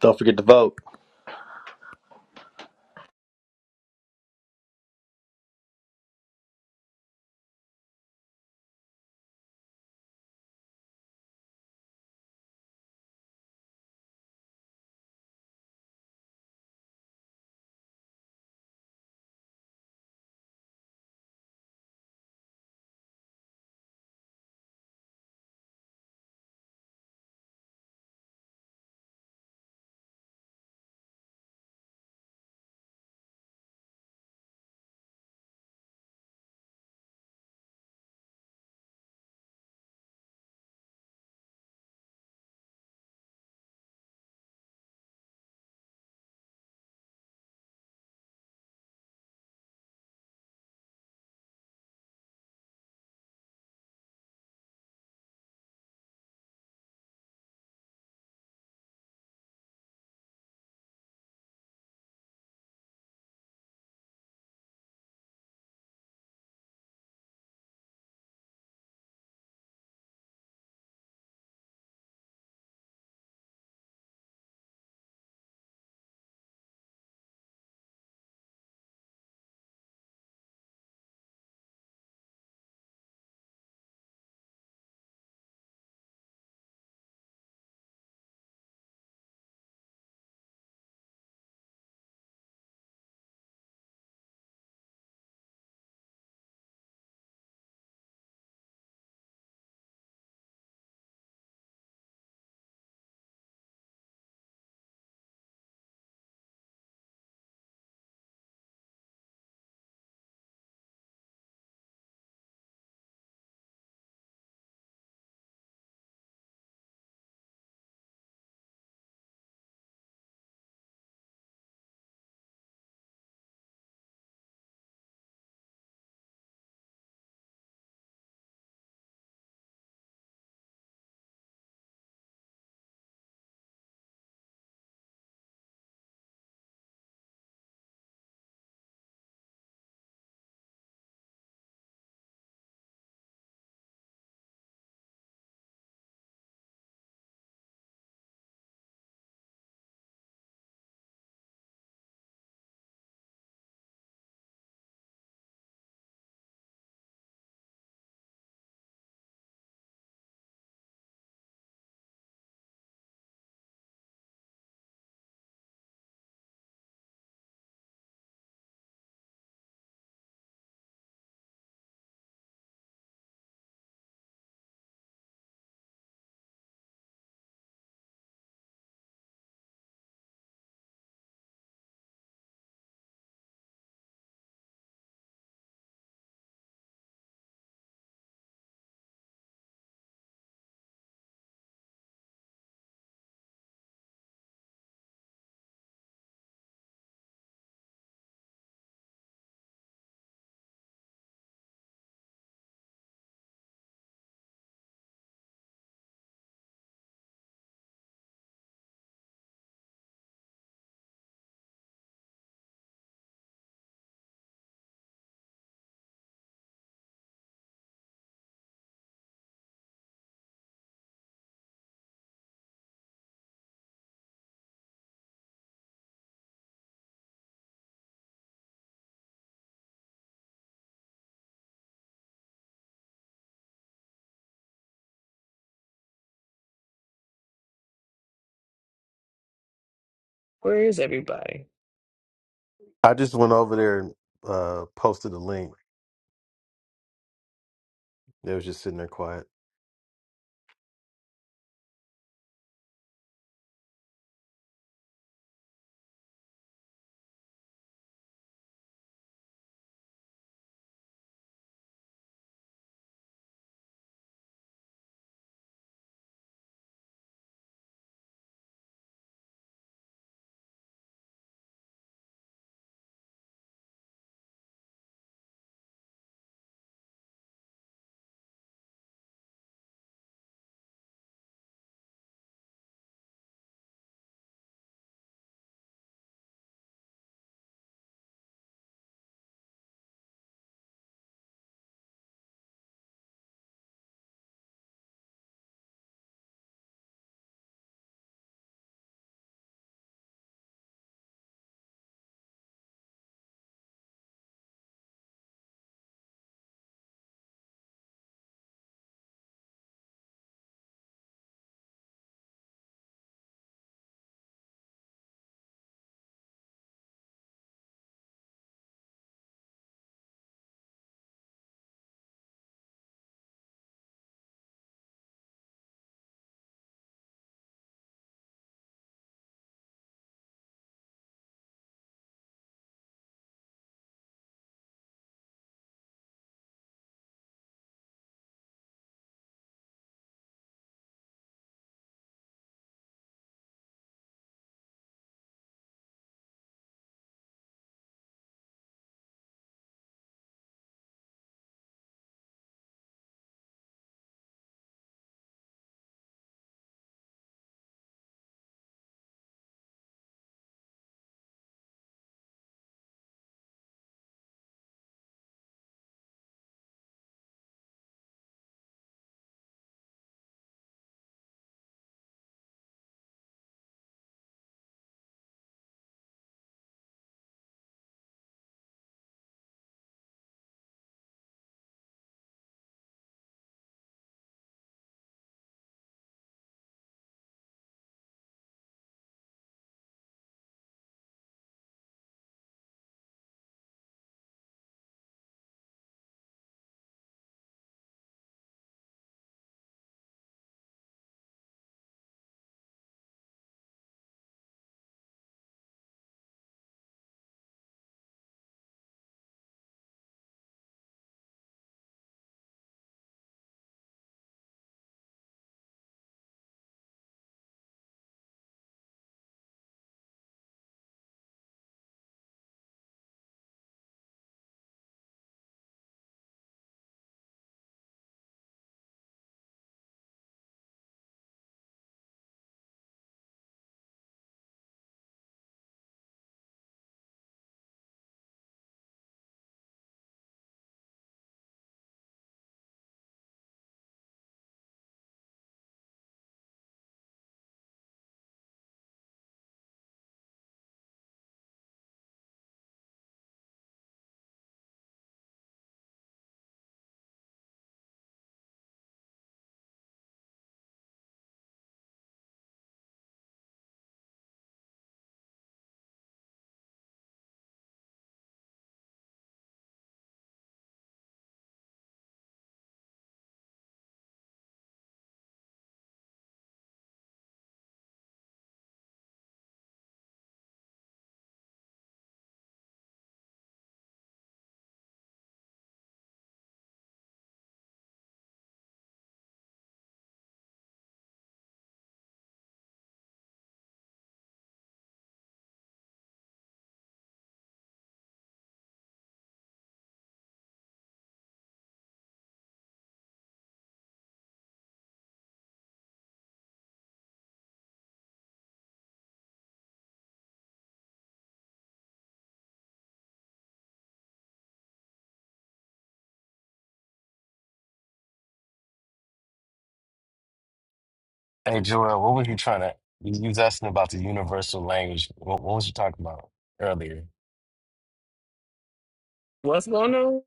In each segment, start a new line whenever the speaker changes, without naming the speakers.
Don't forget to vote.
Where is everybody?
I just went over there and uh, posted a link. They was just sitting there quiet. Hey, Joel, what were you trying to? You you was asking about the universal language. What, what was you talking about earlier?
What's going on?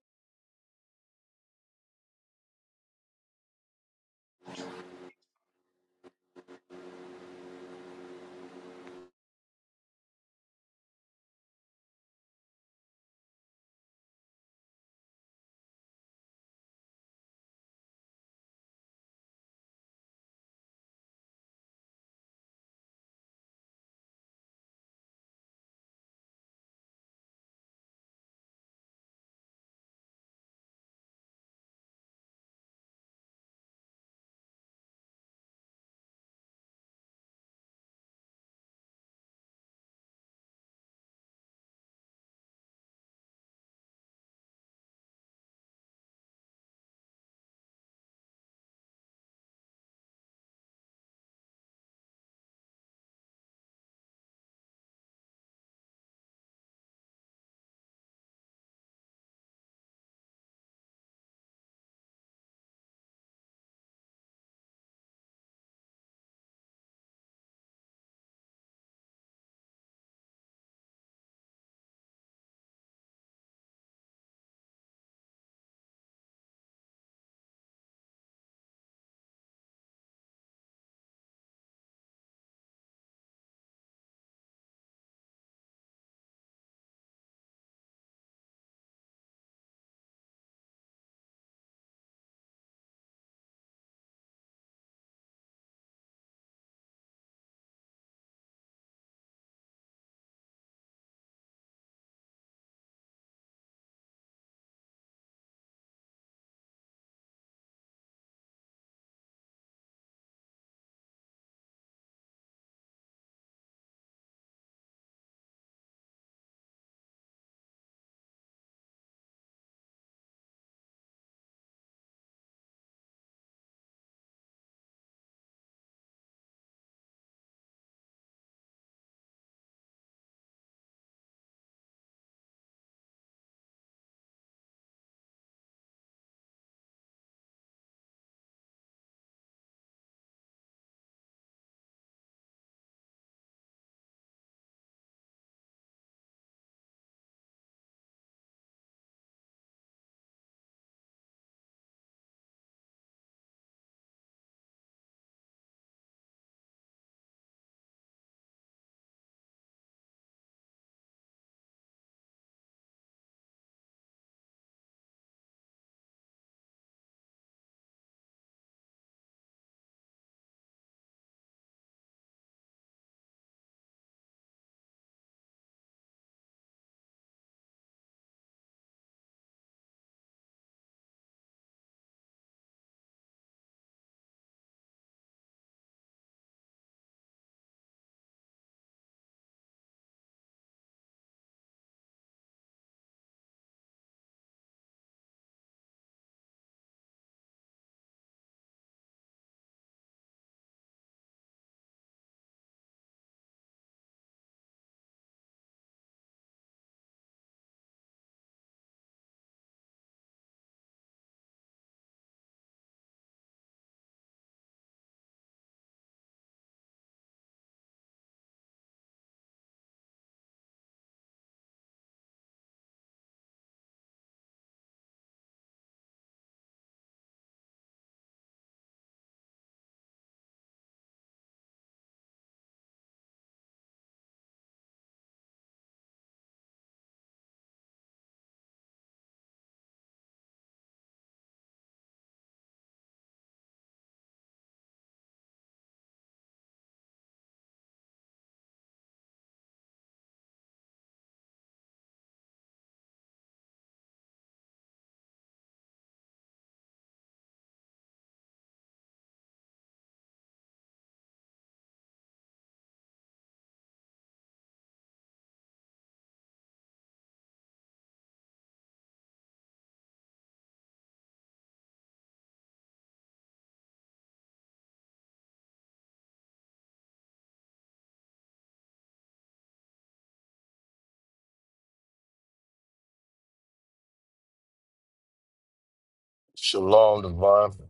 Shalom, Devon.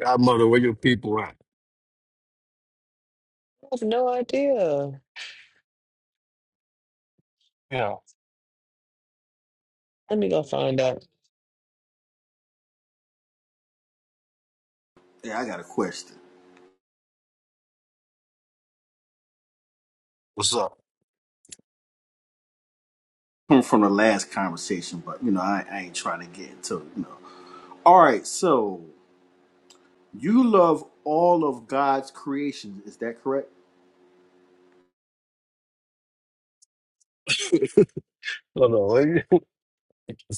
Godmother, where your people at?
I have no idea.
You know,
Let me go find out.
Yeah, I got a question
What's up?
from from the last conversation, but you know, I, I ain't trying to get into it, you know. All right, so you love all of God's creations, is that correct?
hold on. what You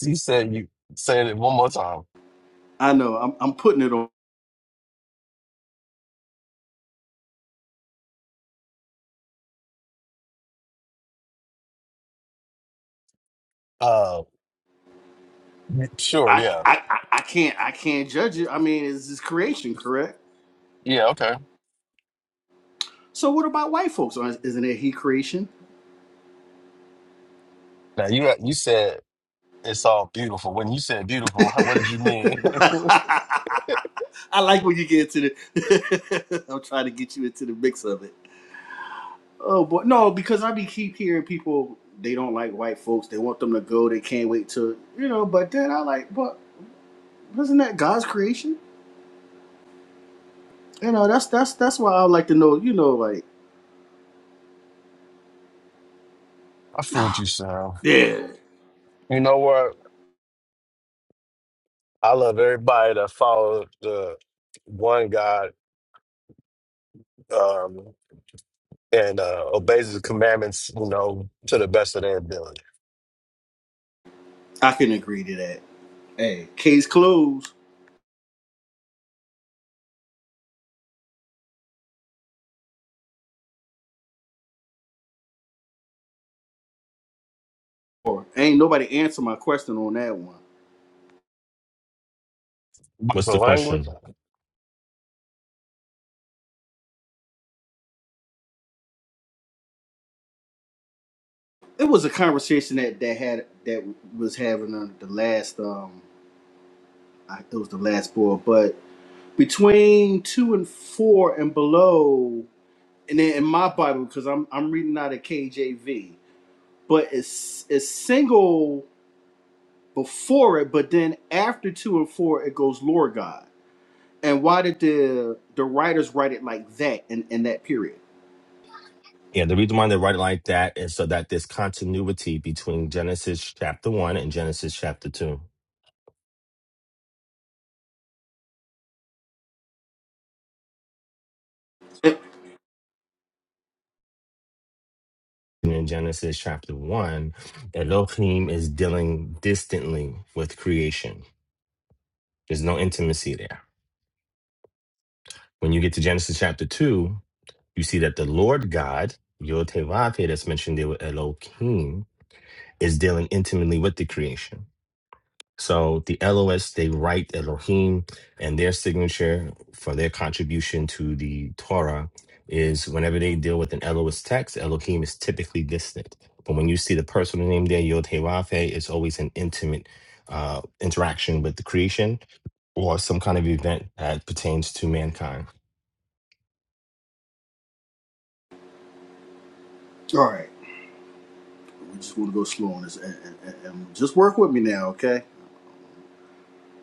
you said you said it one more time.
I know I'm, I'm putting it on.
Uh, sure,
I,
yeah,
I I I can't I can't judge it. I mean, it's his creation, correct?
yeah, okay.
So what about white folks? Or Isn't it he creation?
Now you you said it's all beautiful. When you said beautiful, how, what did you mean?
I like when you get into the. I'm trying to get you into the mix of it. Oh boy, no, because I be keep hearing people they don't like white folks. They want them to go. They can't wait to you know. But then I like, but isn't that God's creation? You know, that's that's that's why I like to know. You know, like
I fooled you, Sam.
yeah,
You know what? I love everybody that follows the one God um, and uh, obeys his commandments, you know, to the best of their ability.
I can agree to that. Hey, case closed. Or ain't nobody answer my question on that one.
But
What's
The
the
language?
question?
It was a conversation that that had that was having on the last um, I, it was the last board, but between two and four and below and then in my Bible, because I'm I'm reading out of KJV, but it's it's single before it, but then after two and four, it goes Lord God. And why did the the writers write it like that in, in that period?
Yeah, the reason why they write it like that is so that there's continuity between Genesis chapter 1 and Genesis chapter 2.
Eh,
And in Genesis chapter 1, Elohim is dealing distantly with creation, there's no intimacy there. When you get to Genesis chapter 2, you see that the Lord God, Yotevate, that's mentioned there with Elohim, is dealing intimately with the creation. So the LOS, they write Elohim, and their signature for their contribution to the Torah is whenever they deal with an LOS text, Elohim is typically distant. But when you see the personal name there, Yod Heh Vav Heh, it's always an intimate uh, interaction with the creation or some kind of event that pertains to mankind.
All right, we just want to go slow on this, and, and, and and just work with me now, okay?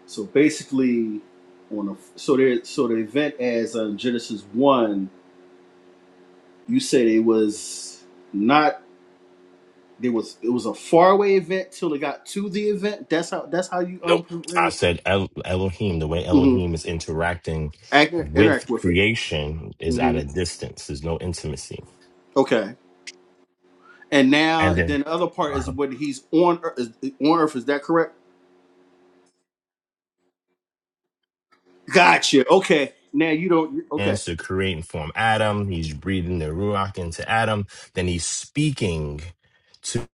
So basically, on a, so there so the event as uh, Genesis one, you said it was not. There was it was a faraway event till it got to the event. That's how that's how you
Nope.
um
I said El- Elohim, the way
mm-hmm.
Elohim is interacting
Act,
with
interact with it.
creation is at
hmm
a distance. There's no intimacy.
Okay, and now
And then
then the other part
uh-huh.
is when he's on Earth, is, on Earth. Is that correct? Gotcha. Okay, now you don't. Okay,
hands to create and form Adam. He's breathing the Ruach into Adam. Then he's speaking to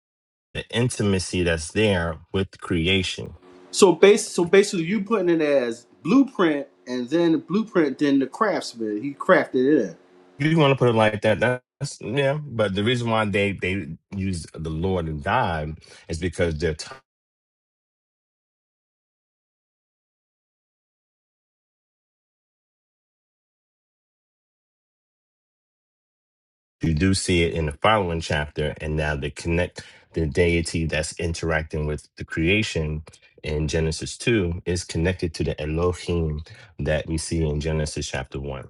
the intimacy that's there with creation.
so base so basically you putting it as blueprint, and then the blueprint, then the craftsman he crafted it. In.
If you want to put it like that, that's yeah. But the reason why they they use the Lord and God is because they're t- you do see it in the following chapter, and now they connect the deity that's interacting with the creation in Genesis two is connected to the Elohim that we see in Genesis chapter one.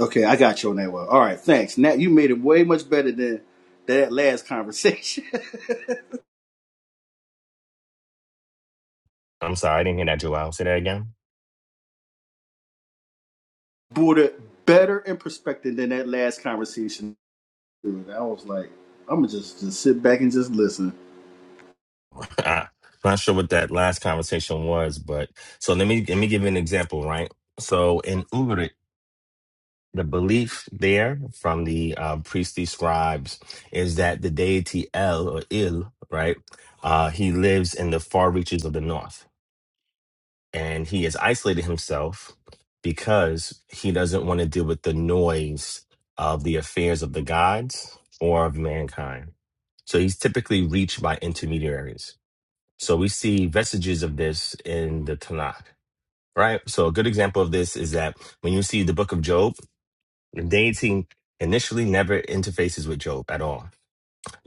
Okay, I got you on that one. All right, thanks. Now you made it way much better than that last conversation.
I'm sorry, I didn't hear that, Joel. Say that again.
brought it better in perspective than that last conversation. Dude, I was like, I'm gonna just, just sit back and just listen.
Uh, not sure what that last conversation was, but so let me let me give you an example, right? So in Ugarit, the belief there from the uh, priestly scribes is that the deity El or Il, right? Uh, he lives in the far reaches of the north, and he has isolated himself because he doesn't want to deal with the noise of the affairs of the gods or of mankind. So he's typically reached by intermediaries so we see vestiges of this in the Tanakh, right? So a good example of this is that when you see the book of Job, the deity initially never interfaces with Job at all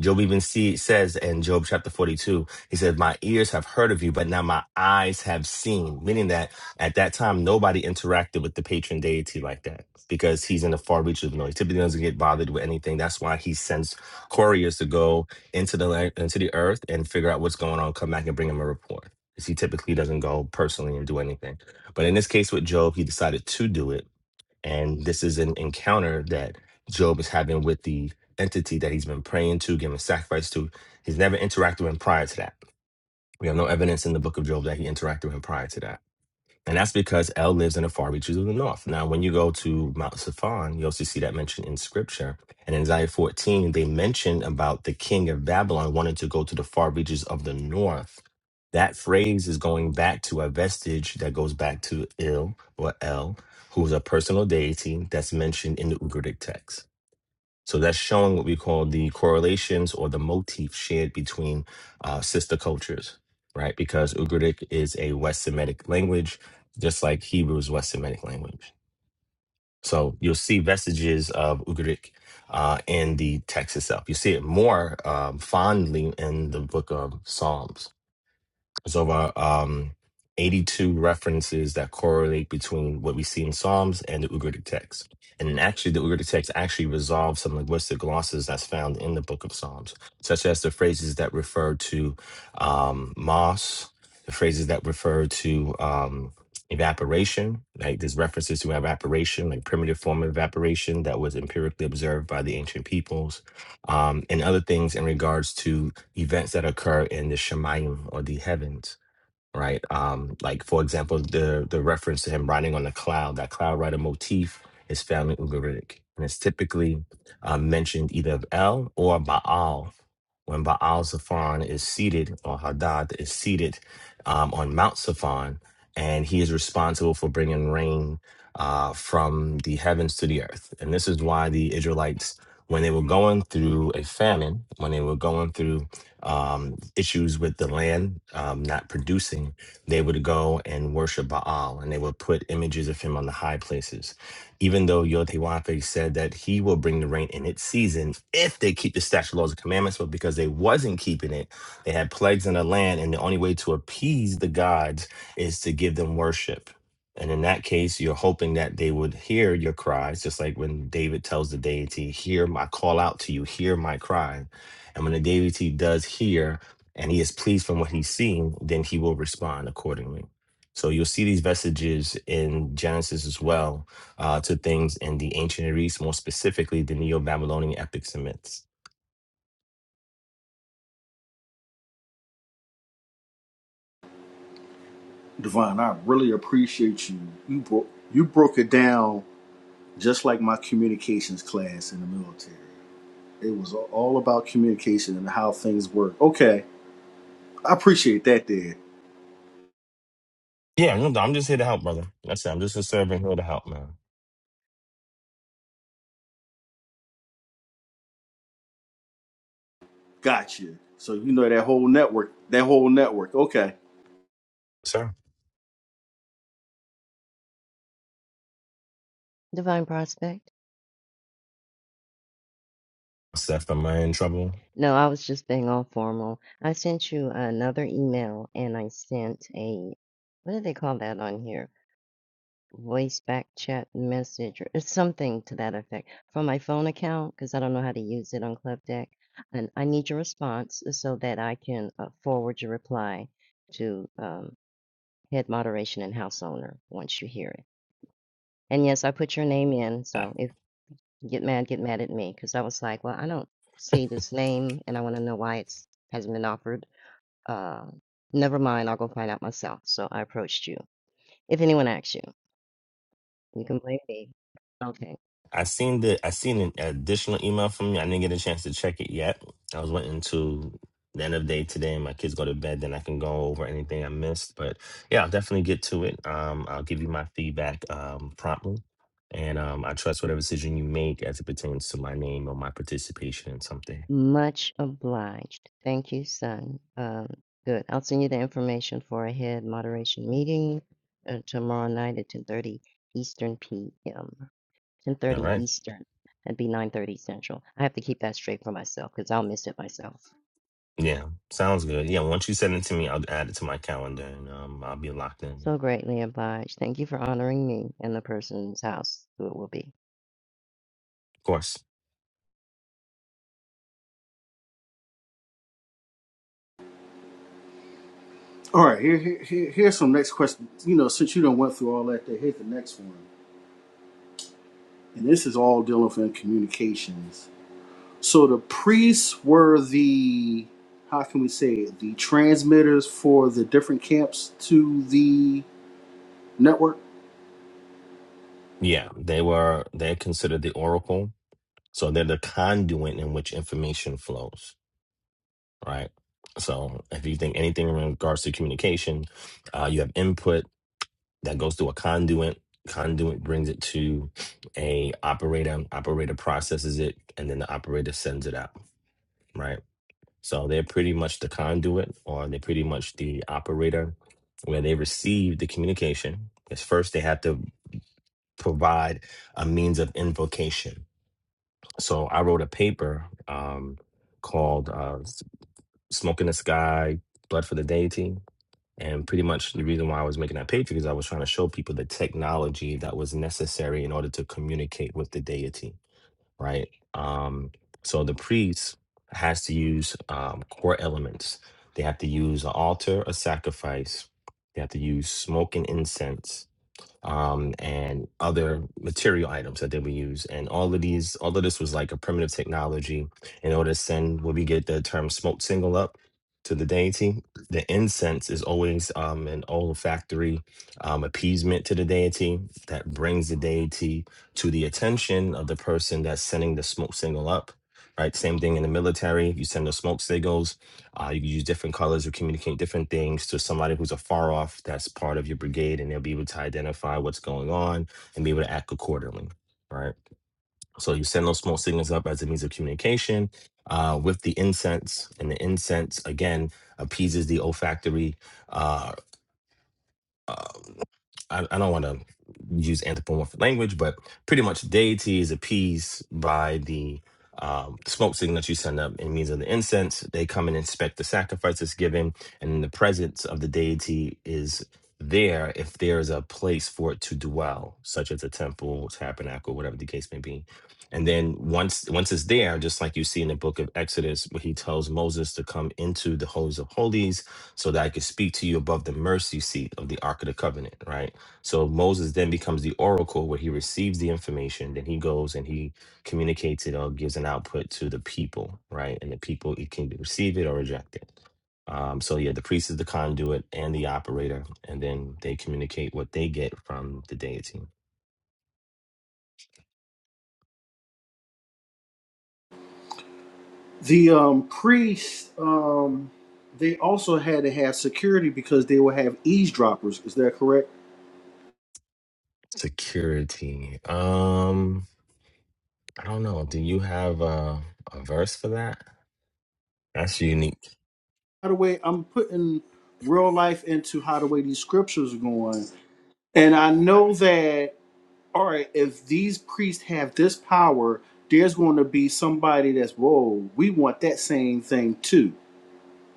Job even see, says in Job chapter 42, he said, My ears have heard of you, but now my eyes have seen. Meaning that at that time, nobody interacted with the patron deity like that because he's in the far reaches of noise. Typically doesn't get bothered with anything. That's why he sends couriers to go into the land, into the earth and figure out what's going on, come back and bring him a report. Because he typically doesn't go personally and do anything. But in this case with Job, he decided to do it and this is an encounter that Job is having with the entity that he's been praying to, giving sacrifice to. He's never interacted with him prior to that. We have no evidence in the book of Job that he interacted with him prior to that. And that's because El lives in the far reaches of the north. Now, when you go to Mount Safan, you also see that mentioned in scripture. And in Isaiah 14, they mention about the king of Babylon wanting to go to the far reaches of the north. That phrase is going back to a vestige that goes back to Il or El, who is a personal deity that's mentioned in the Ugaritic text. So that's showing what we call the correlations or the motif shared between uh, sister cultures, right? Because Ugaritic is a West Semitic language, just like Hebrew is West Semitic language. So you'll see vestiges of Ugaritic uh, in the text itself. You see it more um, fondly in the book of Psalms there's over um, 82 references that correlate between what we see in Psalms and the Ugaritic text. And then actually, the Ugaritic text actually resolves some linguistic glosses that's found in the Book of Psalms, such as the phrases that refer to um, moss, the phrases that refer to um, evaporation. Like there's references to evaporation, like primitive form of evaporation that was empirically observed by the ancient peoples, um, and other things in regards to events that occur in the Shemayim or the heavens, right? Um, like for example, the the reference to him riding on a cloud, that cloud rider motif is found in Ugaritic. And it's typically uh, mentioned either of El or Baal. When Baal Zephon is seated, or Hadad is seated um, on Mount Zephon, and he is responsible for bringing rain uh, from the heavens to the earth. And this is why the Israelites, when they were going through a famine, when they were going through um, issues with the land um, not producing, they would go and worship Baal and they would put images of him on the high places. Even though Yotewafe said that he will bring the rain in its season if they keep the statute laws and commandments, but because they wasn't keeping it, they had plagues in the land, and the only way to appease the gods is to give them worship. And in that case, you're hoping that they would hear your cries, just like when David tells the deity, Hear my call out to you, hear my cry and when the deity does hear and he is pleased from what he's seeing, then he will respond accordingly. So you'll see these vestiges in Genesis as well uh, to things in the ancient Near East, more specifically the Neo Babylonian epics and myths.
Devon, I really appreciate you. You broke you broke it down just like my communications class in the military. It was all about communication and how things work. Okay, I appreciate that. There,
Yeah, no, I'm just here to help, brother. That's it. I'm just a servant here to help, man.
gotcha. So you know that whole network, that whole network. Okay,
Sir,
Divine Prospect?
Seth, am I in trouble?
No, I was just being all formal. I sent you another email and I sent a, what do they call that on here? Voice back chat message or it's something to that effect from my phone account because I don't know how to use it on Club Deck. And I need your response so that I can uh, forward your reply to um, head moderation and house owner once you hear it. And yes, I put your name in, so if get mad, get mad at me because I was like, well, I don't see this name and I want to know why it's hasn't been offered. Uh, never mind, I'll go find out myself. So I approached you. If anyone asks you, you can blame me. Okay.
I seen the I seen an additional email from you. I didn't get a chance to check it yet. I was waiting to the end of the day today, and my kids go to bed. Then I can go over anything I missed. But yeah, I'll definitely get to it. Um, I'll give you my feedback um, promptly, and um, I trust whatever decision you make as it pertains to my name or my participation in something.
Much obliged. Thank you, son. Um, good. I'll send you the information for a head moderation meeting uh, tomorrow night at 10:30 Eastern p.m.
All
10:30
right.
Eastern. That'd be 9:30 Central. I have to keep that straight for myself because I'll miss it myself.
Yeah, sounds good. Yeah, once you send it to me, I'll add it to my calendar, and um, I'll be locked in.
So
Of
greatly obliged. Thank you for honoring me and the person's house who it will be.
course.
all right. Here, here, here here's some next question. You know, since you don't went through all that, there, here's the next one. And this is all dealing with communications So the priests were the how can we say it, the transmitters for the different camps to the network.
Yeah, they were. They're considered the Oracle So they're the conduit in which information flows, right? So if you think anything in regards to communication, uh, you have input that goes through a conduit. Conduit brings it to a operator. Operator processes it, and then the operator sends it out, right? So they're pretty much the conduit, or they're pretty much the operator, where they receive the communication. Because first they have to provide a means of invocation So I wrote a paper um, called uh, S- "Smoke in the Sky: Blood for the Deity," and pretty much the reason why I was making that paper is I was trying to show people the technology that was necessary in order to communicate with the deity, right? Um, so the priest has to use um, core elements. They have to use an altar, a sacrifice. They have to use smoke and incense um, and other material items that they would use. And all of these, all of this was like a primitive technology in order to send what we get the term smoke signal up to the deity. The incense is always um, an olfactory um, appeasement to the deity that brings the deity to the attention of the person that's sending the smoke signal up. Right, same thing in the military. You send the smoke signals uh, you can use different colors to communicate different things to somebody who's afar off that's part of your brigade, and they'll be able to identify what's going on and be able to act accordingly. Right. So you send those smoke signals up as a means of communication uh, with the incense, and the incense again appeases the olfactory. Uh, uh, I, I don't want to use anthropomorphic language, but pretty much deity is appeased by the um, smoke signal that you send up in means of the incense. They come and inspect the sacrifice that's given, and the presence of the deity is there if there is a place for it to dwell, such as a temple, tabernacle, whatever the case may be. And then once once it's there, just like you see in the book of Exodus, where he tells Moses to come into the holies of holies, so that I could speak to you above the mercy seat of the Ark of the Covenant, right? So Moses then becomes the oracle where he receives the information, then he goes and he communicates it or gives an output to the people, right? And the people it can receive it or reject it. Um, so yeah, the priest is the conduit and the operator, and then they communicate what they get from the deity.
The um, priests um, they also had to have security because they would have eavesdroppers. Is that correct?
Security. Um, I don't know. Do you have a, a verse for that? That's unique.
By the way, I'm putting real life into how the way these scriptures are going, and I know that all right. If these priests have this power, there's going to be somebody that's whoa. We want that same thing too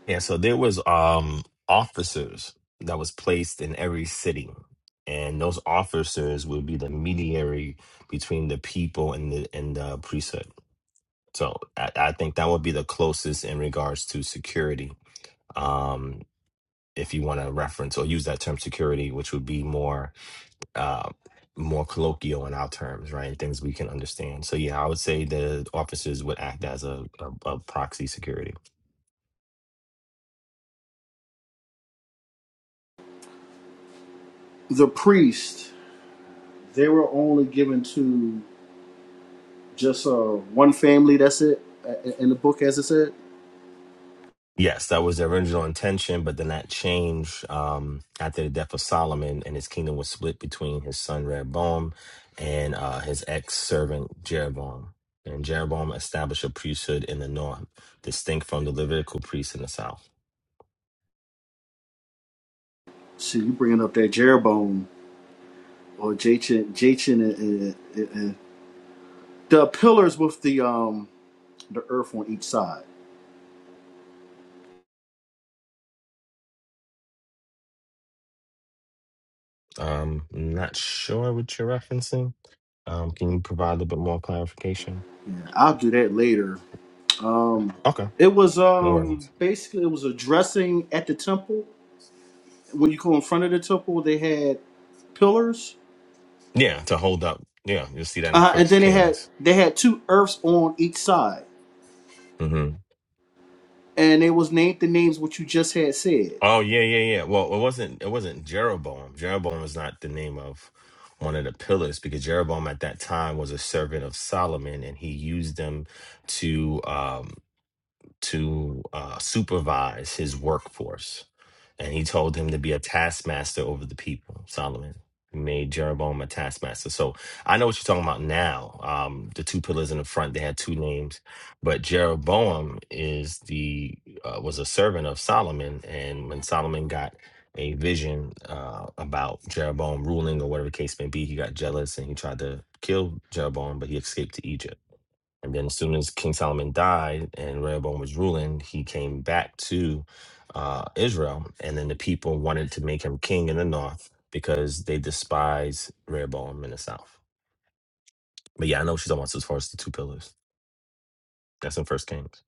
Yeah, so there was um officers that was placed in every city, and those officers would be the mediary between the people and the and the priesthood. So I, I think that would be the closest in regards to security. Um, if you want to reference or use that term security, which would be more uh more colloquial in our terms, right? Things we can understand. So yeah, I would say the officers would act as a, a, a proxy security.
the priest they were only given to just uh, one family that's it uh, in the book as it said
Yes, that was the original intention, but then that changed um, after the death of Solomon, and his kingdom was split between his son Rehoboam and uh, his ex servant Jeroboam. And Jeroboam established a priesthood in the north, distinct from the Levitical priests in the south.
see you bringing up that jeroboam or jachin jachin and, and, and the pillars with the um the earth on each side
Um, not sure what you're referencing. Um, can you provide a little bit more clarification?
i'll do that later um
Okay,
it was
no
um
worries.
basically it was a dressing at the temple when you go in front of the temple they had pillars
Yeah, to hold up. Yeah, you'll see that in
uh, and
First
then they had
Kings.
they had two earths on each side
hmm
and they was named the names what you just had said.
Oh yeah, yeah, yeah. Well, it wasn't. It wasn't Jeroboam. Jeroboam was not the name of one of the pillars because Jeroboam at that time was a servant of Solomon, and he used them to. Um, to uh, supervise his workforce. And he told him to be a taskmaster over the people, Solomon. He made Jeroboam a taskmaster. So I know what you're talking about now. Um, the two pillars in the front, they had two names, but Jeroboam is the uh, was a servant of Solomon. And when Solomon got a vision uh, about Jeroboam ruling or whatever the case may be, he got jealous and he tried to kill Jeroboam, but he escaped to Egypt and then as soon as King Solomon died and Rehoboam was ruling, he came back to uh, Israel. And then the people wanted to make him king in the north because they despise Rehoboam in the south. But yeah, I know what she's talking about as far as the two pillars. That's in First Kings.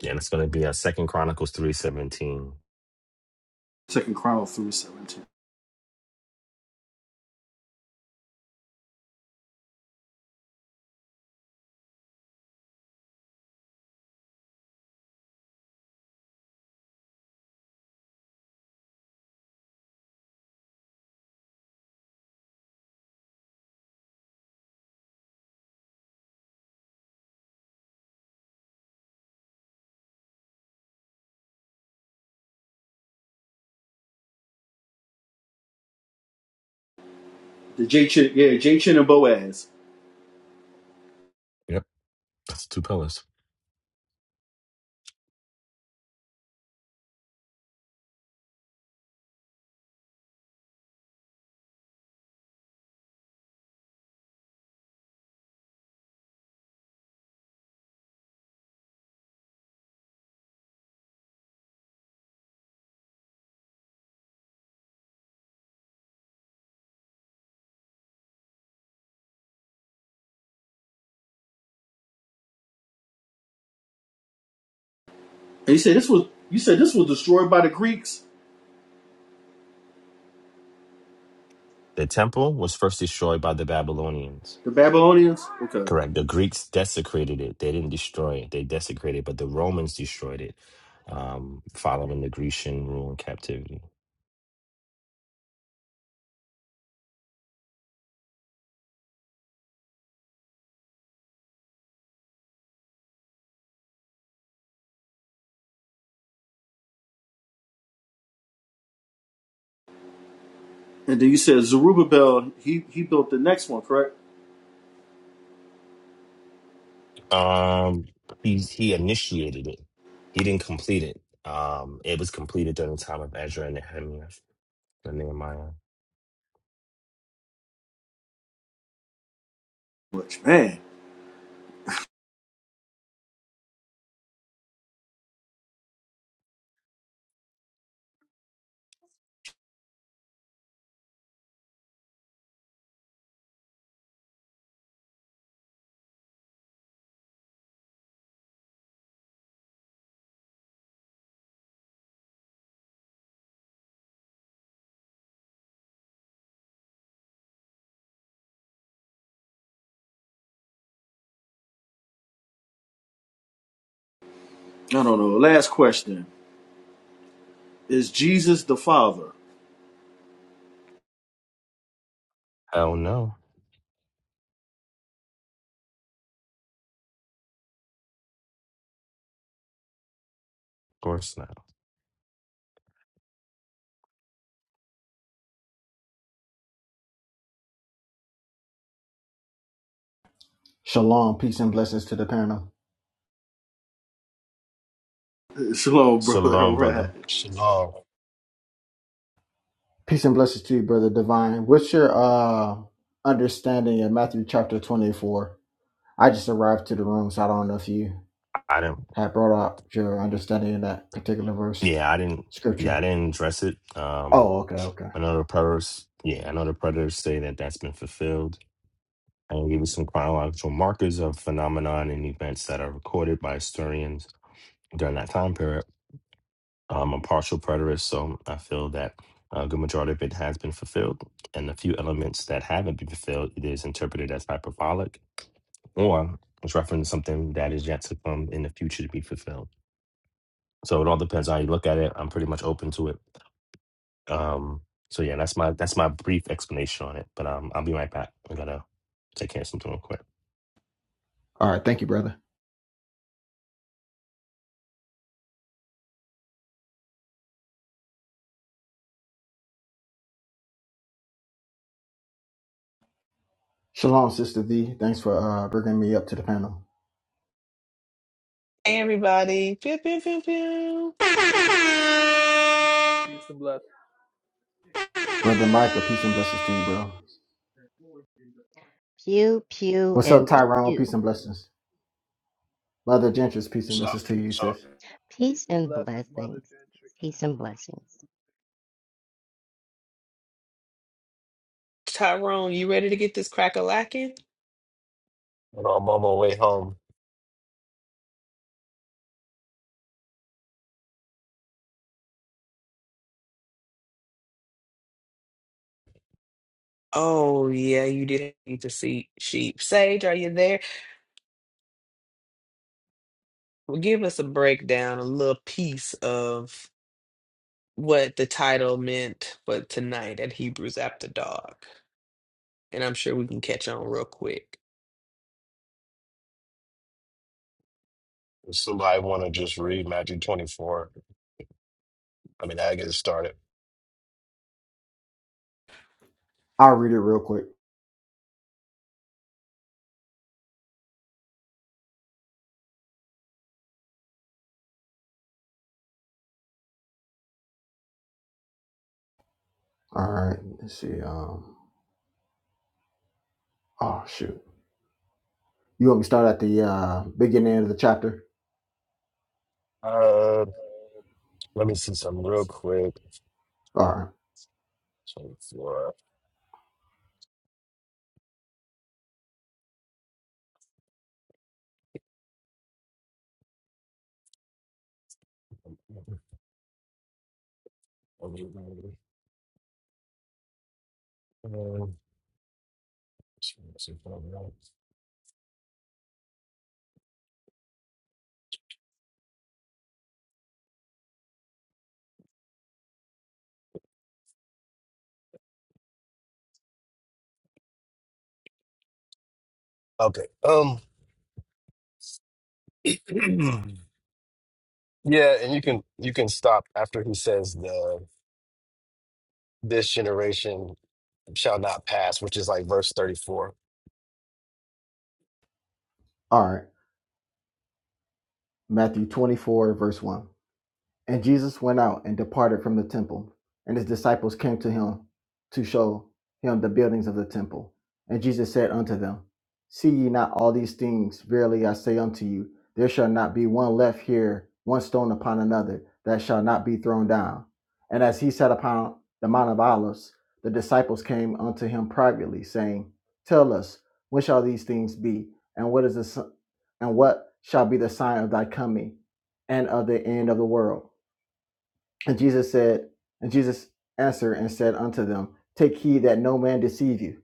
Yeah, and it's going to be uh, Second Chronicles 3.17.
Second Chronicle three seventeen. The Jachin, yeah, Jachin and Boaz.
Yep, that's the two pillars.
And you said this was you said this was destroyed by the Greeks,
The temple was first destroyed by the Babylonians.
the Babylonians. Okay.
Correct. The Greeks desecrated it. They didn't destroy it. They desecrated it, but the Romans destroyed it, um, following the Grecian rule and captivity.
And then you said Zerubbabel, he he built the next one, correct?
Um, he he initiated it. He didn't complete it. Um, it was completed during the time of Ezra and Nehemiah and Nehemiah.
Which man, I don't know. Last question: Is Jesus the Father?
Hell no, of course not.
Shalom, peace and blessings to the panel.
Shalom,
So
brother. All
long,
right.
brother.
Shalom.
Peace and blessings to you, brother Divine. What's your uh understanding of Matthew chapter twenty four? I just arrived to the room, so I don't know if you
I didn't.
had brought out your understanding of that particular verse
Yeah, I didn't. Yeah,
scripture.
I didn't address it. Um,
Oh, okay, okay.
I know the predators. Yeah, I know the predators say that that's been fulfilled I will give you some chronological markers of phenomenon and events that are recorded by historians during that time period. I'm a partial preterist, so I feel that a good majority of it has been fulfilled. And the few elements that haven't been fulfilled, it is interpreted as hyperbolic or it's referencing something that is yet to come in the future to be fulfilled. So it all depends on how you look at it. I'm pretty much open to it. Um, so yeah, that's my that's my brief explanation on it. But um, I'll be right back. I gotta take care of something real quick.
All right, thank you, brother. Shalom, sister V. Thanks for uh bringing me up to the panel,
Hey, everybody. Pew, pew, pew, pew.
Peace and blessings.
brother Michael. Peace and blessings to you, bro.
Pew, pew,
What's up,
and
Tyrone? Peace
pew.
and blessings, mother Gentris. Peace and
So,
blessings to you,
so
sis.
Peace
Peace and
and
blessings, Mother
blessings.
Gentry.
Peace and blessings.
Tyrone, you ready to get this crack a lacking?
you know, I'm on my way home.
Oh, yeah, you did need to see sheep. Sage, are you there? Well, give us a breakdown, a little piece of what the title meant for tonight at Hebrews After Dark. And I'm sure we can catch on real quick.
If somebody want to just read Matthew 24, I mean, I get it started.
I'll read it real quick. All right, let's see. Um, oh shoot. You want me to start at the uh, beginning of the chapter?
Uh, let me see something real quick.
All right.
24. Um, Okay. Um, Yeah, and you can you can stop after he says the this generation shall not pass, which is like verse 34.
All right. Matthew 24, verse 1. And Jesus went out and departed from the temple, and his disciples came to him to show him the buildings of the temple. And Jesus said unto them, See ye not all these things? Verily I say unto you, there shall not be one left here, one stone upon another, that shall not be thrown down. And as he sat upon the Mount of Olives, the disciples came unto him privately, saying, Tell us, when shall these things be? And what is the, si- and what shall be the sign of thy coming and of the end of the world? And Jesus said, and Jesus answered and said unto them, Take heed that no man deceive you,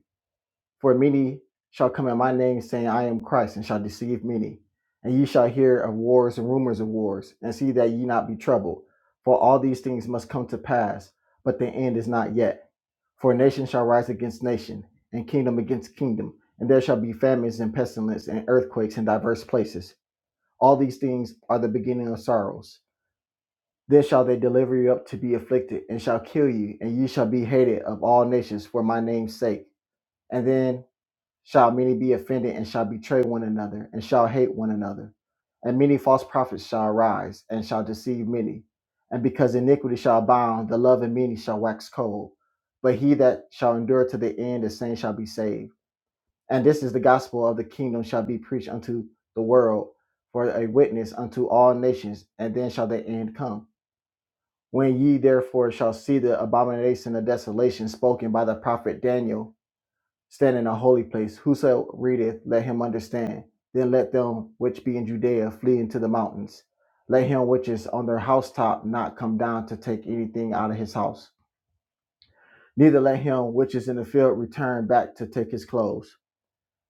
for many shall come in my name, saying, I am Christ, and shall deceive many. And ye shall hear of wars and rumors of wars, and see that ye not be troubled, for all these things must come to pass, but the end is not yet. For nation shall rise against nation, and kingdom against kingdom, and there shall be famines and pestilence and earthquakes in divers places. All these things are the beginning of sorrows. Then shall they deliver you up to be afflicted, and shall kill you, and ye shall be hated of all nations for my name's sake. And then shall many be offended, and shall betray one another, and shall hate one another. And many false prophets shall arise, and shall deceive many. And because iniquity shall abound, the love of many shall wax cold. But he that shall endure to the end, the same shall be saved. And this is the gospel of the kingdom shall be preached unto the world for a witness unto all nations, and then shall the end come. When ye therefore shall see the abomination of desolation spoken by the prophet Daniel, stand in a holy place, whoso readeth, let him understand. Then let them which be in Judea flee into the mountains. Let him which is on their housetop not come down to take anything out of his house. Neither let him which is in the field return back to take his clothes.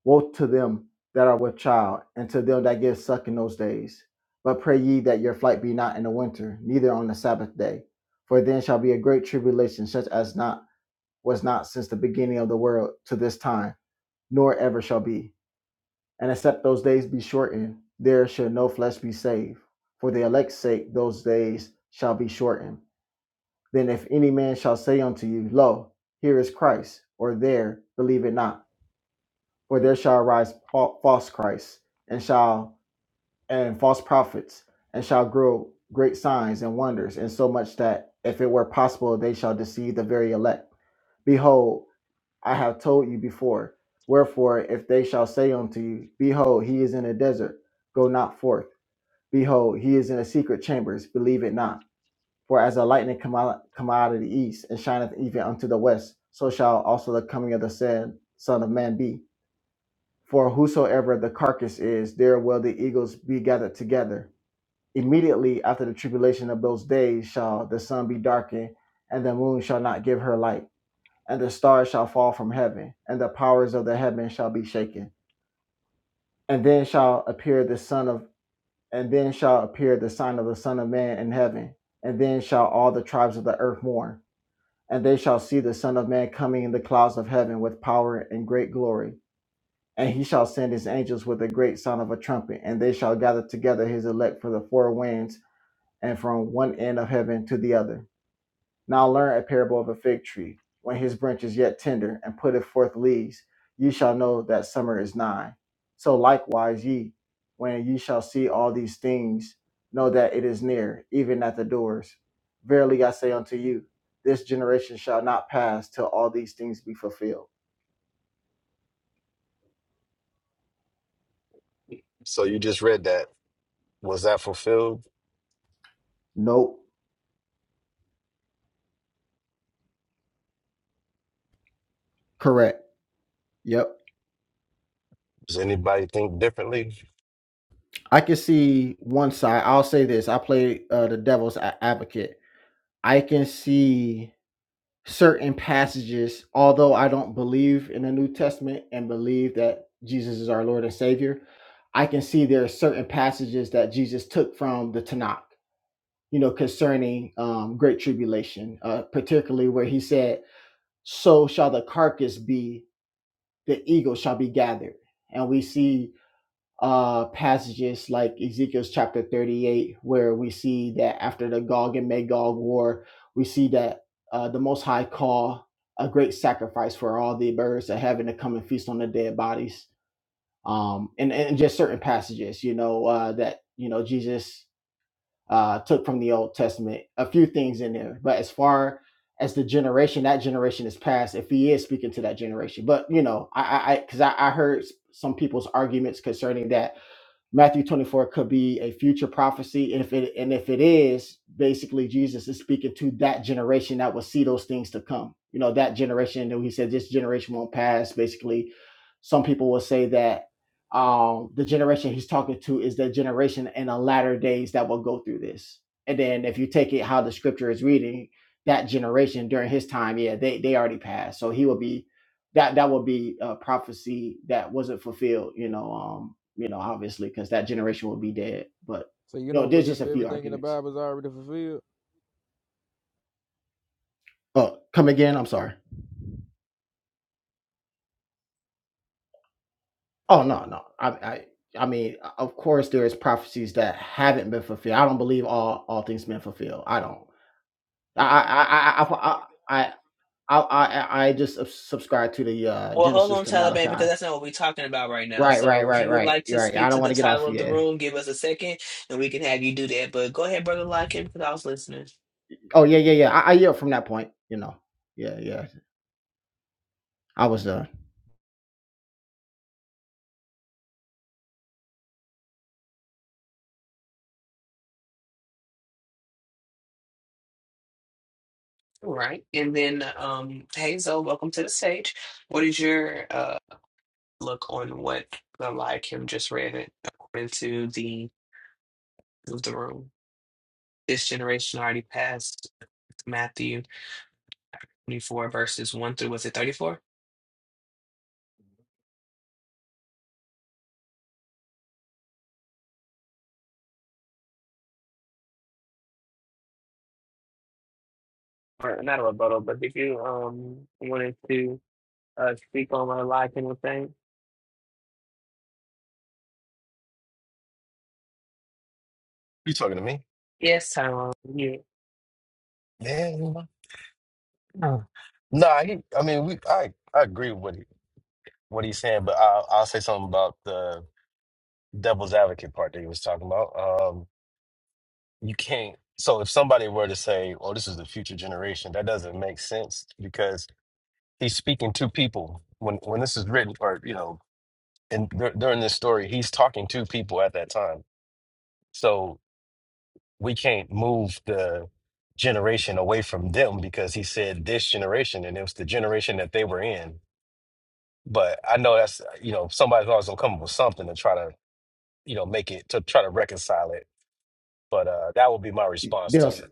Woe to them that are with child, and to them that give suck in those days. But pray ye that your flight be not in the winter, neither on the Sabbath day. For then shall be a great tribulation, such as not was not since the beginning of the world to this time, nor ever shall be. And except those days be shortened, there shall no flesh be saved. For the elect's sake those days shall be shortened. Then if any man shall say unto you, Lo, here is Christ, or there, believe it not. For there shall arise false Christs and shall and false prophets and shall grow great signs and wonders, and so much that if it were possible they shall deceive the very elect. Behold, I have told you before. Wherefore, if they shall say unto you, Behold, he is in a desert, go not forth. Behold, he is in a secret chambers, believe it not. For as a lightning come out, come out of the east, and shineth even unto the west, so shall also the coming of the said Son of Man be. For whosoever the carcass is, there will the eagles be gathered together. Immediately after the tribulation of those days shall the sun be darkened, and the moon shall not give her light, and the stars shall fall from heaven, and the powers of the heaven shall be shaken. And then shall appear the son of and then shall appear the sign of the Son of Man in heaven, and then shall all the tribes of the earth mourn, and they shall see the Son of Man coming in the clouds of heaven with power and great glory And he shall send his angels with a great sound of a trumpet, and they shall gather together his elect for the four winds, and from one end of heaven to the other. Now learn a parable of a fig tree. When his branch is yet tender, and putteth forth leaves, ye shall know that summer is nigh. So likewise ye, when ye shall see all these things, know that it is near, even at the doors. Verily I say unto you, this generation shall not pass till all these things be fulfilled.
So you just read that. Was that fulfilled?
Nope. Correct. Yep.
Does anybody think differently?
I can see one side. I'll say this: I play uh, the devil's a- advocate. I can see certain passages, although I don't believe in the New Testament and believe that Jesus is our Lord and Savior. I can see there are certain passages that Jesus took from the Tanakh, you know, concerning um, great tribulation, uh, particularly where he said, "So shall the carcass be; the eagle shall be gathered." And we see uh, passages like Ezekiel's chapter 38, where we see that after the Gog and Magog war, we see that uh, the Most High call a great sacrifice for all the birds of heaven to come and feast on the dead bodies. Um, and, and just certain passages, you know, uh, that, you know, Jesus uh, took from the Old Testament, a few things in there. But as far as the generation, that generation is past, if he is speaking to that generation. But, you know, I, I, I, cause I, I heard some people's arguments concerning that Matthew 24 could be a future prophecy. And if it and if it is, basically Jesus is speaking to that generation that will see those things to come. You know, that generation that he said this generation won't pass. Basically, some people will say that um the generation he's talking to is the generation in the latter days that will go through this. And then if you take it how the scripture is reading, that generation during his time, yeah, they they already passed. So he will be that that would be a prophecy that wasn't fulfilled. You know, um, you know, obviously, because that generation would be dead. But
So you
you know,
don't
there's just
believe
a few
everything in the
arguments.
Bible is already fulfilled?
Oh, come again? I'm sorry. Oh no, no. I I I mean, of course, there is prophecies that haven't been fulfilled. I don't believe all all things been fulfilled. I don't. I I I I I I I, I I just subs- subscribe to the uh
Well, hold
Genesis
on,
to
Taliban, because
Malachi.
that's not what we're talking about right now.
Right, right,
So if
right,
you would
right.
like to
You're right. I
speak
don't
to
want
the
to get off.
title of the
Yeah.
room, give us a second and we can have you do that. But go ahead, Brother Larkin, because I was listening.
Oh yeah, yeah, yeah. I, I yield from that point. You know. Yeah, yeah. I was done.
All right. And then, um, Hazel, welcome to the stage. What is your uh, look on what Brother Larkin just read it according to the, of the room? This generation already passed Matthew 24 verses 1 through, was it 34? Or not a rebuttal, but if you um wanted to uh, speak on what Eli Kendall saying.
You talking to me?
Yes, Tyrone. You.
Man, no. Nah, he, I mean, we I I agree with what he, what he's saying, but I'll I'll say something about the devil's advocate part that he was talking about. Um, you can't. So if somebody were to say, "Oh, this is the future generation," that doesn't make sense because he's speaking to people when when this is written or you know and dur- during this story he's talking to people at that time so we can't move the generation away from them because he said this generation and it was the generation that they were in but i know that's you know somebody's always gonna come up with something to try to you know make it to try to reconcile it but uh that would be my response to
Bills,
that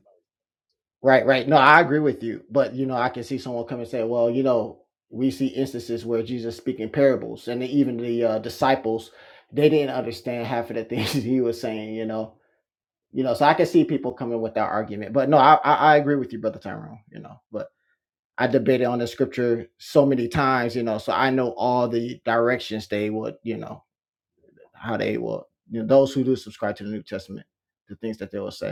right, right. No, I agree with you. But you know, I can see someone come and say, "Well, you know, we see instances where Jesus speaking parables, and even the uh, disciples, they didn't understand half of the things he was saying." You know, you know. So I can see people coming with that argument. But no, I I, I agree with you, brother Tyrone. You know, but I debated on the scripture so many times. You know, so I know all the directions they would. You know, how they will. You know, those who do subscribe to the New Testament, the things that they will say.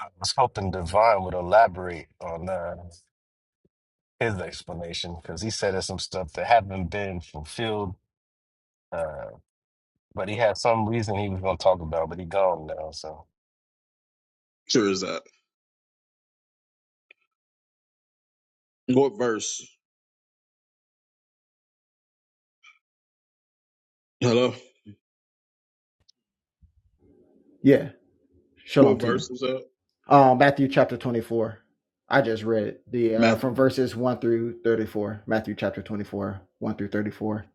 i was hoping divine would elaborate on uh, his explanation because he said there's some stuff that haven't been fulfilled uh, But he had some reason he was gonna talk about, but he gone now. So
scripture is that? What verse? Hello?
Yeah, shalom
What
to you.
verse is that?
Um, Matthew chapter 24. I just read it. The uh,
Matthew
from verses 1 through 34. Matthew chapter 24, 1 through 34.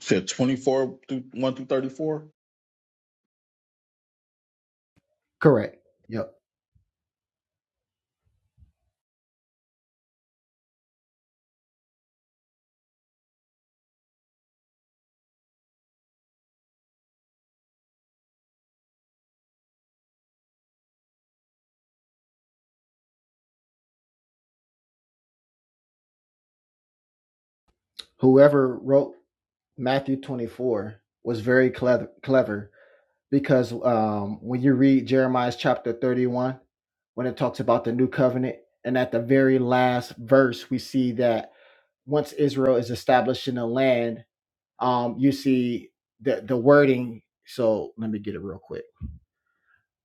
said 24 through 1 through 34.
Correct. Yep. Whoever wrote Matthew 24 was very clever, clever because um, when you read Jeremiah's chapter 31, when it talks about the new covenant, and at the very last verse, we see that once Israel is established in the land, um, you see the, the wording. So let me get it real quick.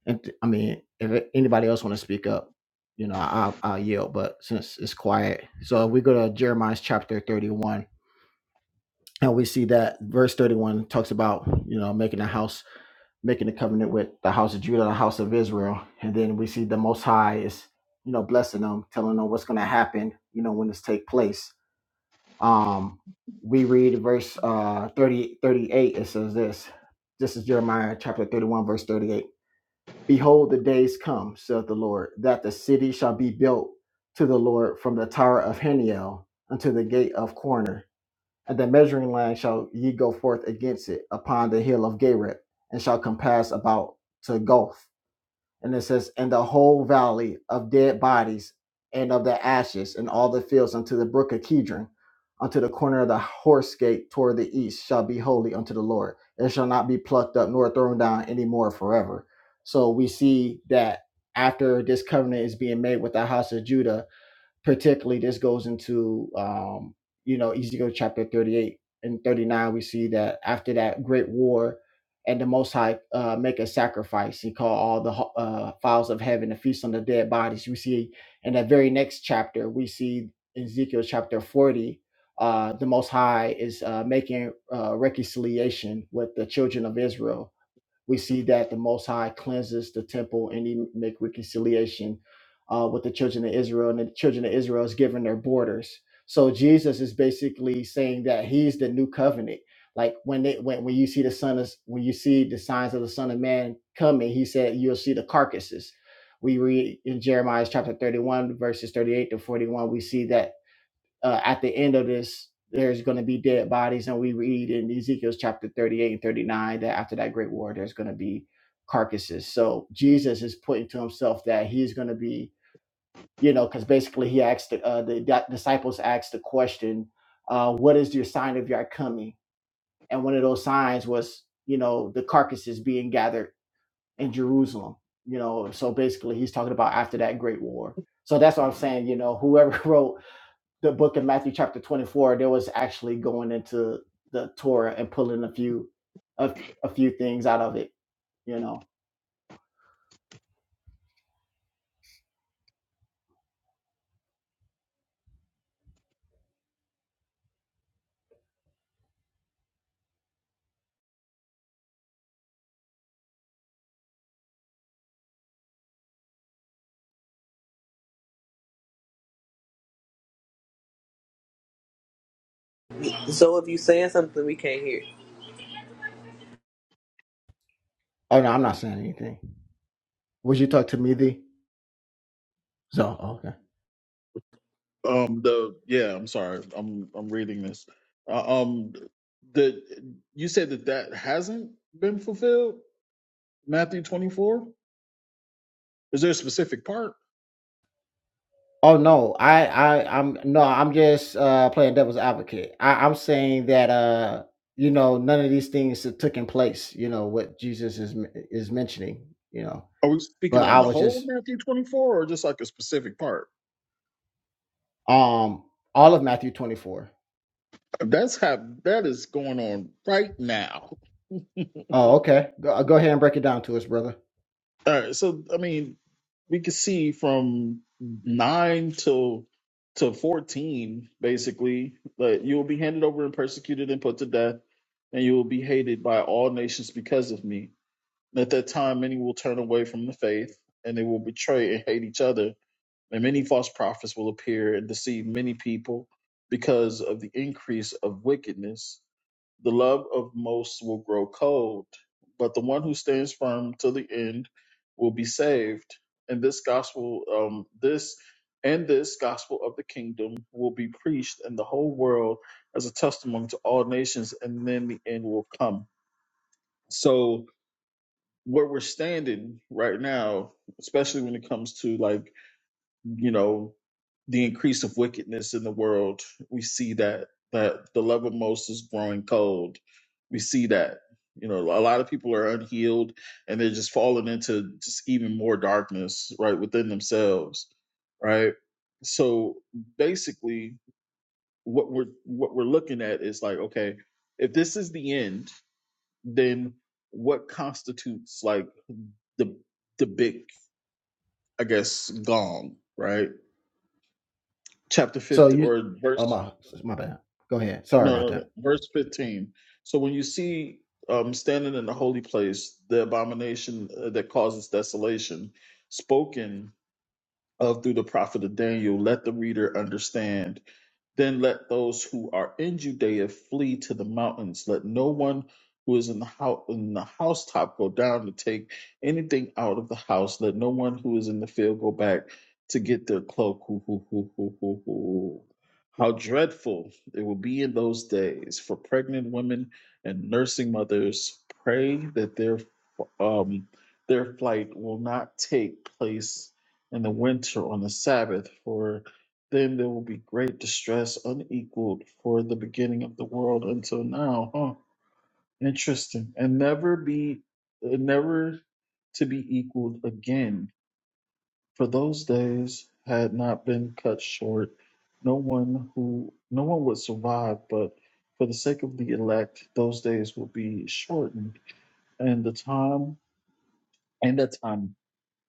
And I mean, if anybody else want to speak up, you know, I'll, I'll yield, but since it's quiet. So we go to Jeremiah's chapter 31, and we see that verse 31 talks about, you know, making a house making a covenant with the house of Judah, the house of Israel. And then we see the Most High is, you know, blessing them, telling them what's going to happen, you know, when this take place. Um, we read verse uh, 30, thirty-eight. It says this. This is Jeremiah chapter 31, verse 38. Behold, the days come, saith the Lord, that the city shall be built to the Lord from the tower of Heniel unto the gate of Corner and the measuring line shall ye go forth against it upon the hill of Gareb, and shall compass about to Goth. And it says, and the whole valley of dead bodies and of the ashes and all the fields unto the brook of Kidron, unto the corner of the horse gate toward the east shall be holy unto the Lord. It shall not be plucked up nor thrown down any more forever. So we see that after this covenant is being made with the house of Judah, particularly this goes into um, you know Ezekiel chapter 38 and 39 we see that after that great war and the most high uh, make a sacrifice he called all the ho- uh, fowls of heaven to feast on the dead bodies we see in that very next chapter we see in ezekiel chapter 40 uh, the most high is uh, making uh, reconciliation with the children of israel we see that the Most High cleanses the temple and he make reconciliation uh, with the children of Israel, and the children of Israel is given their borders. So Jesus is basically saying that he's the new covenant. Like when they when, when you see the son of when you see the signs of the Son of Man coming, he said you'll see the carcasses. We read in Jeremiah chapter 31, verses 38 to 41, we see that uh, at the end of this, there's going to be dead bodies. And we read in Ezekiel's chapter 38 and 39 that after that great war, there's going to be carcasses. So Jesus is putting to himself that he's going to be, you know, because basically he asked the, uh, the di- disciples asked the question, uh, what is your sign of your coming? And one of those signs was, you know, the carcasses being gathered in Jerusalem. You know, so basically he's talking about after that great war. So that's what I'm saying. You know, whoever wrote the book of Matthew chapter 24, there was actually going into the Torah and pulling a few a, a few things out of it, you know.
So if you saying something, we can't hear.
Oh no, I'm not saying anything. Would you talk to me the so okay.
Um the yeah, I'm sorry. I'm I'm reading this. Uh, um the you said that that hasn't been fulfilled? Matthew 24? Is there a specific part?
Oh no, I, I I'm no, I'm just uh playing devil's advocate. I, I'm saying that uh you know none of these things that took in place, you know, what Jesus is is mentioning, you know.
Are we speaking
But
on
I
the
was
whole
just
Matthew 24 or just like a specific part?
um all of Matthew 24.
That's how that is going on right now.
Oh, okay. Go, go ahead and break it down to us, brother.
All right, so I mean we could see from nine till to fourteen, basically, that you will be handed over and persecuted and put to death, and you will be hated by all nations because of me. And at that time, many will turn away from the faith, and they will betray and hate each other. And many false prophets will appear and deceive many people because of the increase of wickedness. The love of most will grow cold, but the one who stands firm to the end will be saved. And this gospel, um, this and this gospel of the kingdom will be preached in the whole world as a testimony to all nations, and then the end will come. So where we're standing right now, especially when it comes to like you know the increase of wickedness in the world we see that that the love of most is growing cold we see that you know a lot of people are unhealed and they're just falling into just even more darkness right within themselves right so basically what we're what we're looking at is like okay if this is the end then what constitutes like the the big i guess gong right chapter
So
50
you,
or verse
oh my, my bad. Go ahead. Sorry
No,
about
no, no.
that.
Verse 15. So when you see um, standing in the holy place, the abomination uh, that causes desolation, spoken of through the prophet of Daniel, let the reader understand then let those who are in Judea flee to the mountains. Let no one who is in the house in the housetop go down to take anything out of the house. Let no one who is in the field go back to get their cloak. Hoo, hoo, hoo, hoo, hoo, hoo. How dreadful it will be in those days for pregnant women and nursing mothers. Pray that their um, their flight will not take place in the winter on the Sabbath, for then there will be great distress unequaled for the beginning of the world until now. Huh. Interesting. And never be and never to be equaled again. For those days had not been cut short. No one who no one would survive, but for the sake of the elect, those days will be shortened, and the time and the time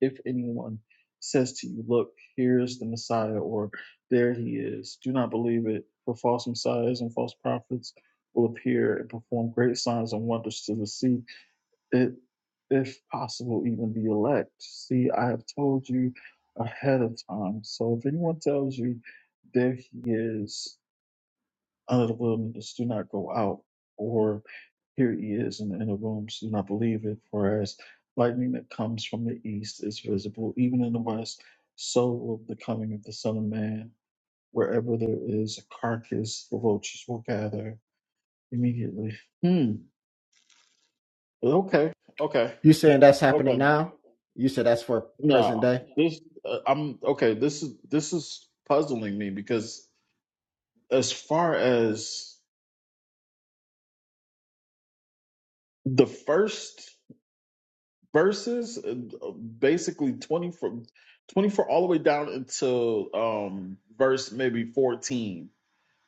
if anyone says to you, Look, here is the Messiah, or there he is, do not believe it, for false messiahs and false prophets will appear and perform great signs and wonders to deceive it, if possible, even the elect. See, I have told you ahead of time. So if anyone tells you, There he is, under the wilderness, do not go out, Or here he is in the inner rooms. Do not believe it, for as lightning that comes from the east is visible even in the west, so will the coming of the Son of Man. Wherever there is a carcass, the vultures will gather immediately. Hmm. Okay. Okay.
You saying that's happening
Okay.
now? You said that's for present
No,
day.
this uh, I'm okay. This is this is puzzling me because as far as the first. verses, uh, basically twenty from twenty four all the way down until um, verse maybe fourteen.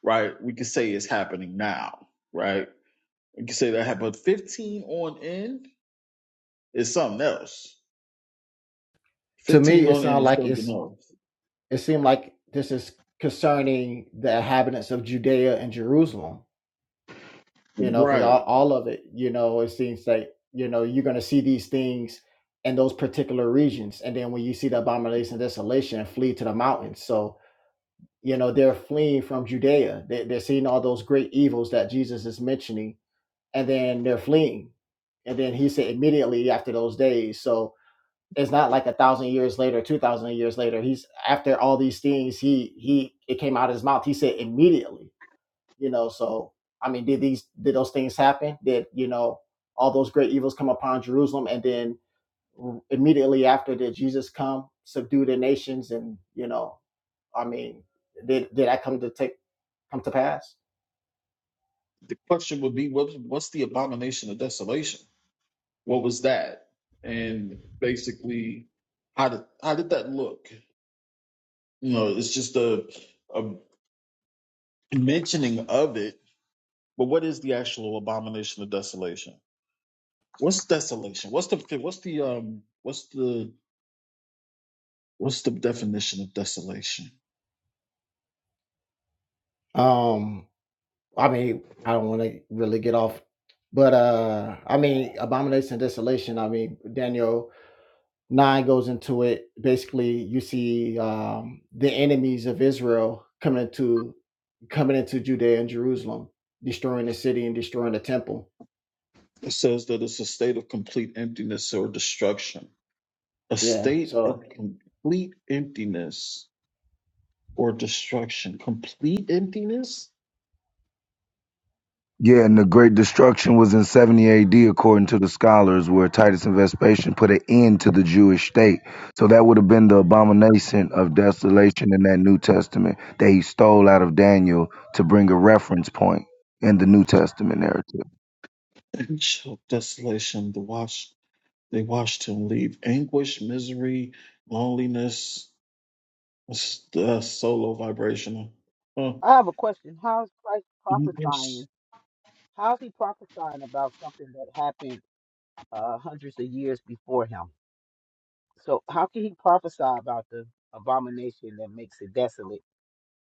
Right, we could say it's happening now. Right, we could say that, hap- but fifteen on end is something else.
To me,
Fifteen
it
on end
sounds
is
like
something
it's.
else.
It seemed like this is concerning the inhabitants of Judea and Jerusalem. you know because all,
Right.
all of it you know it seems like you know you're going to see these things in those particular regions and then when you see the abomination of desolation flee to the mountains so you know they're fleeing from judea they, they're seeing all those great evils that jesus is mentioning and then they're fleeing and then he said immediately after those days so it's not like a thousand years later two thousand years later he's after all these things he he it came out of his mouth he said immediately you know so i mean did these did those things happen did you know all those great evils come upon jerusalem and then immediately after did jesus come subdue the nations and you know i mean did did that come to take come to pass
The question would be, what's what's the abomination of desolation? What was that? And basically, how did how did that look? You know, it's just a a mentioning of it But what is the actual abomination of desolation? What's desolation? What's the what's the um what's the what's the definition of desolation?
um i mean i don't want to really get off but uh i mean abomination and desolation i mean daniel 9 goes into it basically you see um, the enemies of israel coming into coming into judea and jerusalem destroying the city and destroying the temple
It says that it's a state of complete emptiness or destruction. A
yeah
state
so
of complete emptiness or destruction. Complete emptiness?
Yeah, and the Great Destruction was in 70 AD, according to the scholars, where Titus and Vespasian put an end to the Jewish state. So that would have been the abomination of desolation in that New Testament that he stole out of Daniel to bring a reference point in the New Testament narrative.
And shall desolation. The watch they watched him leave. Anguish, misery, loneliness. It's the solo vibrational. Huh.
I have a question. How is Christ
Anguish.
prophesying? How is he prophesying about something that happened uh, hundreds of years before him? So how can he prophesy about the abomination that makes it desolate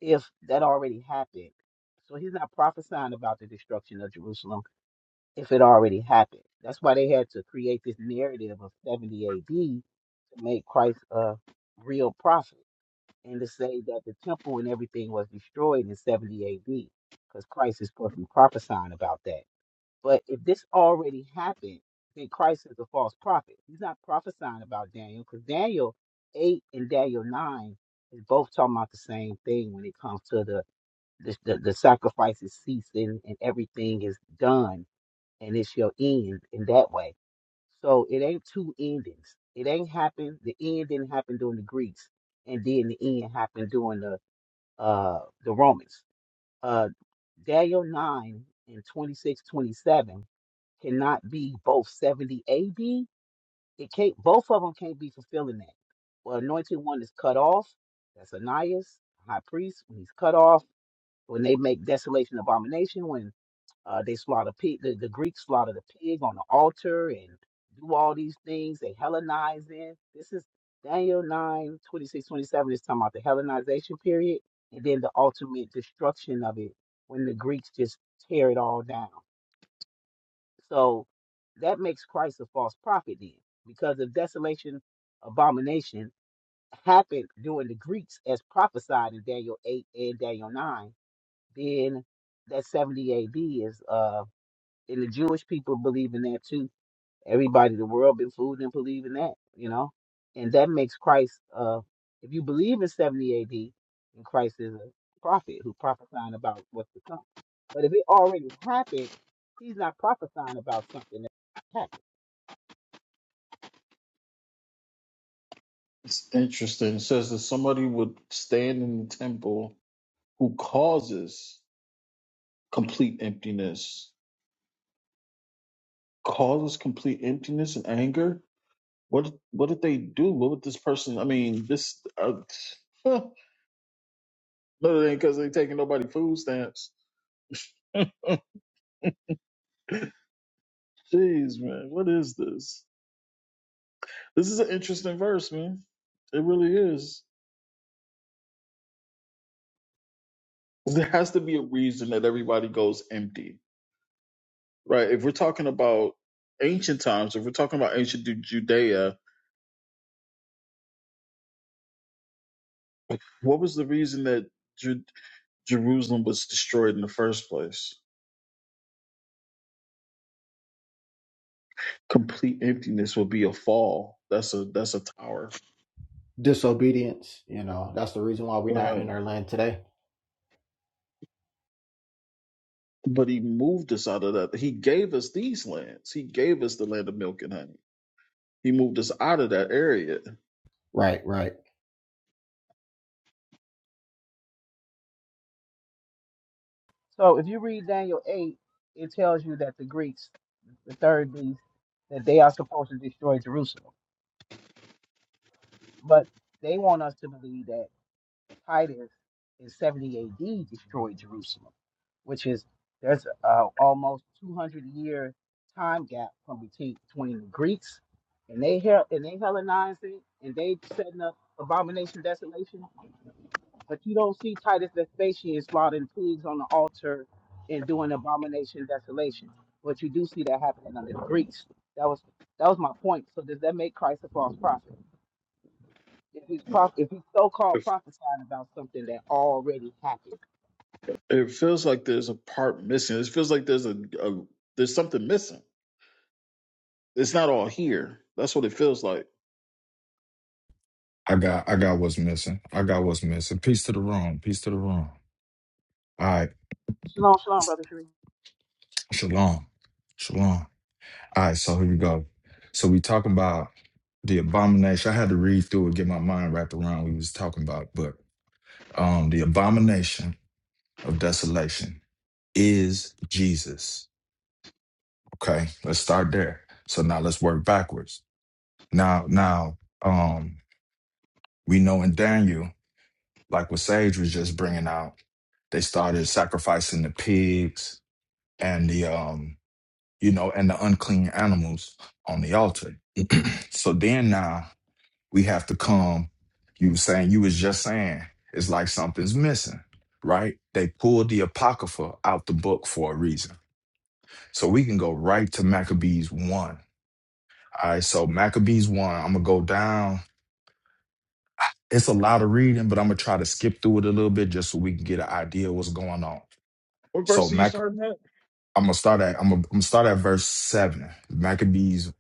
if that already happened? So he's not prophesying about the destruction of Jerusalem if it already happened. That's why they had to create this narrative of 70 AD to make Christ a real prophet. and to say that the temple and everything was destroyed in 70 AD, because Christ is supposed to be prophesying about that. But if this already happened, then Christ is a false prophet. He's not prophesying about Daniel, because Daniel 8 and Daniel 9 is both talking about the same thing when it comes to the the, the, the sacrifices ceasing and everything is done and it shall end in that way. So it ain't two endings. It ain't happened. The end didn't happen during the Greeks, and then the end happened during the uh, the Romans. Uh, Daniel 9 and 26 27 cannot be both 70 AD. It can't, both of them can't be fulfilling that. Well, anointed one is cut off. That's Ananias, high priest, when he's cut off, when they make desolation abomination, when. Uh, they slaughter pig. The, the Greeks slaughter the pig on the altar and do all these things. They Hellenize in. This is Daniel 9 26 27 is talking about the Hellenization period and then the ultimate destruction of it when the Greeks just tear it all down. So that makes Christ a false prophet then because the desolation abomination happened during the Greeks as prophesied in Daniel 8 and Daniel 9. Then that 70 AD is uh and the Jewish people believe in that too. Everybody in the world been fooled and believe in that, you know, and that makes Christ. Uh, if you believe in seventy A.D. and Christ is a prophet who prophesying about what's to come, but if it already happened, he's not prophesying about something that happened.
It's interesting. It says that somebody would stand in the temple who causes complete emptiness. Causes complete emptiness and anger. What what did they do? What would this person? I mean, this. Uh, no, it ain't because they taking nobody food stamps. Jeez, man, what is this? This is an interesting verse, man. It really is. There has to be a reason that everybody goes empty, right? If we're talking about ancient times, if we're talking about ancient Ju- Judea, What was the reason that Jer- Jerusalem was destroyed in the first place? Complete emptiness would be a fall. That's a that's a tower.
disobedience you know that's the reason why we're not
Right.
in our land today
But he moved us out of that. He gave us these lands. He gave us the land of milk and honey. He moved us out of that area.
right right
So if you read Daniel eight, it tells you that the Greeks, the third beast, that they are supposed to destroy Jerusalem, but they want us to believe that. Titus in 70 AD destroyed Jerusalem, which is there's uh, almost 200 year time gap from between, between the Greeks and they hell and they Hellenizing and they setting up abomination desolation. But you don't see Titus Vespasian slaughtering pigs on the altar and doing abomination desolation. But you do see that happening under the Greeks. That was that was my point. So does that make Christ a false prophet? If he's prof- if he's so-called
It
prophesying about something that already happened.
it feels like there's a part missing. It feels like there's a, a there's something missing. It's not all here. That's what it feels like.
I got I
Like,
got what's missing. I got what's missing. Peace to the room. Peace to the room. All right.
Shalom, shalom, brother Sharif.
Shalom. Shalom. All right, so here we go. So we talking about the abomination. I had to read through it, get my mind wrapped around what we was talking about, but um the abomination of desolation is Jesus. Okay, let's start there. So now let's work backwards. Now, now um we know in Daniel, like what Sage was just bringing out, they started sacrificing the pigs and the um you know and the unclean animals on the altar so then now we have to come you were saying you was just saying it's like something's missing right they pulled the apocrypha out the book for a reason so we can go right to maccabees 1 all right so maccabees 1 i'm gonna go down it's a lot of reading but i'm gonna try to skip through it a little bit just so we can get an idea of what's going on
What
so
verse are you
Mac.
starting at?
I'm gonna start at I'm gonna, I'm gonna start at verse seven. Maccabees,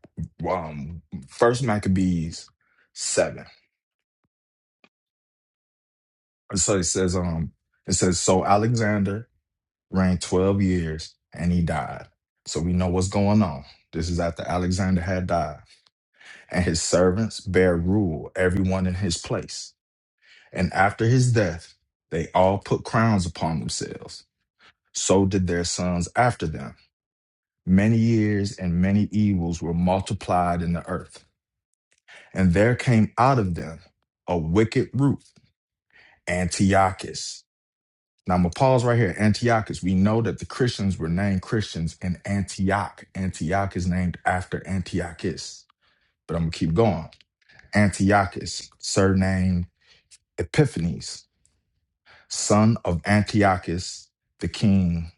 um, first Maccabees seven. So it says, um, it says, so Alexander reigned twelve years and he died. So we know what's going on. This is after Alexander had died, and his servants bear rule, everyone in his place. And after his death, they all put crowns upon themselves. So did their sons after them. Many years and many evils were multiplied in the earth. And there came out of them a wicked root, Antiochus. Now I'm gonna pause right here. Antiochus. We know that the Christians were named Christians in Antioch. Antioch is named after Antiochus. But I'm gonna keep going. Antiochus, surnamed Epiphanes, son of Antiochus, the king,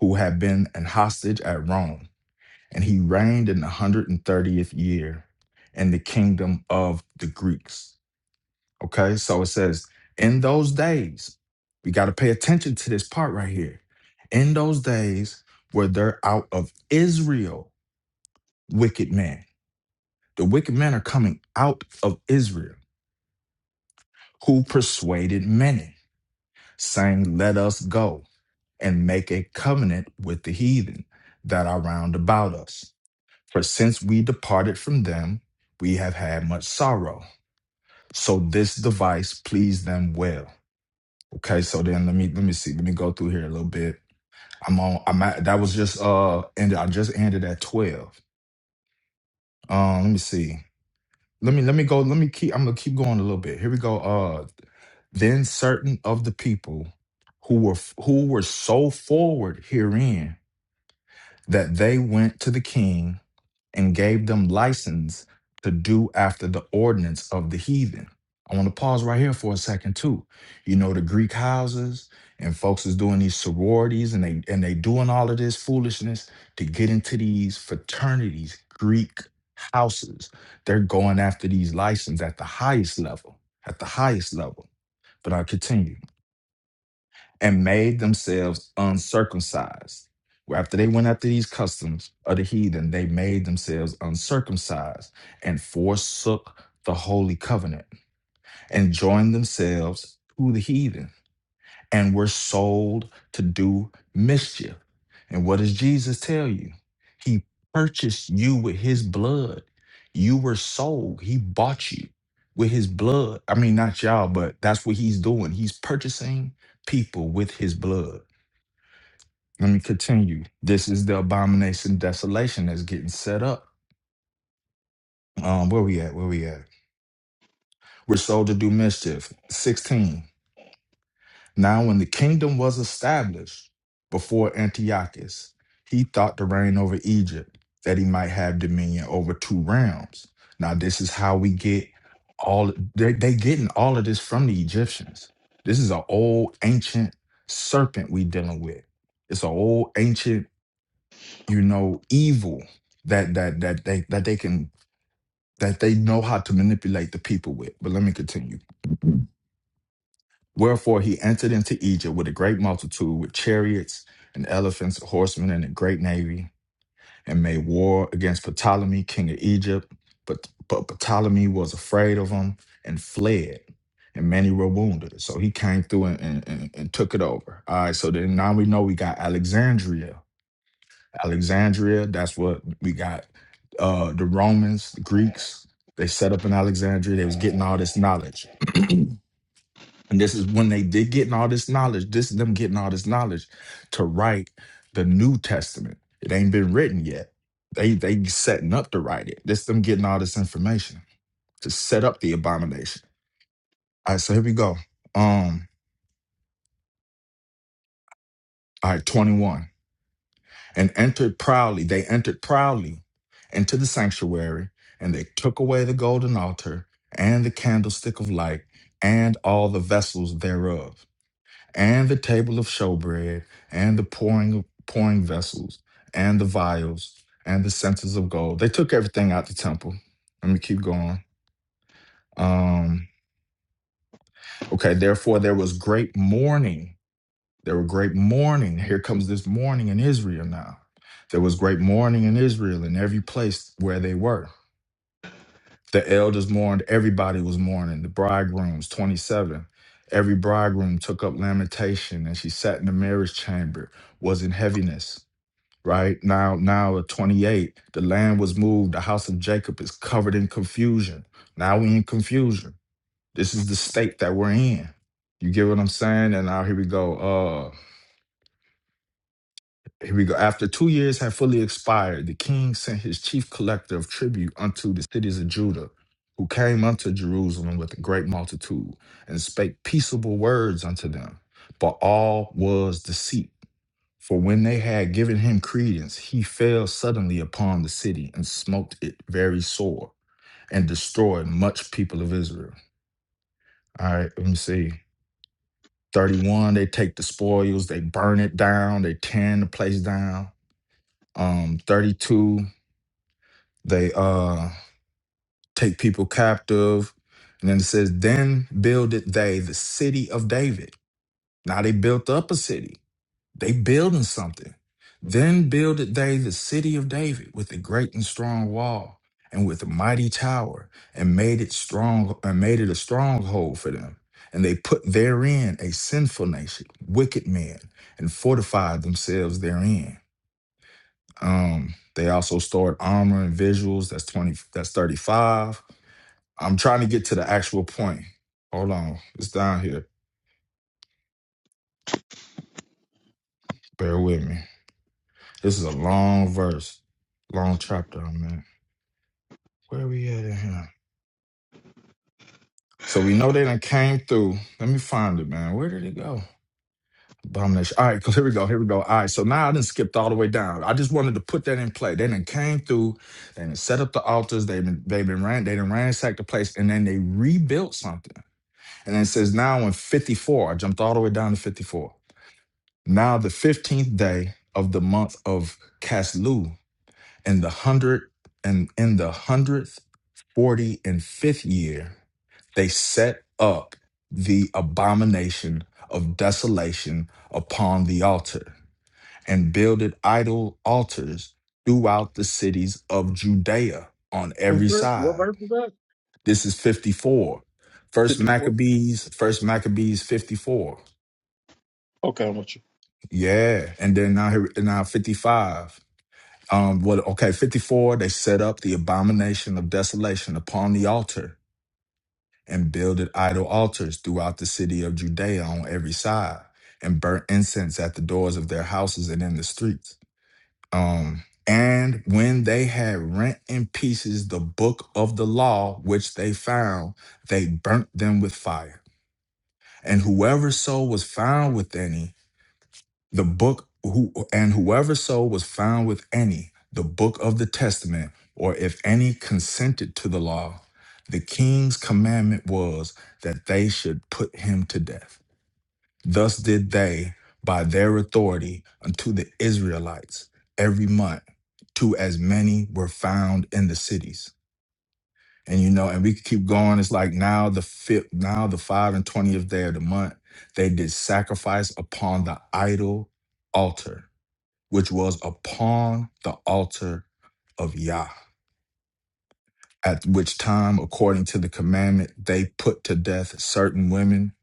who had been an hostage at Rome, and he reigned in the hundred and thirtieth year in the kingdom of the Greeks. Okay, so it says, in those days, we got to pay attention to this part right here. In those days were there out of Israel wicked men. The wicked men are coming out of Israel, who persuaded many, saying, Let us go and make a covenant with the heathen that are round about us. For since we departed from them, we have had much sorrow. So this device pleased them well Okay, so then let me let me see. Let me go through here a little bit. I'm on. I'm at. That was just uh. ended. I just ended at twelve. Um. Let me see. Let me let me go. Let me keep. I'm gonna keep going a little bit. Here we go. Uh. Then certain of the people who were f- who were so forward herein that they went to the king and gave them license to do after the ordinance of the heathen. I want to pause right here for a second too. You know the Greek houses and folks is doing these sororities and they and they doing all of this foolishness to get into these fraternities, Greek houses. They're going after these licenses at the highest level, at the highest level. But I continue and made themselves uncircumcised. Where after they went after these customs of the heathen, they made themselves uncircumcised and forsook the holy covenant and joined themselves to the heathen and were sold to do mischief. And what does Jesus tell you? He purchased you with his blood. You were sold. He bought you with his blood. I mean, not y'all, but that's what he's doing. He's purchasing people with his blood. Let me continue. This is the abomination desolation that's getting set up. Um, where we at? Where we at? We're sold to do mischief. 16. Now, when the kingdom was established before Antiochus, he thought to reign over Egypt, that he might have dominion over two realms. Now, this is how we get all they they getting all of this from the Egyptians. This is an old ancient serpent we dealing with. It's an old ancient you know evil that that that they that they can that they know how to manipulate the people with but let me continue wherefore he entered into egypt with a great multitude with chariots and elephants horsemen and a great navy and made war against ptolemy king of egypt but but ptolemy was afraid of him and fled and many were wounded so he came through and, and, and, and took it over all right so then now we know we got alexandria Alexandria. That's what we got. Uh, the Romans, the Greeks, they set up in Alexandria. They was getting all this knowledge. and this is when they did getting all this knowledge. This is them getting all this knowledge to write the New Testament. It ain't been written yet. They they setting up to write it. This them getting all this information to set up the abomination. All right, so here we go. Um, all right, 21. and entered proudly. They entered proudly into the sanctuary, and they took away the golden altar and the candlestick of light and all the vessels thereof, and the table of showbread and the pouring pouring vessels and the vials and the censers of gold. They took everything out the temple. Let me keep going. Um, okay, therefore there was great mourning There were great mourning. Here comes this mourning in Israel now. There was great mourning in Israel in every place where they were. The elders mourned, everybody was mourning. The bridegrooms, 27. Every bridegroom took up lamentation and she sat in the marriage chamber, was in heaviness. Right now, now at 28, the land was moved. The house of Jacob is covered in confusion. Now we in confusion. This is the state that we're in. You get what I'm saying? And now here we go. Uh, Here we go. After two years had fully expired, the king sent his chief collector of tribute unto the cities of Judah, who came unto Jerusalem with a great multitude, and spake peaceable words unto them. But all was deceit. For when they had given him credence, he fell suddenly upon the city and smote it very sore, and destroyed much people of Israel. All right, let me see. 31, they take the spoils, they burn it down, they tear the place down um 32 They uh take people captive. And then it says, Then builded they the city of David. Now they built up a city. They building something. Then builded they the city of David with a great and strong wall and with a mighty tower, and made it strong and made it a stronghold for them. And they put therein a sinful nation, wicked men, and fortified themselves therein. Um, they also stored armor and visuals. That's 20, that's 35 I'm trying to get to the actual point. Hold on. It's down here. Bear with me. This is a long verse, long chapter, I'm at. Where we at in here? So we know they done came through. Let me find it, man. Where did it go? Abomination. All right, because here we go. Here we go. All right. So now I done skipped all the way down. I just wanted to put that in play. They done came through. They done set up the altars. They've been they've been ran, they done ransacked the place. And then they rebuilt something. And then it says now in 54. I jumped all the way down to 54. Now the fifteenth day of the month of Caslu, in the hundred and in the hundredth, forty, and fifth year, they set up the abomination of desolation upon the altar, and builded idol altars throughout the cities of Judea on
What
every
verse? What
side.
verse is that?
This is fifty-four. First
Fifty four.
Maccabees, First Maccabees fifty-four.
Okay, I'm with you.
Yeah, and then now here now fifty-five. Um, what okay, 54, they set up the abomination of desolation upon the altar and builded idol altars throughout the city of Judea on every side, and burnt incense at the doors of their houses and in the streets. Um, and when they had rent in pieces the book of the law which they found, they burnt them with fire. And whoever soul was found with any, the book who and whoever so was found with any, the book of the testament, or if any consented to the law, the king's commandment was that they should put him to death. Thus did they by their authority unto the Israelites every month to as many were found in the cities. And you know, and we could keep going. It's like now the fifth, now the five and twentieth day of the month, they did sacrifice upon the idol altar which was upon the altar of Yah. At which time, according to the commandment, they put to death certain women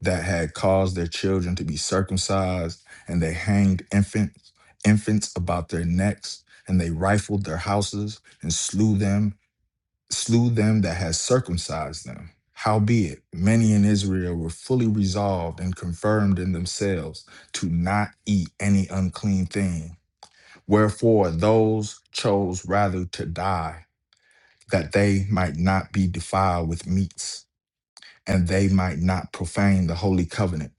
that had caused their children to be circumcised, and they hanged infants, infants about their necks, and they rifled their houses and slew them, slew them that had circumcised them. Howbeit, many in Israel were fully resolved and confirmed in themselves to not eat any unclean thing Wherefore those chose rather to die, that they might not be defiled with meats, and they might not profane the holy covenant.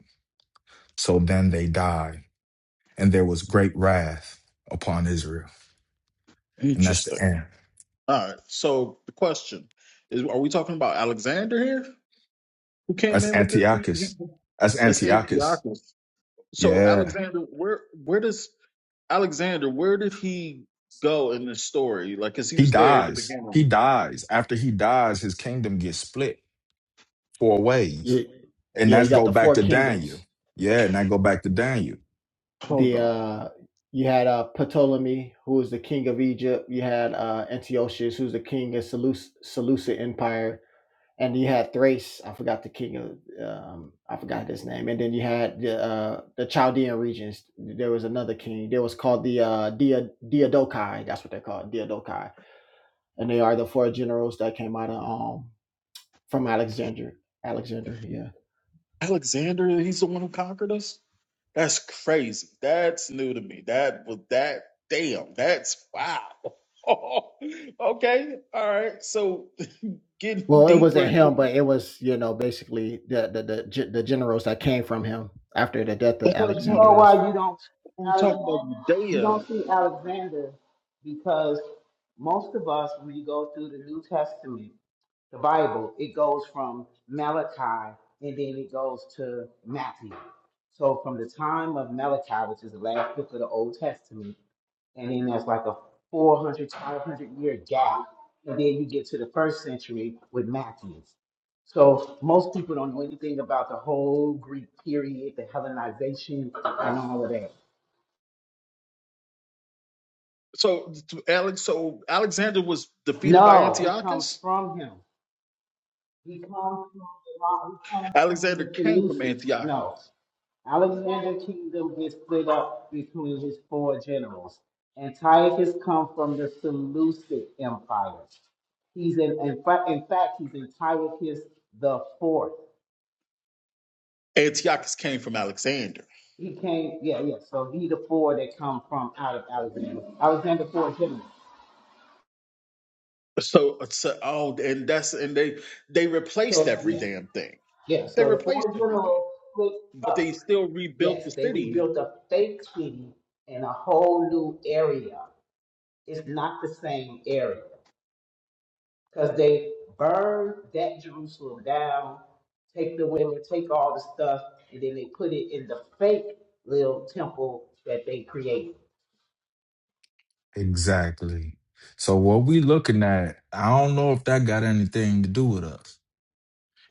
So then they died, and there was great wrath upon Israel. And that's
Interesting.
the end.
All right. So the question is: Are we talking about Alexander here, who came
That's
in with this?
Antiochus. That's
That's
Antiochus.
Antiochus. So
Yeah.
Alexander, where where does Alexander? Where did he go in this story? Like, cause he
He
was there at the
dies.
beginning.
He dies. After he dies, his kingdom gets split four
yeah,
ways. And
yeah you
that's
got
go
the
back
four
to Daniel.
kingdoms
Yeah, and that go back to Daniel.
Hold
the
on,
uh you had uh ptolemy who was the king of egypt you had uh antiochus who's the king of Seleuc- seleucid empire and you had Thrace. I forgot the king of um, I forgot his name. And then you had the uh, the Chaldean regions. There was another king. There was called the uh, Dia Diadochi. That's what they're called, Diadochi. And they are the four generals that came out of um from Alexander. Alexander, yeah.
Alexander. He's the one who conquered us. That's crazy. That's new to me. That was that. Damn. That's wow. okay. All right. So getting
Well, it
deeper
wasn't him,
into
but it was you know basically the the the, ge- the generals that came from him after the death of
that's
But
what it's
you
called.
know
Alexander.
why you don't see
We're talking
Alexander?
about
You
Judea
don't see Alexander because most of us, when you go through the New Testament, the Bible, it goes from Malachi and then it goes to Matthew. So from the time of Malachi, which is the last book of the Old Testament, and then there's like a 400, 500 year gap. And then you get to the first century with Matthew. So most people don't know anything about the whole Greek period, the Hellenization, and all of that.
So to Alex, so Alexander was defeated by
No, he comes
Antiochus.
from him. He comes from the He comes from the
Alexander came from
Seleucids. No,
Antiochus.
Alexander's kingdom is split up between his four generals. Antiochus comes from the Seleucid Empire. He's in, in, fa- in fact, he's Antiochus the fourth.
Antiochus came from Alexander.
He came, yeah, yeah. So he the four that come from out of Alexander. Alexander four generals.
So, so oh, and that's and they they replaced
So
every
yeah,
damn thing.
yeah.
They
So the
replaced
four
everything,
generals split
but they
up.
still rebuilt
Yes,
the
they
city.
rebuilt a fake city in a whole new area. It's not the same area. because they burned that Jerusalem down, take the women, take all the stuff, and then they put it in the fake little temple that they created.
Exactly. So what we looking at, I don't know if that got anything to do with us.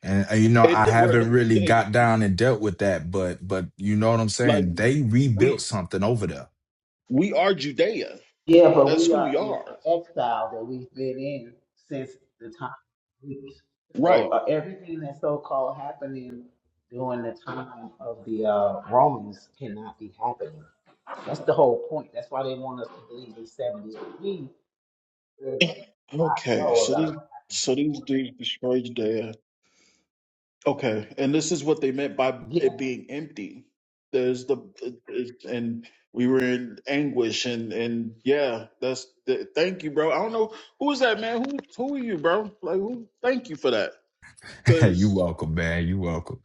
And uh, you know, I
It were
haven't really
they,
got down and dealt with that, but but you know what I'm
like
saying? They rebuilt
we
something over there.
we are Judea.
Yeah, but
That's
we
who we
are in an
are,
exile that we've been in since the time of Greece. So
right?
uh, everything that's so-called happening during the time of the uh, Romans cannot be happening. That's the whole point. That's why they want us to believe in 70 AD, where we did not
Okay,
know
so
about
this
what happened
so these
before.
dudes destroyed Judea Okay, and this is what they meant by it being empty. There's the and we were in anguish and and yeah, that's the, thank you, bro. I don't know who is that man. Who who are you, bro? Like who? Thank you for that,
Hey, you
cause
welcome, man. You welcome.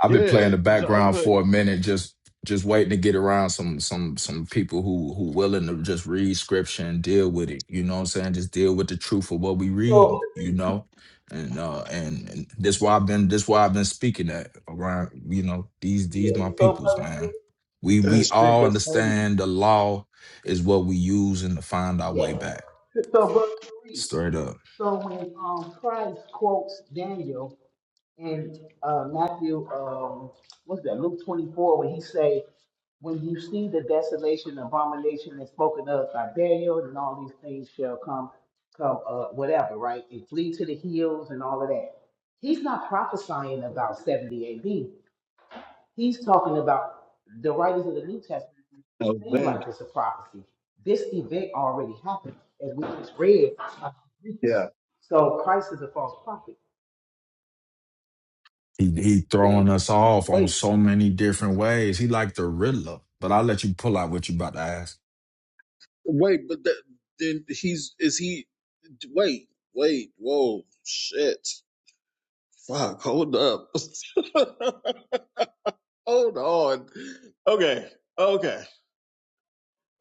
I've been
yeah,
playing the
cause I was
background
like
for a minute, just just waiting to get around some some some people who who willing to just read scripture and deal with it. You know what I'm saying? Just deal with the truth of what we
So
read. You
Sharif,
know, and uh and, and that's why I've been this why I've been speaking that around. You know these these my
so
peoples,
brother
man.
Sharif,
We we
that's big,
all
that's heavy.
understand the law is what we use and to find our
yes.
way back.
So brother Sharif,
Straight up.
so when um Christ quotes Daniel in uh, Matthew, um, what's that? Luke twenty four, when he say, "When you see the desolation, abomination that's spoken of by Daniel, and all these things shall come, come, uh, whatever, right? And flee to the hills and all of that." He's not prophesying about seventy A.D. He's talking about the writers of the New Testament
Oh
seem
man,
like it's a prophecy. This event already happened, as we just read. about
yeah.
So Christ is a false prophet.
He he
Well,
throwing us off on
wait,
so many different ways. He like the Riddler, but I'll let you pull out what you about to ask.
wait, but that, then he's is he? Wait, wait, whoa, shit, fuck, hold up. Hold on. Okay. Okay.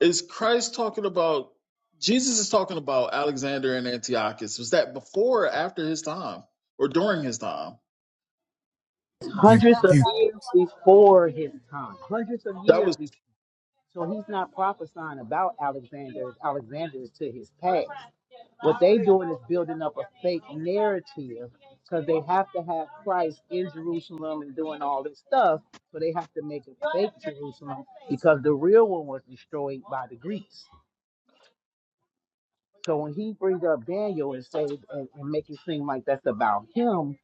Is Christ talking about Jesus is talking about Alexander and Antiochus. Was that before or after his time? Or during his time?
You
Hundreds of
you
years before his time. Hundreds of
That
years
was
before. So he's not prophesying about Alexander. Alexander is to his past. Have to Christ in Jerusalem and doing all this stuff. So they have to make it because the real one was destroyed by the Greeks. So when he brings up Daniel and says and, and make it seem like that's about him,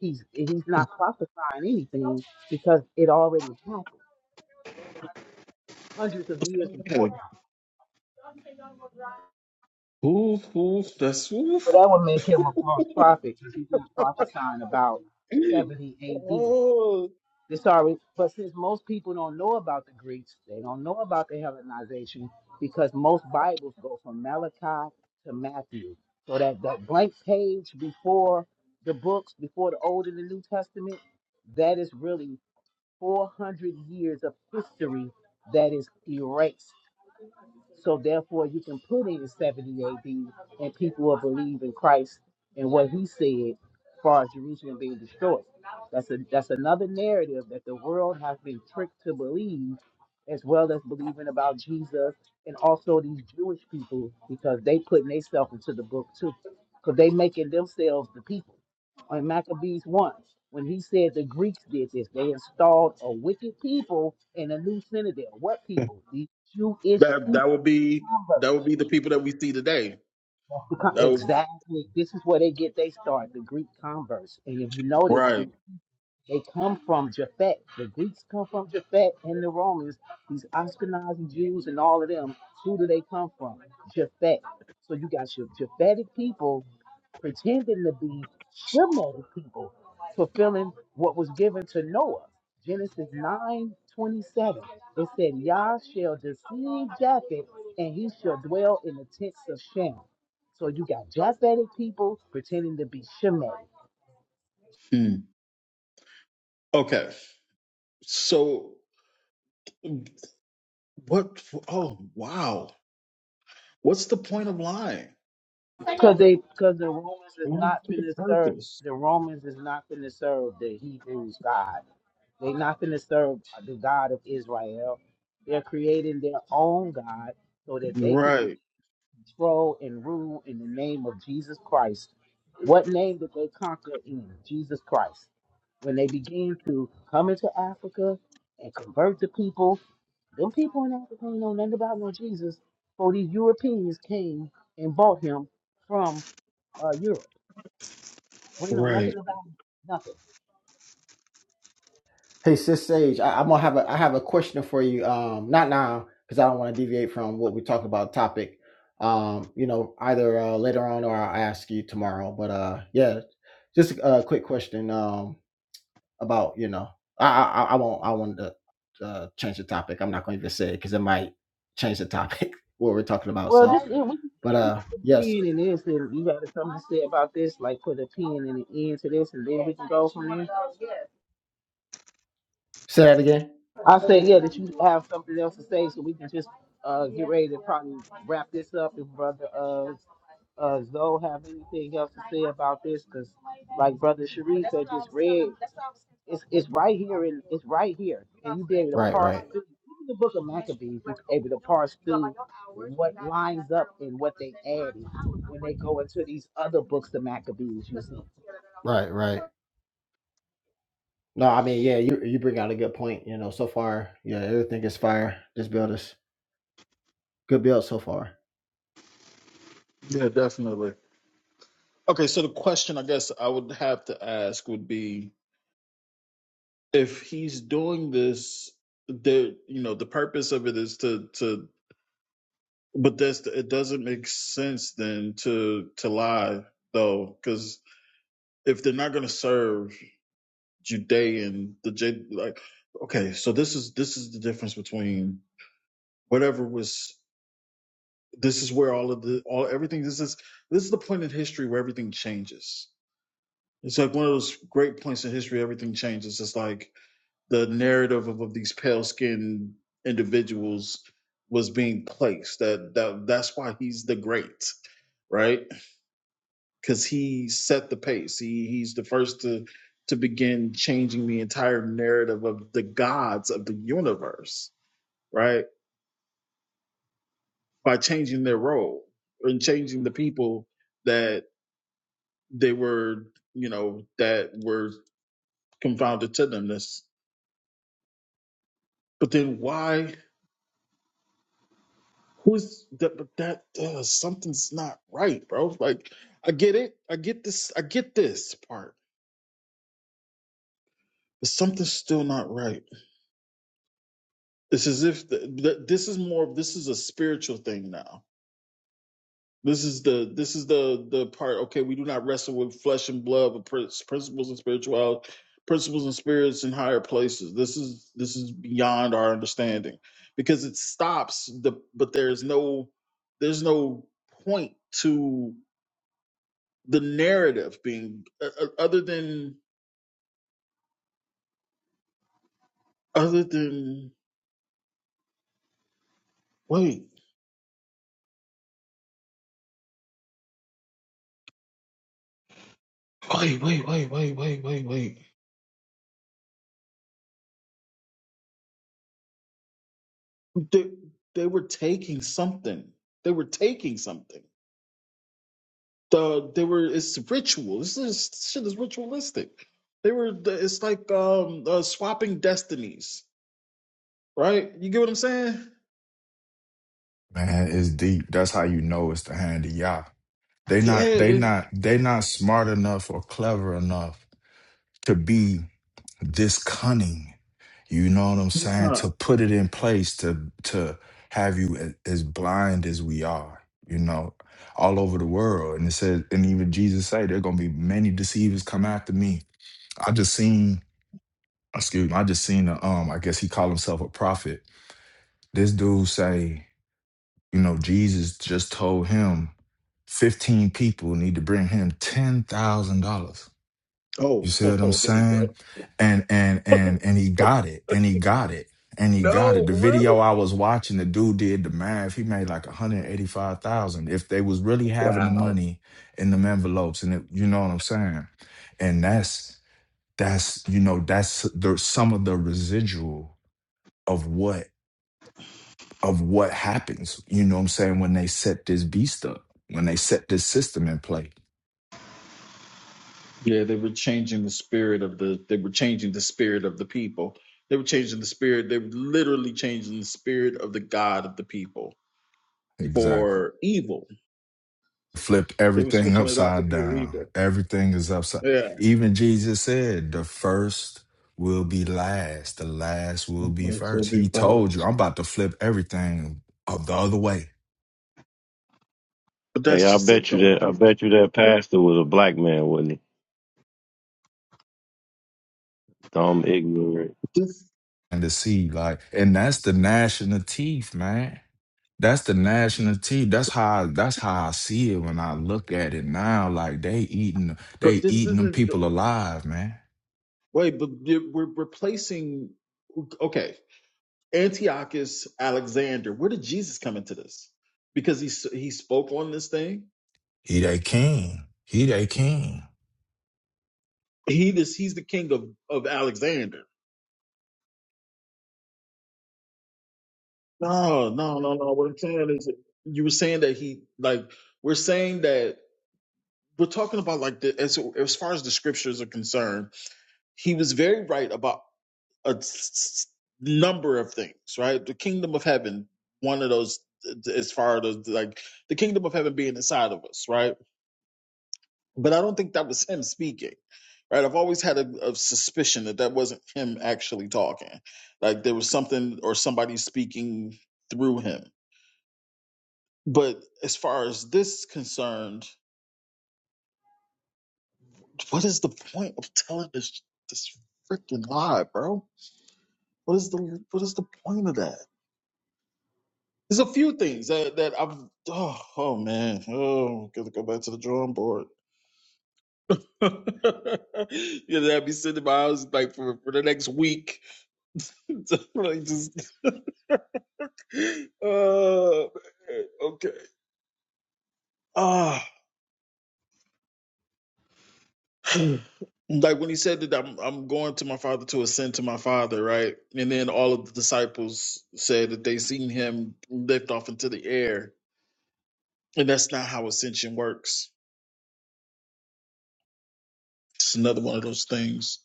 he's he's not prophesying anything because it already happened hundreds of years before him.
Oof, oof, that's
But
oof.
that would make him a false prophet because he's not prophesying about 70 AD.
oh.
They're sorry, but since most people don't know about the Greeks, they don't know about the Hellenization because most Bibles go from Malachi to Matthew. So that, that blank page before the books, before the Old and the New Testament, that is really 400 years of history that is erased. So therefore, you can put in 70 AD, and people will believe in Christ and what He said, as far as Jerusalem being destroyed. That's a that's another narrative that the world has been tricked to believe, as well as believing about Jesus and also these Jewish people because they putting themselves into the book too, because they making themselves the people. On Maccabees one, when he said the Greeks did this, they installed a wicked people in a new citadel. What people? The Jewish
That
people.
that would be that would
Converse.
be the people that we see today.
the con-
That would,
exactly. This is where they get they start the Greek converse. And if you notice,
right.
they come from Japhet. The Greeks come from Japhet and the Romans, these Ashkenazi Jews and all of them. Who do they come from? Japhet. So you got your Japhetic people pretending to be Shemitic people, fulfilling what was given to Noah. Genesis 9 27. It said, Yah shall deceive Japheth, and he shall dwell in the tents of Shem. So you got Japhetic people pretending to be Shemitic.
Hmm. Okay. So what oh wow. What's the point of lying?
Because they, because the Romans is not
What's the
finna serve.
purpose?
The Romans is not finna serve the Hebrews God. They not finna serve the God of Israel. They're creating their own God so that they can be
Right,
control and rule in the name of Jesus Christ. What name did they conquer in Jesus Christ? When they begin to come into Africa and convert the people, them people in Africa ain't know nothing about no Jesus. So these Europeans came and bought him from uh, Europe. We know nothing
right.
about nothing.
Hey, Sis Sage, I, I'm gonna have a I have a question for you. Um, not now because I don't want to deviate from what we talked about topic. Um, you know, either uh, later on or I'll ask you tomorrow. But uh, yeah, just a a quick question. Um, about you know, I I, I won't I want to uh, change the topic. I'm not going to even say it because it might change the topic what we're talking about.
Well,
So,
this yeah, we can
but
we can
uh,
put a
yes,
pin in this, and you got something to say about this, like put a pin in the end to this, and then we can go.
say that again.
I say yeah, that you have something else to say, so we can just uh get ready to probably wrap this up. If brother uh uh Zoe have anything else to say about this, like brother Sharif, right here, it's right here.
Right, right,
Look at The book of Maccabees go into these other books, the Maccabees. You see,
right, right. No, I mean, yeah, you you bring out a good point. You know, so far, yeah, everything is fire. This build us. Good build so far.
Yeah, definitely. Okay, so the question I guess I would have to ask would be if he's doing this, the you know the purpose of it is to to, but that's it doesn't make sense then to to lie though because if they're not going to serve Judean the J like okay so this is this is the difference between whatever was this is where all of the all everything this is this is the point in history where everything changes It's like one of those great points in history. Everything changes. It's like the narrative of, of these pale skinned individuals was being placed. That that that's why he's the great, right? Because he set the pace. He he's the first to to begin changing the entire narrative of the gods of the universe, right? By changing their role and changing the people that they were, you know, that were confounded to them. This, but then why? Who's that? But that uh, something's not right, bro. Like, I get it. I get this. I get this part. But something's still not right. It's as if the, the, this is more. of This is a spiritual thing now. This is the this is the the part. Okay, we do not wrestle with flesh and blood, but prin- principles and spirituality, principles and spirits in higher places. This is this is beyond our understanding because it stops the. But there's no there's no point to. the narrative being uh, uh, other than other than wait wait wait wait wait wait wait wait they, they were taking something they were taking something the they were it's ritual this is this shit is ritualistic they were it's like um uh, swapping destinies right you get what i'm saying
man, it's deep. That's how you know it's the hand of Yah. They not
yeah
they
they,
not they not smart enough or clever enough to be this cunning. You know what I'm saying?
uh,
To put it in place to to have you a- as blind as we are. You know, all over the world, and it says, and even Jesus say there gonna be many deceivers come after me. I just seen. excuse me, I just seen a, um, I guess he called himself a prophet. This dude say, you know, Jesus just told him 15 people need to bring him ten thousand dollars. You
oh
see what I'm
oh here we
saying?
go
And and and and he got it, and he got it, and he got it.
no
The
for real
video I was watching, the dude did the math. He made like 185,000 if they was really having the
wow
money in them envelopes, and it, you know what I'm saying? And that's that's you know that's the some of the residual of what of what happens, you know what I'm saying, when they set this beast up, when they set this system in play.
Yeah, they were changing the spirit of the they were changing the spirit of the people. They were changing the spirit, they were literally changing the spirit of the God of the people
Exactly.
for evil.
Flip
They were
everything
switching it out for
upside
pure evil.
down. Everything is upside.
Yeah.
Even Jesus said, the first will be last, the last will be
That's what
first.
be
He told you,
first.
I'm about to flip everything of the other way
But
Hey,
that's
I
just it
bet you
though.
that
Like
I
if
bet you that pastor was a black man, wasn't he? Dumb ignorant.
this
and to see, like, and that's the gnashing of teeth, man. That's the national team. That's how I, that's how I see it when I look at it now. Like they eating
but
they
this
eating them
isn't the-
people alive, man.
wait, but you- we're replacing okay. Antiochus Alexander, where did Jesus come into this? Because he s- he spoke on this thing.
He they king. He they king.
He this he's the king of, of Alexander No, no, no, no. What I'm saying is, you were saying that he like we're saying that we're talking about like the as as far as the scriptures are concerned, he was very right about a s- s- number of things. Right, the kingdom of heaven, one of those uh, as far as like the kingdom of heaven being inside of us. Right, but I don't think that was him speaking. Right, I've always had a, a suspicion that that wasn't him actually talking. Like there was something or somebody speaking through him But as far as this is concerned, what is the point of telling this this freaking lie, bro? What is the what is the point of that? There's a few things that, that I've oh, oh man oh gotta go back to the drawing board. you know, I'd be sitting in my house like for, for the next week. like just uh, okay. Ah, like when he said that I'm, I'm going to my father to ascend to my father, right? And then all of the disciples said that they seen him lift off into the air, and that's not how ascension works. It's another one of those things.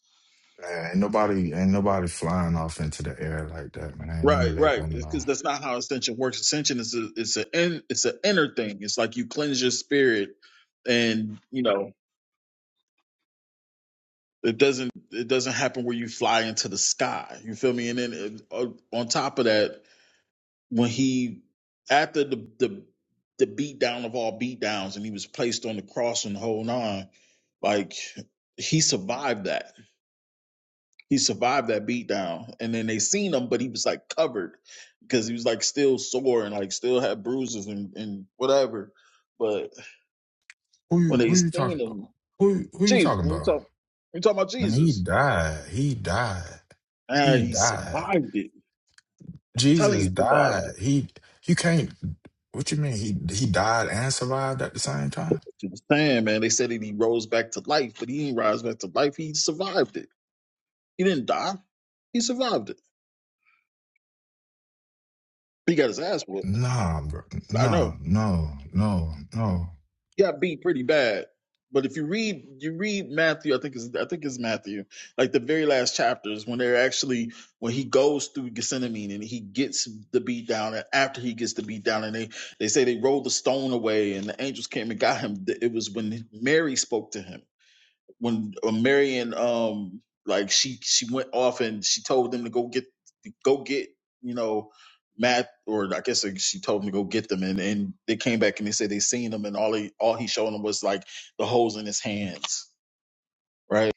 Man, ain't nobody ain't nobody flying off into the air like that, man. Ain't none
Right,
of that
right.
going on.
Because that's not how ascension works. Ascension is a it's a in, it's an inner thing. It's like you cleanse your spirit, and you know it doesn't it doesn't happen where you fly into the sky. You feel me? And then uh, on top of that, when he after the the the beat down of all beat downs and he was placed on the cross and the whole nine, like he survived that. He survived that beat down. And then they seen him, but he was like covered because he was like still sore and like still had bruises and, and whatever. But
Who you
when they
who you talking
seen him,
who who you
Jesus,
talking
when we
about?
talk we talking about
Man, he
Jesus.
died. He died. He
And he
died.
survived it. telling
Jesus
you he survived it.
died. He you can't what you mean? He he died and survived at the same time?
You understand, man. They said that he rose back to life, but he didn't rise back to life. He survived it. He didn't die. He survived it. He got his ass whooped.
Nah, bro.
I
Nah,
know.
no, no, no.
He got beat pretty bad. But if you read you read Matthew, I think it's I think it's Matthew, like the very last chapters when they're actually when he goes through Gethsemane and he gets the beat down and after he gets the beat down and they they say they rolled the stone away and the angels came and got him. It was when Mary spoke to him when uh, Marion um like she she went off and she told them to go get go get you know Matt or I guess like, she told them to go get them and and they came back and they said they seen them and all he all he showed them was like the holes in his hands right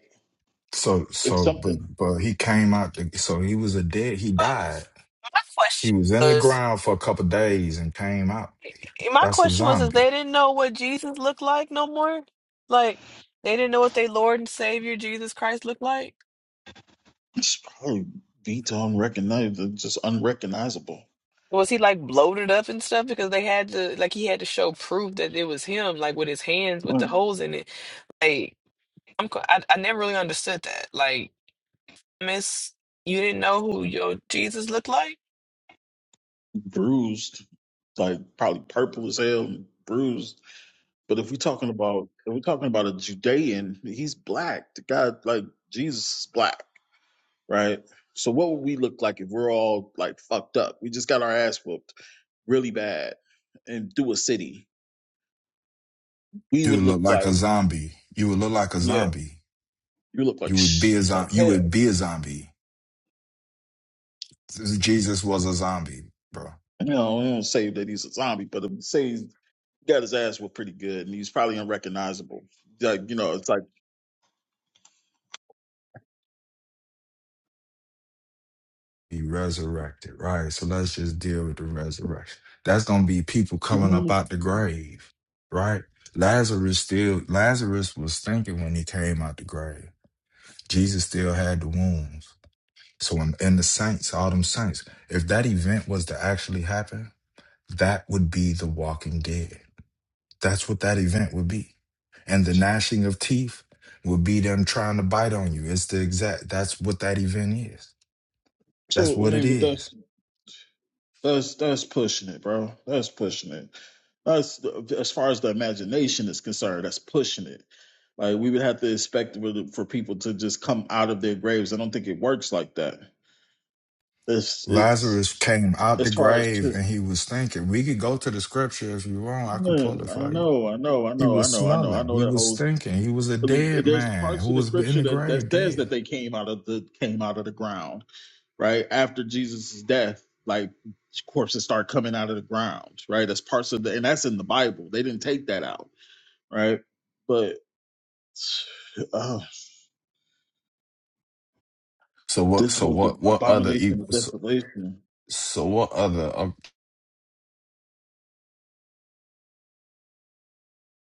So,
it's
so, but,
something
but he came out. The, so he was a dead. He
But
died.
my
He
question
was in the
was.
ground for a couple days and came out.
My
That's a
question was, is
zombie.
they didn't know what Jesus looked like no more? Like, they didn't know what their Lord and Savior Jesus Christ looked like?
it's probably beat to unrecognizable just unrecognizable
Was he like bloated up and stuff? Because they had to, like, he had to show proof that it was him, like with his hands with
Like,
the holes in it. Like, I'm, co- I, I never really understood that. Like, miss, you didn't know who your Jesus looked like?
bruised like probably purple as hell bruised But if we're talking about if we're talking about a Judean, he's black. The guy like Jesus is black, right? So what would we look like if we're all like fucked up? We just got our ass whooped really bad and through a city. We
You
would
would look
look
like a
like
zombie. You would look like a
yeah,
zombie.
you look like
You would be
shh,
a
like
zombie. You
hell.
would be a zombie. Jesus was a zombie, bro.
You know, we don't say that he's a zombie, but if we say he got his ass whooped pretty good and he's probably unrecognizable. Like you know, it's like
be resurrected, right? So let's just deal with the resurrection. That's gonna be people coming up out the grave, right? Lazarus still Lazarus was thinking when he came out the grave. Jesus still had the wounds. So in, in the saints, all them saints, if that event was to actually happen, that would be the walking dead. That's what that event would be. And the gnashing of teeth would be them trying to bite on you. It's the exact that's what that event is. That's
so. I
what it
mean, but
is
that's That's that's pushing it, bro. That's pushing it. That's as far as the imagination is concerned. That's pushing it. Like we would have to expect for the- for people to just come out of their graves. I don't think it works like that. It's it's
Lazarus came out the
as far as
grave
just.
and he was thinking. We could go to the scripture if you want. I can pull
Man,
it
I
for you.
know, I know, I
He
know, I
was
know, I know, I
smelling.
know
He
that
was
whole.
thinking. He was a dead
There's
man
parts
who
of the
was in
scripture
the
that,
grave
that says
dead.
that they came out of the came out of the ground right? After Jesus' death, like corpses start coming out of the ground, right? That's parts of the, and that's in the Bible. They didn't take that out, right? But uh,
So what?
this
So
whole the
what? What other? e-
abomination of
So,
desolation.
so what other? Uh,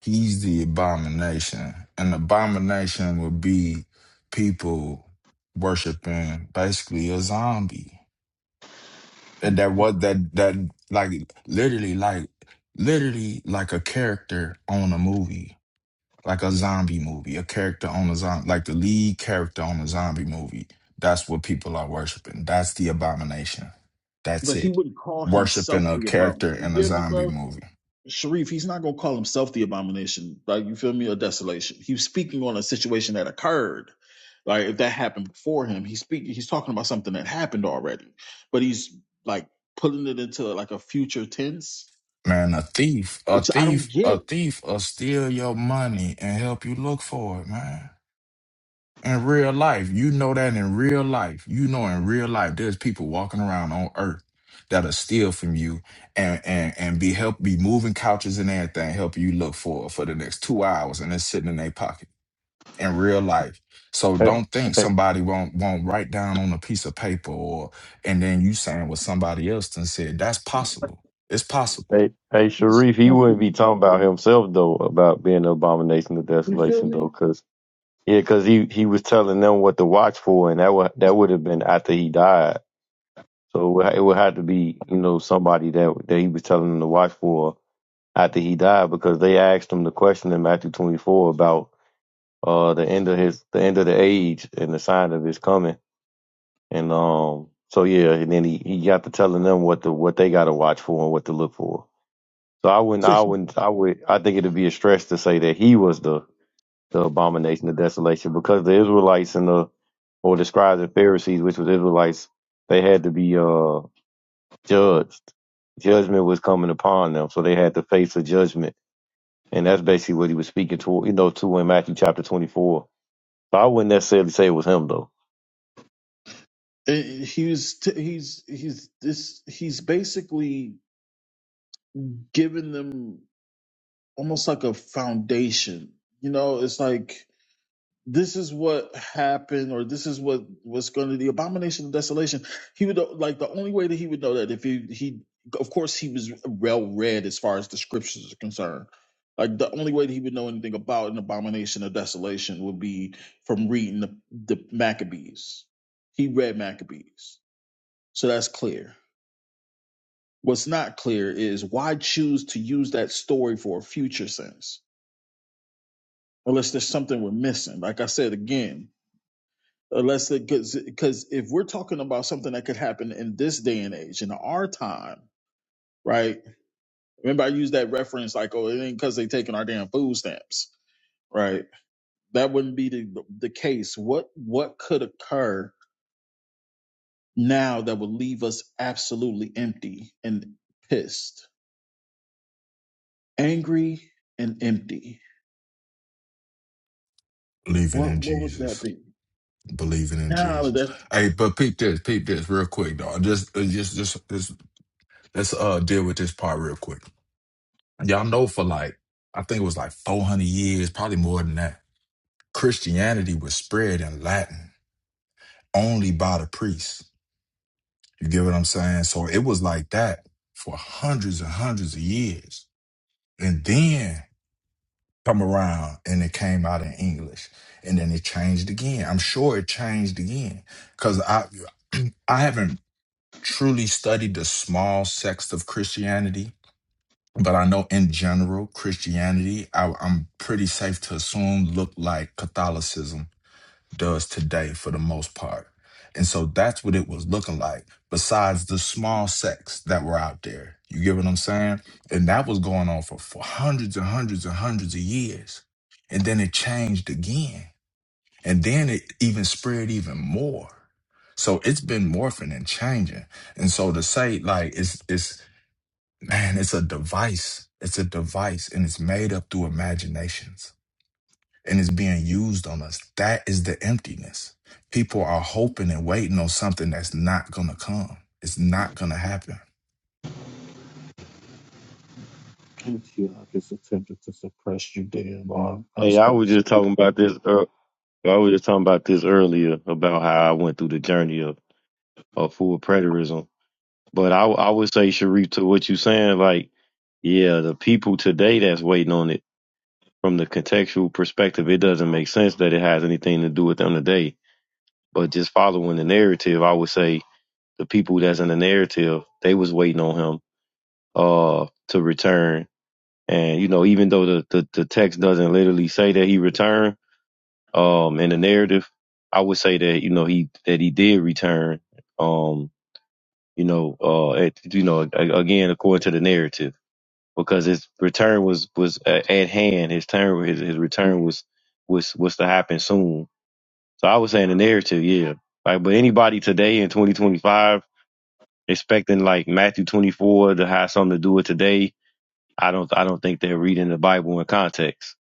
he's the abomination. An abomination would be people worshiping basically a zombie. And that what that that like literally like literally like a character on a movie like a zombie movie, a character on a zombie, like the lead character on a zombie movie. That's what people are worshiping. That's the abomination. That's
But he
it.
wouldn't call
Worshiping
himself
a
the abomination.
character
You
in a
get me,
zombie
bro?
movie.
Sharif, he's not going to call himself the abomination, like you feel me, or desolation. He's speaking on a situation that occurred. Like if that happened before him, he's speaking. He's talking about something that happened already, but he's like pulling it into like a future tense,
Man, a thief, a
which I don't
thief, a
get.
thief will steal your money and help you look for it, man. in real life. You know that in real life. You know in real life there's people walking around on earth that'll steal from you and and and be help be moving couches and everything, help you look for for the next two hours and it's sitting in their pocket in real life. So
Hey,
don't think
hey,
somebody won't won't write down on a piece of paper or and then you saying what somebody else done said. That's possible. It's possible.
hey, hey,
It's
Sharif, he wouldn't be talking about himself though, about being an abomination of
You feel
desolation though,
me?
cause yeah, cause he he was telling them what to watch for, and that would that would have been after he died. So it would, it would have to be you know somebody that that he was telling them to watch for after he died, because they asked him the question in Matthew twenty four about uh the end of his the end of the age and the sign of his coming And um, so yeah, and then he, he got to telling them what the what they got to watch for and what to look for. So I wouldn't,
So
I
he,
wouldn't, I would, I think it'd be a stretch to say that he was the the abomination, the desolation, because the Israelites and the or the scribes and Pharisees, which was Israelites, they had to be uh judged. Judgment was coming upon them, so they had to face a judgment, and that's basically what he was speaking to, you know, to in Matthew chapter twenty four. So I wouldn't necessarily say it was him though.
and he's t- he's he's this he's basically giving them almost like a foundation. You know, it's like this is what happened or this is what was going to the abomination of desolation he would like the only way that he would know that if he he of course he was well read as far as the scriptures are concerned like the only way that he would know anything about an abomination of desolation would be from reading the, the maccabees he read maccabees so that's clear what's not clear is why choose to use that story for a future sense unless there's something we're missing like i said again unless it because if we're talking about something that could happen in this day and age in our time right remember i used that reference like oh it ain't because they taking our damn food stamps right that wouldn't be the, the case what what could occur now that would leave us absolutely empty and pissed angry and empty
Believing
what
in
what would that
Jesus.
be
Believing in
now
Jesus.
that's
Hey, but peep this, peep this, real quick, dog. Just, uh, just, just, just. Let's uh deal with this part real quick. Y'all know for like I think it was like 400 years, probably more than that. Christianity was spread in Latin only by the priests. You get what I'm saying? So it was like that for hundreds and hundreds of years. And then come around and it came out in English. And then it changed again. I'm sure it changed again cuz I I haven't truly studied the small sects of Christianity but I know in general Christianity, I, I'm pretty safe to assume look like Catholicism does today for the most part. And so that's what it was looking like, besides the small sects that were out there. You get what I'm saying? And that was going on for, for hundreds and hundreds and hundreds of years. And then it changed again. And then it even spread even more. So it's been morphing and changing. And so to say like it's it's Man, it's a device. It's a device and it's made up through imaginations and it's being used on us. That is the emptiness. People are hoping and waiting on something that's not going to come. It's not going to happen.
I feel like attempted to suppress you, damn, on
Hey, I was
customs.
just talking about this. Uh, So I was just talking about this earlier about how I went through the journey of, of full preterism. But I, I would say, Sharif, to what you saying, like, yeah, the people today that's waiting on it from the contextual perspective, it doesn't make sense that it has anything to do with them today. But just following the narrative, I would say the people that's in the narrative, they was waiting on him uh to return. And, you know, even though the, the, the text doesn't literally say that he returned, um in the narrative i would say that you know he that he did return um you know uh at, you know a- again according to the narrative because his return was was a- at hand his turn his, his return was was was to happen soon so i would say in the narrative yeah like but anybody today in 2025 expecting like matthew 24 to have something to do with today i don't i don't think they're reading the bible in context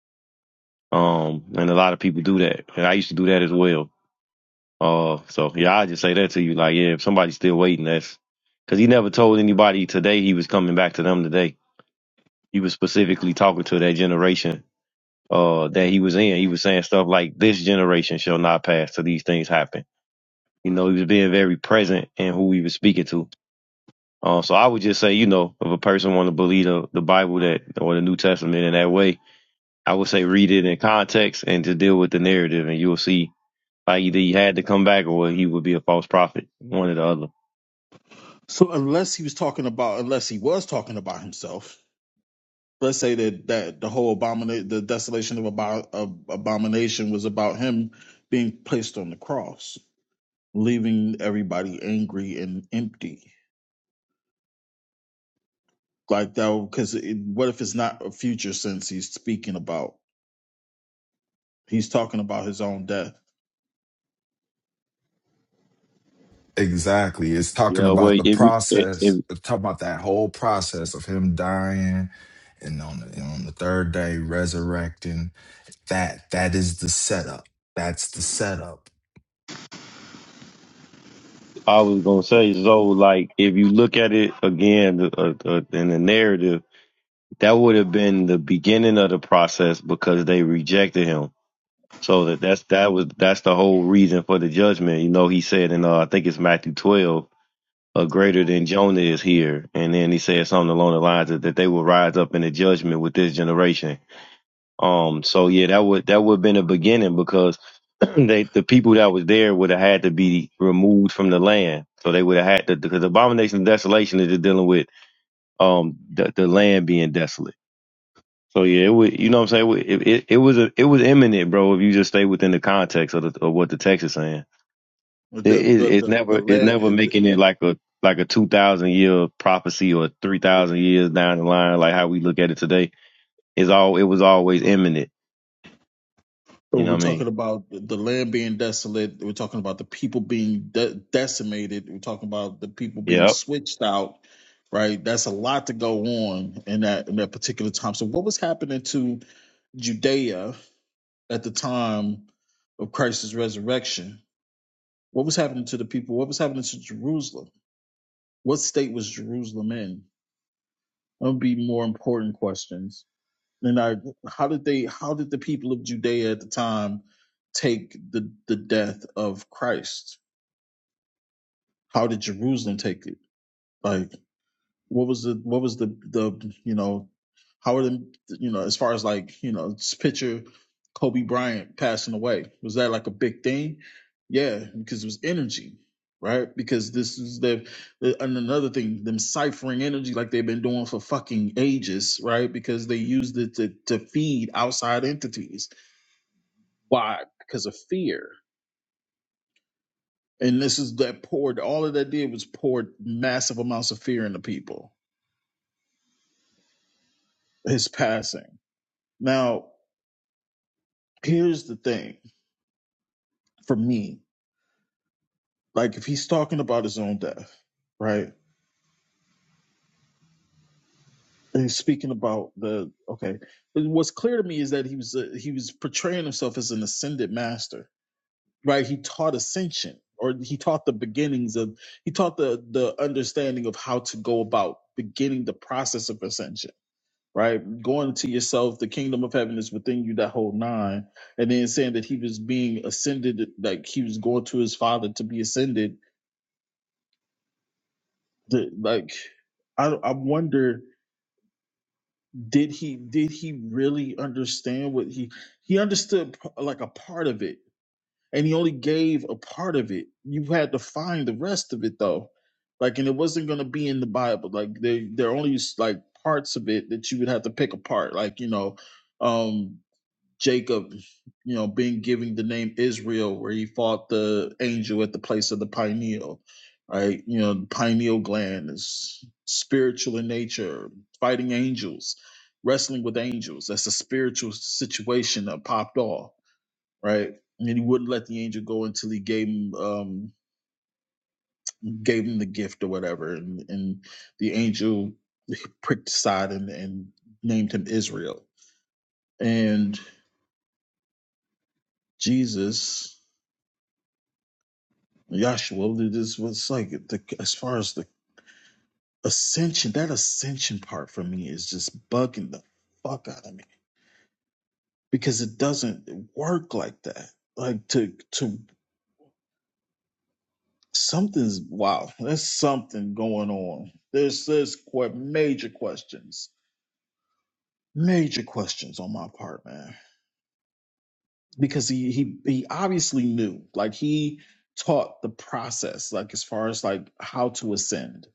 um and a lot of people do that and i used to do that as well Uh, so yeah, I just say that to you, like, yeah, if somebody's still waiting, that's because he never told anybody today he was coming back to them today. He was specifically talking to that generation uh that he was in. He was saying stuff like, "This generation shall not pass till these things happen." You know, he was being very present in who he was speaking to. Uh, so I would just say, you know, if a person want to believe the, the Bible that or the New Testament in that way, I would say read it in context and to deal with the narrative, and you'll see like either he had to come back or he would be a false prophet, one or the other.
So unless he was talking about, unless he was talking about himself, let's say that that the whole abomination, the desolation of, abo- of abomination, was about him being placed on the cross, leaving everybody angry and empty. Like that, because what if it's not a future sense he's speaking about? He's talking about his own death.
Exactly. It's talking
Yeah,
about
well,
the
if, if
process,
if
it's talking about that whole process of him dying and on the, and on the third day resurrecting. That that is the setup. That's the setup.
I was gonna say so, like if you look at it again uh, uh, uh, in the narrative, that would have been the beginning of the process because they rejected him. So that that's that was that's the whole reason for the judgment. You know, he said and uh, I think it's Matthew twelve, uh, greater than Jonah is here, and then he said something along the lines of that they will rise up in the judgment with this generation. Um, so yeah, that would that would have been a beginning because they the people that was there would have had to be removed from the land. So they would have had to because abomination and desolation is just dealing with um the, the land being desolate. So yeah, it would you know what I'm saying? It, it it was a it was imminent, bro. If you just stay within the context of, the, of what the text is saying,
But
it,
the
it
but
it's
the, the
never it's never
land.
making it like a like a two thousand year prophecy or three thousand years down the line, like how we look at it today. It's all it was always imminent.
So
You know
we're
what I
talking
mean?
about the land being desolate. We're talking about the people being de- decimated. We're talking about the people being
Yep.
switched out. Right, that's a lot to go on in that in that particular time. So, what was happening to Judea at the time of Christ's resurrection? What was happening to the people? What was happening to Jerusalem? What state was Jerusalem in? That would be more important questions. And I, how did they? How did the people of Judea at the time take the the death of Christ? How did Jerusalem take it? Like, what was the what was the the you know, how are them you know as far as like you know, just picture Kobe Bryant passing away. Was that like a big thing? Yeah, because it was energy, right? Because this is the and another thing, them ciphering energy like they've been doing for fucking ages, right? Because they used it to to feed outside entities Why? Because of fear. And this is that poured, all of that did was poured massive amounts of fear into people, his passing. Now, here's the thing for me like, if he's talking about his own death, right? And he's speaking about the, okay. What's clear to me is that he was, uh, he was portraying himself as an ascended master, right? He taught ascension or he taught the beginnings of, he taught the, the understanding of how to go about beginning the process of ascension right? Going to yourself, the kingdom of heaven is within you, that whole nine. And then saying that he was being ascended, like he was going to his father to be ascended. The, like, I, I wonder, did he did he really understand what he he understood p- like a part of it, and he only gave a part of it. You had to find the rest of it though, like, and it wasn't going to be in the Bible. Like, there there are only like parts of it that you would have to pick apart. Like, you know, um. Jacob, you know, being given the name Israel, where he fought the angel at the place of the pineal, right? You know, the pineal gland is spiritual in nature, fighting angels, wrestling with angels. That's a spiritual situation that popped off, right? And he wouldn't let the angel go until he gave him um, gave him the gift or whatever, and, and the angel pricked aside and, and named him Israel. And Jesus Yahshua, this was like the, as far as the ascension, that ascension part for me is just bugging the fuck out of me because it doesn't work like that. Like to to something's wow, there's something going on. There's there's quite major questions, major questions on my part, man. Because he he he obviously knew, like he taught the process, like as far as like how to ascend.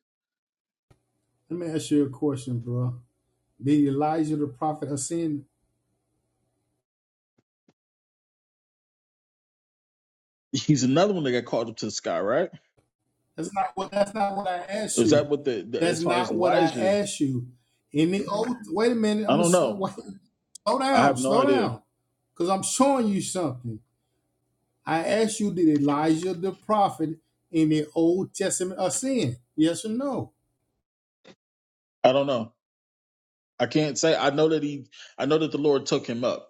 Let me ask you a question, bro. Did Elijah the prophet ascend?
He's another one that got called up to the sky, right?
That's not what. That's not what I asked
Is
you.
that what the, the
That's
as far as
not what I
Elijah?
asked you. In the old, wait a minute.
I
I'm
don't
gonna
know.
wait. Slow
I
down.
have no
Slow
idea.
down. Cause I'm showing you something. I asked you, did Elijah the prophet in the Old Testament ascend? Yes or no?
I don't know. I can't say. I know that he. I know that the Lord took him up.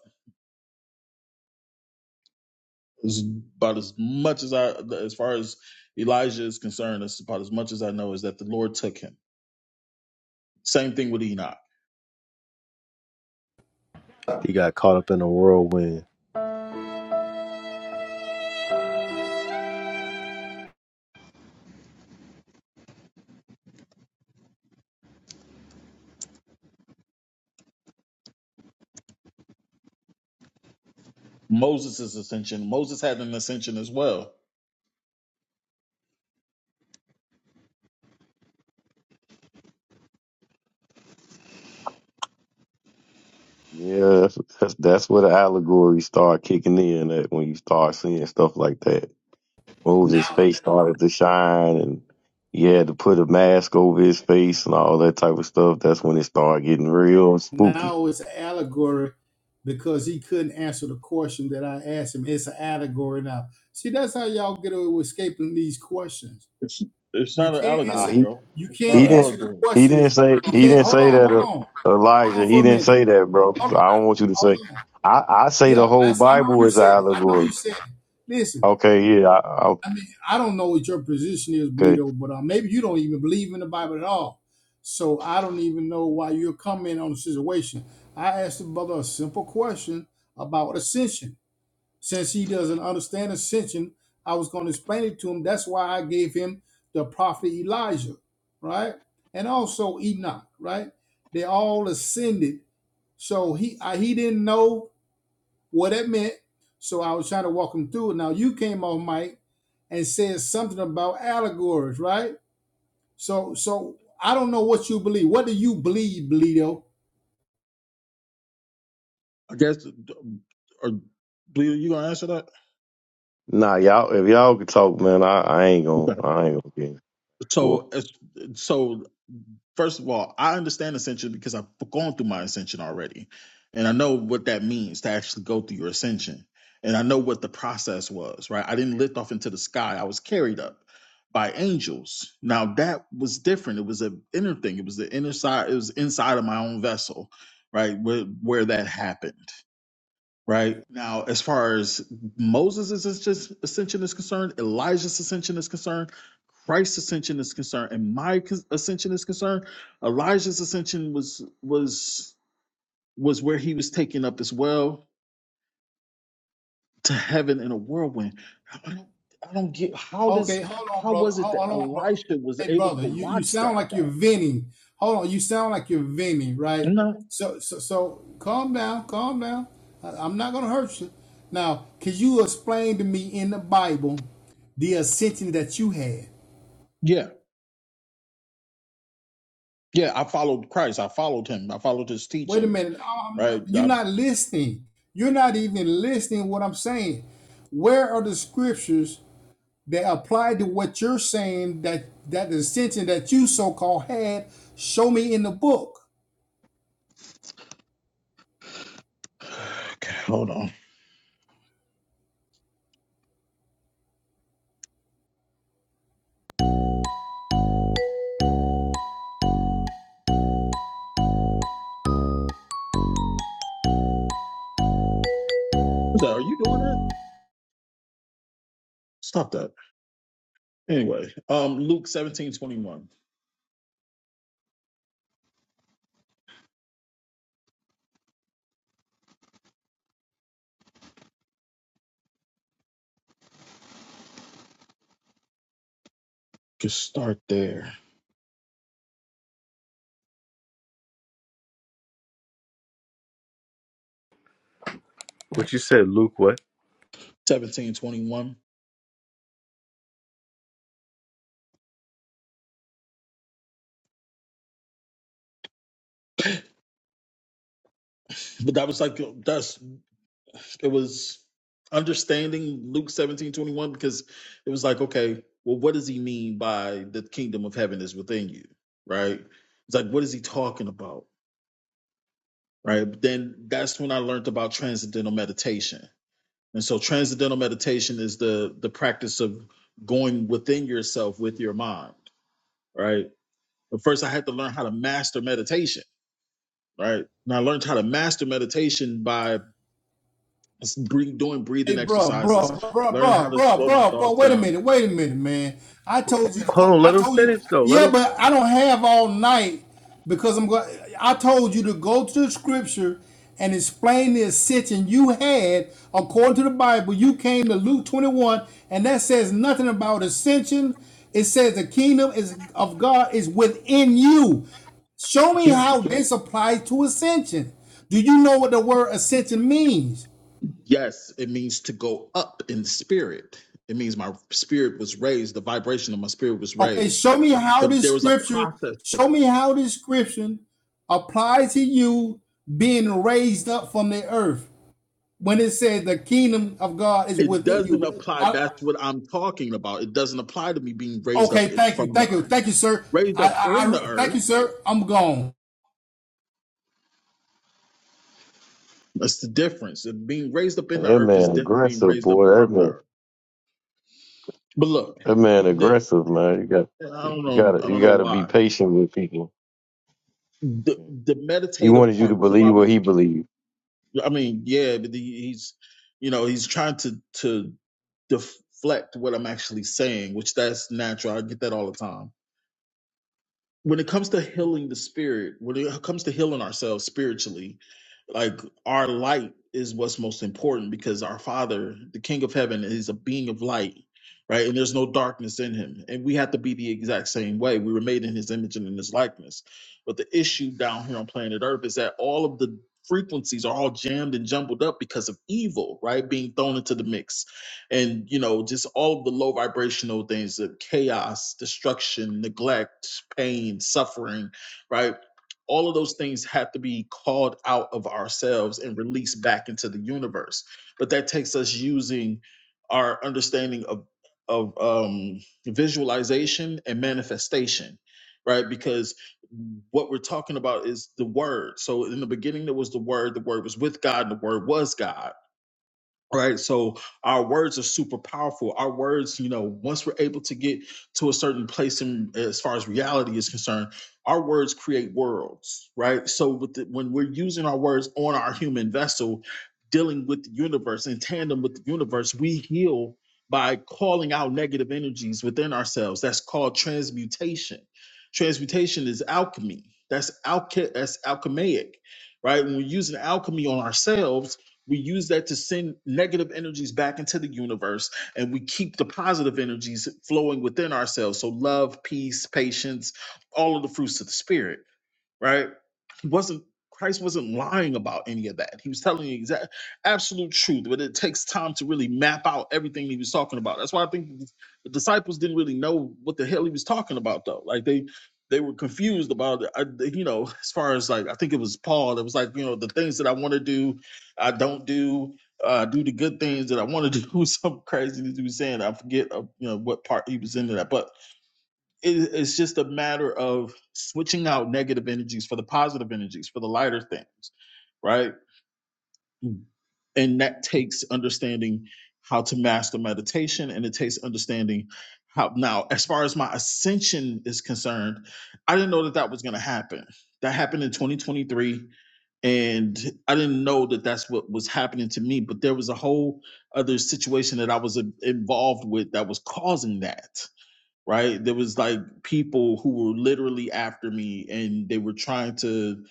It's about as much as I, as far as Elijah is concerned, that's about as much as I know is that the Lord took him. Same thing with Enoch.
He got caught up in a whirlwind.
Moses' ascension. Moses had an ascension as well.
Yeah, that's, that's that's where the allegories start kicking in at when you start seeing stuff like that. Moses'
Now,
face started to shine and he had to put a mask over his face and all that type of stuff. That's when it started getting real spooky.
now it's an allegory because he couldn't answer the question that I asked him. It's an allegory now. See, that's how y'all get away with escaping these questions
It's it's
You
not an
can't
Nah,
allegory,
answer.
he,
bro.
You
It's not
he
can't
an
didn't
answer the
allegory.
he didn't
questions.
say
You
he
can't.
didn't
Hold
say
on.
that
Hold
uh,
on. Hold on
Elijah.
for
He
a
didn't
minute.
say that, bro. I
Hold on.
don't want you to
Hold
say.
on.
I I say
Yeah,
the whole
I, I know
Bible
you
is an
said it. I know
allegory.
you said it. Listen,
Okay, yeah, I, I-
I mean, I don't know what your position is,
okay.
Bleedo, but uh, maybe you don't even believe in the Bible at all. So I don't even know why you're commenting on the situation. I asked the brother a simple question about ascension. Since he doesn't understand ascension, I was going to explain it to him. That's why I gave him the prophet Elijah, right? And also Enoch, right? They all ascended. So he I, he didn't know what it meant. So I was trying to walk him through it. Now you came on, Mike, and said something about allegories, right? So so I don't know what you believe. What do you believe, Bleedo?
I guess. Or, Bleeder, you gonna answer that?
Nah, y'all if y'all could talk, man, I, I ain't gonna
Okay.
I ain't gonna get.
So, it's- so first of all, I understand ascension because I've gone through my ascension already. And I know what that means to actually go through your ascension. And I know what the process was, right? I didn't lift off into the sky. I was carried up by angels. Now that was different. It was an inner thing. It was the inner side, it was inside of my own vessel, right? Where where that happened right? Now, as far as Moses' ascension is concerned, Elijah's ascension is concerned, Christ's ascension is concerned, and my ascension is concerned, Elijah's ascension was was was where he was taken up as well to heaven in a whirlwind. I don't, I don't get how does
Okay, hold on,
how
brother.
was it that
Hold, on, bro.
Elisha was
Hey,
able
brother,
to
you, you
watch
sound
that
like you're
though?
venting. Hold on, you sound like you're venting, right?
No,
So so so calm down, calm down. I, am not gonna hurt you. Now, can you explain to me in the Bible the ascension that you had?
yeah, yeah. I followed Christ. I followed him. I followed his
Wait a
teachings.
minute. I'm not,
Right.
you're
I,
not listening. You're not even listening to what I'm saying. Where are the scriptures that apply to what you're saying that that the ascension that you so called had? Show me in the book.
okay, hold on. What's that? Are you doing that? Stop that. Anyway, um, Luke seventeen twenty one. Just start there.
What you said, Luke? What?
Seventeen twenty one. But that was like that's it was understanding Luke seventeen twenty one because it was like, okay, well, what does he mean by the kingdom of heaven is within you? Right? It's like what is he talking about? Right. But then that's when I learned about transcendental meditation. And so transcendental meditation is the the practice of going within yourself with your mind. Right But first, I had to learn how to master meditation, right? And I learned how to master meditation by breath- doing
Hey,
breathing
bro,
exercises,
bro, bro,
learning how
bro,
to
bro,
slow my
bro, bro.
thoughts
Wait a
down.
minute, wait a minute, man. I told you to
Hold
go.
on.
I
Let him
told you,
finish though. Let
yeah,
him.
but I don't have all night because I'm going. I told you to go to the scripture and explain the ascension you had according to the Bible. You came to Luke 21, and that says nothing about ascension. It says the kingdom is of God is within you. Show me
Yeah.
how this applies to ascension. Do you know what the word ascension means?
Yes, it means to go up in spirit. It means my spirit was raised, the vibration of my spirit was
Okay,
raised.
show me how
But
this
there was a
scripture,
process to
show
that.
me how this scripture applies to you being raised up from the earth when it said the kingdom of God is
It
within
doesn't
you.
apply.
I,
That's what I'm talking about. It doesn't apply to me being raised up
okay,
in-
thank you,
from the
thank you,
earth.
thank you, sir.
Raised
I,
up in
I,
the
I thank you,
earth,
sir. I'm gone.
that's the difference. And being raised up in the
That
earth is
man
different than being
aggressive,
raised up
boy. That
from the earth.
man,
But look,
that man
the
aggressive, man. You got,
I don't
you
know, I
gotta, you
don't know
gotta be
why.
patient with people.
The the
He
meditative
wanted you to
part was
believe
about me.
what he believed.
I mean, yeah, the, he's you know he's trying to to deflect what I'm actually saying, which that's natural. I get that all the time. When it comes to healing the spirit, when it comes to healing ourselves spiritually, like our light is what's most important because our father the king of heaven is a being of light right and there's no darkness in him and we have to be the exact same way we were made in his image and in his likeness but the issue down here on planet earth is that all of the frequencies are all jammed and jumbled up because of evil right being thrown into the mix and you know just all of the low vibrational things the chaos destruction neglect pain suffering right all of those things have to be called out of ourselves and released back into the universe but that takes us using our understanding of of um visualization and manifestation right because what we're talking about is the word so in the beginning there was the word the word was with god and the word was god right so our words are super powerful our words you know once we're able to get to a certain place in as far as reality is concerned our words create worlds right so with the, when we're using our words on our human vessel dealing with the universe in tandem with the universe we heal by calling out negative energies within ourselves that's called transmutation transmutation is alchemy that's alch- that's alchemaic right when we're using alchemy on ourselves we use that to send negative energies back into the universe, and we keep the positive energies flowing within ourselves. So, love, peace, patience, all of the fruits of the spirit right? He wasn't Christ wasn't lying about any of that. He was telling you exact absolute truth, but it takes time to really map out everything he was talking about. That's why I think the the disciples didn't really know what the hell he was talking about though. Like they they were confused about it. I, they- you know, as far as like I think it was Paul that was like, you know, the things that I want to do, I don't do. Uh, do the good things that I want to do. Some crazy that he was saying. I forget, uh, you know, what part he was into that, but it- it's just a matter of switching out negative energies for the positive energies for the lighter things right and that takes understanding how to master meditation and it takes understanding how now as far as my ascension is concerned i didn't know that that was going to happen that happened in 2023 and i didn't know that that's what was happening to me but there was a whole other situation that i was uh, involved with that was causing that right? There was like people who were literally after me and they were trying to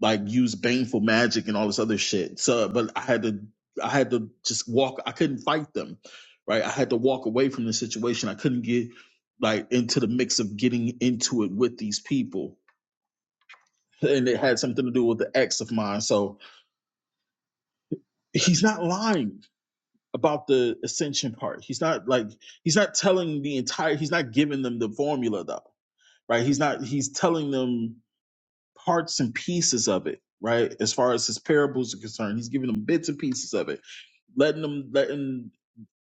like use baneful magic and all this other shit. So but I had to I had to just walk I couldn't fight them. Right? I had to walk away from the situation. I couldn't get like into the mix of getting into it with these people. And it had something to do with the ex of mine. So he's not lying about the ascension part. He's not like he's not telling the entire he's not giving them the formula though right? He's not, he's telling them parts and pieces of it, right? As far as his parables are concerned, he's giving them bits and pieces of it, letting them, letting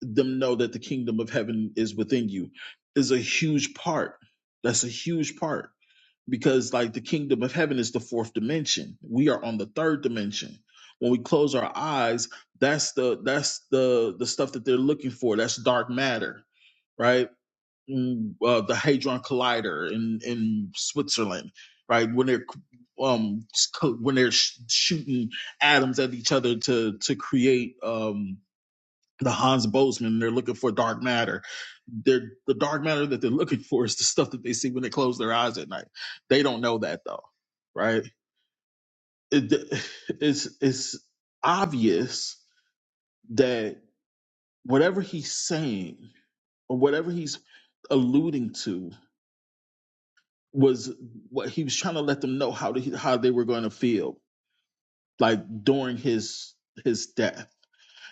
them know that the kingdom of heaven is within you is a huge part. That's a huge part because like the kingdom of heaven is the fourth dimension. We are on the third dimension. When we close our eyes, that's the that's the the stuff that they're looking for. That's dark matter, right? mm, uh, the Hadron Collider in in Switzerland, right? When they're um when they're sh- shooting atoms at each other to to create um the Hans Bozeman, they're looking for dark matter. They're, the dark matter that they're looking for is the stuff that they see when they close their eyes at night. They don't know that though, right? It, it's it's obvious that whatever he's saying or whatever he's alluding to was what he was trying to let them know how to, how they were going to feel like during his his death.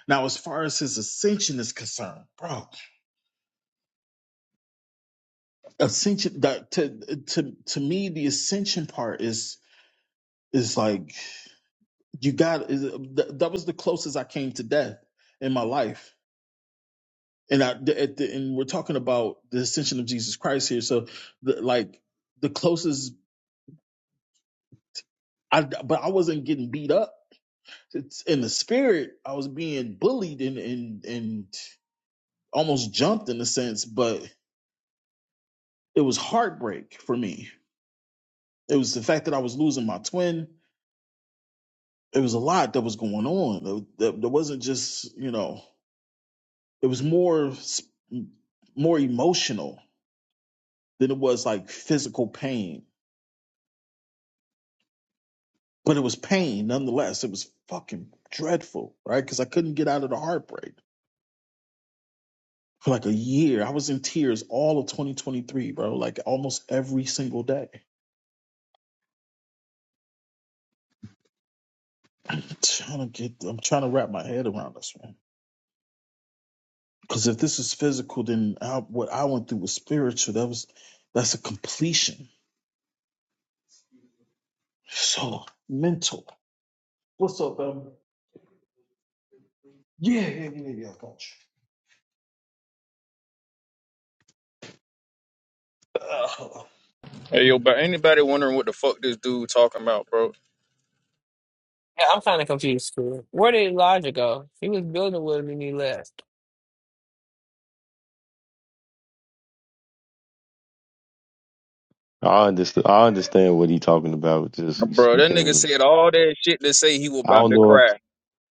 Now, as far as his ascension is concerned, bro, ascension that to to to me the ascension part is is like you got is, th- that was the closest I came to death in my life, and I at the, and we're talking about the ascension of Jesus Christ here, so the, like the closest I but I wasn't getting beat up it's in the spirit i was being bullied and and and almost jumped in a sense but it was heartbreak for me it was the fact that i was losing my twin it was a lot that was going on there, wasn't just you know it was more more emotional than it was like physical pain but it was pain nonetheless it was fucking dreadful right because i couldn't get out of the heartbreak for like a year i was in tears all of 2023 bro like almost every single day I'm trying to get. I'm trying to wrap my head around this, man. Because if this is physical, then I, what I went through was spiritual. That was that's a completion. So mental. What's up, um? Yeah, yeah, yeah, yeah. I got you. Uh,
Hey yo, but anybody wondering what the fuck this dude talking about, bro?
Yeah, I'm kind of confused too. Where did Elijah go? He was building with him and he left.
I understand. I understand what he talking about. Just he
Bro, that
speaking.
nigga
In,
said all that shit to say he was
I
about
don't
to
know. If,
cry.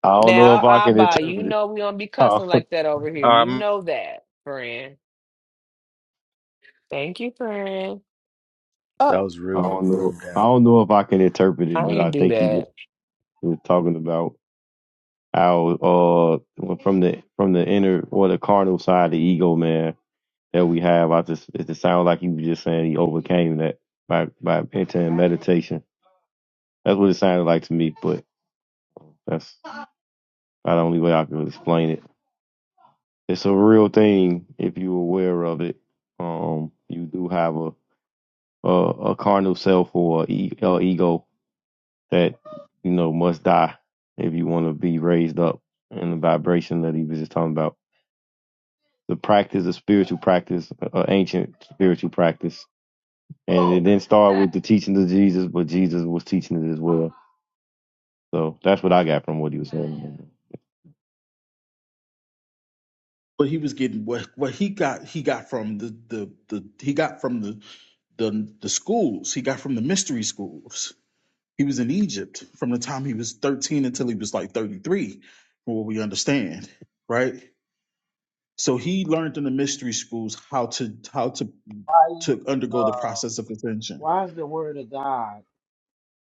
I don't know if I
Now,
can
Abba, you
interpret it.
know we don't be
I
cussing
don't,
like that over here. You
Um,
know that, friend. Thank you, friend. Oh,
That was
I
rude. I
don't
put
know.
him
I
down.
don't know if I can interpret it,
I
but I
didn't do
think he was,
that.
he was talking about how uh from the from the inner or the carnal side of the ego, man. that we have. I just it just sounds like you were just saying he overcame that by by entering meditation. That's what it sounded like to me, but that's not the only way I can explain it. It's a real thing if you're aware of it. Um, you do have a a, a carnal self or a e- a ego that you know must die if you want to be raised up in the vibration that he was just talking about. The practice, the spiritual practice, uh, ancient spiritual practice And it didn't start with the teachings of Jesus, but Jesus was teaching it as well. So that's what I got from what he was saying.
but he was getting what what he got. He got from the the the he got from the the the schools. He got from the mystery schools. He was in Egypt from the time he was 13 until he was like 33, from what we understand, right? So he learned in the mystery schools how to how to
why is
to undergo the
uh
process of ascension.
why is the word of God?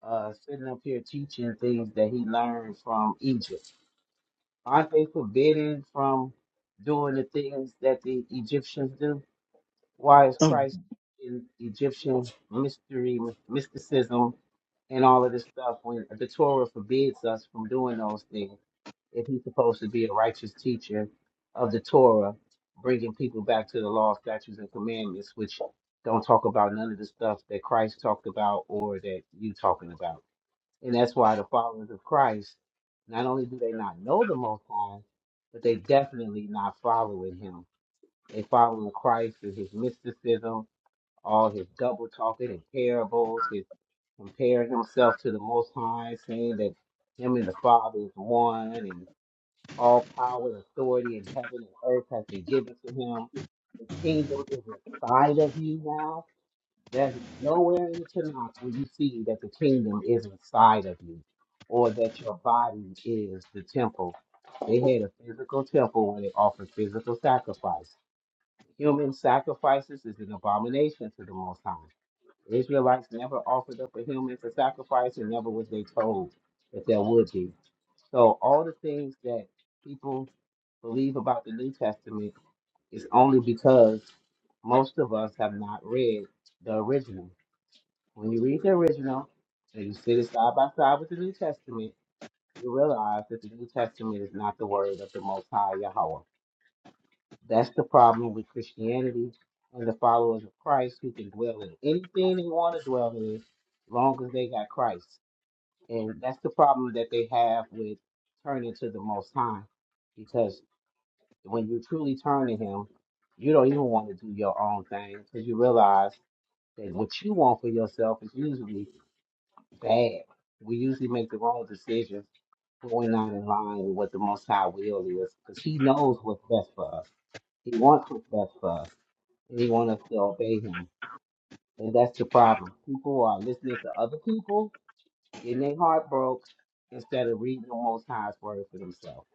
uh, sitting up here teaching things that he learned from Egypt. Aren't they forbidden from doing the things that the Egyptians do? Why is
Um,
Christ in Egyptian mystery, mysticism, and all of this stuff when the Torah forbids us from doing those things? If he's supposed to be a righteous teacher of the Torah, bringing people back to the law, statutes, and commandments, which don't talk about none of the stuff that Christ talked about or that you talking about. And that's why the followers of Christ, not only do they not know the Most High, but they definitely not following him. They following Christ through his mysticism, all his double talking and parables, his comparing himself to the Most High, saying that him and the Father is one, and all power and authority in heaven and earth has been given to him. The kingdom is inside of you now there's nowhere in the Tanakh where you see that the kingdom is inside of you or that your body is the temple. They had a physical temple where they offered physical sacrifice. Human sacrifices is an abomination to the Most High. The Israelites never offered up a human for sacrifice and never was they told that there would be. So all the things that people believe about the New Testament is only because most of us have not read the original. When you read the original and you sit it side by side with the New Testament, you realize that the New Testament is not the word of the Most High Yahweh. That's the problem with Christianity and the followers of Christ who can dwell in anything they want to dwell in as long as they got Christ. And that's the problem that they have with turning to the Most High because when you truly turn to Him, you don't even want to do your own thing because you realize that what you want for yourself is usually bad. We usually make the wrong decisions when we're not in line with what the Most High will is, because He knows what's best for us. He wants what's best for us, and He wants us to obey Him. And that's the problem. People are listening to other people, getting their heart broke, instead of reading the Most High's word for themselves.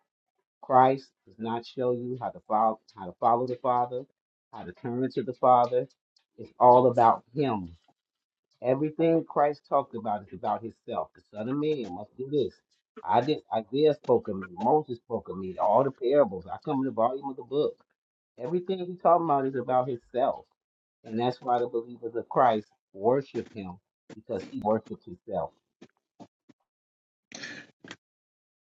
Christ does not show you how to follow, how to follow the Father, how to turn to the Father. It's all about Him Everything Christ talked about is about himself. The Son of Man must do this. I did Isaiah spoke of me, Moses spoke of me, all the parables. I come in the volume of the book. Everything he's talking about is about himself. And that's why the believers of Christ worship him because he worships himself.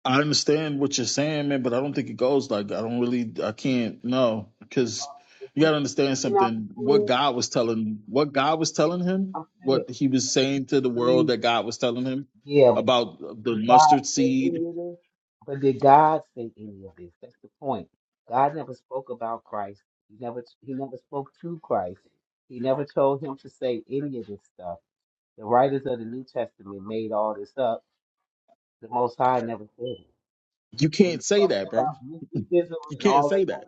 I understand what you're saying, man, but I don't think it goes like I don't really I can't no because
If
you
we're
gotta understand
teaching out the
something. What
school,
God was telling what God was telling him,
I'm saying,
what he was saying to the world
please.
that God was telling him
give
about the
Did God
mustard
say
seed.
any of this? But did God say any of this? That's the point. God never spoke about Christ. He never he never spoke to Christ. He never told him to say any of this stuff. The writers of the New Testament made all this up. The Most High never said it.
You
When you
can't say that,
talking
bro.
about mysticism
You
and
can't
all that
say that.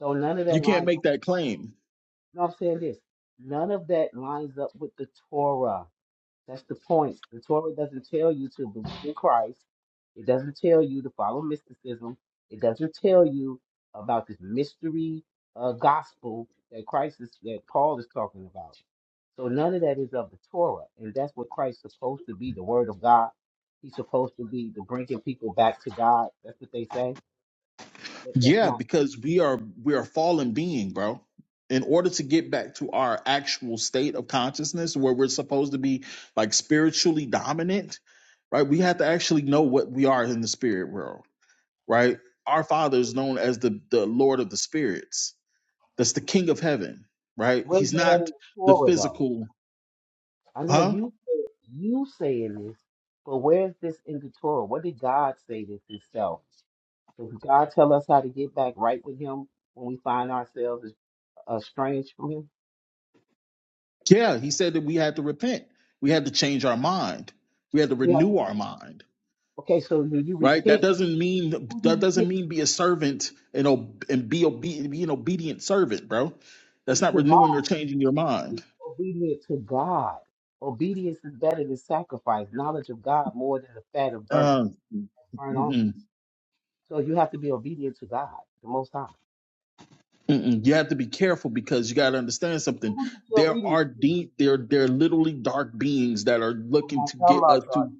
so none of that
You can't
lines
make
up.
that claim.
No, I'm saying this. None of that lines up with the Torah. That's the point. The Torah doesn't tell you to believe in Christ. It doesn't tell you to follow mysticism. It doesn't tell you about this mystery uh, gospel that Christ is that Paul is talking about. So none of that is of the Torah, and that's what Christ's supposed to be—the Word of God. He's supposed to be the bringing people back to God. That's what they say, but that's
Yeah,
not.
because we are we are fallen being, bro. In order to get back to our actual state of consciousness where we're supposed to be like spiritually dominant, right? We have to actually know what we are in the spirit world, right? Our Father is known as the the Lord of the spirits. That's the King of Heaven, right?
Where's that
He's
in
not
the
the
Torah, though?
physical,
I know
huh?
you you saying this, but where's this in the Torah? What did God say this Himself? Does God tell us how to get back right with Him when we find ourselves estranged from Him?
Yeah, he said that we had to repent. We had to change our mind. We had to
Yeah.
renew our mind.
Okay, so when you
right that
repent,
doesn't mean
when
that
you
doesn't
repent
mean be a servant and ob- and be obedient be an obedient servant bro
to
that's not
God,
renewing or changing
when
your
you
mind
be obedient to God. Obedience is better than sacrifice. Knowledge of God more than the fat of burnt
uh,
burnt offerings.
mm-mm,
So you have to be obedient to God, the Most High.
mm-mm. you have to be careful because you got to understand
So
something
who's to
there
obedient?
are deep there there are literally dark beings that are
I'm
looking
not
to
talking
get us
about God.
to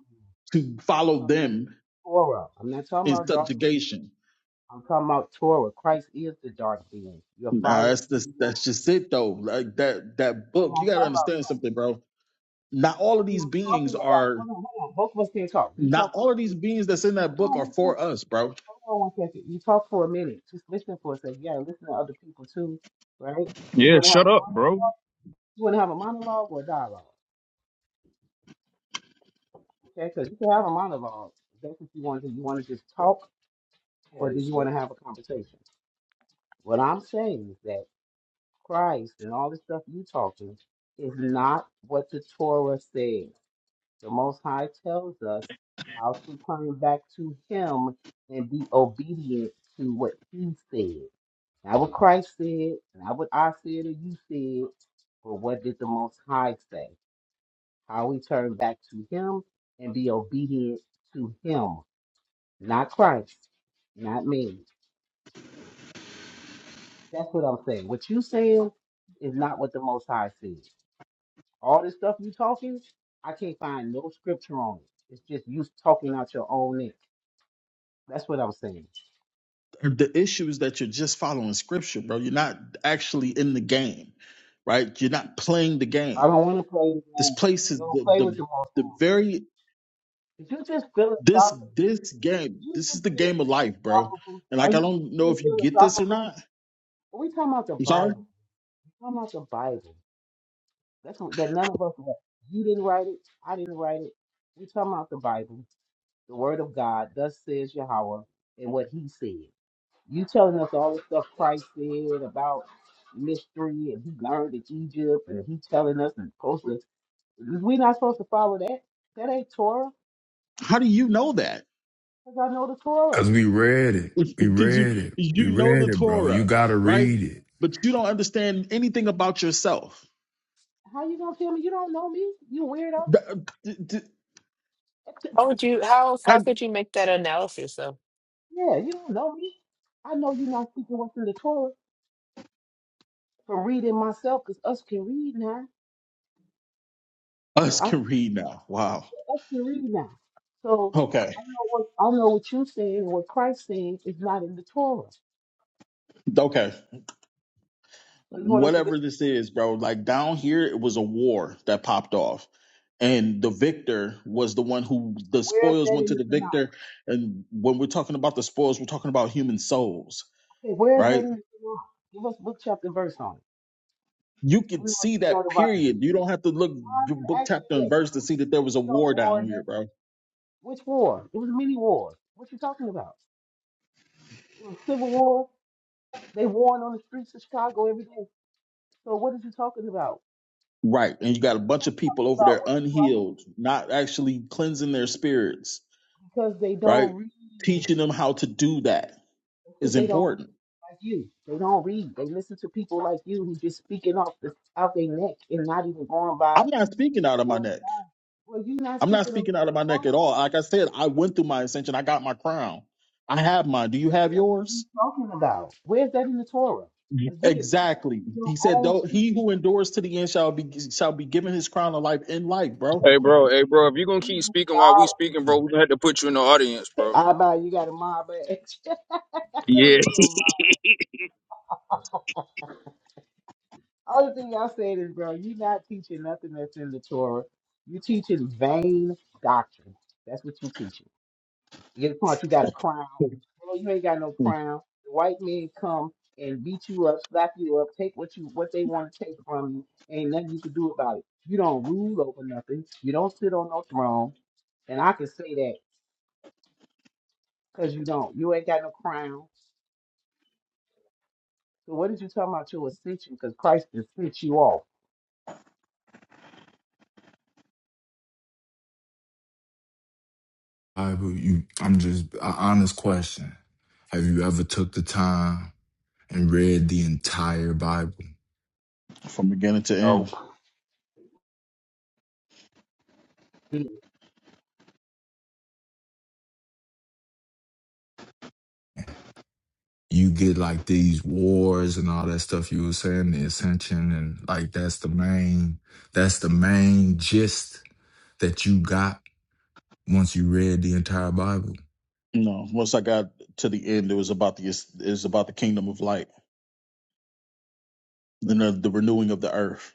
to
I'm
follow
talking about
them
Torah. I'm not talking
in
about dark. being.
subjugation
I'm talking about Torah. Christ is the dark being. You're
Nah,
following
that's just
him.
that's just it though like that that
I'm
book you
not
got to
talking about
understand something bro not all of
We
these
were talking
beings
about,
are
hold on, hold on. Both of us can't talk. You
Not
talk for
all
a
of these
minute.
beings that's in that
Hold
book
on
are
one second.
for us, bro.
Hold on one second. You talk for a minute. Just listen for a second. You gotta listen to other people too, right? You
Yeah,
wanna have
shut up, bro.
you wanna have a monologue or a dialogue? Okay, so you can have a monologue. if That's what you want to do. You want to just talk, or do you want to have a conversation? What I'm saying is that Christ and all the stuff you talking is not what the Torah says. The Most High tells us how to turn back to Him and be obedient to what He said. Not what Christ said, not what I said or you said, but what did the Most High say? How we turn back to Him and be obedient to Him, not Christ, not me. That's what I'm saying. What you saying is not what the Most High said. All this stuff you talking, I can't find no scripture on it. It's just you talking out your own neck. That's what I'm saying.
The issue is that you're just following scripture, bro. You're not actually in the game, right? You're not playing the
I
game.
don't want to play the
This
game.
place
You
is
don't
the
play with
the,
your boss.
the very
Did you just
this
philosophical?
this
Did
game.
you
This is
just
the
be
game of life, bro.
philosophical?
And
Are
like I
you
don't know
being
if you get this or
philosophical?
not.
Are we talking about the
I'm sorry.
Bible? we talking about the Bible. That's what, that none of us wrote. You didn't write it. I didn't write it. we talking about the Bible, the Word of God. Thus says Yahweh, and what He said. You telling us all the stuff Christ said about mystery, and He learned in Egypt, and He telling us and supposed to. We're not supposed to follow that. That ain't Torah.
How do you know that?
Because I know the Torah.
Cuz we read it. We
Because you
read it. We
you know
read
the
it, bro. You
Torah,
got to
right?
read it.
But you don't understand anything about yourself.
How you gonna tell me you don't know me? You weirdo.
Th- th- th-
How would you? How
I,
how could you make that analysis though?
Yeah, you don't know me. I know you're not speaking what's in the Torah from reading myself, because us can read now. So
us
I
can read now. Wow.
us can read now. So
Okay.
I know what I know what you're saying, what Christ saying is not in the Torah.
Okay.
So you want us to
Whatever
listen.
this is, bro, like down here, it was a war that popped off. And the victor was the one who the
Where is
spoils
that
went
in
to
the
the
Tanakh?
victor. And when we're talking about the spoils, we're talking about human souls,
Okay, where is that
right?
in the Tanakh? Give us book chapter and verse on it.
You could
We want
see
to know
that
the Bible.
period. You don't have to look
I
book,
didn't ask
chapter,
you
and
that.
verse to see that there was
You
a
see those
war
war
down here,
again.
bro.
Which war? It was many wars. What you talking about? Well, Civil War, they warring on the streets of Chicago every day. So what is you talking about?
Right. And you got a
You're
bunch of people
talking
over
about
there
what Christ
unhealed, not actually cleansing their spirits,
because they don't
right?
read.
Teaching them how to do that
It's Because
is
they don't read
important
like you. They don't read. They listen to people like you who just speaking off the out their neck and not even going by
I'm not speaking
the
out of
word
my
of
neck.
God. Well, you're not
I'm not
speaking of the
speaking out of my neck at all. Like I said, I went through my ascension. I got my crown. I have mine. Do you
word of God.
have
What are you
yours?
talking about? Where's that in the Torah?
Yeah.
Again, you're
Exactly.
teaching your
He said,
own
"Though
people.
he who endures to the end shall be shall be given his crown of life in life, bro."
hey bro,
You,
hey bro, if you gonna
you
keep
just
speaking while we speaking, bro,
lied.
we gonna have to put you in the audience, bro.
I buy you got a mob. Let me
Yeah.
get a mob. Only thing y'all saying is, bro, you not teaching nothing that's in the Torah. You teaching vain doctrine. That's what you teaching. You get the point, you got a crown. Bro, you ain't got no crown. The white men come and beat you up, slap you up, take what you what they want to take from you. Ain't nothing you can do about it. You don't rule over nothing. You don't sit on no throne. And I can say that because you don't. You ain't got no crown. So what did you talking about your ascension? Because Christ just sent you off.
I, but you, I'm just an honest question. Have you ever took the time and read the entire Bible?
From beginning to
No.
end.
You get like these wars and all that stuff you were saying, the ascension, and like that's the main, that's the main gist that you got once you read the entire Bible.
No, once I got to the end, it was about the it was about the kingdom of light and the, the renewing of the earth.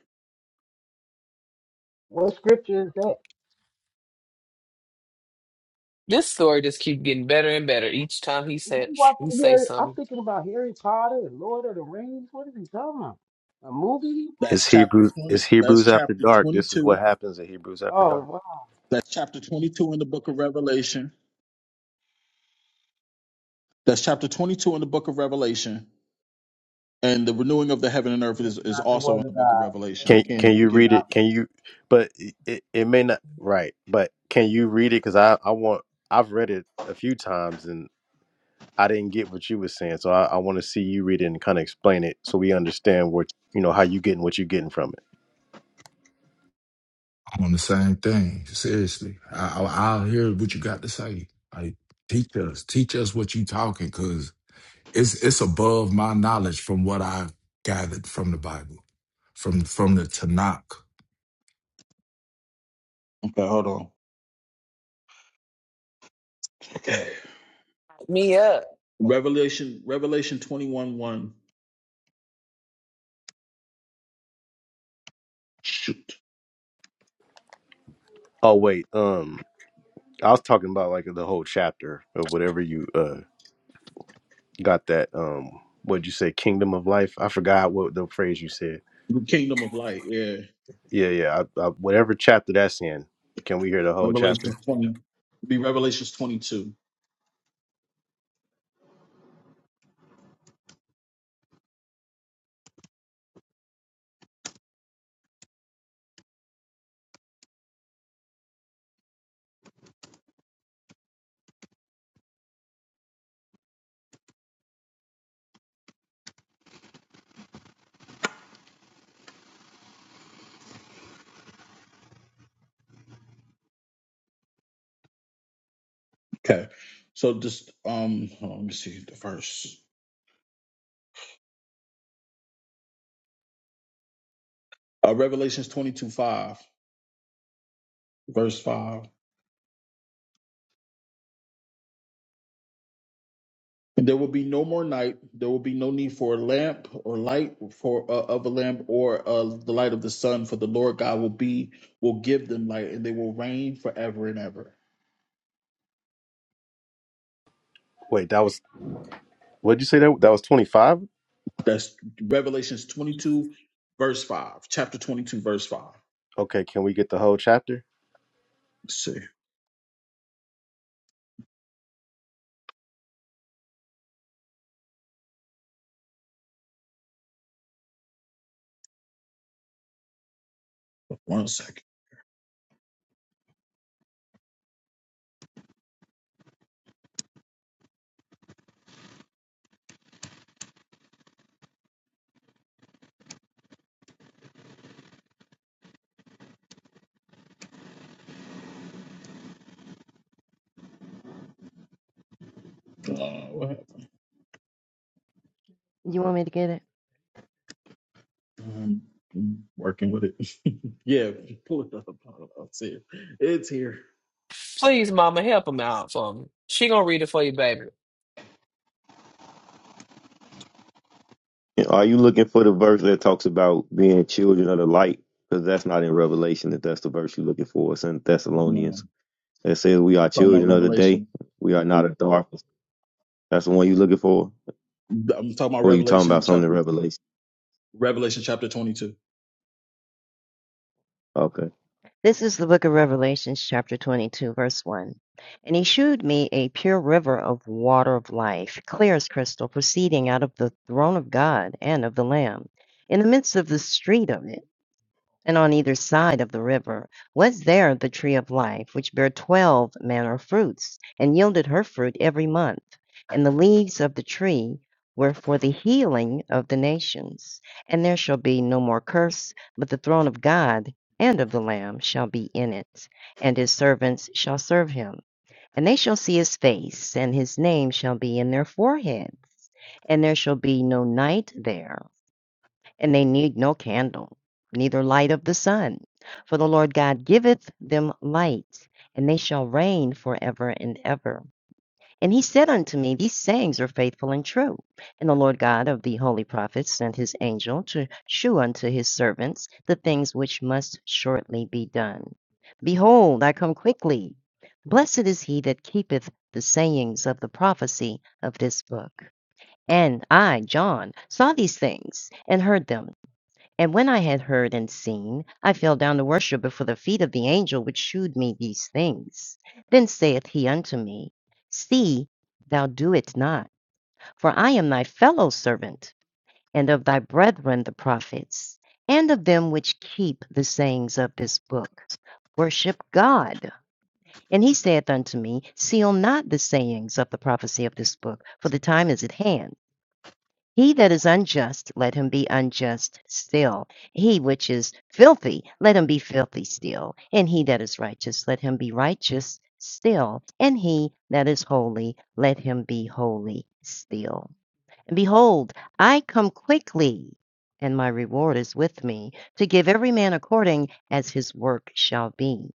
What scripture is that?
This story just keep getting better and better each time he
I'm
said he
watching
say
Harry. I'm
something.
thinking about Harry Potter and Lord of the Rings. What is he talking about? A movie?
That's
It's
chapter
Hebrews. It's
twenty. That's
Hebrews after
chapter
dark. This is what
twenty-two.
happens in Hebrews after
Oh,
dark.
wow.
That's chapter twenty-two in the book of Revelation. That's chapter twenty-two in the book of Revelation And the renewing of the heaven and earth
That's
is, is
not the
also in
word of
the book of Revelation. I
Can Can
God.
can't
you
give
read
you.
it? Can you? But it, it, it may not. Right. But can you read it? Because I I want. I've read it a few times and I didn't get what you were saying. So I, I want to see you read it and kind of explain it so we understand what you know how you getting what you are getting from it.
I'm on the same thing, seriously. I, I, I'll hear what you got to say. Like, teach us, teach us what you talking, cause It's it's above my knowledge from what I gathered from the Bible, from from the Tanakh.
Okay, hold on.
Me up.
Revelation, Revelation 21 1,
Oh wait, um, I was talking about like the whole chapter of whatever you uh got that um what'd you say kingdom of life? I forgot what the phrase you said.
the kingdom of light. Yeah.
Yeah, yeah. I, I, whatever chapter that's in, can we hear the whole
Revelation
chapter?
20, It'd be Revelations 22. Okay. So just, um, hold on, let me see the verse. Uh, Revelations 22 5, verse 5. And there will be no more night. There will be no need for a lamp or light for uh, of a lamp or uh, the light of the sun, for the Lord God will be will give them light, and they will reign forever and ever.
Wait, that was what'd you say that that was twenty five?
That's Revelations twenty two, verse five, chapter twenty two, verse five.
Okay, can we get the whole chapter?
Let's see, one second. Uh, what happened?
You want me to get it?
Um, I'm working with it. yeah, pull it up. I'll see it. It's here.
Please, mama, help him out for me. She gonna read it for you, baby.
And Are you looking for the verse that talks about being children of the light? Because that's not in Revelation. If that's the verse you're looking for, it's in Thessalonians.
Um,
It says we are
I'm talking about
children of the day.
Revelation.
We are not of darkness. That's the one you're looking for.
I'm talking about
Or you talking about
Revelation
something in
chapter
Revelation?
Revelation chapter twenty two.
Okay.
This is the book of Revelations, chapter 22, verse 1. And he shewed me a pure river of water of life, clear as crystal, proceeding out of the throne of God and of the Lamb. In the midst of the street of it, And on either side of the river was there the tree of life, which bare twelve manner of fruits, and yielded her fruit every month. And the leaves of the tree were for the healing of the nations. And there shall be no more curse, but the throne of God and of the Lamb shall be in it, and his servants shall serve him. And they shall see his face, and his name shall be in their foreheads. And there shall be no night there and they need no candle, neither light of the sun. For the Lord God giveth them light, and they shall reign forever and ever. And he said unto me, These sayings are faithful and true. And the Lord God of the holy prophets sent his angel to shew unto his servants the things which must shortly be done. Behold, I come quickly. Blessed is he that keepeth the sayings of the prophecy of this book. And I, John, saw these things and heard them. And when I had heard and seen, I fell down to worship before the feet of the angel which shewed me these things. Then saith he unto me, See, thou do it not, for I am thy fellow servant, and of thy brethren the prophets, and of them which keep the sayings of this book. Worship God. And he saith unto me, Seal not the sayings of the prophecy of this book, for the time is at hand. He that is unjust, let him be unjust still. He which is filthy, let him be filthy still. And he that is righteous, let him be righteous still. And he that is holy, let him be holy still. And behold, I come quickly, and my reward is with me, to give every man according as his work shall be.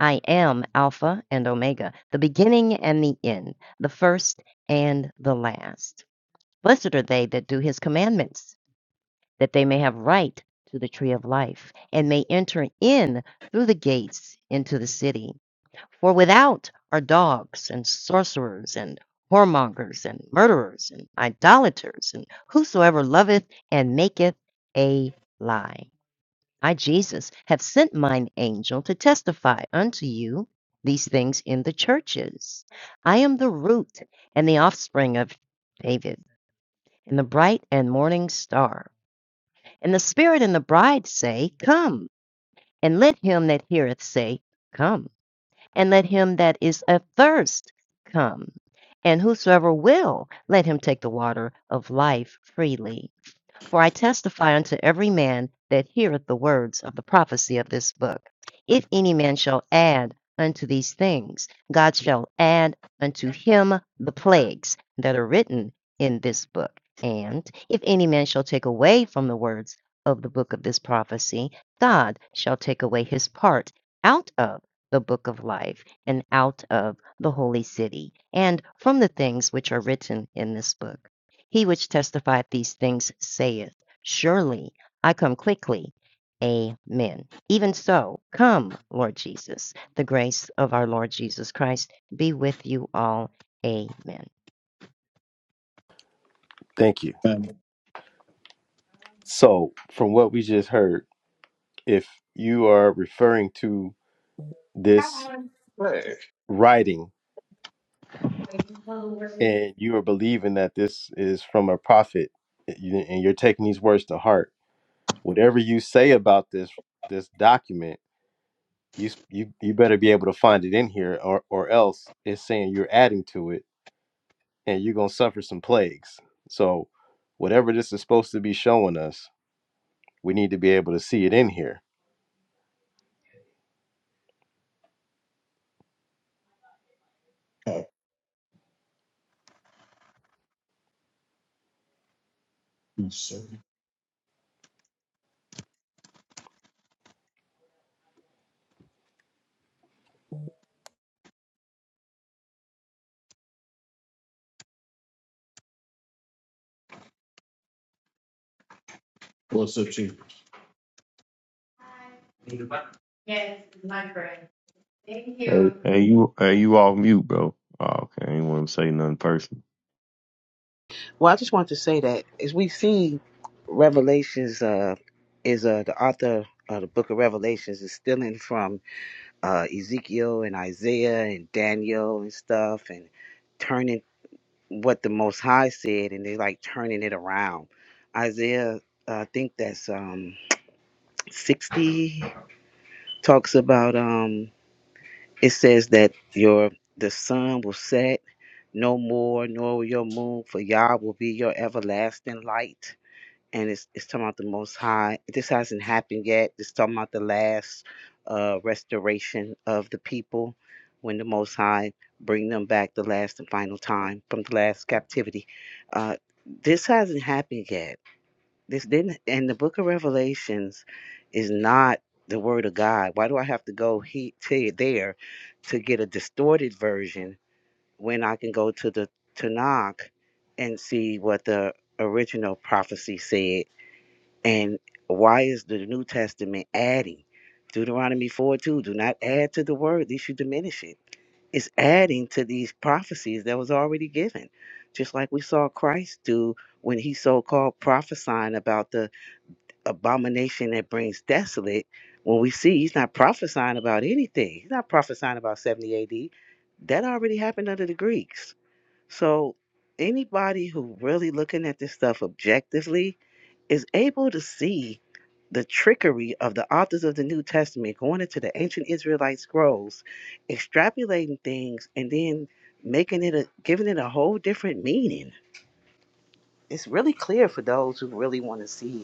I am Alpha and Omega, the beginning and the end, the first and the last. Blessed are they that do his commandments, that they may have right to the tree of life and may enter in through the gates into the city. For without are dogs and sorcerers and whoremongers and murderers and idolaters and whosoever loveth and maketh a lie. I, Jesus, have sent mine angel to testify unto you these things in the churches. I am the root and the offspring of David and the bright and morning star. And the Spirit and the bride say, Come. And let him that heareth say, Come. And let him that is athirst come. And whosoever will, let him take the water of life freely. For I testify unto every man that heareth the words of the prophecy of this book. If any man shall add unto these things, God shall add unto him the plagues that are written in this book. And if any man shall take away from the words of the book of this prophecy, God shall take away his part out of the book of life and out of the holy city and from the things which are written in this book. He which testified these things saith, Surely I come quickly. Amen. Even so, come, Lord Jesus. The grace of our Lord Jesus Christ be with you all. Amen.
Thank you. So, from what we just heard, if you are referring to this
Okay.
writing and you are believing that this is from a prophet you- and you're taking these words to heart, whatever you say about this this document, you s- you you better be able to find it in here or or else it's saying you're adding to it and you're going to suffer some plagues. So, whatever this is supposed to be showing us, we need to be able to see it in here
Yes, sir. What's up, Chief? Yes, my friend. Thank
Hey,
you. It's
hey, you, hey, you off mute, bro? Oh, okay, I ain't want to say nothing personal.
Revelations uh, is uh, the author of the book of Revelations is stealing from uh, Ezekiel and Isaiah and Daniel and stuff and turning what the Most High said and they like turning it around. Isaiah, uh, I think that's um, 60, talks about. um, It says that your the sun will set no more, nor your moon, for Yah will be your everlasting light. And it's it's talking about the Most High. This hasn't happened yet. It's talking about the last uh, restoration of the people when the Most High bring them back the last and final time from the last captivity. Uh, this hasn't happened yet this didn't and the book of Revelations is not the word of God. Why do I have to go he to there to get a distorted version when I can go to the Tanakh and see what the original prophecy said? And why is the New Testament adding? Deuteronomy 4 2, do not add to the word, least you diminish it. It's adding to these prophecies that was already given. Just like we saw Christ do when he so called prophesying about the abomination that brings desolate when we see he's not prophesying about anything he's not prophesying about 70 ad that already happened under the greeks so anybody who really looking at this stuff objectively is able to see the trickery of the authors of the new testament going into the ancient israelite scrolls extrapolating things and then making it a giving it a whole different meaning it's really clear for those who really want to see it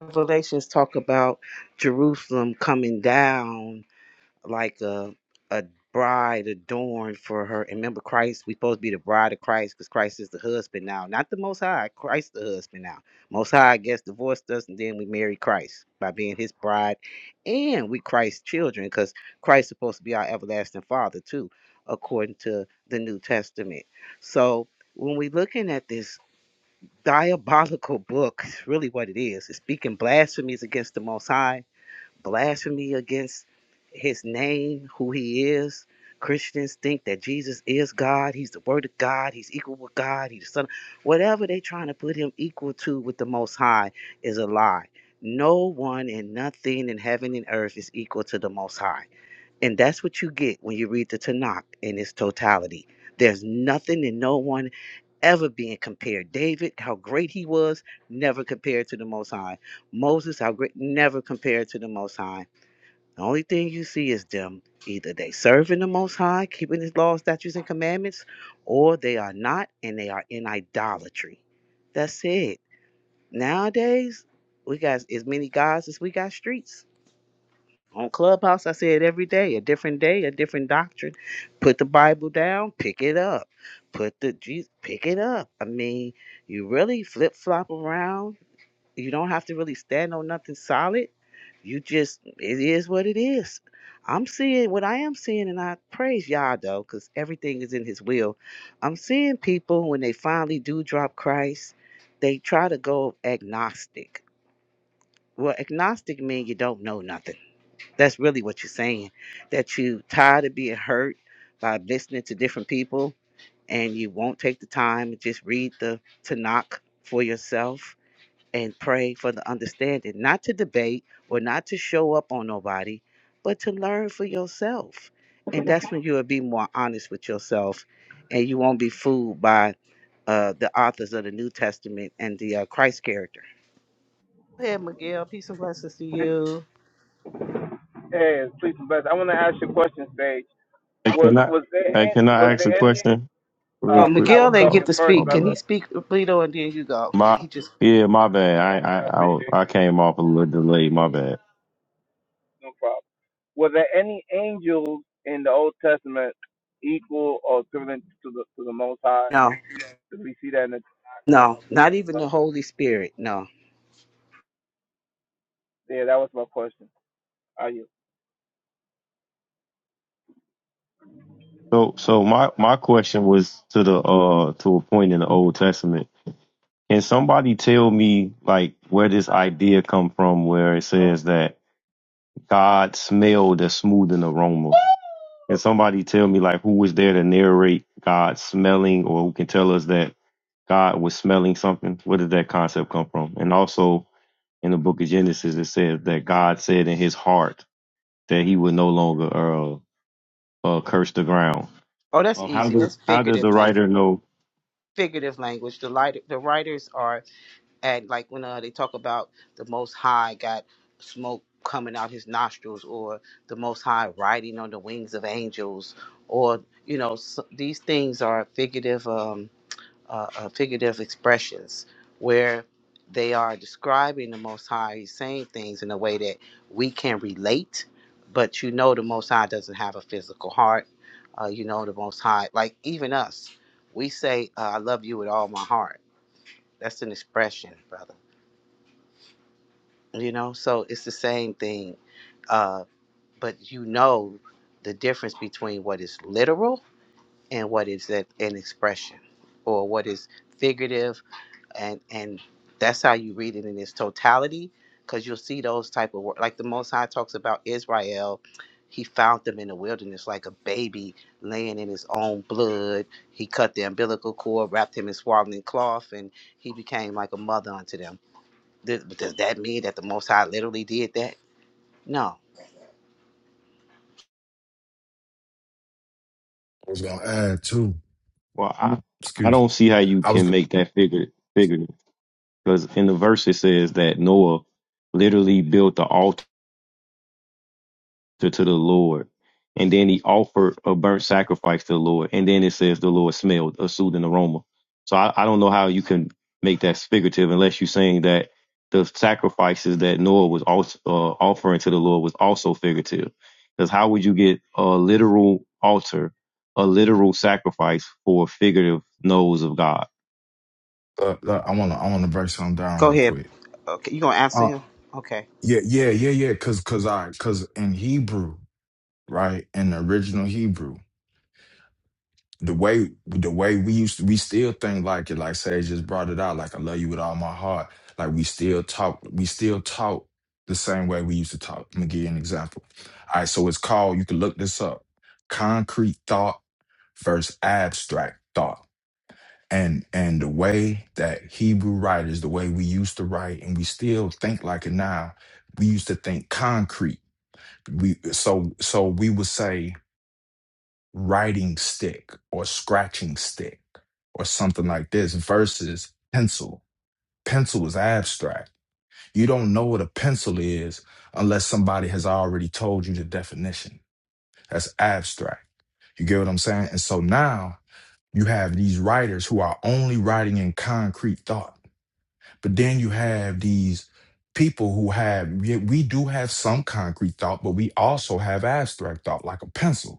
Revelations talk about Jerusalem coming down like a a bride adorned for her. And remember, Christ, we supposed to be the bride of Christ because Christ is the husband now, not the Most High. Christ the husband now. Most High, I guess, divorced us, and then we marry Christ by being His bride, and we Christ's children because Christ supposed to be our everlasting Father too, according to the New Testament. So when we looking at this diabolical book, is really what it is. It's speaking blasphemies against the Most High, blasphemy against his name, who he is. Christians think that Jesus is God, he's the word of God, he's equal with God, he's the son. Whatever they are trying to put him equal to with the most high is a lie. No one and nothing in heaven and earth is equal to the most high. And that's what you get when you read the Tanakh in its totality. There's nothing and no one ever being compared. David, how great he was, never compared to the Most High. Moses, how great, never compared to the Most High. The only thing you see is them either they serving the Most High, keeping His laws, statutes, and commandments, or they are not, and they are in idolatry. That's it. Nowadays, we got as many gods as we got streets. On Clubhouse, I say it every day, a different day, a different doctrine. Put the Bible down, pick it up. Put the Jesus, pick it up. I mean, you really flip flop around. You don't have to really stand on nothing solid. You just, it is what it is. I'm seeing what I am seeing, and I praise Yah though, because everything is in His will. I'm seeing people when they finally do drop Christ, they try to go agnostic. Well, agnostic means you don't know nothing that's really what you're saying. That you tired of being hurt by listening to different people and you won't take the time to just read the Tanakh for yourself and pray for the understanding, not to debate or not to show up on nobody, but to learn for yourself. And that's when you'll be more honest with yourself and you won't be fooled by uh, the authors of the New Testament and the uh, Christ character. Go ahead, Miguel. Peace and blessings to you.
Hey, please and bless. I want to ask you a question, Sage.
Hey,
Was
can I,
was there
hey, can
an-
I
was
ask a
there any?
question real
Oh,
Uh,
quick?
I was
Miguel didn't
Oh,
get
talking
to
first,
oh,
speak. Can
bad.
brother.
he speak, Lito, and then you go?
My
He just
yeah, my bad. I
I
I
appreciate
I, I
you.
came off a little delayed. My bad.
No problem. Were there any angels in the Old Testament equal or equivalent to the to the Most High?
no,
Did we see that in the?
no, not even
uh,
the Holy Spirit. No.
Yeah, that was my question. Are you?
So so my my question was to the uh to a point in the Old Testament. Can somebody tell me like where this idea come from where it says that God smelled a smoothing aroma? Can somebody tell me like who was there to narrate God smelling or who can tell us that God was smelling something? Where did that concept come from? And also in the book of Genesis it says that God said in his heart that he would no longer uh, uh, curse the ground.
Oh, that's
Um, how
easy.
did
That's
how did
figurative
the
language.
writer know?
Figurative language. The light, the writers are at like when uh, they talk about the Most High got smoke coming out his nostrils, or the Most High riding on the wings of angels, or you know s these things are figurative. Um, uh, uh, figurative expressions where they are describing the Most High. He's saying things in a way that we can relate, but you know, the Most High doesn't have a physical heart. Uh, you know, the Most High, like even us, we say, uh, I love you with all my heart. That's an expression, brother. You know, so it's the same thing, uh, but you know the difference between what is literal and what is a- an expression or what is figurative and and that's how you read it in its totality because you'll see those type of work like the most high talks about israel he found them in the wilderness like a baby laying in his own blood he cut the umbilical cord wrapped him in swaddling cloth and he became like a mother unto them Th- but does that mean that the most high literally did that no
I was gonna add too.
Well, I, I
Excuse
don't
me.
see how you
I was.
can make that figure figurative because in the verse it says that Noah literally built the altar. to, to the Lord. And then he offered a burnt sacrifice to the Lord. And then it says the Lord smelled a soothing aroma. So I, I don't know how you can make that figurative unless you're saying that the sacrifices that Noah was also, uh, offering to the Lord was also figurative. Because how would you get a literal altar, a literal sacrifice for a figurative nose of God?
Uh, uh, I wanna I wanna break something down
go
real
ahead
quick.
okay you gonna answer
Uh,
him okay
yeah, yeah, yeah, yeah. Cause cause I cause in Hebrew, right? In the original Hebrew. the way the way we used to, we still think like it like Sage just brought it out like I love you with all my heart like we still talk we still talk the same way we used to talk. Let me give you an example. All right, so it's called you can look this up. Concrete thought versus abstract thought. And and the way that Hebrew writers, the way we used to write and we still think like it now, we used to think concrete. We so so we would say writing stick or scratching stick or something like this versus pencil. Pencil is abstract. You don't know what a pencil is unless somebody has already told you the definition. That's abstract. You get what I'm saying? And so now you have these writers who are only writing in concrete thought. But then you have these people who have, yeah, we do have some concrete thought, but we also have abstract thought like a pencil.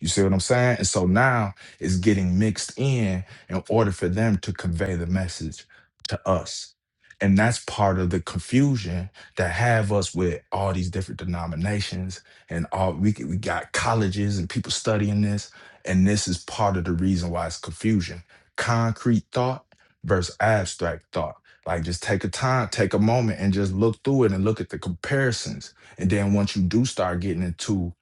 You see what I'm saying? And so now it's getting mixed in in order for them to convey the message to us. And that's part of the confusion that have us with all these different denominations and all we c- we got colleges and people studying this. And this is part of the reason why it's confusion. Concrete thought versus abstract thought. Like just take a time, take a moment and just look through it and look at the comparisons. And then once you do start getting into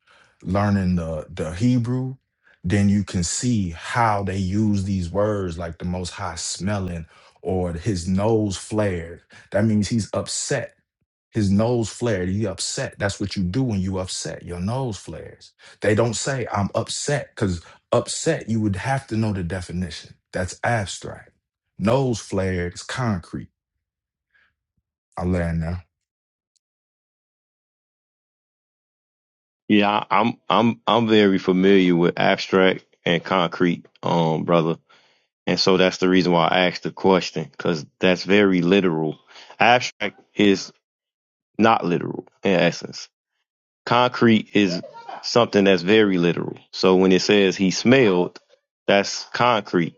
learning the the Hebrew, then you can see how they use these words like the most high smelling or his nose flared. That means he's upset. His nose flared. He upset. That's what you do when you upset. Your nose flares. They don't say I'm upset because upset you would have to know the definition. That's abstract. Nose flared is concrete. I land now.
Yeah, I- I'm I'm I'm very familiar with abstract and concrete, um, brother And so that's the reason why I asked the question, because that's very literal. Abstract is not literal in essence. Concrete is something that's very literal. So when it says he smelled, that's concrete.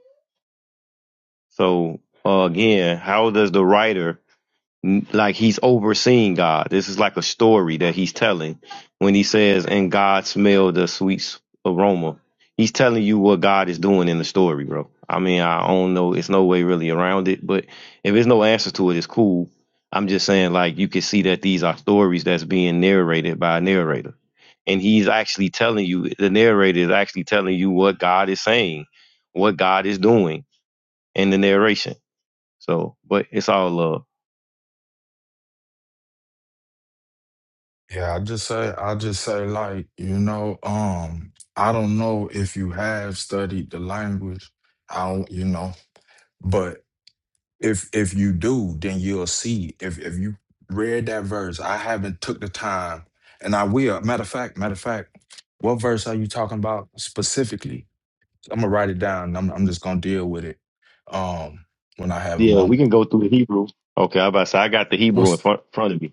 So uh, again, how does the writer like he's overseeing God. This is like a story that he's telling when he says, and God smelled the sweet aroma. He's telling you what God is doing in the story, bro. I mean, I don't know. It's no way really around it, but if there's no answer to it, it's cool. I'm just saying, like, you can see that these are stories that's being narrated by a narrator. And he's actually telling you, the narrator is actually telling you what God is saying, what God is doing in the narration. So, but it's all love.
Yeah, I just say I just say like, you know, um, I don't know if you have studied the language. I don't, you know, but if if you do, then you'll see. If if you read that verse, I haven't took the time and I will. Matter of fact, matter of fact, what verse are you talking about specifically? I'm gonna write it down and I'm I'm just gonna deal with it um when I have a
Yeah, we can
moment.
go through the Hebrew. Okay, I about to say I got the Hebrew in
What's
front, front of me,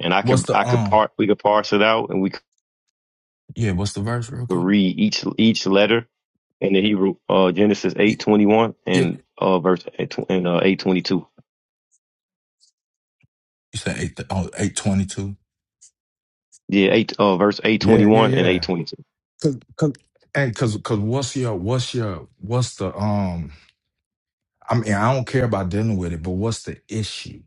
and I
what's
could
the
I could
um
part we could parse it out, and we could
yeah, what's the verse real quick?
read each each letter in the Hebrew. Uh, Genesis
You
eight twenty one
Yeah,
and uh verse eight and uh, eight twenty two.
you said eight oh eight twenty two.
Yeah, eight uh verse eight twenty
Yeah, yeah,
one and eight
yeah.
twenty two.
Cause, cause, and cause, cause, what's your, what's your, what's the, um, I mean, I don't care about dealing with it, but what's the issue?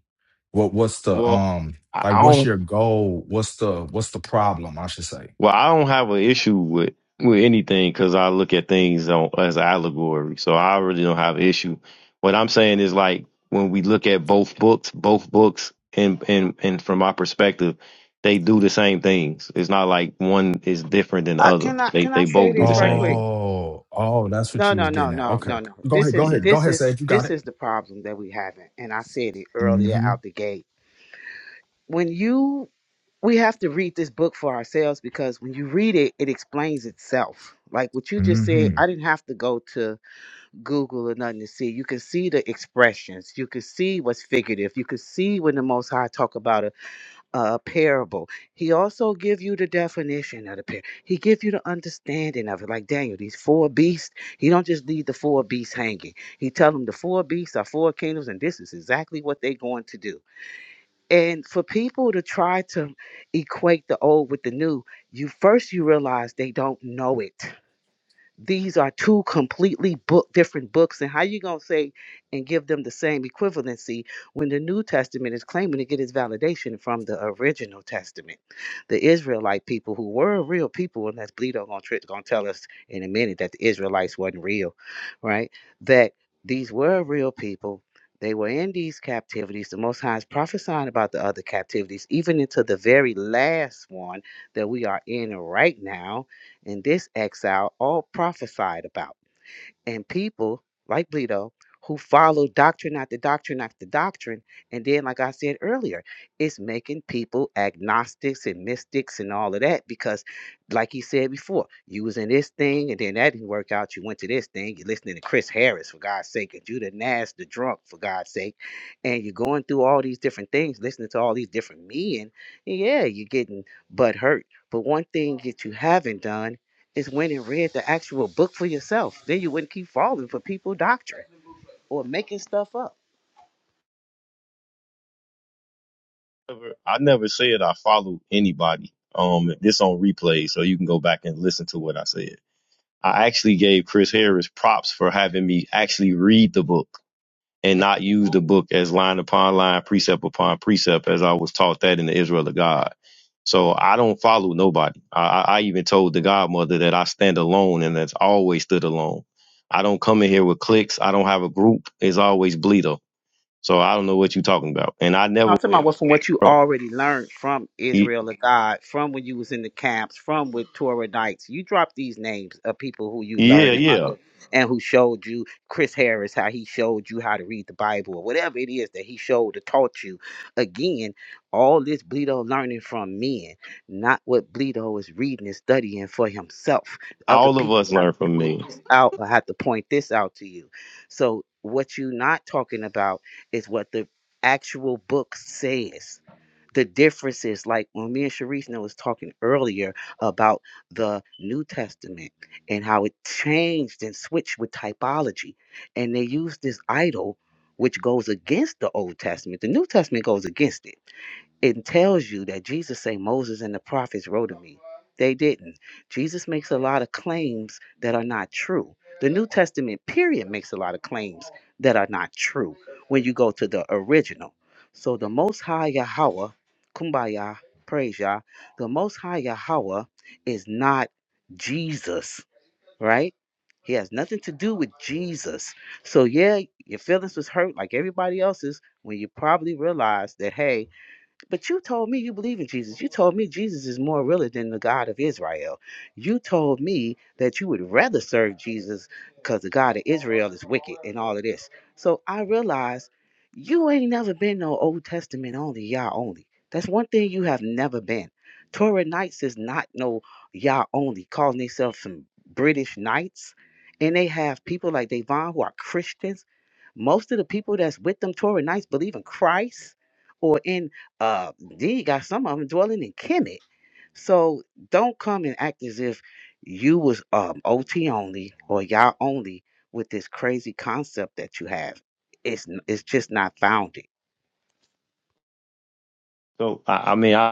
What, what's the,
Well,
um,
I
like,
I don't.
what's your goal? What's the, what's the problem? I should say.
Well, I don't have an issue with with anything because I look at things on, as allegory, so I really don't have an issue. What I'm saying is like when we look at both books, both books, and and and from my perspective, they do the same things. It's not like one is different than the
uh,
other.
can i
They
can i
they
say
both do the
this right
same
quick
thing.
Oh, oh, that's what
No,
you was
no,
getting
no,
at.
no,
Okay,
no, no.
go
This
ahead, go
is
Yeah.
ahead, go
this
ahead,
is
Sage. You got
this
it.
is the problem that we have, and I said it earlier
Mm-hmm.
out the gate. When you we have to read this book for ourselves because when you read it, it explains itself. Like what you just said,
Mm-hmm.
I didn't have to go to Google or nothing to see. You can see the expressions. You can see what's figurative. You can see when the Most High talk about a a parable. He also give you the definition of the parable. He give you the understanding of it. Like Daniel, these four beasts. He don't just leave the four beasts hanging. He tell them the four beasts are four kingdoms, and this is exactly what they are going to do. And for people to try to equate the old with the new, you first you realize they don't know it these are two completely book different books and how you going to say and give them the same equivalency when the new testament is claiming to get its validation from the original testament the israelite people who were real people and that's bleedo going to tell us in a minute that the israelites wasn't real right that these were real people they were in these captivities. The Most High is prophesying about the other captivities, even into the very last one that we are in right now in this exile, all prophesied about. And people like Bleedo who follow doctrine after doctrine after doctrine. And then, like I said earlier, it's making people agnostics and mystics and all of that because, like he said before, you was in this thing and then that didn't work out. You went to this thing. You're listening to Chris Harris, for God's sake, and Judah Nash, the drunk, for God's sake. And you're going through all these different things, listening to all these different men. And yeah, you're getting butt hurt. But one thing that you haven't done is went and read the actual book for yourself. Then you wouldn't keep falling for people doctrine or making stuff up.
Never- I never said I follow anybody. Um, this on replay, so you can go back and listen to what I said. I actually gave Chris Harris props for having me actually read the book. and not use the book as line upon line, precept upon precept, as I was taught that in the Israel of God. So I don't follow nobody. I, I I even told the godmother that I stand alone and that's always stood alone. I don't come in here with cliques. I don't have a group. It's always Bleedo. So I don't know what you're talking about. And I never
I'm talking about
went,
what from what you
bro.
already learned from
y-
Israel of God, from when you was in the camps, from with Torahdites. You drop these names of people who you
Yeah,
learned it
yeah.
under and who showed you Chris Harris, how he showed you how to read the Bible or whatever it is that he showed or taught you. Again, all this Bleedo learning from men, not what Bleedo is reading and studying for himself. Other
All of
people
us
have
learn
to
from
point
me.
this out or have to point this out to you. So what you're not talking about is what the actual book says. The difference is like when me and Sharice was talking earlier about the New Testament and how it changed and switched with typology. And they used this idol which goes against the Old Testament. The New Testament goes against it. It tells you that Jesus say Moses and the prophets wrote of me. They didn't. Jesus makes a lot of claims that are not true. The New Testament period makes a lot of claims that are not true when you go to the original. So the Most High Yahweh, Kumbaya, praise Yah, the Most High Yahweh is not Jesus, right? He has nothing to do with Jesus. So yeah, your feelings was hurt like everybody else's when you probably realized that, hey, but you told me you believe in Jesus. You told me Jesus is more really than the God of Israel. You told me that you would rather serve Jesus because the God of Israel is wicked and all of this. So I realized you ain't never been no Old Testament only, Yah only. That's one thing you have never been. Torah Knights is not no Yah only, calling themselves some British Knights. And they have people like Devon who are Christians. Most of the people that's with them Torah Knights believe in Christ or in uh then you got some of them dwelling in Kemet. So don't come and act as if you was um OT only or y'all only with this crazy concept that you have. It's n- it's just not founded.
So I, I mean, I.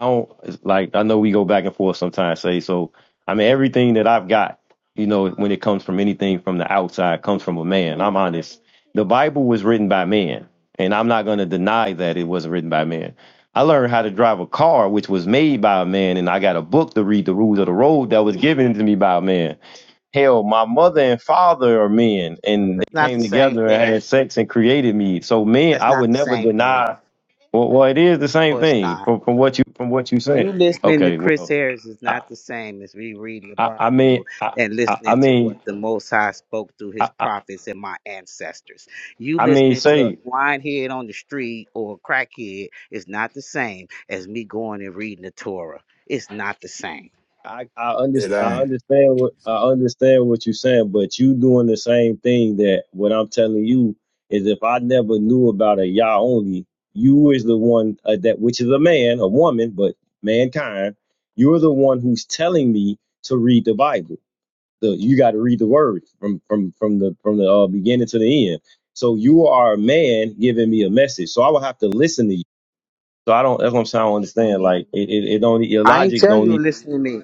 I don't it's like I know we go back and forth sometimes say so I mean everything that I've got, you know, when it comes from anything from the outside comes from a man. I'm honest. The Bible was written by man, and I'm not going to deny that it wasn't written by man. I learned how to drive a car which was made by a man and I got a book to read the rules of the road that was given to me by a man. Hell, my mother and father are men and
That's
they
not
came
the same
together and
thing.
had sex and created me. So men,
That's
I would
not the
never
same thing. Of
deny well, well, it is the same
course
thing
not.
from, from what you from what you said.
You listening to
Okay,
Chris
well,
Harris is
I
not the same as me reading the
I, I mean
Bible
I,
and
I I
listening to
mean
what the Most High spoke through his
I I,
prophets and my ancestors. You
I mean
listening to a
say
grindhead on the street or a crackhead is not the same as me going and reading the Torah. It's not the same.
I I, under,
It
I
ain't.
understand what I understand what you're saying, but you doing the same thing that what I'm telling you is if I never knew about a Yah only, you is the one uh, that which is a man, a woman, but mankind, you're the one who's telling me to read the Bible the you got to read the word from from from the from the uh, beginning to the end. So you are a man giving me a message. So I will have to listen to you. So I don't. That's what I'm saying. I don't understand. Like it, it, it don't your
I ain't
logic
tell
don't
you
need.
to listen to me.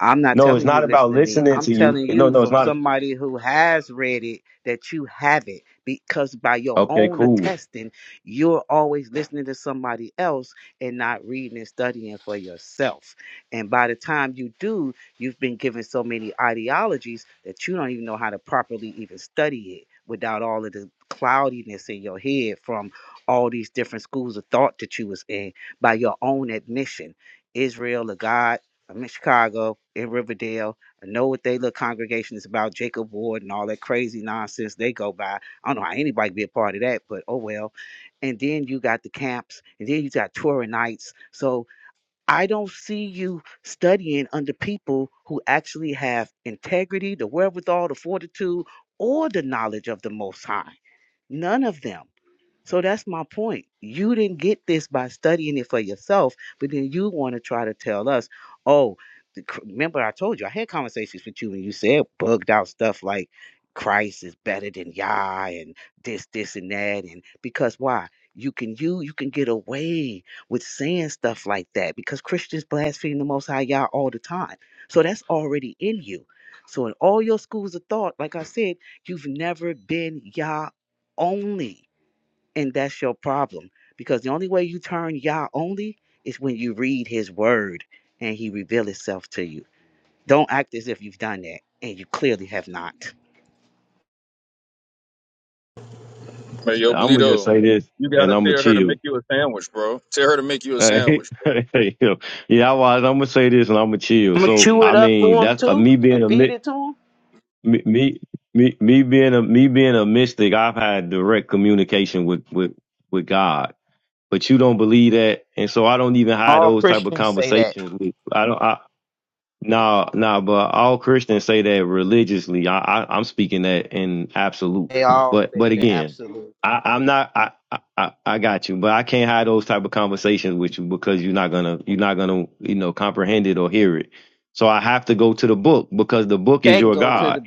I'm not
No, it's
telling you
not
to
about
listen to me.
listening
I'm
to you.
telling
No,
you
no, it's
from
not.
somebody who has read it that you have it because by your
Okay,
own
cool.
attesting, you're always listening to somebody else and not reading and studying for yourself. And by the time you do, you've been given so many ideologies that you don't even know how to properly even study it without all of the cloudiness in your head from all these different schools of thought that you was in by your own admission. Israel or God I'm in Chicago, in Riverdale. I know what they little congregation is about, Jacob Ward and all that crazy nonsense they go by. I don't know how anybody can be a part of that, but oh well. And then you got the camps, and then you got touring nights. So I don't see you studying under people who actually have integrity, the wherewithal, the fortitude, or the knowledge of the Most High. None of them. So that's my point. You didn't get this by studying it for yourself, but then you want to try to tell us, oh, the cr- remember I told you I had conversations with you and you said bugged out stuff like Christ is better than Yah and this, this, and that. And because why? You can you you can get away with saying stuff like that because Christians blaspheme the most high Yah all the time. So that's already in you. So in all your schools of thought, like I said, you've never been Yah only. And that's your problem. Because the only way you turn Yah only is when you read his word and he reveal himself to you. Don't act as if you've done that. And you clearly have not.
Hey yo,
I'm gonna just
Bleedo,
say this
you
and
gotta
I'm gonna
tell her to
chill.
make you a sandwich, bro. Tell her to make you a
yeah,
sandwich,
I was. I'm gonna say this and I'm gonna chill. So I mean, that's uh, me being a mi- me me me me being a me being a mystic. I've had direct communication with with with God but you don't believe that, and so I don't even have
All
those type of conversations with. I don't. I, no, no, but all Christians say that religiously. I, I I'm speaking that in absolute.
they all
But but
say the
again,
absolute.
I, I'm not. I, I I I got you, but I can't have those type of conversations with you because you're not gonna you're not gonna you know comprehend it or hear it. So I have to go to the book because the book is
Okay,
your God.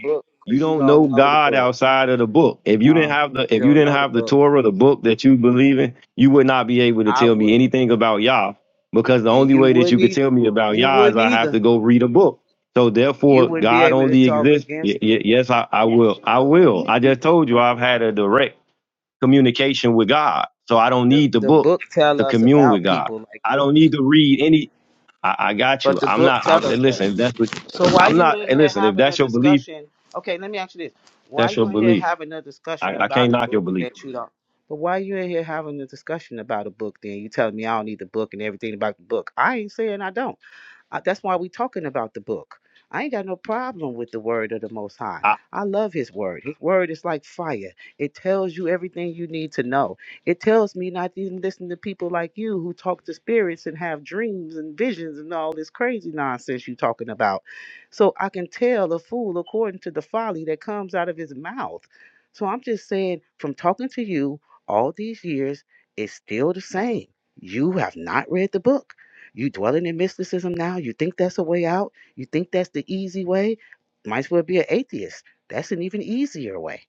You
Because
don't know
you know the
God
book.
outside of the book. If you didn't have the
You
if you
don't
didn't
know the
have the
book.
Torah, the book that you believe in, you would not be able to
I
tell me
wouldn't.
anything about Yah because the
And
only
you
way that you
wouldn't
could
either.
tell me about
You
Yah is
wouldn't
I have to
either.
go read a book. So
You
therefore,
wouldn't be
God
able to
only
talk
exists.
against
Y-
them.
y- yes, I, I will. I will. I just told you I've had a direct communication with God, so I don't need the
The, the
book
book tell
to
us
commune with
about
God.
people like
I
this.
don't need to read any. I, I got you.
But the
I'm
book
not.
tell
I'm
us
and
that.
listen. If that's what
So why
I'm
you
not.
in
And
here
listen. If
having
that's
a
your belief,
discussion? Okay, let me ask you this: Why
that's your
you in here
belief.
having a discussion
I, I
about
can't
a
knock your
book
belief.
that you don't? But why you in here having a discussion about a book? Then you telling me I don't need the book and everything about the book. I ain't saying I don't. Uh, that's why we're talking about the book. I ain't got no problem with the word of the Most High.
I
I love His word. His word is like fire. It tells you everything you need to know. It tells me not to even listen to people like you who talk to spirits and have dreams and visions and all this crazy nonsense you talking about. So I can tell a fool according to the folly that comes out of his mouth. So I'm just saying, from talking to you all these years, it's still the same. You have not read the book you dwelling in mysticism now? You think that's a way out? You think that's the easy way? Might as well be an atheist. That's an even easier way.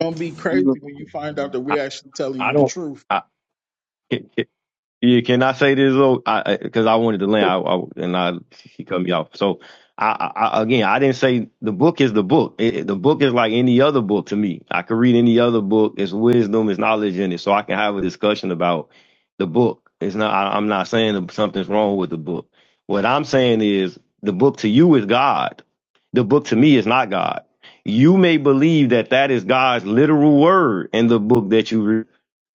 Gonna be
bro.
crazy when you find out that
I,
we're actually telling
I
you the
don't.
truth.
I, Yeah, can I say this though? I because I, 'cause I wanted to land, I, I and I she cut me off. So I, I I- again, I didn't say the book is the book. It, it- the book is like any other book to me. I could read any other book. It's wisdom, it's knowledge in it, so I can have a discussion about the book. It's not. I, I'm not saying that something's wrong with the book. What I'm saying is the book to you is God. The book to me is not God. You may believe that that is God's literal word in the book that you read.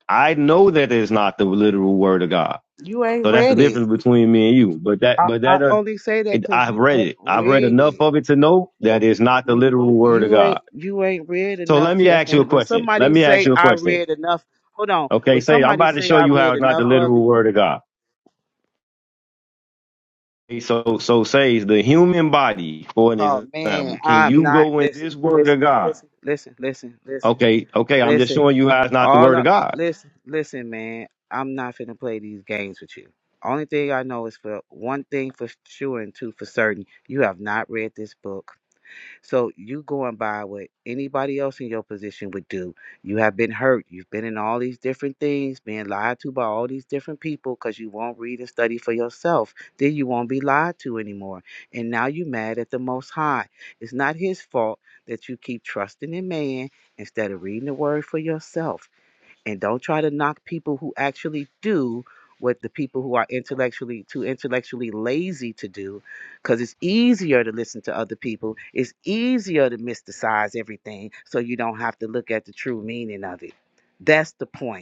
I know that it's not the literal word of God.
You ain't
So that's the
read it.
difference between me and you. But that,
I,
but
I
that, uh,
only say that
it,
because
I've
you
read
ain't
it. I've read
read
enough
it.
of it to know that it's not the
You
literal word of
you ain't
God.
you ain't read
So
enough.
let me
That's
ask you a
when when
question. Let
Somebody
me ask
say
you a
I
question.
read enough. Hold on.
Okay,
When
say I'm
somebody
about to
say
show
I
you how
read
it's not the
enough of
literal
it,
word of God. Okay, So, so says the human body, for an
oh man,
example, can
I'm
you
not.
go in
Listen,
this word of
listen,
God?
listen, listen, listen, listen,
Okay, okay, I'm just
listen.
showing you how it's not the
All
word of
I,
God.
listen, listen, man. I'm not finna play these games with you. Only thing I know is for one thing for sure and two for certain, you have not read this book. So you going by what anybody else in your position would do. You have been hurt. You've been in all these different things, being lied to by all these different people because you won't read and study for yourself. Then you won't be lied to anymore. And now you mad at the Most High. It's not his fault that you keep trusting in man instead of reading the word for yourself and don't try to knock people who actually do what the people who are intellectually too intellectually lazy to do because it's easier to listen to other people it's easier to mysticize everything so you don't have to look at the true meaning of it that's the point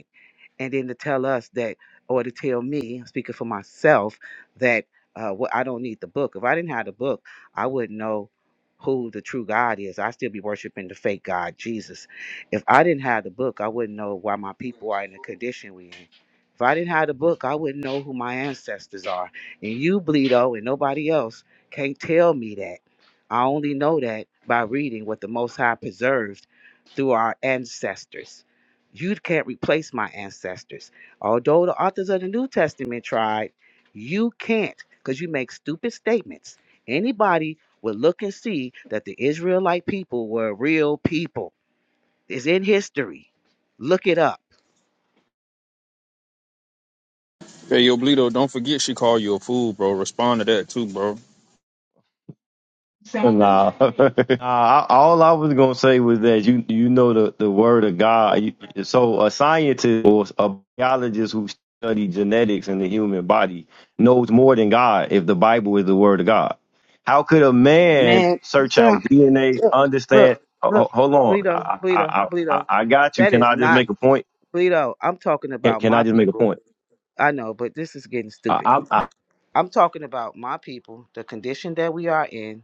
and then to tell us that, or to tell me, speaking for myself, that uh, what I don't need the book. If I didn't have the book, I wouldn't know who the true God is. I'd still be worshiping the fake God, Jesus. If I didn't have the book, I wouldn't know why my people are in the condition we in. If I didn't have the book, I wouldn't know who my ancestors are. And you, Bleedo, and nobody else can't tell me that. I only know that by reading what the Most High preserved through our ancestors. You can't replace my ancestors. Although the authors of the New Testament tried, you can't because you make stupid statements. Anybody would look and see that the Israelite people were real people. It's in history. Look it up.
Hey yo, Bleedo, don't forget she called you a fool, bro. Respond to that too, bro.
Sound Nah, Nah, all I was gonna say was that you you know the, the word of God. So a scientist or a biologist who study genetics in the human body knows more than God if the Bible is the word of God. How could a man
Man, you
search out
sound,
DNA,
look,
understand?
look,
ho-
look,
ho- Hold on,
Bleedo,
I I
Bleedo,
I, I
Bleedo.
I got you.
That
Can
is
I just
not,
make a point?
Bleedo, I'm talking
Can,
about
can I
my
just make a
people.
point?
I know, but this is getting stupid.
I, I,
I'm talking about my people, the condition that we are in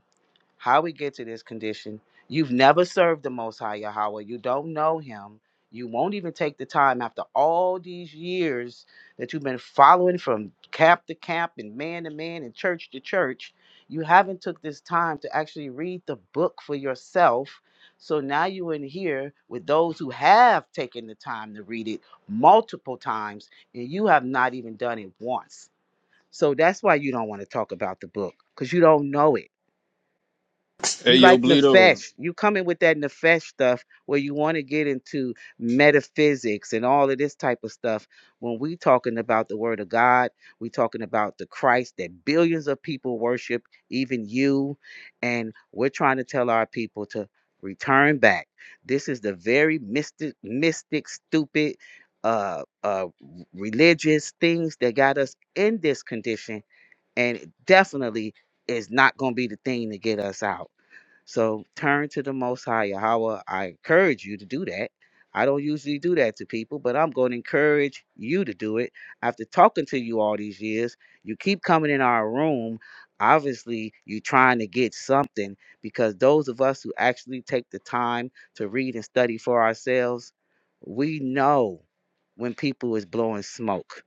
how we get to this condition. You've never served the Most High Yahweh. You don't know Him. You won't even take the time after all these years that you've been following from camp to camp and man to man and church to church. You haven't took this time to actually read the book for yourself. So now you're in here with those who have taken the time to read it multiple times, and you have not even done it once. So that's why you don't want to talk about the book because you don't know it
Hey
you
yo,
like
Bleedo.
nefesh. You coming with that nefesh stuff where you want to get into metaphysics and all of this type of stuff. When we talking about the word of God, we talking about the Christ that billions of people worship, even you. And we're trying to tell our people to return back. This is the very mystic, mystic, stupid, uh, uh, religious things that got us in this condition, and it definitely is not going to be the thing to get us out. So turn to the Most High Yahweh. I encourage you to do that. I don't usually do that to people, but I'm going to encourage you to do it. After talking to you all these years, you keep coming in our room. Obviously, you're trying to get something because those of us who actually take the time to read and study for ourselves, we know when people is blowing smoke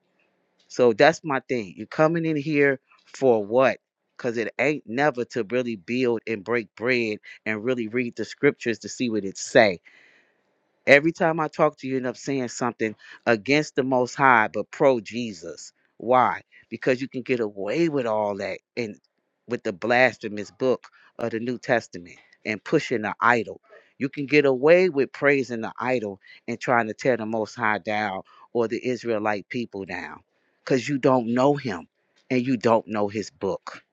so that's my thing. you are coming in here for what? Because it ain't never to really build and break bread and really read the scriptures to see what it say. Every time I talk to you, you end up saying something against the Most High, but pro Jesus. Why? Because you can get away with all that and with the blasphemous book of the New Testament and pushing the idol. You can get away with praising the idol and trying to tear the Most High down or the Israelite people down because you don't know him and you don't know his book.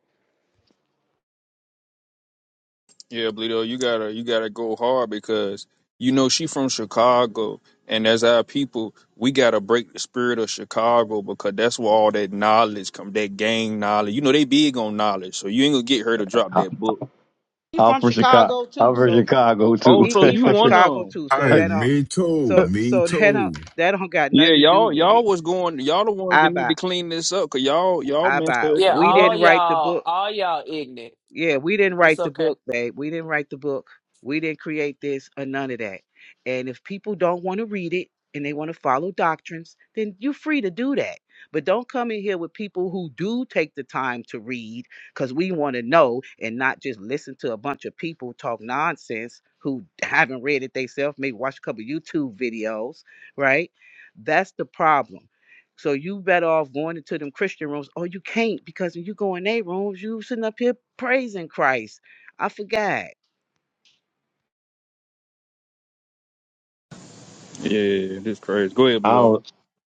Yeah, Bleedo, you gotta you gotta go hard because you know she from Chicago, and as our people, we gotta break the spirit of Chicago because that's where all that knowledge come, that gang knowledge. You know they big on knowledge, so you ain't gonna get her to drop
I,
that book.
He
I'm
from
from Chicago.
Chicago
I'm
too,
from
so
Chicago
Oh,
too.
He
so
he
you
from
one of
Chicago
them?
too, so
I
Hey,
that don't
me too.
so
Me
so that don't
too.
that don't got
Yeah,
nothing to do
y'all
with
y'all
it.
was going y'all the ones that
I
need to
buy
clean this up because y'all y'all
I
messed
buy.
Yeah,
We
everything up.
all
didn't write the
y'all,
book.
all y'all ignorant.
Yeah, we didn't
It's
write the
okay.
book, babe. We didn't write the book. We didn't create this or none of that. And if people don't want to read it and they want to follow doctrines, then you're free to do that. But don't come in here with people who do take the time to read because we want to know and not just listen to a bunch of people talk nonsense who haven't read it themselves, maybe watch a couple YouTube videos, right? That's the problem. So you better off going into them Christian rooms. Oh, you can't because when you go in their rooms, you sitting up here praising Christ. I forgot.
Yeah, this crazy. Go ahead, Bleedo.
don't.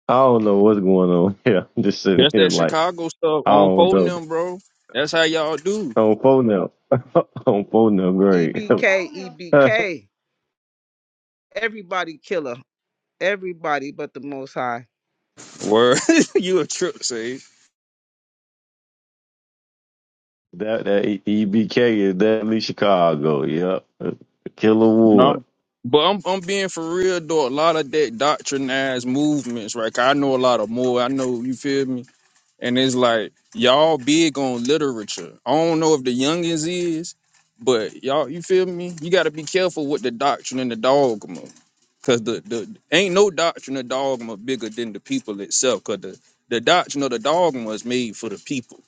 I don't know what's going on here. I'm just sitting
That's
here
that
like
Chicago stuff
I
on
don't
phone
know.
them, bro. That's how y'all do.
On phone now. on phone now,
E
great.
B K E B
that
K. Everybody killer. Everybody but the Most High.
Word, you a trip, say.
that E- EBK is deadly Chicago. Yep, Killer Ward.
No. But I'm I'm being for real though. A lot of that doctrinized movements, right? 'Cause I know a lot of more. I know you feel me. And it's like y'all big on literature. I don't know if the youngins is, but y'all, you feel me? You got to be careful with the doctrine and the dogma, cause the the ain't no doctrine or dogma bigger than the people itself. Cause the the doctrine of the dogma is made for the people.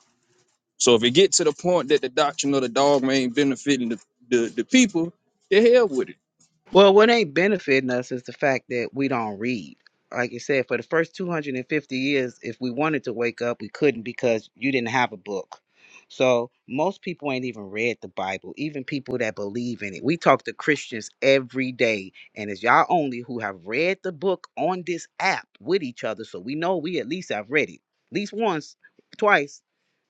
So if it get to the point that the doctrine of the dogma ain't benefiting the the, the people, the hell with it.
Well, what ain't benefiting us is the fact that we don't read. Like you said, for the first 250 years, if we wanted to wake up, we couldn't because you didn't have a book. So most people ain't even read the Bible, even people that believe in it. We talk to Christians every day, and it's y'all only who have read the book on this app with each other. So we know we at least have read it. At least once, twice,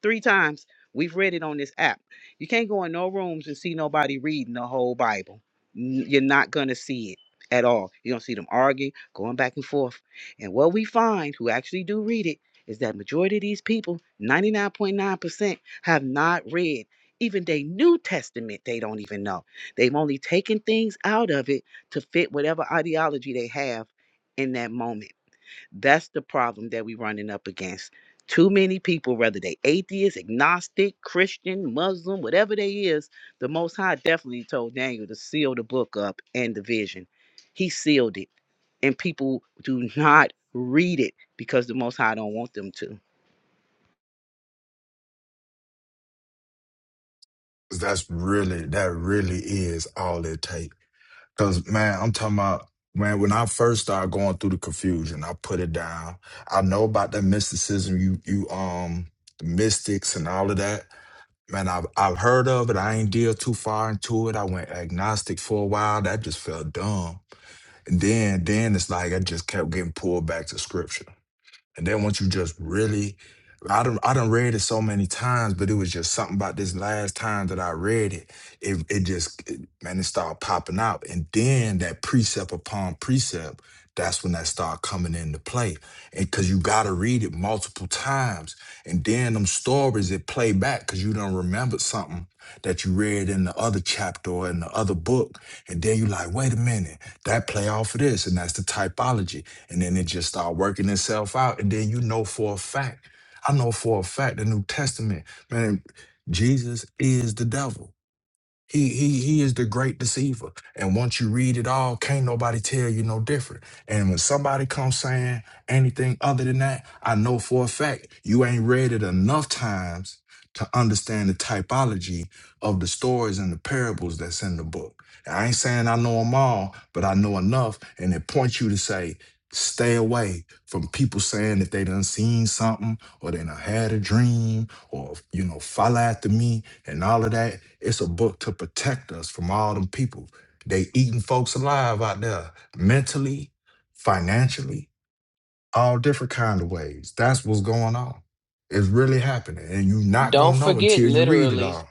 three times, we've read it on this app. You can't go in no rooms and see nobody reading the whole Bible n- you're not going to see it at all. You don't see them arguing, going back and forth. And what we find, who actually do read it, is that majority of these people, 99.9%, have not read even their New Testament. They don't even know. They've only taken things out of it to fit whatever ideology they have in that moment. That's the problem that we're running up against. Too many people, whether they atheist, agnostic, Christian, Muslim, whatever they is, the Most High definitely told Daniel to seal the book up and the vision. He sealed it, and people do not read it because the Most High don't want them to.
'Cause That's really, that really is all it takes. Cause man, I'm talking about man, when I first started going through the confusion, I put it down. I know about that mysticism, you you um the mystics and all of that. Man, I've I've heard of it. I ain't deal too far into it. I went agnostic for a while. That just felt dumb. And then then it's like I just kept getting pulled back to scripture. And then once you just really, I done, I done read it so many times, but it was just something about this last time that I read it. It, it just, it- man, it started popping out. And then that precept upon precept, that's when that started coming into play. And cause you gotta read it multiple times. And then them stories that play back because you don't remember something that you read in the other chapter or in the other book. And then you like, wait a minute, that play off of this. And that's the typology and then it just start working itself out and then you know for a fact i know for a fact the new testament man jesus is the devil he he he is the great deceiver. And once you read it all, can't nobody tell you no different. And when somebody comes saying anything other than that, I know for a fact you ain't read it enough times to understand the typology of the stories and the parables that's in the book. And I ain't saying I know them all, but I know enough, and it points you to say, stay away from people saying that they done seen something or they done had a dream or you know follow after me and all of that. It's a book to protect us from all them people. They eating folks alive out there, mentally, financially, all different kind of ways. That's what's going on. It's really happening, and you're not gonna
Don't
know
forget,
until you read it
literally.
all.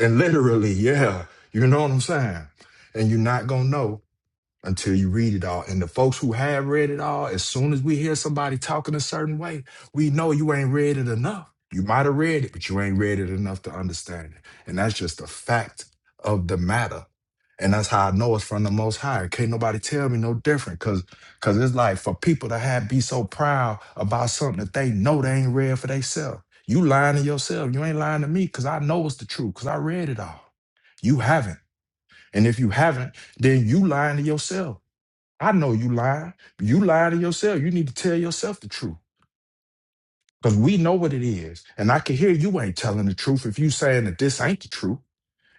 And literally, yeah, you know what I'm saying. And you're not gonna know until you read it all. And the folks who have read it all, as soon as we hear somebody talking a certain way, we know you ain't read it enough. You might have read it, but you ain't read it enough to understand it. And that's just a fact of the matter. And that's how I know it's from the most high. Can't nobody tell me no different. Cause cause it's like for people to have be so proud about something that they know they ain't read for themselves. You lying to yourself. You ain't lying to me because I know it's the truth. Cause I read it all. You haven't. And if you haven't, then you lying to yourself I know you lying. You lie to yourself. You need to tell yourself the truth. Because we know what it is. And I can hear you ain't telling the truth if you saying that this ain't the truth.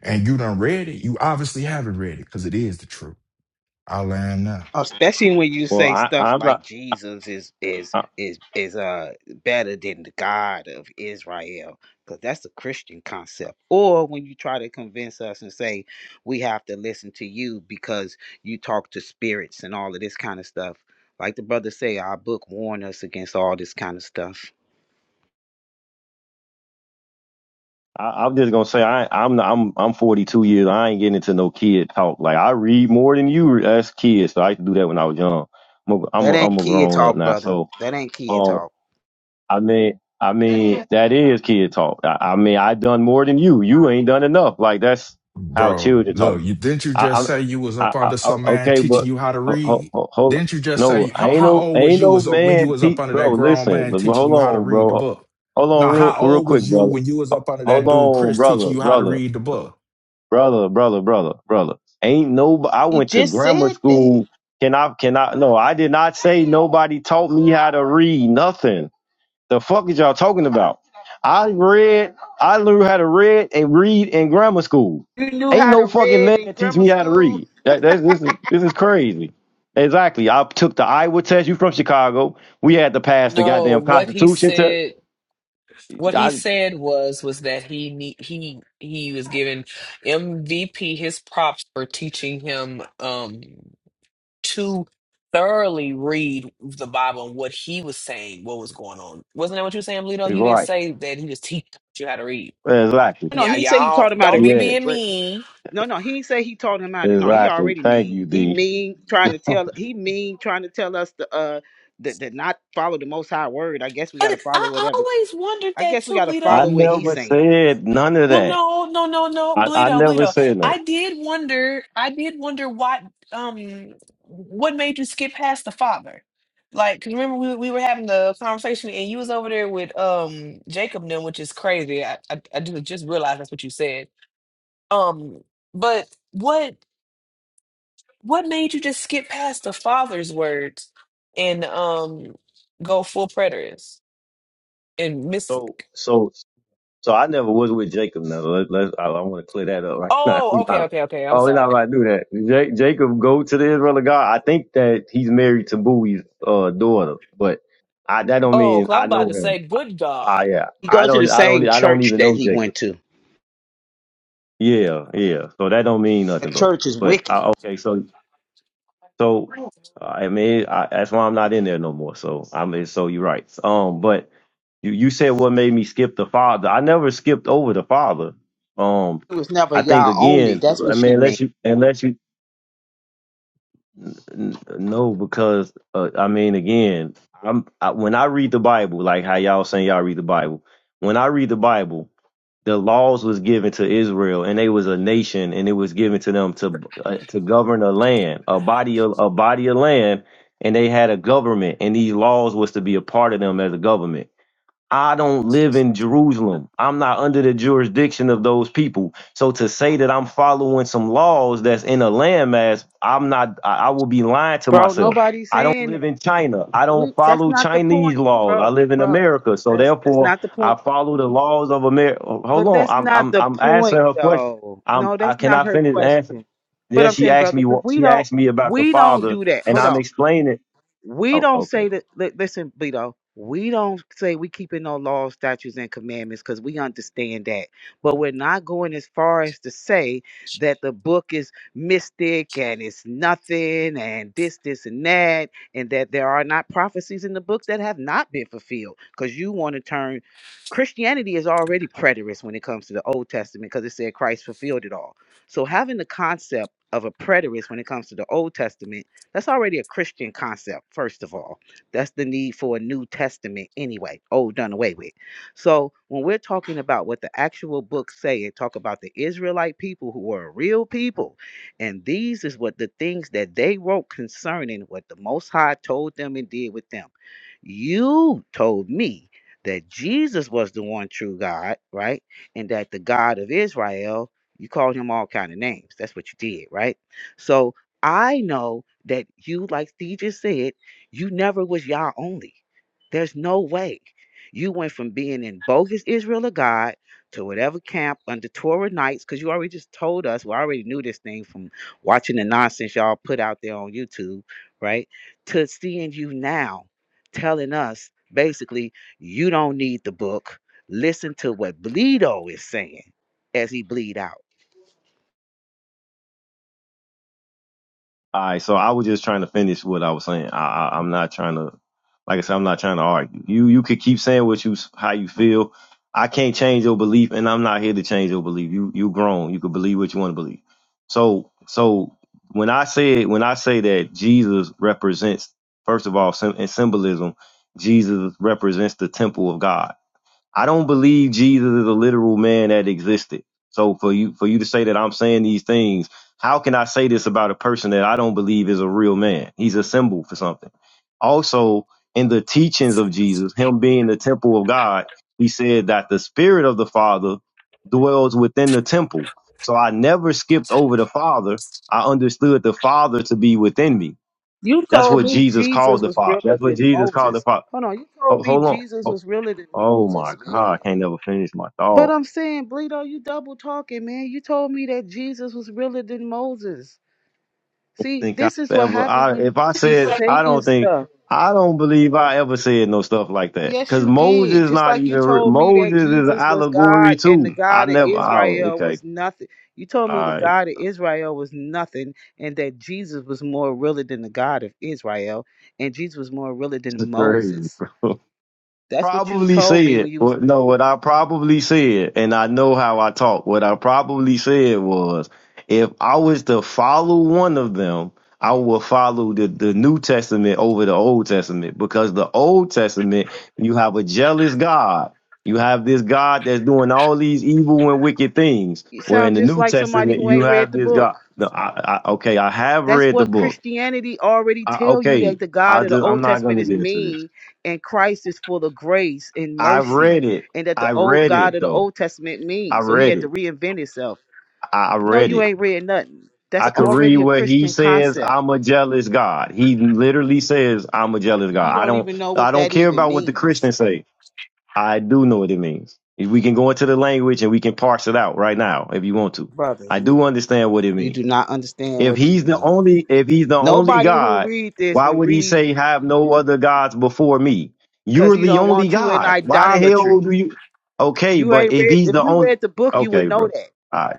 And you done read it. You obviously haven't read it because it is the truth. I learned now.
especially when you
Well,
say
I
stuff
I'm
like
not.
Jesus is is
I,
is is uh better than the God of Israel, because that's a Christian concept. Or when you try to convince us and say we have to listen to you because you talk to spirits and all of this kind of stuff. Like the brother say, our book warned us against all this kind of stuff.
I- I'm just gonna say I I'm not, I'm I'm 42 years. I ain't getting into no kid talk. Like I read more than you as kids. So I used to do that when I was young. I'm a, I'm a,
That
I'm
ain't
a
kid
grown up
talk,
now.
brother.
So
That ain't kid
um
talk.
I mean, I mean, that is kid talk. I, I mean, I done more than you. You ain't done enough. Like that's how
Bro,
children talk.
look, you didn't you
I,
just
I'm,
say you was
I,
up
I,
under
I-
some man
okay,
teaching
but
you how to
ho- ho-
read?
ho- hold on.
Didn't you just
No,
say how
I ain't
how
no,
old was
ain't
you
no
was up when you
man,
was up
te-
under
bro.
that grown
Listen,
man
but- but
teaching
hold
you how to
on,
read the
bro.
book?
Hold on,
Now,
real,
how
real
old
quick,
was you
brother.
when you was
Ho-
up under
Hold
that dude
on,
Chris
brother,
teaching you how to
brother,
read the book?
brother, brother, brother, brother. Ain't no. I
He
went to
just
grammar
said that.
school. Can I? Can I? No, I did not say nobody taught me how to read. Nothing. The fuck is y'all talking about? I read, I learned how to read and read in grammar school.
You knew
Ain't
how to
no fucking
read
man
in
teach
grammar
me how to
school.
read. That, that's, this is this is crazy. Exactly. I took the Iowa test. You from Chicago? We had to pass the
No,
goddamn
what he
Constitution test.
said, what he
I
said was was that he ne- he he was giving MVP his props for teaching him um to thoroughly read the Bible and what he was saying, what was going on. Wasn't that what you were saying, Lito? You didn't
right.
say that he just teaching you how to read.
Exactly.
No,
Now,
he said he taught
y'all,
him how to
don't be
Yes.
read,
being
but.
mean.
No, no, he ain't say he told him out. No, he
Exactly.
already
Thank
mean.
you,
He
D.
mean trying to tell. He mean trying to tell us to uh that to, not follow the Most High word. I guess we got
But
to follow
I
whatever.
always wondered
I
that
guess we
too,
got to
I
Bleedo.
follow what he's
never
saying.
said none of
Well,
that.
no, no, no, no,
I, I
Bleedo,
never
Bleedo.
said no.
I did wonder. I did wonder what um what made you skip past the father. Like, 'cause remember we we were having the conversation and you was over there with um Jacob then, which is crazy. I I, I just just realized that's what you said. Um, but what what made you just skip past the father's words and um go full preterist and miss?
So so So I never was with Jacob. Now let, let, I, I want to clear that up. Right now
Oh,
we
okay,
not.
okay, okay. I'm
Oh, we're not
sorry.
about to do that. Ja- Jacob go to the Israel of God. I think that he's married to Bowie's uh, daughter, but I that don't
Oh,
mean
'cause I'm
I
about
know
to
him.
say, good
Ah,
God.
yeah.
He
I
goes to the
don't. I don't.
same
I don't
church
even
that
know
he
Jacob.
went to.
Yeah, yeah. So that don't mean
The
nothing though.
church is
But
wicked.
I, okay, so so uh, I mean I, that's why I'm not in there no more. So I mean, so you're right. Um, but You you said what made me skip the father. I never skipped over the father. Um,
It was never
I think
y'all only.
again,
That's
I
what
mean,
she mean,
unless you unless you n- no, because uh, I mean, again, I'm I, when I read the Bible, like how y'all saying y'all read the Bible. When I read the Bible, the laws was given to Israel, and they was a nation, and it was given to them to uh, to govern a land, a body of a body of land, and they had a government, and these laws was to be a part of them as a government I don't live in Jerusalem. I'm not under the jurisdiction of those people. So to say that I'm following some laws that's in a landmass, I'm not. I, I will be lying to
bro.
myself.
Nobody's
I don't
saying that.
live in China. I
We.
don't
That's
follow
not the
Chinese
point,
laws. I
bro.
live in
Bro,
America. So
that's that's
therefore,
not the
I
point.
follow the laws of America. Hold
But
on.
that's
I'm
not
I'm
the
I'm
point,
answering her question.
though.
I'm
No,
I
that's not
cannot
her
finish answer.
question. But
Yeah,
I'm
she
saying,
asked
brother,
me.
because
what-
we
She
don't
asked me about the
we don't
father,
do that.
and
Hold
I'm
on.
explaining.
We
Oh,
don't
okay.
say that. li- Listen, Bleedo, we don't say we keeping no laws, statutes, and commandments because we understand that. But we're not going as far as to say that the book is mystic and it's nothing and this, this, and that, and that there are not prophecies in the book that have not been fulfilled because you want to turn. Christianity is already preterist when it comes to the Old Testament because it said Christ fulfilled it all. So having the concept of a preterist when it comes to the Old Testament that's already a Christian concept, first of all. That's the need for a New Testament anyway, old done away with. So when we're talking about what the actual books say and talk about the Israelite people who were a real people, and these is what the things that they wrote concerning what the Most High told them and did with them. You told me that Jesus was the one true God, right? And that the God of Israel, you called him all kind of names. That's what you did, right? So I know that you, like Steve just said, you never was y'all only. There's no way. You went from being in bogus Israel of God to whatever camp under Torah nights, because you already just told us, we already knew this thing from watching the nonsense y'all put out there on YouTube, right? To seeing you now telling us basically, you don't need the book. Listen to what Bleedo is saying as he bleed out
All right, so I was just trying to finish what I was saying. I, I I'm not trying to, like I said, I'm not trying to argue. You you could keep saying what you how you feel. I can't change your belief, and I'm not here to change your belief. You you grown. You can believe what you want to believe. So so when I say when I say that Jesus represents, first of all, sym- in symbolism, Jesus represents the temple of God. I don't believe Jesus is a literal man that existed. So for you for you to say that I'm saying these things, how can I say this about a person that I don't believe is a real man? He's a symbol for something. Also, in the teachings of Jesus, him being the temple of God, he said that the spirit of the Father dwells within the temple. So I never skipped over the Father. I understood the Father to be within me.
You
That's
told
what
me
Jesus called
Jesus
the
was
Father.
realer
That's what
than
Jesus called the
Moses.
Father.
Hold on, you
Ho-
told me
Hold
Jesus
on.
was realer than
Oh my
Moses,
God,
man.
I can't never finish my
But
thought.
I'm saying, Bleedo, you double talking, man. You told me that Jesus was realer than Moses. See,
Think I
this is what
ever,
happens
I,
when you
if I
just be
said, I
saying
don't think,
stuff.
I don't believe I ever said no stuff like that.
Yes,
Cause
you did.
Moses
Just
not
like you
even, re-
told me
Moses
that
is an
Jesus was
allegory
God and the
too. I
God of
never, oh,
Israel
okay.
was nothing. You told
All
me the
right.
God of Israel was nothing and that Jesus was more realer than the God of Israel and Jesus was more realer
It's
than
crazy,
Moses.
bro.
That's what you
probably
told me
said,
when you was.
what, no, what I probably said, and I know how I talk, what I probably said was, if I was to follow one of them, I will follow the, the New Testament over the Old Testament because the Old Testament, you have a jealous God. You have this God that's doing all these evil and wicked things.
You
Where in
sound
the
just
New
like somebody
Testament,
who
you
ain't read
have
the
this
book.
God. No, I, I, okay, I have
That's
read the
what
book.
Christianity already
I,
tell you
okay,
that the
I
God of the
just I'm
Old
not
Testament
gonna
is
get into this.
mean and Christ is full of grace and
I
mercy,
read it.
and that the
I
old
read
God
it
of the
though.
Old Testament
I
means. So he
read
had to
it.
reinvent himself.
I I
No,
read
you
it.
ain't read nothing.
I
That's
could read
already a
where he
Christian
says,
concept.
"I'm a jealous God." He literally says, "I'm a jealous
You
God." I
don't
don't.
even know
I
what
don't
that
care
even
about what the
means,
Christians say. I do know what it means. If We can go into the language and we can parse it out right now if you want to.
brother.
I
You,
do understand what it
you
means.
do not understand
If
what you
he's the
mean.
only, if he's the only
Nobody who
God,
read this
why
would
would he
read
say have no other gods before me?
because
You're
he
the
don't
only
want you in
God. Why the
idolatry.
hell do you? Okay,
You
but
ain't
if
read
he's
if
the
you
only,
read the book, you
okay,
would know
bro.
that.
All right.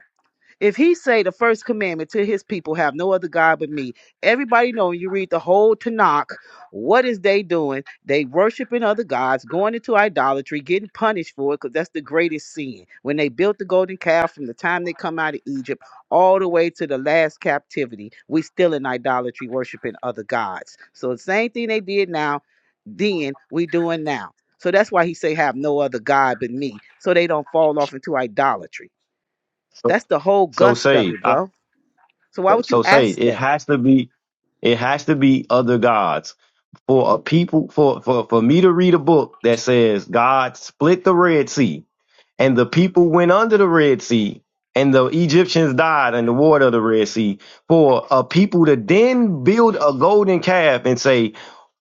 If he say the first commandment to his people, have no other God but me. Everybody know when you read the whole Tanakh, what is they doing? They worshiping other gods, going into idolatry, getting punished for it, because that's the greatest sin. When they built the golden calf from the time they come out of Egypt all the way to the last captivity, we still in idolatry, worshiping other gods. So the same thing they did now, then we doing now. So that's why he say have no other God but me. So they don't fall off into idolatry.
So,
That's the whole
so
gust of
say,
it,
I,
bro. So why
so,
would you
so say
ask
it
that?
has to be, it has to be other gods for a people for for for me to read a book that says God split the Red Sea and the people went under the Red Sea, and the Egyptians died in the water of the Red Sea. For a people to then build a golden calf and say,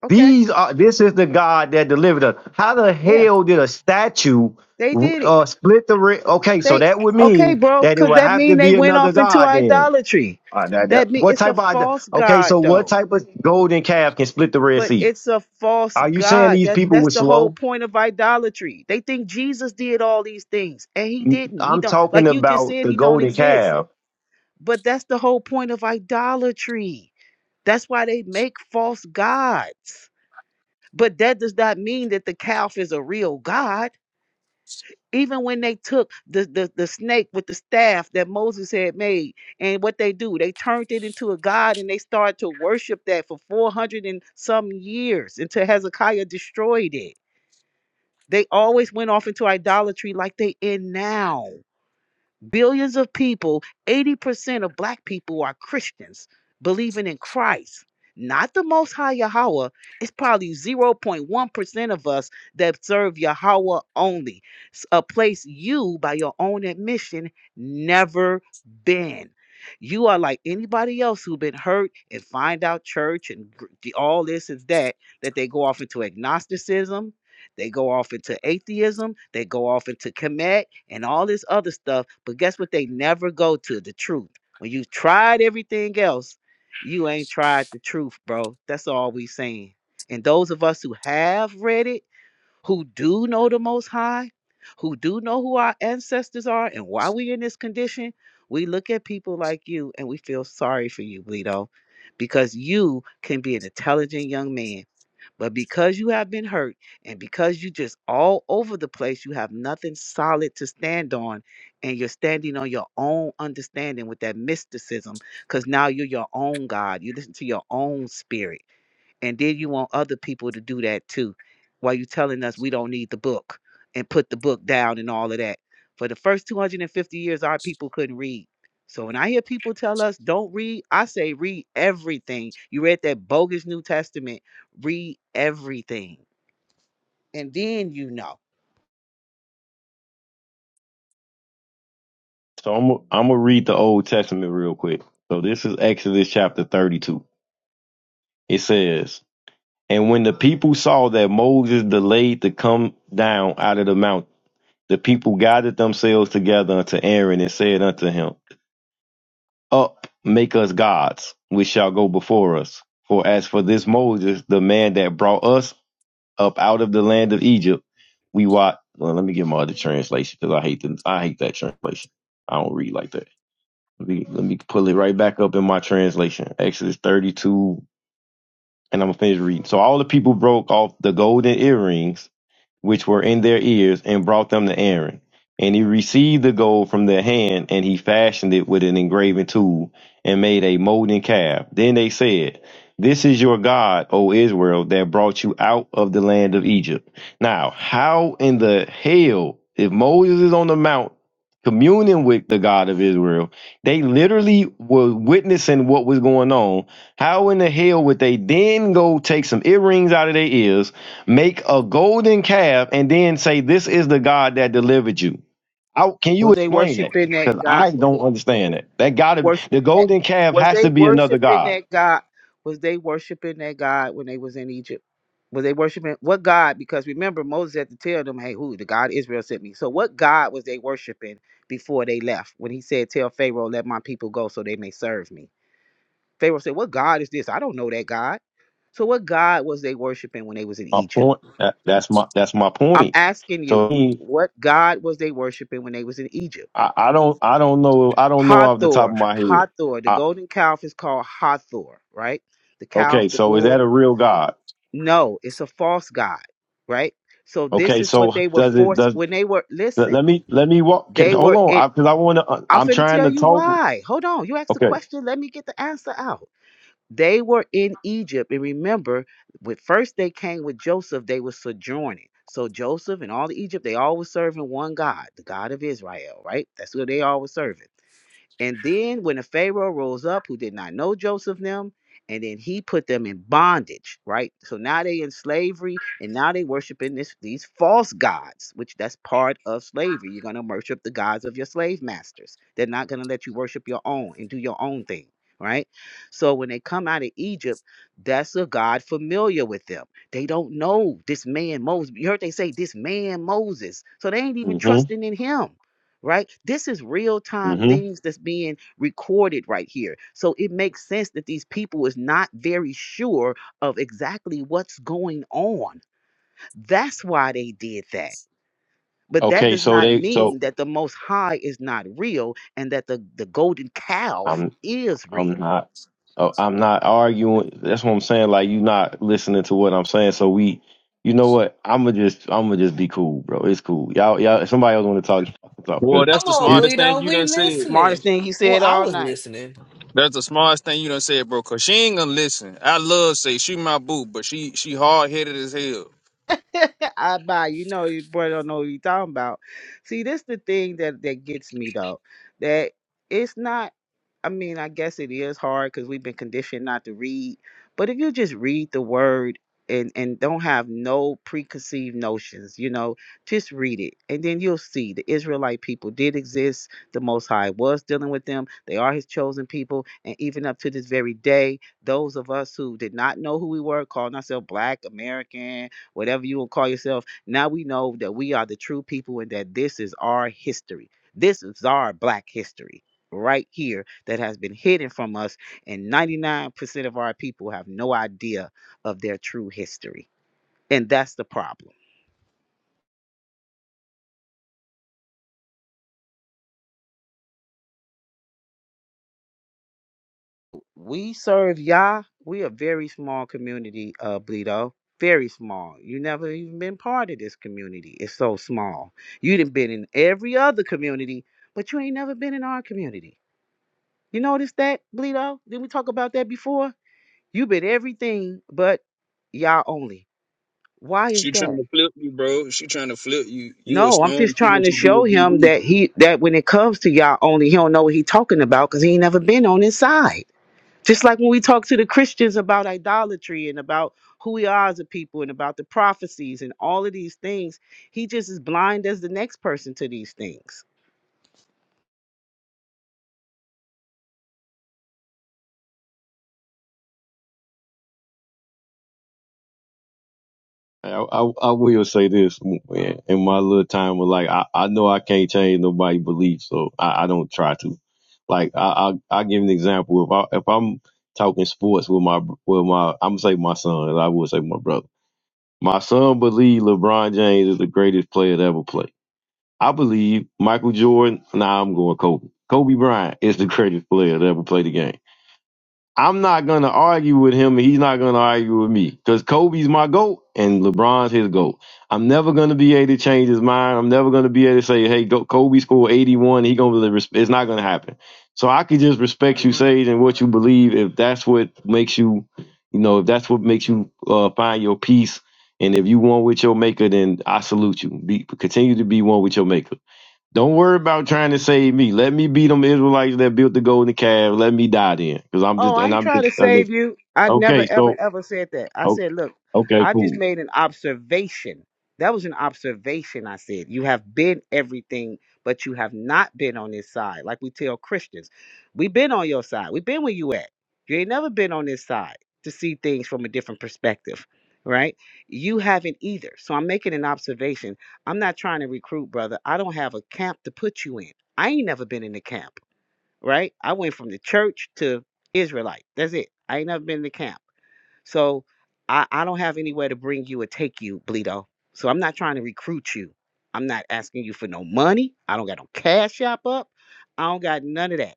Okay.
"These are this is the God that delivered us." How the
Yeah.
hell did a statue
They did it.
uh, split the? Red? Okay, so
They
that would
okay,
mean
bro,
that it
cause
would
that
have
mean
to
they
be
went
another
off into
God then.
idolatry.
Uh, that-
That
that-
mean
what
it's a
type of
false
okay?
god
So what
though.
type of golden calf can split the Red
But
Sea?
it's a false
Are you saying
god.
these
That
people
that's
were
the whole
slow?
point of idolatry. They think Jesus did all these things and he didn't. He
I'm
don't
talking
like you just
about
said
the
he don't
golden
exist.
calf
But that's the whole point of idolatry. That's why they make false gods. But that does not mean that the calf is a real god. Even when they took the, the, the snake with the staff that Moses had made, and what they do, they turned it into a god and they started to worship that for 400 and some years until Hezekiah destroyed it. They always went off into idolatry like they in now. Billions of people, 80% of black people are Christians, believing in Christ, not the Most High Yahweh. It's probably 0.1% of us that serve Yahweh only, s- a place you, by your own admission, never been. You are like anybody else who been hurt and find out church and gr- the- all this is that, that they go off into agnosticism, they go off into atheism, they go off into Kemet, and all this other stuff. But guess what? They never go to the truth. When you tried everything else, you ain't tried the truth, bro. That's all we saying. And those of us who have read it, who do know the Most High, who do know who our ancestors are and why we in this condition, we look at people like you and we feel sorry for you, Bleedo, because you can be an intelligent young man but because you have been hurt and because you just all over the place, you have nothing solid to stand on and you're standing on your own understanding with that mysticism because now you're your own God. You listen to your own spirit and then you want other people to do that too while you telling us we don't need the book and put the book down and all of that for the first 250 years our people couldn't read so when i hear people tell us don't read i say read everything you read that bogus new testament read everything and then you know
So I'm I'm gonna read the Old Testament real quick. So this is Exodus chapter 32. It says, "And when the people saw that Moses delayed to come down out of the mountain, the people gathered themselves together unto Aaron and said unto him, Up, make us gods, which shall go before us. For as for this Moses, the man that brought us up out of the land of Egypt, we what? Well, let me get my other translation because I hate the, I hate that translation. I don't read like that. Let me, let me pull it right back up in my translation. Exodus 32, and I'm gonna finish reading. So all the people broke off the golden earrings which were in their ears, and brought them to Aaron. And he received the gold from their hand, and he fashioned it with an engraving tool, and made a molten calf. Then they said, This is your God, O Israel, that brought you out of the land of Egypt. Now, how in the hell, if Moses is on the mount communing with the God of Israel, they literally were witnessing what was going on. How in the hell would they then go take some earrings out of their ears? Make a golden calf and then say, This is the God that delivered you. I, can you
was they
explain that?
worshiping that
Because
god
I
was they
don't understand it.
Was
That
they
gotta be the
worshiping that?
golden calf
Was
has to
they
be another
worshiping
god.
that God? Was they worshiping that God when they was in Egypt? Was they worshiping what God? Because remember, Moses had to tell them, "Hey, who the God Israel sent me." So, what God was they worshiping before they left? When he said, "Tell Pharaoh, let my people go, so they may serve me." Pharaoh said, "What God is this? I don't know that God." So, what God was they worshiping when they was in
My
Egypt?
point. That, that's my that's my
I'm
point.
asking
So
you,
he,
what God was they worshiping when they was in Egypt?
I, I don't I don't know I don't know off the top of
Hathor,
my head.
Hathor. The
I,
golden calf is called Hathor, right? The calf,
okay,
the
so is that
bull.
a real god?
No, it's a false god, right? So this
Okay,
is what
so
they were
does it
forced
does
when they were.
let, let
Listen,
me let me walk. 'kay,
they
Hold
were it.
on, because I, want to.
I'm
I'm
finna
trying
tell
to
you
talk. With,
why. Hold on. You asked the
okay.
question. Let me get the answer out. They were in Egypt, and remember, when first they came with Joseph, they were sojourning. So Joseph and all the Egypt, they all were serving one God, the God of Israel, right? That's what they all were serving. And then when the Pharaoh rose up, who did not know Joseph them, and then he put them in bondage, right? So now they in slavery, and now they worshiping this these false gods, which that's part of slavery. You're gonna worship the gods of your slave masters. They're not gonna let you worship your own and do your own thing, right? So when they come out of Egypt, that's a God familiar with them. They don't know this man Moses. You heard they say this man Moses, so they ain't even
Mm-hmm.
trusting in him right? This is real time
Mm-hmm.
things that's being recorded right here. So it makes sense that these people is not very sure of exactly what's going on. That's why they did that. But that
Okay,
does
so
not
they so.
mean that the most high is not real and that the, the golden calf
I'm.
is
I'm
real.
not. uh, I'm not arguing. That's what I'm saying. Like you not listening to what I'm saying. So we, you know what? I'm gonna just, I'm gonna just be cool, bro. It's cool. Y'all, y'all. if Somebody else want to talk. Y'all can talk. Cause
Boy, that's
Come
the
on,
it's.
smartest thing
Bleedo,
you
we
done said.
listening.
Smartest thing he
Well,
said
I
all
was
night.
listening.
That's the smartest thing you done said, bro. Cause she ain't gonna listen. I love say she my boo, but she she hard headed as hell.
I buy, you know, your boy don't know what you talking about. See, this the thing that that gets me though, that it's not. I mean, I guess it is hard because we've been conditioned not to read. But if you just read the word and and don't have no preconceived notions, you know, just read it, and then you'll see the Israelite people did exist. The Most High was dealing with them. They are His chosen people, and even up to this very day, those of us who did not know who we were, calling ourselves Black American whatever you will call yourself. Now we know that we are the true people and that this is our history. This is our black history right here that has been hidden from us. And 99% of our people have no idea of their true history. And that's the problem. We serve Yah. We a very small community, uh, Bleedo. Very small. You never even been part of this community. It's so small. You done been in every other community, but you ain't never been in our community. You notice that, Bleedo? Didn't we talk about that before? You bid everything but y'all only. Why is
She trying
that?
to flip you, bro. She trying to flip you. You a
No, I'm just
stone. She
trying
wants
to
you to be a
show him
GB.
that he that when it comes to y'all only, he don't know what he talking about because he ain't never been on his side. Just like when we talk to the Christians about idolatry and about who we are as a people and about the prophecies and all of these things, he just is blind as the next person to these things.
I, I, I will say this man, in my little time of like, I, I know I can't change nobody's belief, so I, I don't try to. Like, I, I, I give an example. If I, if I'm talking sports with my, with my, I'm gonna say my son. I would say my brother. My son believe LeBron James is the greatest player to ever play I believe Michael Jordan. Nah, I'm going Kobe. Kobe Bryant is the greatest player that ever played the game. I'm not going to argue with him, and he's not going to argue with me because Kobe's my GOAT and LeBron's his GOAT. I'm never going to be able to change his mind. I'm never going to be able to say, hey, go, Kobe scored 81. He going to really, resp-" it's not going to happen. So I could just respect you, Sage, and what you believe if that's what makes you, you know, if that's what makes you uh, find your peace. And if you one with your maker, then I salute you. Be, continue to be one with your maker. Don't worry about trying to save me. Let me be them Israelites that built the golden calf. Let me die then, because I'm just
Oh, I
and
ain't
I'm
trying to
just I'm
save
just
you. I never,
okay.
ever,
So
ever said that. I
o-
said, look,
okay,
I just
cool.
made an observation. That was an observation. I said, you have been everything, but you have not been on this side. Like we tell Christians, we've been on your side. We've been where you at. You ain't never been on this side to see things from a different perspective, right? You haven't either. So I'm making an observation. I'm not trying to recruit, brother. I don't have a camp to put you in. I ain't never been in the camp right? I went from the church to Israelite. That's it. I ain't never been to camp. So I, I don't have anywhere to bring you or take you, Bleedo. So I'm not trying to recruit you. I'm not asking you for no money. I don't got no cash shop up. I don't got none of that.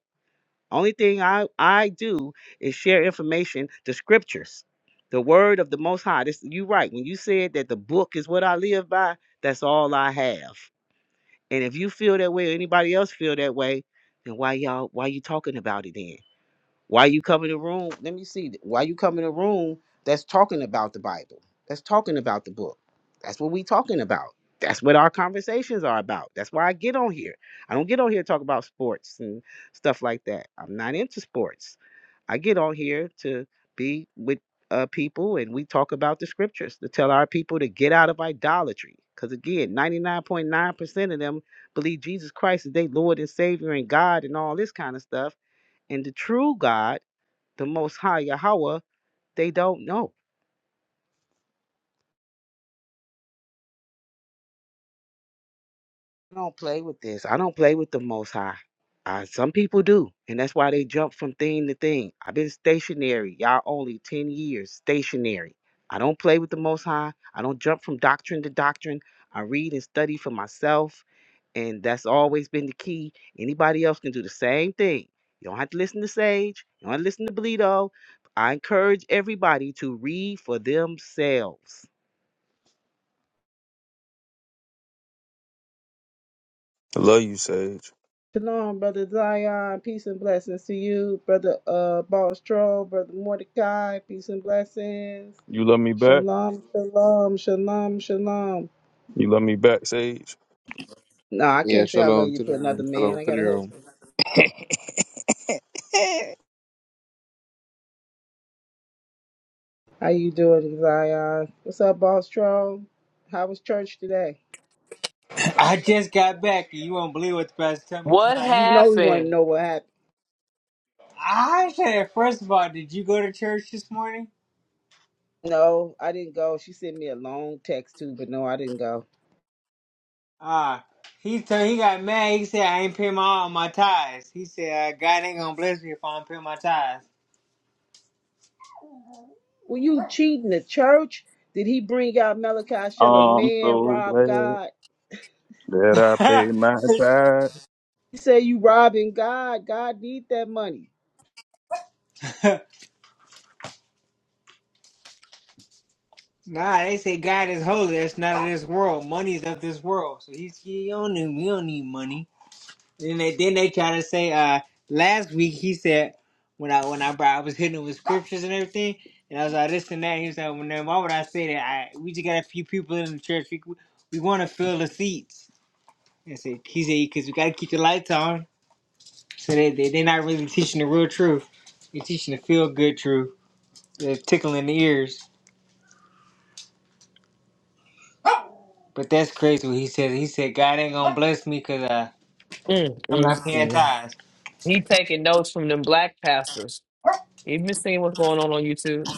Only thing I, I do is share information, the scriptures, the word of the most high. This you right. When you said that the book is what I live by, that's all I have. And if you feel that way or anybody else feel that way, then why y'all why you talking about it then? Why you come in a room? Let me see. Why you come in a room that's talking about the Bible? That's talking about the book. That's what we talking about. That's what our conversations are about. That's why I get on here. I don't get on here to talk about sports and stuff like that. I'm not into sports. I get on here to be with uh, people and we talk about the scriptures to tell our people to get out of idolatry. Because again, 99.9% of them believe Jesus Christ is their Lord and Savior and God and all this kind of stuff. And the true God the Most High Yahweh, they don't know. I don't play with this. I don't play with the Most High. Uh, some people do, and that's why they jump from thing to thing. I've been stationary, y'all only 10 years stationary. I don't play with the Most High. I don't jump from doctrine to doctrine. I read and study for myself, and that's always been the key. Anybody else can do the same thing. You don't have to listen to Sage. You don't have to listen to Bleedo. I encourage everybody to read for themselves
I love you, Sage.
Shalom, Brother Zion. Peace and blessings to you, Brother uh, Boss Brother Mordecai. Peace and blessings.
You love me back.
Shalom, shalom, shalom, shalom.
You love me back, Sage.
No, I
Yeah,
can't say I love
shalom
you
to the
to another
room.
man.
Shalom
I
to the
got a
room.
husband. How you doing, Zion? What's up, Boss How was church today?
I just got back, and you won't believe what the pastor told me
What
tonight.
You know we want to
happened?
know what happened.
I said, first of all, did you go to church this morning?
No, I didn't go. She sent me a long text too, but no, I didn't go.
Ah, he told he got mad. He said, I ain't paying my all my tithes. He said, uh, God ain't gonna bless me if I don't pay my
Were you cheating the church? Did he bring out Malachi? Shall a
I'm
man
so
rob
glad
God?
that I paid
tithes.
my tithes.
You say you robbing God. God need that money.
nah, they say God is holy. That's not of this world. Money's of this world. So he's he don't need we don't need money. Then they then they try to say uh last week he said when I when I brought I was hitting him with scriptures and everything and I was like this and that he was like well, then why would I say that I we just got a few people in the church we we want to fill the seats and I said he said because we got to keep the lights on so they they they not really teaching the real truth they're teaching the feel good truth they're tickling the ears but that's crazy what he said he said God ain't gonna bless me because uh.
Mm,
I'm not
mm,
paying
mm.
tithes.
He taking notes from them black pastors. You been seeing what's going on on YouTube?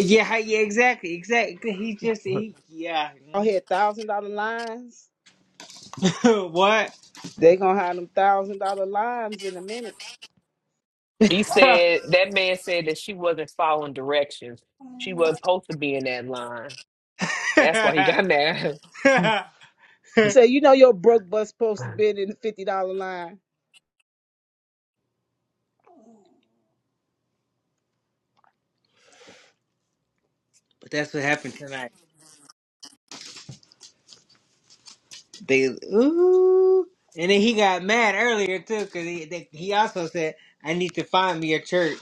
Yeah, yeah, exactly, exactly. He just
Uh-huh.
he yeah. mhm.
I had thousand dollar lines.
what?
They gonna have them thousand dollar lines in a minute.
He
but
said that man said that she wasn't following directions. She was supposed to be in that line. That's why he got mad.
You say you know your broke bus supposed to be in the fifty dollar line.
that's what happened tonight. They ooh, and then he got mad earlier too because he they, he also said, "I need to find me a church."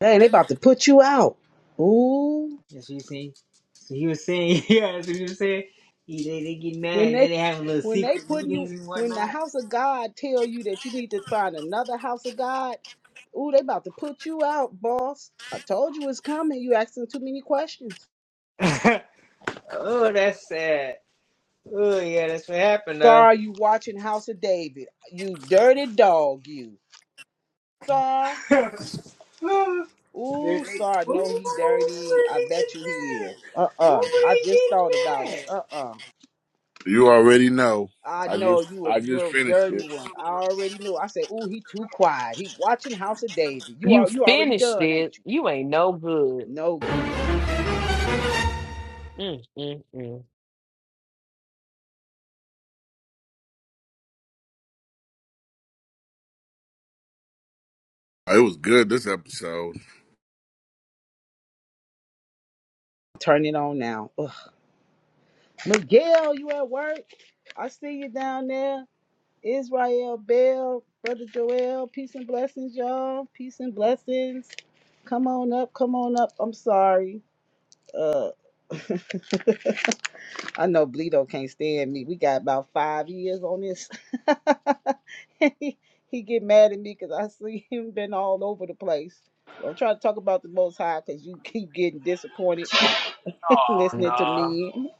Hey, they about to put you out. Ooh,
That's what you see. So he was saying, yeah, that's what he was saying. He, they, they get mad
when
and then
they
they have little
when they
secret
putting you
meetings and
when the
whatnot.
house of God tell you that you need to find another house of God. Ooh, they about to put you out, boss. I told you it's coming. You asking too many questions.
oh, that's sad. Oh yeah, that's what happened though.
Sorry, you watching House of David. You dirty dog, you. Sorry.
Ooh, they- they-
Ooh, sorry, no,
ooh,
he dirty.
where
I
they get
bet you he
mad?
is. Uh
Why were
uh I
they
just thought about
getting
it.
mad?
Uh uh
You already know.
I
I
know
just
you a
I just
little
finished
dirty
it.
one. I already knew. I said, ooh, he too quiet. He watching House of David. You
you
are you already
finished
done, ain't
it.
you?
You ain't no good.
No good.
Mm, mm, mm.
It was good this episode.
Turn it on now. Ugh. Miguel, you at work? I see you down there. Israel Bell, Brother Joel, peace and blessings, y'all. Peace and blessings. Come on up, come on up. I'm sorry. Uh I know Bleedo can't stand me. We got about five years on this. he, he get mad at me because I see him been all over the place. Don't try to talk about the Most High because you keep getting disappointed
Oh
listening to
no.
me.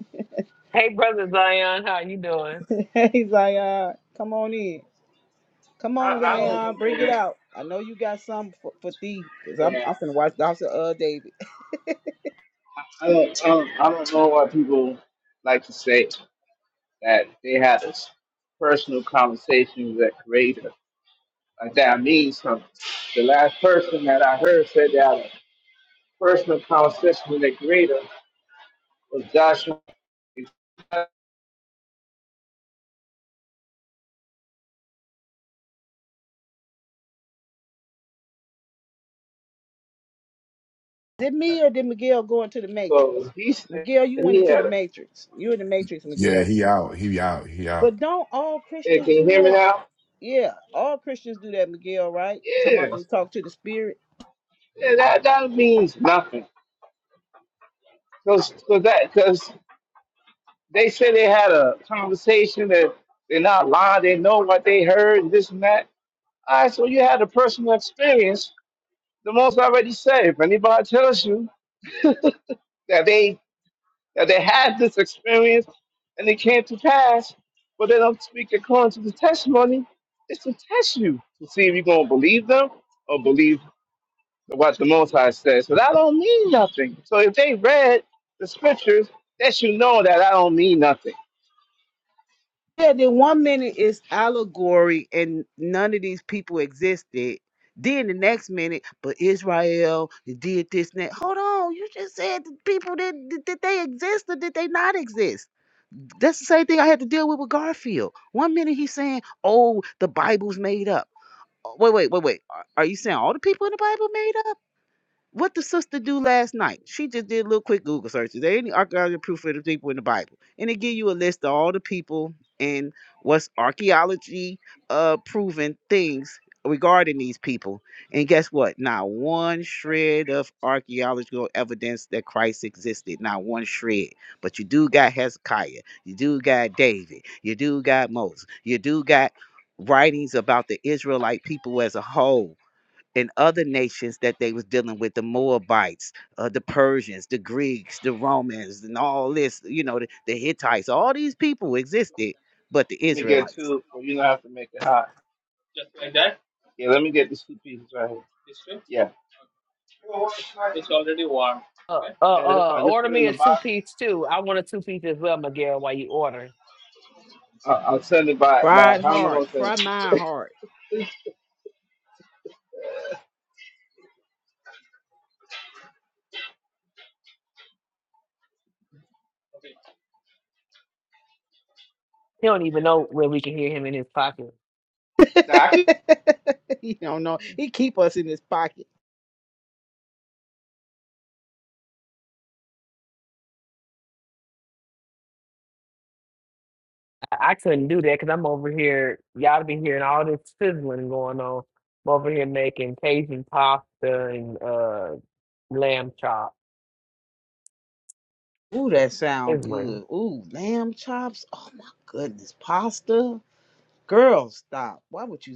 Hey, brother Zion, how you doing?
He's like, uh, come on in. Come on,
I, I don't
Zion, bring
know.
it out. I know you got some for, for thee because I'm,
Yeah,
I'm finna watch Dr. Uh, David.
I don't, I don't. I don't know why people like to say that they had this personal conversation with that creator. Like that means something. The last person that I heard said that had a personal conversation with the creator was Joshua.
Did me or did Miguel go into the Matrix?
So he said
Miguel, you went
he
into the
had a,
Matrix. You're in the Matrix,
Yeah,
Miguel.
he out. He out. He out.
But don't all
hey,
Christians
can you
do
hear me
that?
now?
Yeah, all Christians do that, Miguel, right? Talking
Yeah.
about they talk to the spirit.
yeah that, that means nothing. Cause, cause that, cause they said they had a conversation that they're not lying. They know what they heard and this and that. All right. So you had a personal experience. The most I already said, if anybody tells you that they Now they had this experience and it came to pass, but they don't speak according to the testimony. It's to test you to see if you're going to believe them or believe what the Most High says. But I don't mean nothing. So if they read the scriptures, that should know that I don't mean nothing.
Yeah, then one minute is allegory and none of these people existed. Then the next minute, but Israel did this and that. Hold on, you just said the people did did did they exist or did they not exist? That's the same thing I had to deal with with Garfield. One minute he's saying, "Oh, the Bible's made up." Oh, Wait, wait, wait, wait. Are are you saying all the people in the Bible made up? What the sister do last night? She just did a little quick Google search. Is there any archaeological proof of the people in the Bible? And it give you a list of all the people and what's archaeology uh proven things regarding these people. And guess what? Not one shred of archaeological evidence that Christ existed. Not one shred. But you do got Hezekiah. You do got David. You do got Moses. You do got writings about the Israelite people as a whole and other nations that they was dealing with the moabites uh, the persians the greeks the romans and all this you know the, the hittites all these people existed but the
Let me get
israelites
two, so you don't have to make it hot. Yeah, let me get these two pieces right here. Yeah,
Uh, uh,
yeah that's
uh,
fine. Just
order
put it in
me
the
a two
box.
piece too. I want a two piece as well, Miguel. While you order,
I- I'll send it by by
Fried
how
heart.
long?
Fry my heart.
he don't even know where we can hear him in his pocket.
Now I can
he don't know. He keep us in his pocket.
I, I couldn't do that because I'm over here. Y'all be hearing all this sizzling going on. I'm over here making Cajun pasta and uh lamb chop.
Ooh, that sound
Sizzling.
good. Ooh, lamb chops. Oh my goodness. Pasta. Girl, stop. Why would you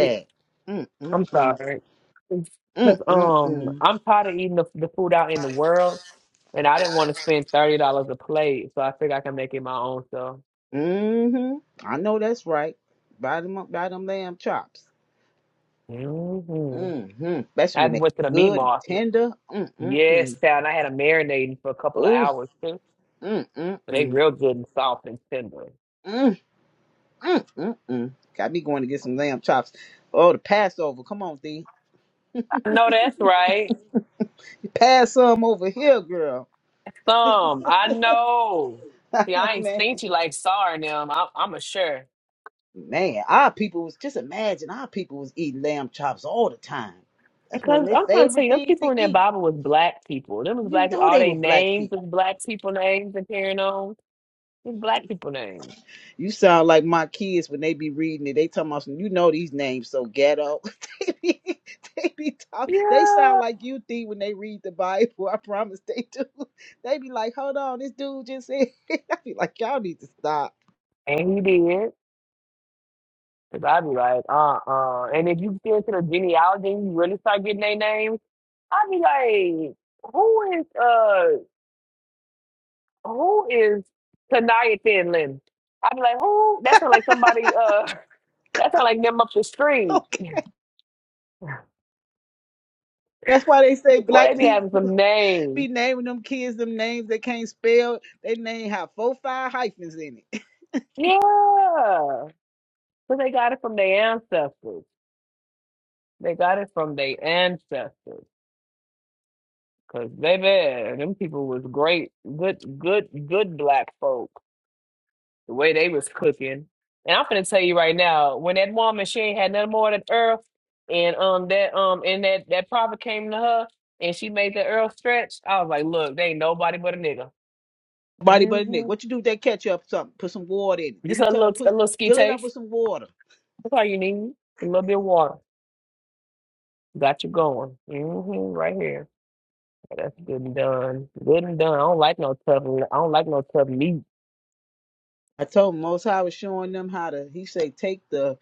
Yeah,
that?
I'm
Mm-mm-mm.
sorry, because um, I'm tired of eating the, the food out in the world, and I didn't want to spend thirty dollars a plate, so I figured I can make it my own. So.
hmm I know that's right. Buy them up, buy them lamb chops.
hmm
Mm-hmm. Especially
I
when they
went to the meat
good and
market.
tender. Mm-mm-mm.
Yes, child, and I had them marinating for a couple of
Ooh.
hours too. So they
Mm-mm-mm.
real good and soft and tender.
Mm-mm-mm. Got me going to get some lamb chops. Oh, the Passover. Come on, D.
I know that's right.
Pass some over here, girl.
Some, I know. See, I ain't
Man,
seen you like Sar and them. I, I'm a sure.
man, our people was just imagine our people was eating lamb chops all the time. That's one of
Because
their
I'm trying to tell
favorite
you, them
things
people
to
in that
eat.
Bible was black people. Them was
You
black.
know
All
they
they
were black people.
names was black people names and carrying on. It's black people names.
You sound like my kids when they be reading it. They talking about some, you know these names so ghetto. they be they be talk, They sound
Yeah.
like you think when they read the Bible. I promise they do. They be like, hold on, this dude just said. I be like, y'all need to stop.
And he did. Cause I be like, uh-uh. And if you get into the genealogy, and you really start getting their names. i be like, who is uh, who is Tanaya Thin Lin? i be like, who? That sound like somebody. Uh, that sound like them up the street.
Okay. That's why they say
Boy,
black
they be having
people
some names.
be naming them kids them names they can't spell. They name have four five hyphens in it.
Yeah, but they got it from their ancestors. They got it from their ancestors. Cause baby, them people was great, good, good, good black folk. the way they was cooking. And I'm gonna tell you right now, when that woman she ain't had nothing more than earth, and um that um and that that prophet came to her and she made the earth stretch. I was like, look, they ain't nobody but a nigga. hmm Just a
Tell her
little
put
a little ski
fill it up with
taste.
some water.
That's all you need. A little bit of water. Got you going. hmm Right here. That's good and done. Good and done. I don't like no tough. I don't like no tough meat.
I told him Most High was showing them how to. He say take the,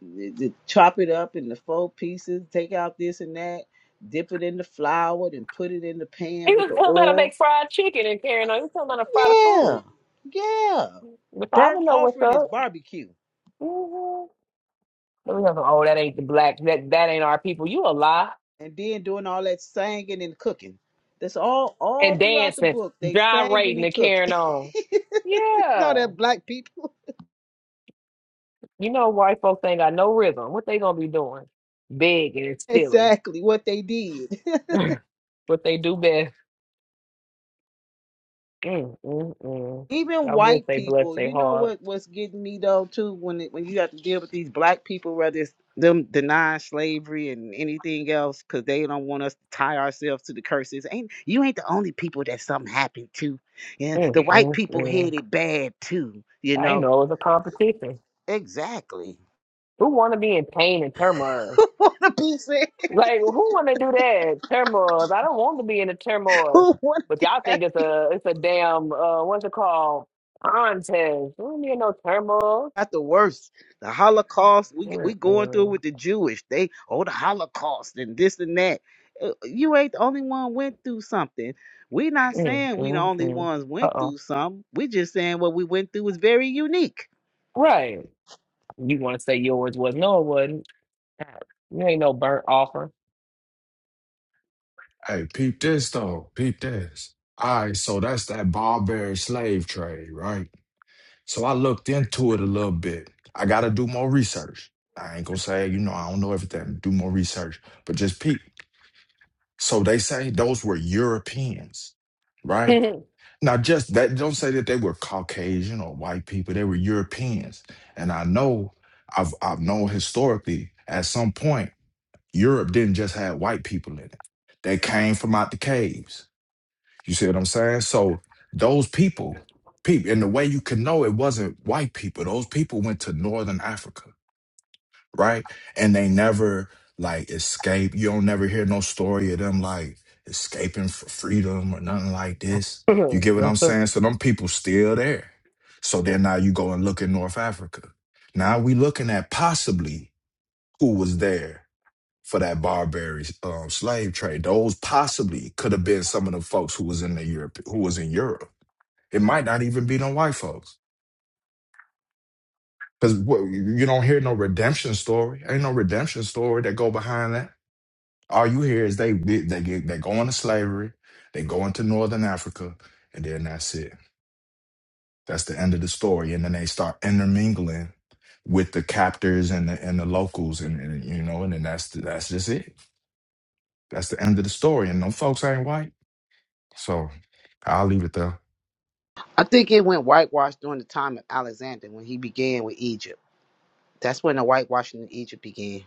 the, the- chop it up in the four pieces, take out this and that, dip it in the flour, then put it in the pan
He
with
was
the
telling me how to
oil.
make fried chicken and carrying on. He was telling me how to fry the
Yeah,
food.
yeah.
If I
Burnt
would know what's
offering is
up.
barbecue,
Mm-hmm. Then we going oh, that ain't the black, that that ain't our people. You a lie.
and then doing all that singing and cooking. That's all. All
And
throughout the
dancing,
book, they singing
gyrating
and
and carrying
cooking.
on.
no,
Yeah.
that black people
You know white folks ain't got no rhythm. What they gonna be doing? Begging and stealing.
exactly what they did.
what they do best. Mm, mm, mm.
even
I would
white
say bless
people
their
you know
heart.
what what's getting me though too when it, when you have to deal with these black people whether it's them denying slavery and anything else because they don't want us to tie ourselves to the curses ain't you ain't the only people that something happened to yeah the
Mm,
white
mm,
people
mm.
had it bad too you
I
know
know it's a competition.
exactly
Who wanna be in pain and turmoil?
who want to be said
Like, who want to do that? Turmoil. I don't want to be in the turmoil.
who want
But
to
y'all
be?
think it's a it's a damn uh what's it called contest? We don't need no turmoil.
got the worst. The Holocaust, we we going through
Mm-mm.
with the Jewish. They oh the Holocaust and this and that. Uh, You ain't the only one went through something. we not saying we the only
Mm-mm-mm.
ones went
Uh-oh.
through something. we just saying what we went through was very unique.
Right. You want to say yours was? No, it wasn't. You ain't no burnt offer.
Hey, peep this though. Peep this. All right, so that's that barbary slave trade, right? So I looked into it a little bit. I got to do more research. I ain't gonna say, you know, I don't know everything. Do more research, but just peep. So they say those were Europeans, right? Now, just that don't say that they were Caucasian or white people. They were Europeans, and I know I've I've known historically at some point Europe didn't just have white people in it. They came from out the caves you see what I'm saying? So those people, people, and the way you can know it wasn't white people. Those people went to Northern Africa, right? And they never like escape. You don't never hear no story of them like escaping for freedom or nothing like this. You get what I'm saying? So them people still there. So then now you go and look in North Africa. Now we looking at possibly who was there for that Barbary um, slave trade. Those possibly could have been some of the folks who was in the Europe, who was in Europe. It might not even be no white folks, because you don't hear no redemption story. Ain't no redemption story that go behind that. All you hear is they they they, get, they go into slavery, they go into Northern Africa, and then that's it. That's the end of the story. And then they start intermingling with the captors and the and the locals, and, and you know, and then that's that's just it. That's the end of the story. And them folks ain't white. So I'll leave it there.
I think it went whitewashed during the time of Alexander when he began with Egypt. That's when the whitewashing in Egypt began.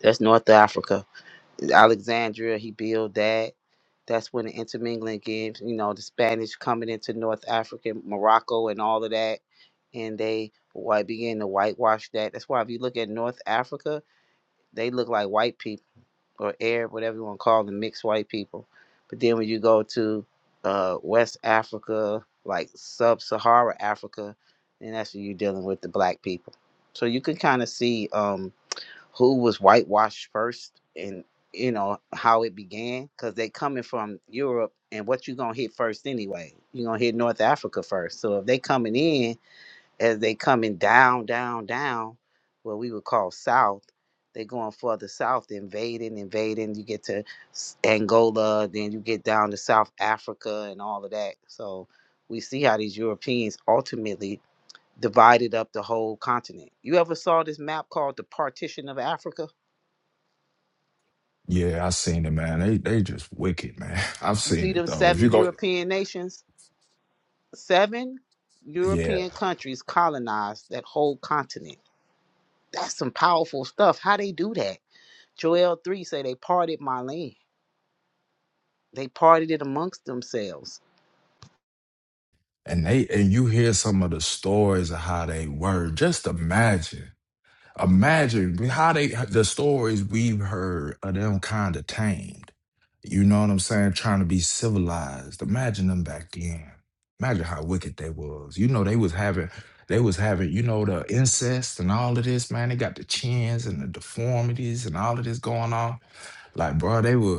That's North Africa. Alexandria, he built that. That's when the intermingling gives, you know, the Spanish coming into North Africa, Morocco, and all of that. And they white begin to whitewash that. That's why if you look at North Africa, they look like white people or Arab, whatever you want to call them, mixed white people. But then when you go to uh, West Africa, like sub Sahara Africa, then that's when you're dealing with the black people. So you can kind of see. um, who was whitewashed first and you know how it began because they coming from europe and what you gonna hit first anyway you gonna hit north africa first so if they coming in as they coming down down down what we would call south they going further south invading invading you get to S- angola then you get down to south africa and all of that so we see how these europeans ultimately divided up the whole continent you ever saw this map called the partition of africa
Yeah, I seen it, man. They they just wicked, man. I've
You
seen
see
it
them
though. If
seven
you go,
European nations, seven
yeah,
European countries colonized that whole continent. That's some powerful stuff. How they do that? Joel 3 say they parted my land. They parted it amongst themselves.
and they and you hear some of the stories of how they were. Just imagine. Imagine how they the stories we've heard of them kind of tamed. You know what I'm saying? Trying to be civilized. Imagine them back then. Imagine how wicked they was. You know they was having they was having you know the incest and all of this man. They got the chins and the deformities and all of this going on. Like bro, they were.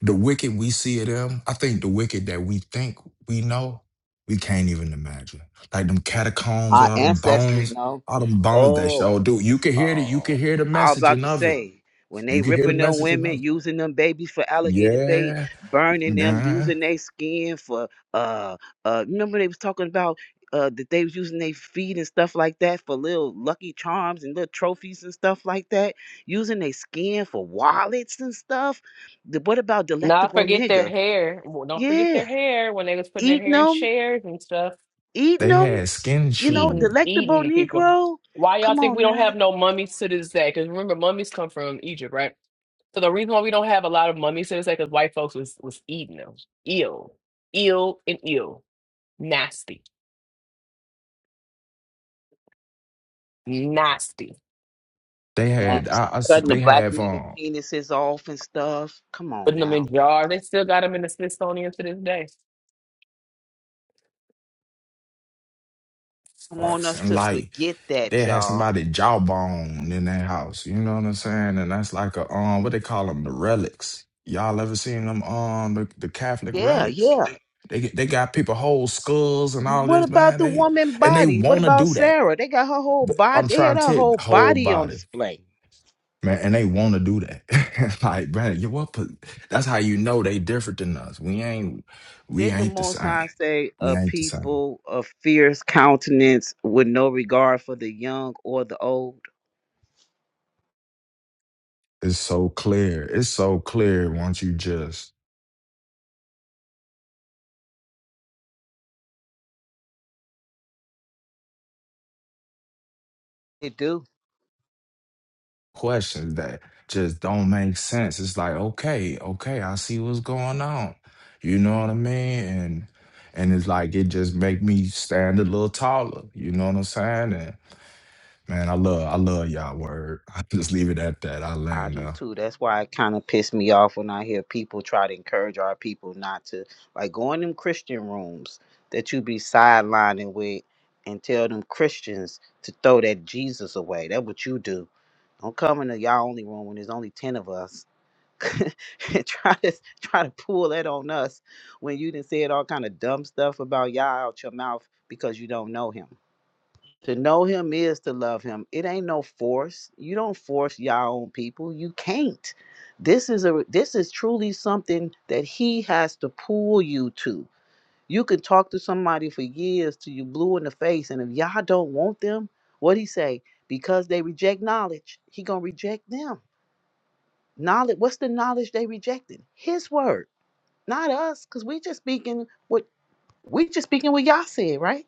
The wicked we see of them, I think the wicked that we think we know, we can't even imagine. Like them catacombs,
Our
all them
ancestors
bones,
know.
all them bones that
Oh.
show do. You can hear it, you can
Oh,
hear the
I'm about
messaging
to
of it.
say when
You
they
can hear the
ripping them
messaging
women,
of it.
using them babies for alligator bait,
Yeah,
burning them,
man.
using their skin for uh uh. Remember they was talking about uh that they was using their feet and stuff like that for little lucky charms and little trophies and stuff like that, using their skin for wallets and stuff. The, what about
Not
delectable
forget their
nigga?
hair. Well, Don't forget
Yeah,
their hair when they was putting their
eating
hair in
them,
chairs and stuff.
eating
They
them.
had skin
You know,
shoes.
eating eating
delectable
the people.
Negro.
Why y'all
Come
think
on
we don't
now.
have no mummies to this day? Because remember, mummies come from Egypt, right? So the reason why we don't have a lot of mummies to this day because white folks was was eating them, ill, ill and ill, nasty, nasty.
They had I,
nasty.
I s-
Cutting the
they
black
have
man
um
penises off and stuff. Come on
Putting them
now.
in jars. They still got them in the Smithsonian to this day.
I want
arts
us
and
to
light.
forget that,
they had
y'all.
somebody jawbone in their house. You know what I'm saying? And that's like a um, what they call them, the relics. Y'all ever seen them um, the, the Catholic
Yeah,
relics?
yeah.
They get- they got people whole skulls and all
What
this
about
man.
the
They
woman
and they
body? What
want to
about
do that.
Sarah? They got her whole
But
body.
I'm
They had
trying to
her
tell you,
whole
whole
body on
body
display.
man, and they want to do that. like man, you what? po- That's how you know they different than us. We ain't we
Didn't the
ain't the
Most
same.
High say
We
a
ain't the same.
people of fierce countenance with no regard for the young or the old?
It's so clear. It's so clear once you just
They do.
questions that just don't make sense. It's like, okay, okay, I see what's going on. You know what I mean? And and it's like it just make me stand a little taller. You know what I'm saying? And man, I love I love y'all word. I just leave it at that. I
I
land
do
now.
too. That's why it kind of pissed me off when I hear people try to encourage our people not to like go in them Christian rooms that you be sidelining with and tell them Christians to throw that Jesus away. That's what you do. Don't come into y'all only room when there's only ten of us. and try to try to pull that on us when you done said all kind of dumb stuff about y'all out your mouth because you don't know him. To know him is to love him. It ain't no force. You don't force y'all own people. You can't. This is a this is truly something that he has to pull you to. You can talk to somebody for years till you blue in the face, and if y'all don't want them, what he say? Because they reject knowledge, he gonna reject them. Knowledge. What's the knowledge they rejected? His word, not us, cause we just speaking what we just speaking what y'all said, right?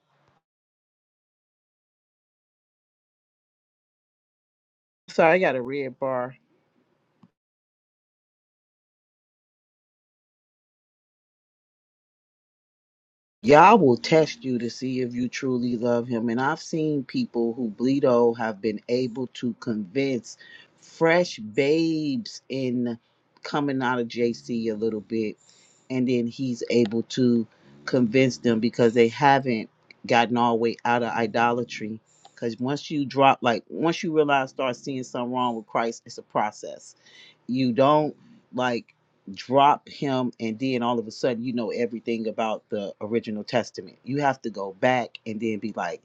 Sorry, I got a red bar. Yah will test you to see if you truly love him. And I've seen people who bleed old have been able to convince fresh babes in coming out of JC a little bit. And then he's able to convince them because they haven't gotten all the way out of idolatry. Because once you drop, like, once you realize, start seeing something wrong with Christ, it's a process you don't like drop him and then all of a sudden you know everything about the original testament you have to go back and then be like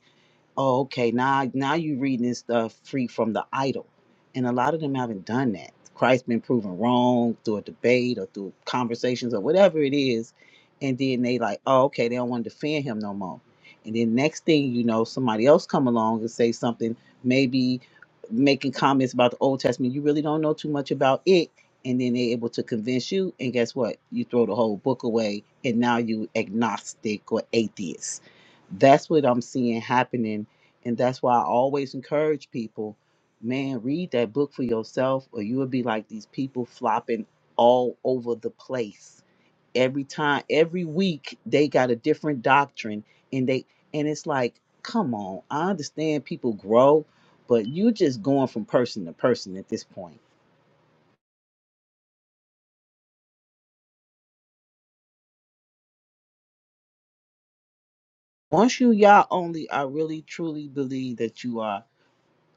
Oh, okay. Now, now you reading this stuff free from the idol, and a lot of them haven't done that. Christ's been proven wrong through a debate or through conversations or whatever it is, and then they like, oh, okay, they don't want to defend him no more. And then next thing you know, somebody else come along and say something, maybe making comments about the Old Testament. You really don't know too much about it, and then they're able to convince you. And guess what? You throw the whole book away, and now you agnostic or atheist. That's what I'm seeing happening and that's why I always encourage people, man, read that book for yourself, or you will be like these people flopping all over the place. Every time, every week, they got a different doctrine, and they and it's like, come on, I understand people grow, but you just going from person to person at this point. Once you y'all only, I really truly believe that you are.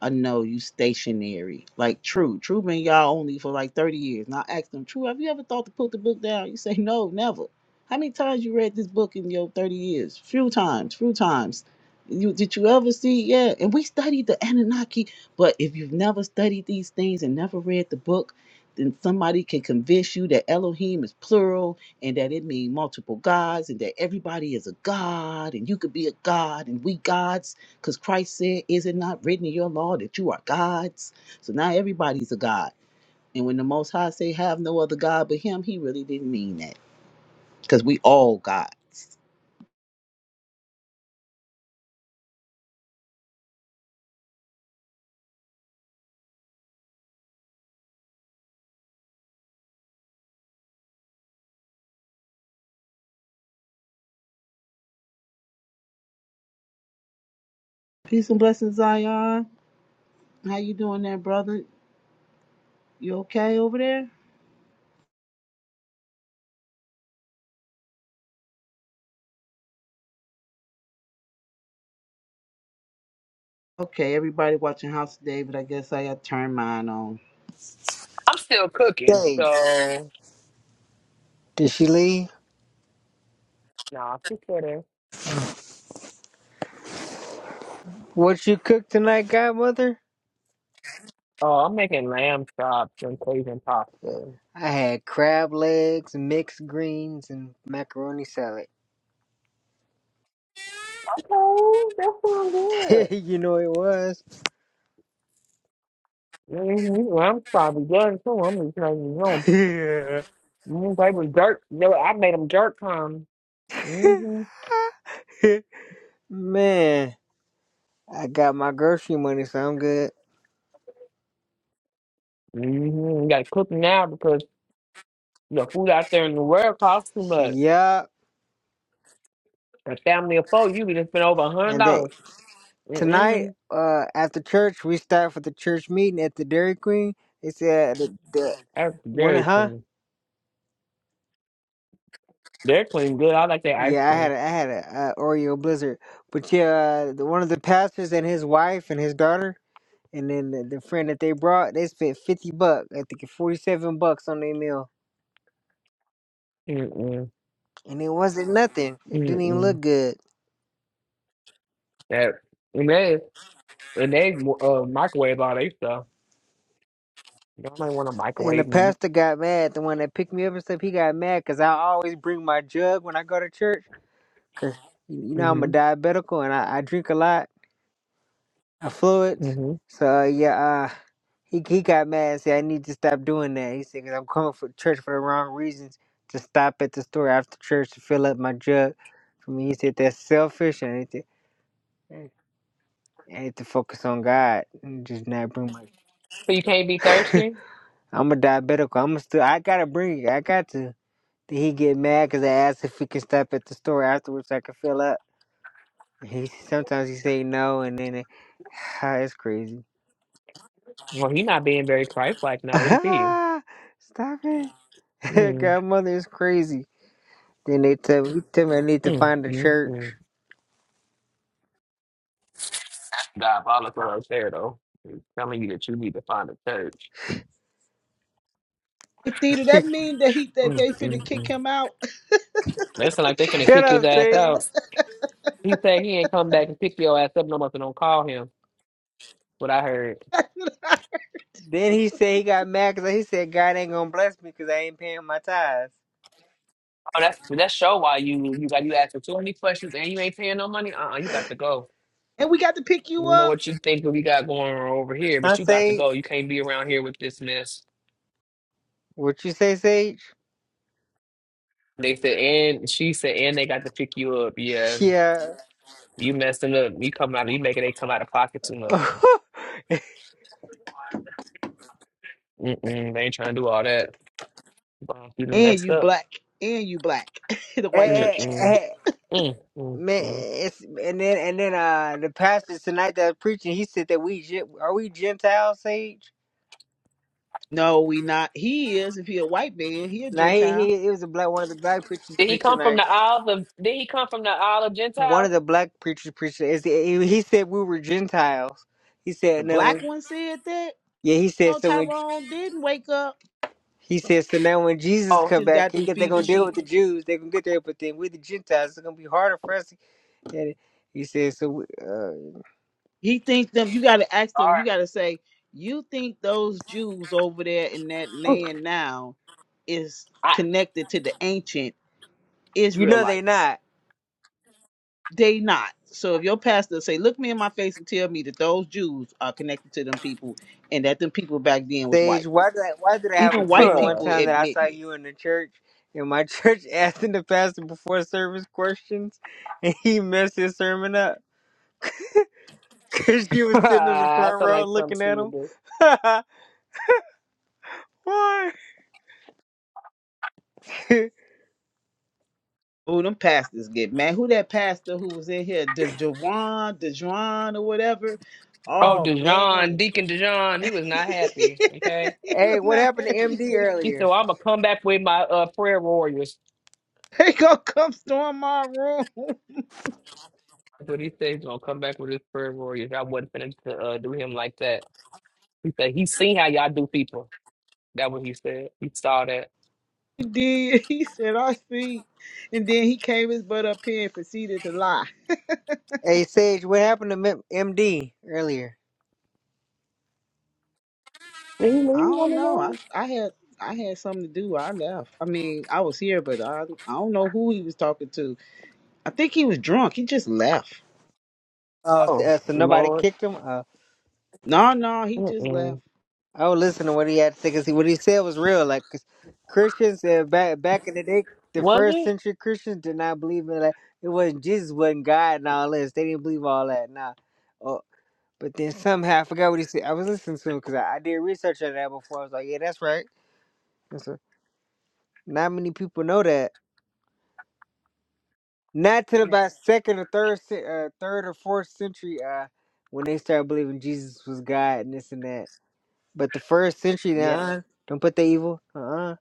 I know you stationary. Like True. True been y'all only for like 30 years. And I asked him, True, have you ever thought to put the book down? You say, no, never. How many times you read this book in your 30 years? Few times, few times. You did you ever see? Yeah. And we studied the Anunnaki. But if you've never studied these things and never read the book, then somebody can convince you that Elohim is plural and that it means multiple gods and that everybody is a god and you could be a god and we gods because Christ said, Is it not written in your law that you are gods? So now everybody's a God. And when the Most High say, Have no other God but Him, He really didn't mean that. Because we all gods. Peace and blessings, Zion. How you doing there, brother? You okay over there? Okay, everybody watching House of David. I guess I got turned mine on.
I'm still cooking,
Dang,
so
did she leave?
nah, just kidding.
What you cook tonight, godmother?
Oh, I'm making lamb chops and Cajun pasta. Okay,
I had crab legs, mixed greens, and macaroni salad.
that sounds good.
you know it was.
Mm-hmm. Well, I'm probably good too. I'm just making Mm, they was dirt. They were, I made them dirt come. hmm hmm
Yeah. Man, I got my grocery money, so I'm good.
You gotta cook 'em now because the food out there in the world costs too much.
Yup.
A family of four, you can spend over a hundred
And then
dollars.
tonight,
Mm-mm.
uh, after church, we start for the church meeting at the Dairy Queen. They said,
That's
"One,
Dairy
huh?"
Queen. Dairy Queen good. I like their ice
Yeah, I had
cream.
a, I had a, uh Oreo Blizzard, but yeah, uh, the, one of the pastors and his wife and his daughter, and then the, the friend that they brought, they spent fifty bucks, I think forty seven bucks on their meal,
Mm-mm.
and it wasn't nothing. It didn't even
Mm-mm.
look good.
That and they and they uh, microwave all their stuff. Y'all might want to
And the
microwave meat.
pastor got mad. The one that picked me up and stuff, he got mad because I always bring my jug when I go to church, cause you know I'm a
hmm
diabetical and I, I drink a lot. affluence.
hmm
So yeah, uh, he he got mad and said I need to stop doing that. He said i I'm coming for church for the wrong reasons. To stop at the store after church to fill up my jug. For me, he said that's selfish. I need to I need to focus on God and just not bring my.
So you can't be thirsty.
I'm a diabetic. I'm a still. I gotta bring it. I got to. Then he get mad because I asked if he can stop at the store afterwards. so I can fill up. He sometimes he say no, and then it, it's crazy.
Well, he not being very Christ-like now, is he?
Stop it. Godmother is crazy. Then they tell me, he tell me I need to find a church.
Mm-mm. Diabolical up there, though. He's telling you that you need to find a church.
Hey, Theta, that mean that he that
Mm,
they finna
mm,
kick
mm.
him out,
They sound like they finna
Shut
kick his
up,
ass
Steve.
out. He said he ain't come back and pick your ass up no more, so don't call him. What I heard.
Then he said he got mad because he said God ain't gonna bless me because I ain't paying my tithes.
Oh, that's that show why you you got you asking too many questions and you ain't paying no money. Uh, uh you got to go.
and we got to pick
I
you
don't know
up,
what you think we got going on over here, but
Huh,
you got to
Sage?
go. You can't be around here with this mess.
What you say, Sage?
They said, and she said, and they got to pick you up. Yeah,
Yeah.
you messing up. You coming out. You making they come out of pocket too much. Mm-mm, they ain't trying to do all that. Wow, you done
and
messed
you
up.
black, and you black, the white church.
Eh, eh,
Mm-mm.
eh, Man,
Mm-mm.
it's, and then and then uh the pastor tonight that was preaching, he said that we Gen- are we Gentiles, Sage?
No, we not. He is. If he a white man, he a
Now he,
Gentile.
he it was a black one of the black preachers
Did he come
preaching
from the Isle of Did he come from the Isle of
one
Gentiles?
of the black preachers preached it. It's- He he said we were Gentiles. He
The
said no.
black one said that.
yeah, he said
No,
so. When
Tyrone didn't wake up.
he said so now, when Jesus
Oh,
come
Just
back,
got
he
through
get- they
feeding the
gonna deal
sheep.
with the Jews. They gonna get there, but then we the Gentiles. It's gonna be harder for us. To get it. He said so. we- Uh,
He think them. You got to ask them. You got to say, you think those Jews over there in that
I,
land now is connected to the ancient
you know they
Israelites?
not.
They not. So if your pastor say, look me in my face and tell me that those Jews are connected to them people, and that them people back then was
Sage,
white.
why did I, why did I have a
Even
dream
white
one
people
time that I saw
admitting it.
you in the church? And my church asking the pastor before service questions, and he messed his sermon up because you was sitting on the
I
front
feel
row
like something
looking
she
at
would
him.
do.
Why?
Who them pastors get man? Who that pastor who was in here, De Dejuan, Dejuan or whatever?
Oh,
Oh
Dijon,
man,
Deacon Dijon, he was not happy. Okay,
he
hey,
was
what
not
happened to
happy.
MD
he said,
earlier?
well, "I'm gonna come back with my uh, prayer warriors."
They gonna come storm my room.
That's what he said. He's gonna come back with his prayer warriors. I wasn't finna to uh, do him like that. He said he seen how y'all do people. That what he said. He saw that.
He did. He said, "I see," and then he came his butt up here and proceeded to lie.
Hey, Sage, what happened to M- MD earlier?
Did he
I
leave on
don't
the
know. I
line?
I had I had something to do. I left. I mean, I was here, but I I don't know who he was talking to. I think he was drunk. He just left.
Oh, so,
Oh
uh, so nobody
Lord.
kicked him? Uh,
No, no, he just
Mm-mm.
left.
I was listening to what he had to say because what he said was real. Like, 'cause Christians uh, back, back in the day, the
Was
first
it?
century Christians did not believe in that. It wasn't Jesus, wasn't God, and all this. They didn't believe all that. Nah. Oh, but then somehow, I forgot what he said. I was listening to him because I, I did research on that before. I was like, yeah, that's right. And so, not many people know that. Not till
Man,
about second or third, ce- uh, third or fourth century, uh, when they started believing Jesus was God and this and that. But the first century, nah,
yeah.
uh-uh. don't put the evil. Uh, uh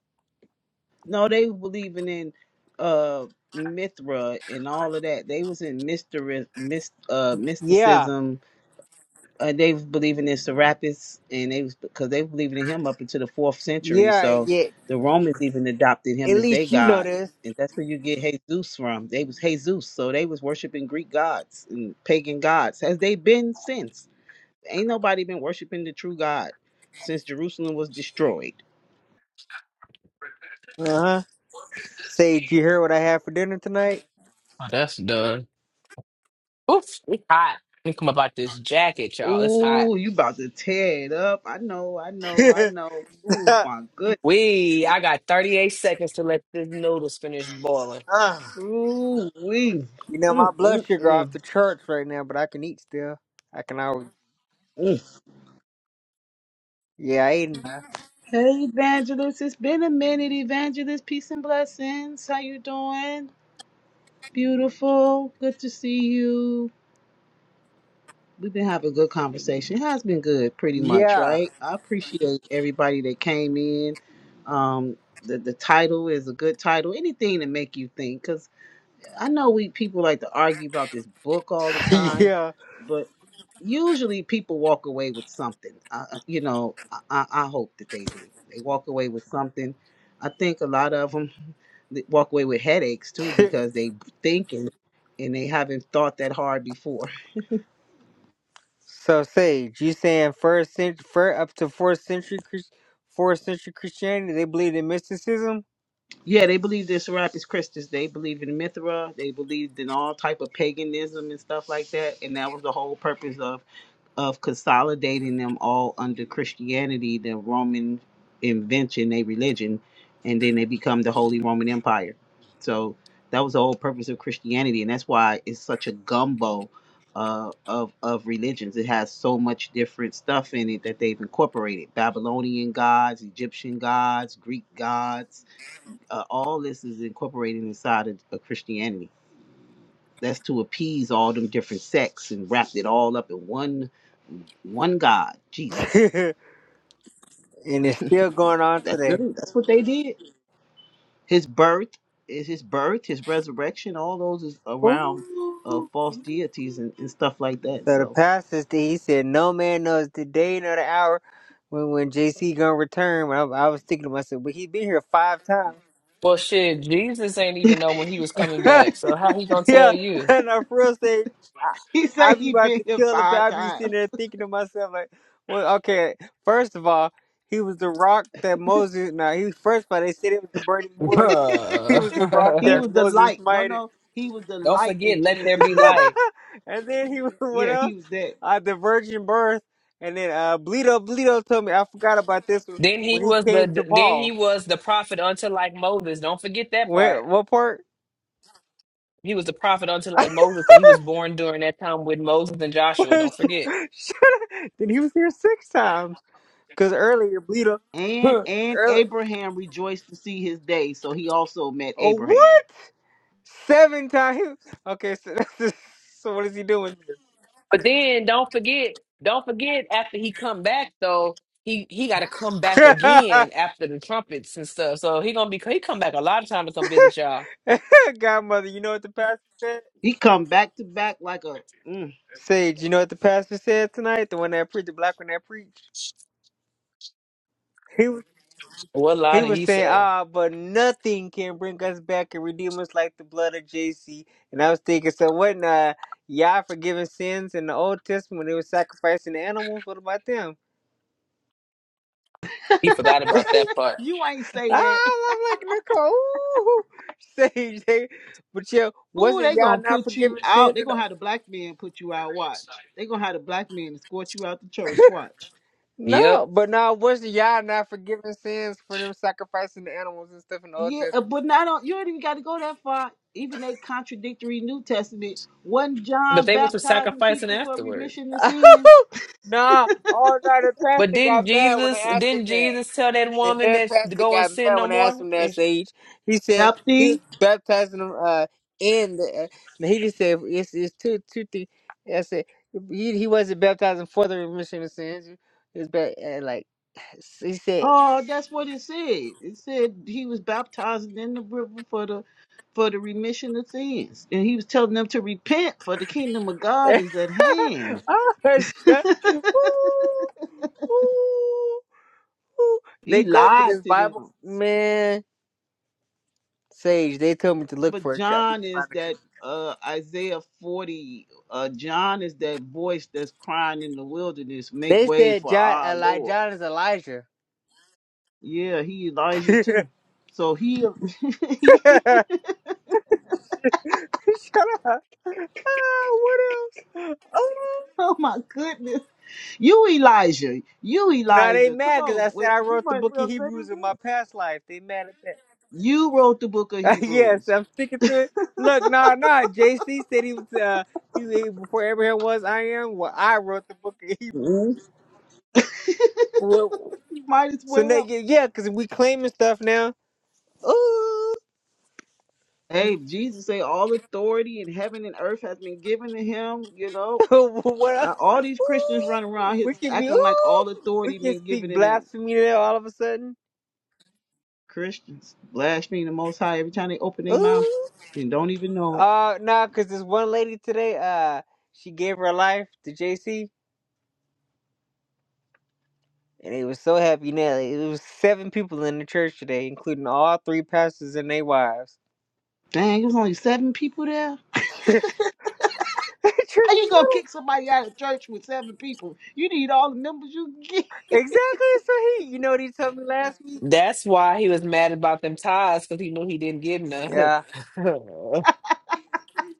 No, they were believing in uh Mithra and all of that. They was in mystery, myst, uh,
yeah,
mysticism. Uh, they was believing in Serapis, and they was because they were believing in him up into the fourth century.
yeah,
So
yeah.
the Romans even adopted him
At
as their
least you know
god,
this.
and that's where you get Jesus from. They was Jesus, so they was worshiping Greek gods and pagan gods. Has they been since? Ain't nobody been worshiping the true God since Jerusalem was destroyed.
Uh huh. Say, did you hear what I had for dinner tonight?
Oh, that's done. Oof, it's hot. Let me come about this jacket, y'all. It's hot.
Ooh, you about to tear it up. I know, I know, I
uh,
know. Ooh, my goodness.
We, I got 38 seconds to let this noodles finish boiling.
Ooh, we.
you know my
Mm,
blood
mm,
sugar off
mm,
the charts right now, but I can eat still. I can always.
mm.
Yeah, I ain't.
Hey, Evangelist. It's been a minute, Evangelist. Peace and blessings. How you doing? Beautiful. Good to see you. We've been having a good conversation. It has been good, pretty much,
Yeah,
right? I appreciate everybody that came in. Um, the, the title is a good title. Anything to make you think, 'cause I know we people like to argue about this book all the time,
yeah.
but usually people walk away with something. Uh, uh, you know, I, I I hope that they do. They walk away with something. I think a lot of them walk away with headaches too because they thinking and they haven't thought that hard before.
So Sage, you saying first cent, first up to fourth century, Chris- fourth century Christianity, they believed in mysticism,
Yeah, they believe this Serapis Christus. They believe in Mithra. They believed in all type of paganism and stuff like that. And that was the whole purpose of of consolidating them all under Christianity, the Roman invention, a religion, and then they become the Holy Roman Empire. So that was the whole purpose of Christianity, and that's why it's such a gumbo uh, of of religions. It has so much different stuff in it that they've incorporated: Babylonian gods, Egyptian gods, Greek gods. Uh, all this is incorporated inside of, of Christianity. That's to appease all them different sects and wrapped it all up in one one God, Jesus.
and it's still going on
That's
today.
really that's what they did. His birth is his birth, his resurrection, all those is around uh,
Ooh.
false deities and, and stuff like that.
So the
So
pastor, said- he said, "No man knows the day nor the hour when when JC gonna return." When I, I was thinking to myself, but he been here five times.
Well, shit, Jesus ain't even know when he was coming back, so how he gonna tell
Yeah,
you?
and I first say, I,
he
I
said
be
he
about
been
to
here
kill the.
five
I be
times.
sitting there thinking to myself like, well, okay. First of all, he was the rock that Moses. Now he was first of all they said it was the burning bush. He was the rock
he
that
was
Don't
the
Moses
light. No,
smited,
no, he was the light
forget,
in
let there
Genesis
be
one.
light.
and then he was what
Yeah,
else?
he was that.
Uh, the virgin birth, and then uh, Bleedo Bleedo told me I forgot about this one
Then he
when he
was
came to
the then he
Paul.
was the prophet unto like Moses. Don't forget that
Wait,
part.
what part?
He was the prophet unto like Moses, but he was born during that time with Moses and Joshua.
then
Don't forget.
he was here six times because earlier Bleedo
And and
earlier.
Abraham rejoiced to see his day, so he also met
Oh,
Abraham.
what? Seven times? Okay, so so what is he doing
But then don't forget, don't forget after he come back though, he he got to come back
here?
again after the trumpets and stuff. So he gonna be he come back a lot of times to come visit y'all.
Godmother, you know what the pastor said?
He come back to back like a. Mm.
Sage, you know what the pastor said tonight? The one that preached, the black one that preached. He was
What
he
lie did
was
he
saying,
say?
ah, but nothing can bring us back and redeem us like the blood of JC. And I was thinking, so what in uh, Yah forgiving sins in the Old Testament when they were sacrificing the animals? What about them?
He forgot about that part.
You ain't say
Ah,
that.
I love like Nicole. Ooh, Sage, they, but yeah,
Ooh,
wasn't
they
y'all
gonna
not
put you
forgiving
out.
sins?
They
And,
gonna have the black man put you out. Watch. They gonna have the black man escort you out the church. Watch.
Yep.
no, but no, wasn't y'all not forgiving sins for them sacrificing the animals and stuff in the Old
Yeah, uh,
Testament?
but not on. You don't even got to go that far. Even they contradictory New Testament. Wasn't
But
John
they was for
baptizing
sacrificing
people for
afterwards.
remission of sins?
nah, oh no, the
But
pastor
didn't
got mad when they
Jesus
asked him
didn't
that.
Jesus tell that
The
woman
head
that to
pastor
go and
got
sin
mad
no
when I asked
more?
him that
And sh-
sage. He said
Yep.
he was baptizing him uh, in the. Uh, and he just said it's it's two two things. I said he he wasn't baptizing for the remission of sins. He was ba- uh, like he said.
Oh, that's what it said. It said he was baptized in the river for the for the remission of sins. And he was telling them to repent for the kingdom of God is at hand.
oh, shut. Ooh, ooh, ooh. They
He
go to
lied
this
to
Bible
them.
man sage. They told me to look
But
for a church. I need
John
to find
is
a church.
that uh Isaiah 40 uh John is that voice that's crying in the wilderness, make
They
way
said
for
John,
our
Eli-
Lord.
John is Elijah.
Yeah, he Elijah too. So he, he
Shut up. Oh, what else? Oh,
oh my goodness. You Elijah. You
now they
Elijah. Come
mad because
on.
I said
We,
I
we
wrote the
might as
book
well
of
say
Hebrews in
it
my
up.
past life. They mad at that.
You wrote the book of
Uh, yes,
Hebrews.
I'm sticking to it. Look, no, nah, no. Nah, JC said he was uh he, he before Abraham was I am. Well, I wrote the book of Hebrews.
Mhm.
Well,
You might as
so they
well.
get yeah, because we claiming stuff now. Ooh,
Hey, Jesus say all authority in heaven and earth has been given to him. You know,
what else?
Uh, all these Christians running
Ooh,
around here
we can be
acting like
ooh,
all
we
authority
can
been
speak
given to them.
blasphemy now all of a sudden.
Christians blaspheme the Most High every time they open their mouth
Ooh.
and don't even know it.
Uh no, because this one lady today, uh, she gave her life to JC, and they was so happy. Now it was seven people in the church today, including all three pastors and their wives.
Dang, there's only seven people there.
The church
How
is
you gonna kick
lit.
somebody out of church with seven people? You need all the members you can get.
exactly so he. You know what he told me last week?
that's why he was mad about them tithes because he knew he didn't give none.
Yeah.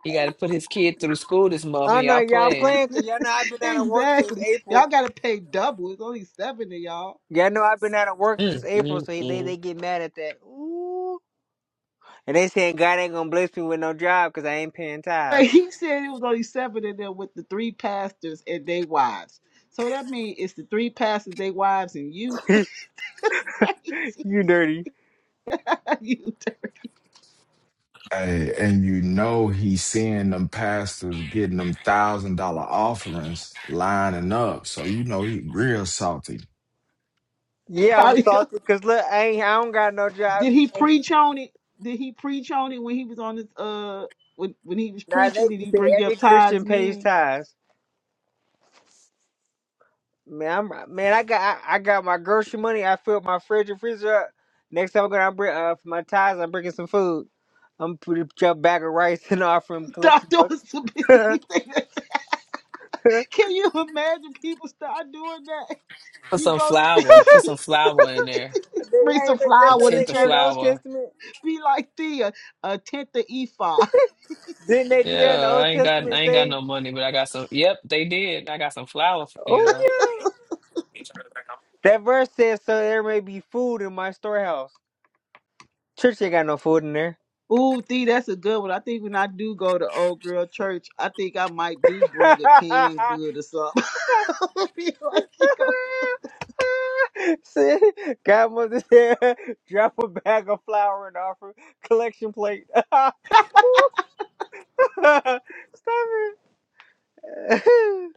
He got to put his kid through school this month,
I
and
know
y'all
y'all
playing.
playing because y'all know I've been out of work since
Exactly.
April.
Y'all gotta pay double. It's only seven of y'all.
Y'all know I've been out of work since
Mm,
April,
mm,
so he- they
mm.
they get mad at that. Ooh, and they saying God ain't gonna bless me with no job because I ain't paying
But
tithes.
he said it was only seven of them with the three pastors and they wives. So that means it's the three pastors, they wives, and you. Crazy.
you dirty.
you dirty.
Hey, and you know he's seeing them pastors getting them thousand dollar offerings lining up. So you know he real salty.
He
Yeah, I'm
probably go.
salty because look, I ain't, I don't got no job.
Did he preach on it? Did he preach on it when he was on his uh when when he was
Now they
preaching? Did
just
he
say
bring
every
up tithes
Christian pays
then?
tithes. Man, I'm man, I got I, I got my grocery money. I filled my fridge and freezer up. Next time I'm gonna bring uh, for my tithes. I'm bringing some food. I'm putting a bag of rice and offering collection
Doctor
book.
was to
they,
be.
hey,
Can you imagine people start doing that?
Put
You
some
go to
flour. Put some flour in there.
bring some
look,
A
that's
flour
what
to
they
tenth of
did in the
church.
Old
flour.
Testament.
be like thee, a, a tenth of ephah.
Didn't they do that in the
Yeah, I
Old
ain't got
Testament?
I ain't got
Say,
no money, but I got some. Yep, they did. I got some flour for you
oh
though.
yeah. That verse says, "So there may be food in my storehouse." Church ain't got no food in there.
Ooh, thee, that's a good one. I think when I do go to old girl church, I think I might do bring a canned good or something. be like, you know.
See, Godmother said, drop a bag of flour and offer collection plate. Stop it.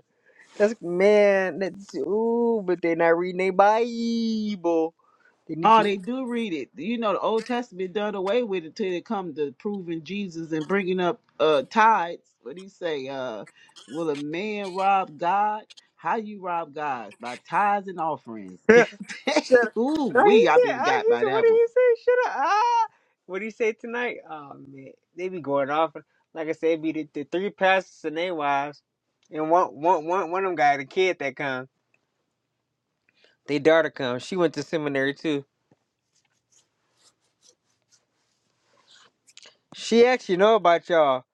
That's man. That's ooh, but they're not reading their Bible. They need
Oh,
to.
they do read it. You know, the Old Testament done away with it till it come to proving Jesus and bringing up uh tithes. What do you say? Uh, will a man rob God? How you rob God? By tithes and offerings.
Shut up. No, he said.
Ooh,
Uh, he
we I've been got by
said. What
that one.
did he say? Shut up. Ah, what did he say tonight? Oh man, they be going off. Like I said, it be the, the three pastors and their wives, and one one one one of them got a kid that come. They daughter come. She went to seminary too. She actually know about y'all,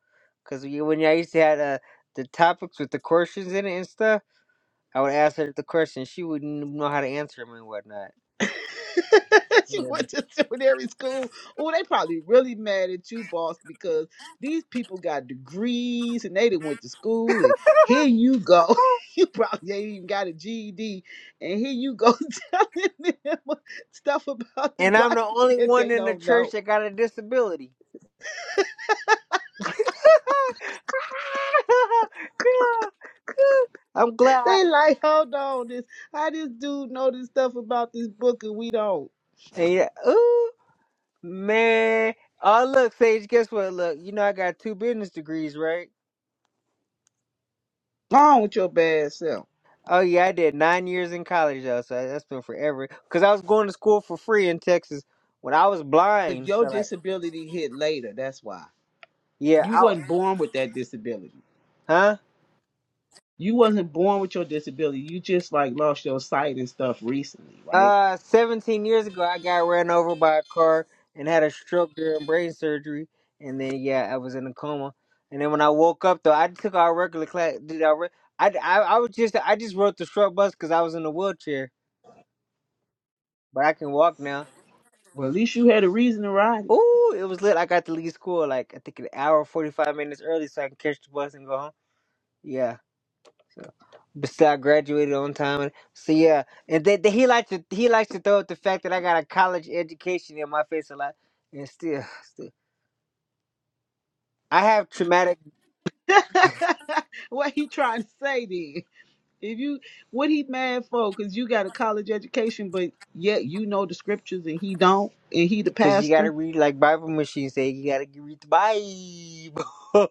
cause we, when y'all used to have uh, the topics with the questions in it and stuff, I would ask her the questions. She wouldn't know how to answer them and whatnot.
she
Yeah.
went to seminary school. Oh, they probably really mad at you, boss, because these people got degrees and they didn't went to school. And here you go, you probably ain't even got a GED, and here you go telling them stuff about the
And I'm
Bible
the only
that
one
they
in the
don't
church
know.
that got a disability. Yeah. I'm glad.
They like, hold on, this how this dude know this stuff about this book and we don't.
And yeah, ooh, man. Oh, look, Sage. Guess what? Look, you know I got two business degrees, right?
Wrong with your bad self.
Oh yeah, I did nine years in college though, so that's been forever. Cause I was going to school for free in Texas when I was
But
blind.
your
So like,
disability hit later. That's why
yeah,
you
I,
wasn't born with that disability.
huh?
you wasn't born with your disability. You just like lost your sight and stuff recently, right?
Uh, seventeen years ago, I got ran over by a car and had a stroke during brain surgery, and then yeah, I was in a coma. And then when I woke up though, I took our regular class. Did I? re- I I, I was just I just rode the short bus because I was in a wheelchair, but I can walk now.
Well, at least you had a reason to ride
Ooh, it was lit. I got to leave school like I think an hour forty five minutes early, so I can catch the bus and go home. Yeah. Besides, I graduated on time. So yeah, and they, they, he likes to he likes to throw up the fact that I got a college education in my face a lot, and still, still I have traumatic
it. what he trying to say then? If you what he mad for? Cause you got a college education, but yet you know the scriptures and he don't, and he the
because you gotta
pastor.
read like Bible machines say you gotta read the Bible.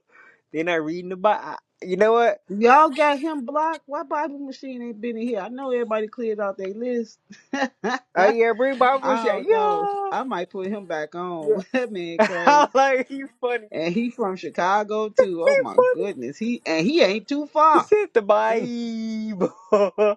They're not reading the Bible. You know what?
Y'all got him blocked. Why Bible machine ain't been in here? I know everybody cleared out their list.
Oh yeah, bring Bible
I
machine.
don't know.
Yeah,
I might put him back on.
yeah.
That man crazy.
I like he's funny.
And he from Chicago too. Oh
He's
my
funny.
goodness. He and he ain't too
He
far.
said the Bible.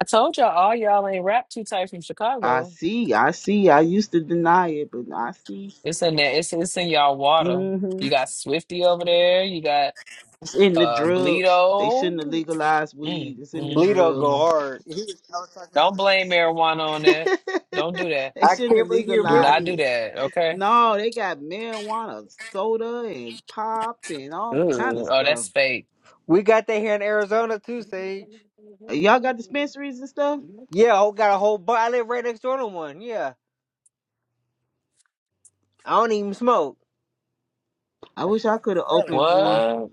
I told y'all all y'all ain't rap too tight from
I
Chicago.
see. I see. I used to deny it, but I see.
It's in there. It's it's in y'all water.
hmm
You got Swifty over there. You got
It's in the
uh
drugs. They shouldn't have
Bleedo.
legalized
Mm,
weed. It's in the
mm,
Bleedo
mm.
go
drugs.
hard. He was, I was talking to him
Don't blame
earlier.
marijuana on that. Don't do that.
they
I
shouldn't have
can't believe he
Do
remembered
legalized
not
me.
do
it.
that. Okay.
No, they got marijuana, soda, and pop, and all kind of
Ooh, oh,
stuff.
that's fake.
We got that here in Arizona too, Sage.
Uh, Y'all got dispensaries and stuff.
Yeah, I got a whole bu I live right next door to one. Yeah, I don't even smoke.
I
I
wish I
smell,
could have
I smell it.
opened one.
What?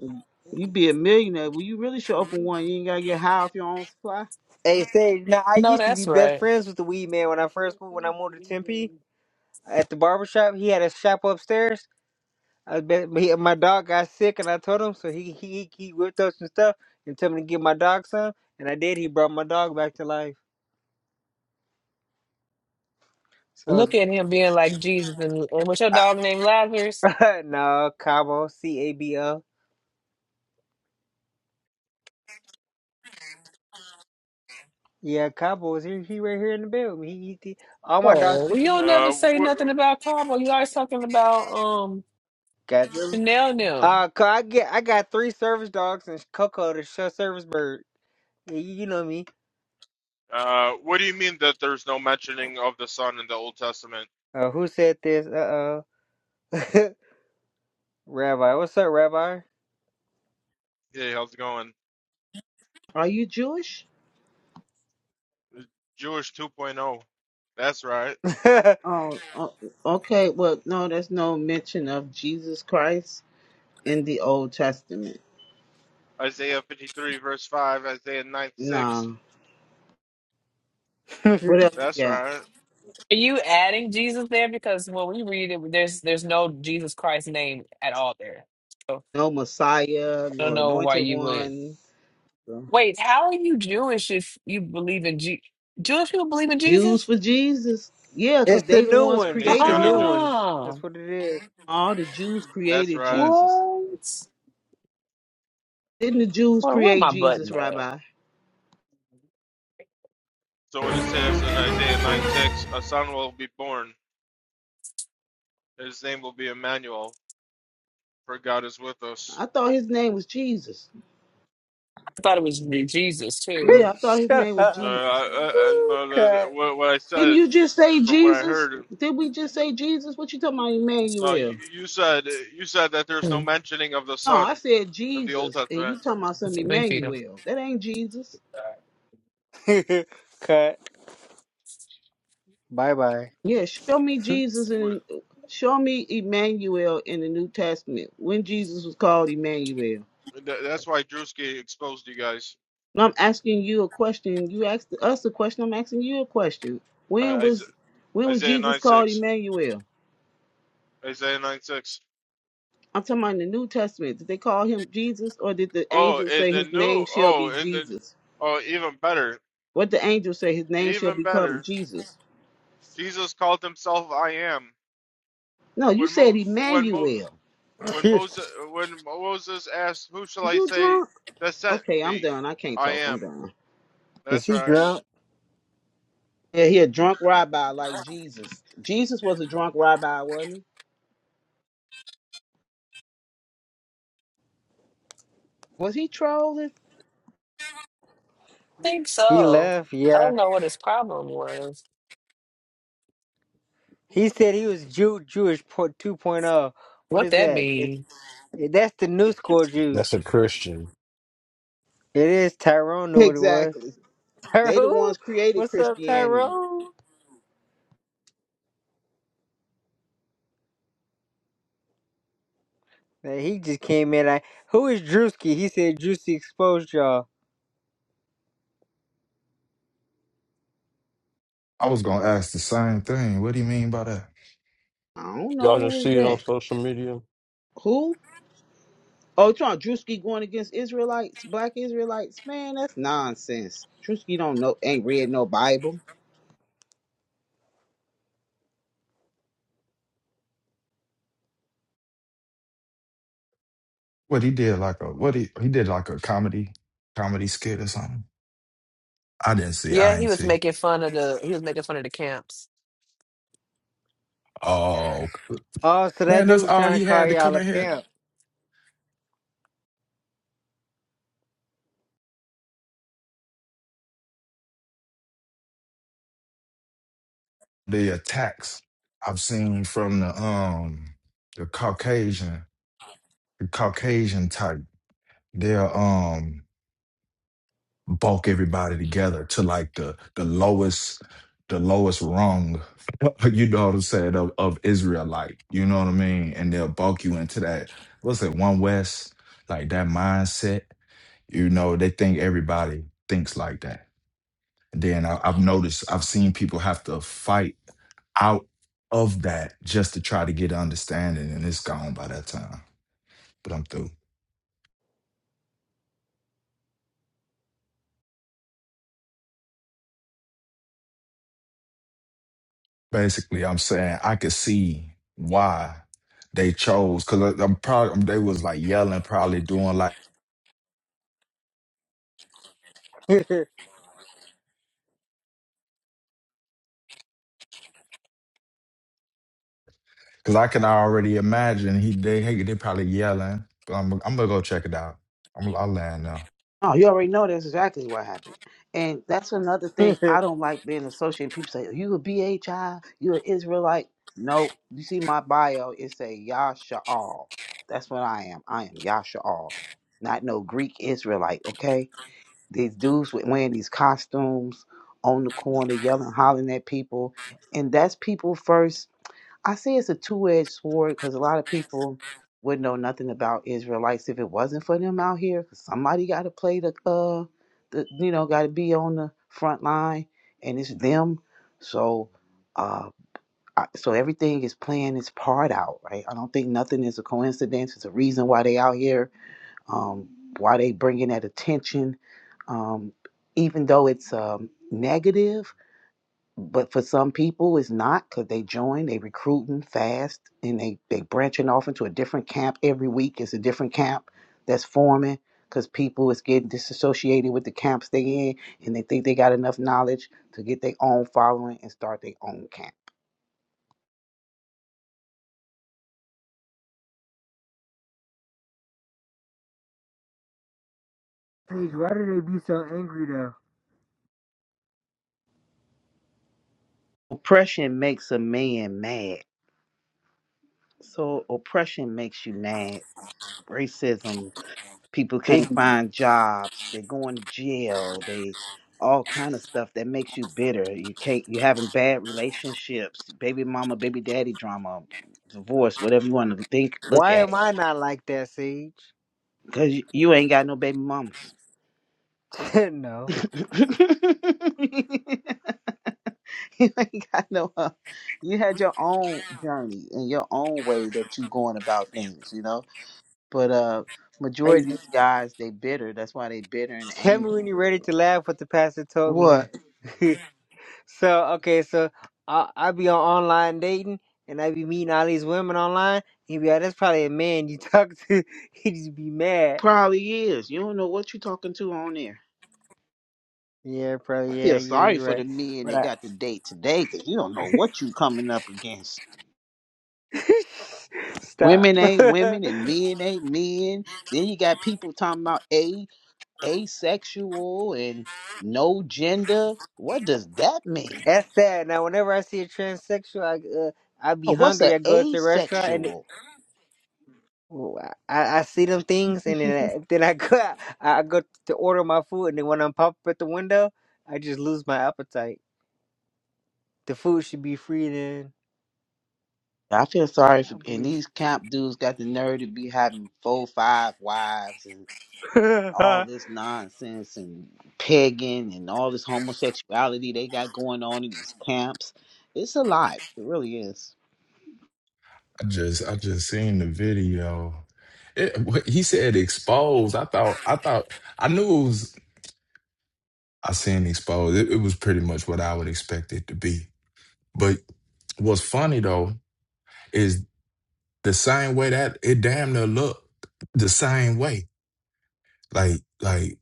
You'd be a millionaire. Well, you really should open one. You ain't gotta get high off your own supply.
Hey, Sage. Now I
No,
used to be
that's
best
right.
friends with the weed man when I first moved. When I moved to Tempe at the barber shop, he had a shop upstairs. I bet he, my dog got sick, and I told him so. He he he whipped up some stuff and told me to give my dog some, and I did. He brought my dog back to life. So I was
Look at him being like Jesus. And, and what's your dog named Lazarus?
no Cabo C A B O. Yeah, Cabo's here. He right here in the building. He, he, he all my dogs
Oh, well,
speak.
you
to me.
don't
Uh,
never say
what
nothing about Cabo. You always talking about um
Got them.
Chanel now.
Uh, 'cause I get I got three service dogs and Coco the show service bird. You, you know me.
uh, what do you mean that there's no mentioning of the Son in the Old Testament?
Uh, who said this? Uh oh, Rabbi. What's up, Rabbi?
Hey, how's it going?
Are you Jewish?
Jewish 2.0. That's right.
Oh, Oh, okay. Well, no, there's no mention of Jesus Christ in the Old Testament.
Isaiah 53 verse 5, Isaiah 9 6.
No. What else you
That's
got?
right.
Are you adding Jesus there? Because when we read it, there's there's no Jesus Christ name at all there. So
No Messiah,
I don't
no
know why
anointed
you would.
one. So,
Wait, how are you Jewish if you believe in Je- Jewish people believe in
Jews
Jesus?
for Jesus. Yeah, cause
it's the
they the
new
ones
Yeah,
ones. It's the
created
Messianic
new
him.
Jew.
ones.
Uh-uh.
That's what it is.
All the Jews
That's
created
right.
Jesus.
What?
Didn't the Jews
Well, where
create
my
Jesus,
button at?
Rabbi?
I
So when it says in Isaiah 9 6, a son will be born. His name will be Emmanuel, for God is with us.
I thought his name was Jesus.
thought it was re- Jesus too.
Yeah, I thought his
Shut
name was
Uh, I,
up.
Jesus.
I, I, don't
Ooh,
know, that-
Cut.
what, what I
Didn't
said,
you just say
from what I
Jesus?
heard,
Did we just say Jesus? What you talking about,
No, you,
Emmanuel?
you said you said that there's no
Hmm.
mentioning of the
No, I
Son
said
in the Old
Jesus, and you
Testament.
talking about some
That's what they feed him.
Emmanuel. That ain't Jesus.
I
Cut. Bye bye.
Yeah, show me Jesus
Wh-
and show me Emmanuel in the New Testament when Jesus was called Emmanuel.
tha- That's why Drewski exposed you guys.
No, I'm asking you a question. You asked us a question. I'm asking you a question. When
I- Isa-
was when was
Isaiah
Jesus
nine
called
six,
Emmanuel?
Isaiah nine six.
I'm talking about in the New Testament. Did they call him Jesus, or did the
Oh,
angel
in
say
the
his name
new.
shall be
Oh, in the.
Jesus?
Oh, even better,
What the angel say his name shall
even
become
better.
Jesus?
Jesus called himself I am.
No, you
When Mo,
said
when Mo,
Emmanuel.
when Moses,
is
when Moses asked, "Who shall I
You
say
drunk?
that sent
Okay, I'm
me?"
done. I can't
I
talk. I'm
am.
done.
That's
he
right.
drunk?
Yeah, he a drunk rabbi like Jesus. Jesus was a drunk rabbi, wasn't he? Was he trolling?
think
He
so.
left.
I
Yeah.
don't know what his problem was.
He said he was Jew Jewish po- 2.0. What
What
is
that
that? It's-
mean?
that's the new school Jews.
that's a Christian.
It is Tyrone knew what it was.
Exactly. They the
Tyrone,
ones created
what's up,
Christianity.
Tyrone? Man, he just came in like, who is Drewski? He said Drewski exposed y'all.
I was gonna ask the same thing. What do you mean by that?
I don't
Y'all
know who
just
is
see it on
that.
social media.
Who? Oh, you talking Drewski going against Israelites, black Israelites? Man, that's nonsense. Drewski don't know, ain't read no Bible.
What he did like a what he he did like a comedy comedy skit or something. I didn't see.
Yeah,
I
he
ain't
was
see.
making fun of the he was making fun of the camps.
Oh
Oh, so that
man,
dude
that's
was
all
trying to
he
call
had to
y'all
come
a
in here.
camp.
The attacks I've seen from the um the Caucasian the Caucasian type. They'll um bulk everybody together to like the the lowest the lowest rung. you know what I'm saying of, of Israelite. You know what I mean? And they'll bulk you into that. What's it? One West like that mindset You know, they think everybody thinks like that. And then I, I've noticed, I've seen people have to fight out of that just to try to get understanding, and it's gone by that time. But I'm through. Basically, I'm saying I could see why they chose because I'm probably they was like yelling, probably doing like
Sage,
because I can already imagine he they hey, they probably yelling. But I'm I'm gonna go check it out. I'm I'll land now.
Oh, you already know that's exactly what happened. And that's another thing I don't like being associated. People say, You a B H I, you an Israelite. No, you see my bio, it say Yasha'al. That's what I am. I am Yasha'al. Not no Greek Israelite, okay? These dudes with wearing these costumes on the corner, yelling, hollering at people. And that's people first I say it's a two-edged sword because a lot of people would know nothing about Israelites if it wasn't for them out here. 'cause somebody got to play the uh, the you know, got to be on the front line, and it's them. So, uh, I, so everything is playing its part out, right? I don't think nothing is a coincidence. It's a reason why they out here, um, why they bringing that attention, um, even though it's um negative but for some people, it's not because they join, they recruiting fast, and they they branching off into a different camp every week. It's a different camp that's forming because people is getting disassociated with the camps they in, and they think they got enough knowledge to get their own following and start their own camp.
why do they be so angry though?
Oppression makes a man mad, so oppression makes you mad. Racism people
They,
can't
be-
find jobs they're going to jail they all kind of stuff that makes you bitter you can't you having bad relationships baby mama baby daddy drama divorce whatever you want to think look
why
at
am I not like that, Sage?
because you ain't got no baby mamas
no.
you ain't got no uh, you had your own journey and your own way that you going about things you know but uh
Hey,
majority of these guys they bitter that's why they bitter and
tell me
angry
when you're ready to laugh. What the pastor told
what
me. So okay, so I I be on online dating and I be meeting all these women online. He be like, that's probably a man you talk to. He just be mad.
Probably is. You don't know what you talking to on there.
Yeah,
I
probably. Yeah,
feel
yeah,
sorry
you're
for the
right.
men
But
that
I
got to date today because you don't know what you coming up against.
stop.
Women ain't women and
that's
men ain't men. Then you got people talking about a asexual and no gender. What does that mean?
sad. Now, whenever I see a transsexual, I uh, I be
Oh, what's
hungry.
a
I go to a restaurant and. it-
asexual?
oh, I, I see them things and then I, then I go I go to order my food and then when I'm pop up at the window I just lose my appetite. The food should be free then.
I feel sorry for
I
and
believe.
these camp dudes got the nerve to be having four, five wives all this nonsense and pegging and all this homosexuality they got going on in these camps. It's a lot. It really is.
I just I just seen the video. It, what- he said exposed. I thought I thought I knew it was. I seen exposed. It, it was pretty much what I would expect it to be. But what's funny though is the same way that it damn near looked the same way. Like like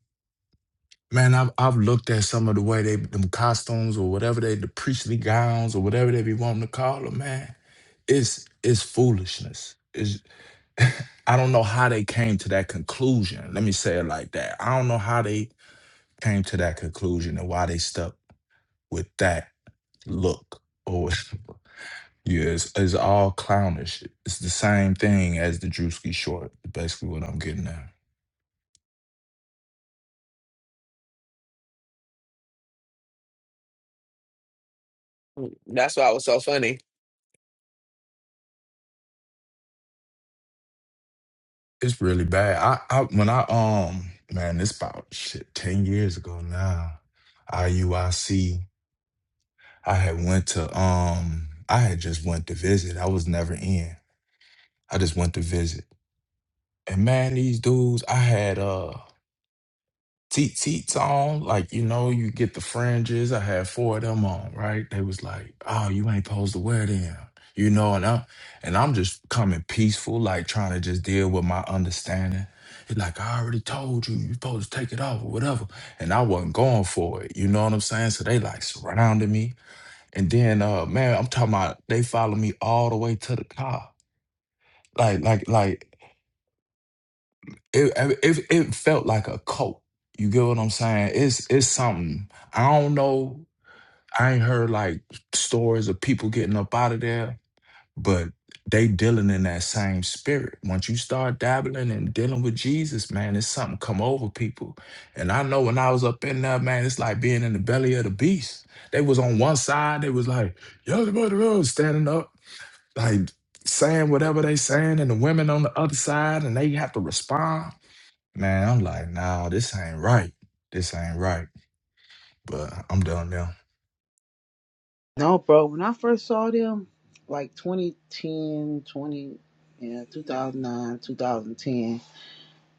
man, I've I've looked at some of the way they them costumes or whatever they the priestly gowns or whatever they be wanting to call them. Man, it's it's foolishness. I don't know how they came to that conclusion. Let me say it like that. I don't know how they came to that conclusion and why they stuck with that look. Or yeah, it's, it's all clownish. It's the same thing as the Drewski short. Basically, what I'm getting at.
That's why it was so funny.
It's really bad. I, I when I um man, this about shit ten years ago now. I U I C. I had went to um. I had just went to visit. I was never in. I just went to visit. And man, these dudes, I had uh teat teats on, like you know, you get the fringes. I had four of them on, right? They was like, Oh, you ain't supposed to wear them. You know, and I'm and I'm just coming peaceful, like trying to just deal with my understanding. It's like I already told you, you supposed to take it off or whatever. And I wasn't going for it. You know what I'm saying? So they like surrounded me. And then uh man, I'm talking about they followed me all the way to the car. Like, like, like it, it it felt like a cult. You get what I'm saying? It's it's something. I don't know. I ain't heard like stories of people getting up out of there, but they dealing in that same spirit. Once you start dabbling and dealing with Jesus, man, it's something come over people. And I know when I was up in there, man, it's like being in the belly of the beast. They was on one side, they was like, yo, the brother was standing up, like saying whatever they saying, and the women on the other side, and they have to respond Man, I'm like, nah, this ain't right. This ain't right. But I'm done now.
No, bro. When I first saw them, like 2010, 20, yeah, 2009, 2010,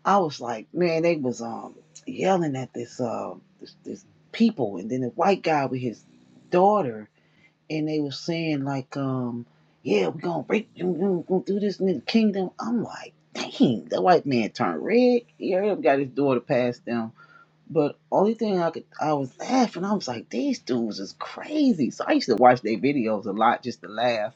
I was like, man, they was um yelling at this uh this, this people, and then the white guy with his daughter and they were saying like, um, yeah, we're gonna break we're gonna do this in the kingdom. I'm like, dang, the white man turned red. He already got his daughter past them but only thing I could, I was laughing. I was like, these dudes is crazy. So I used to watch their videos a lot just to laugh.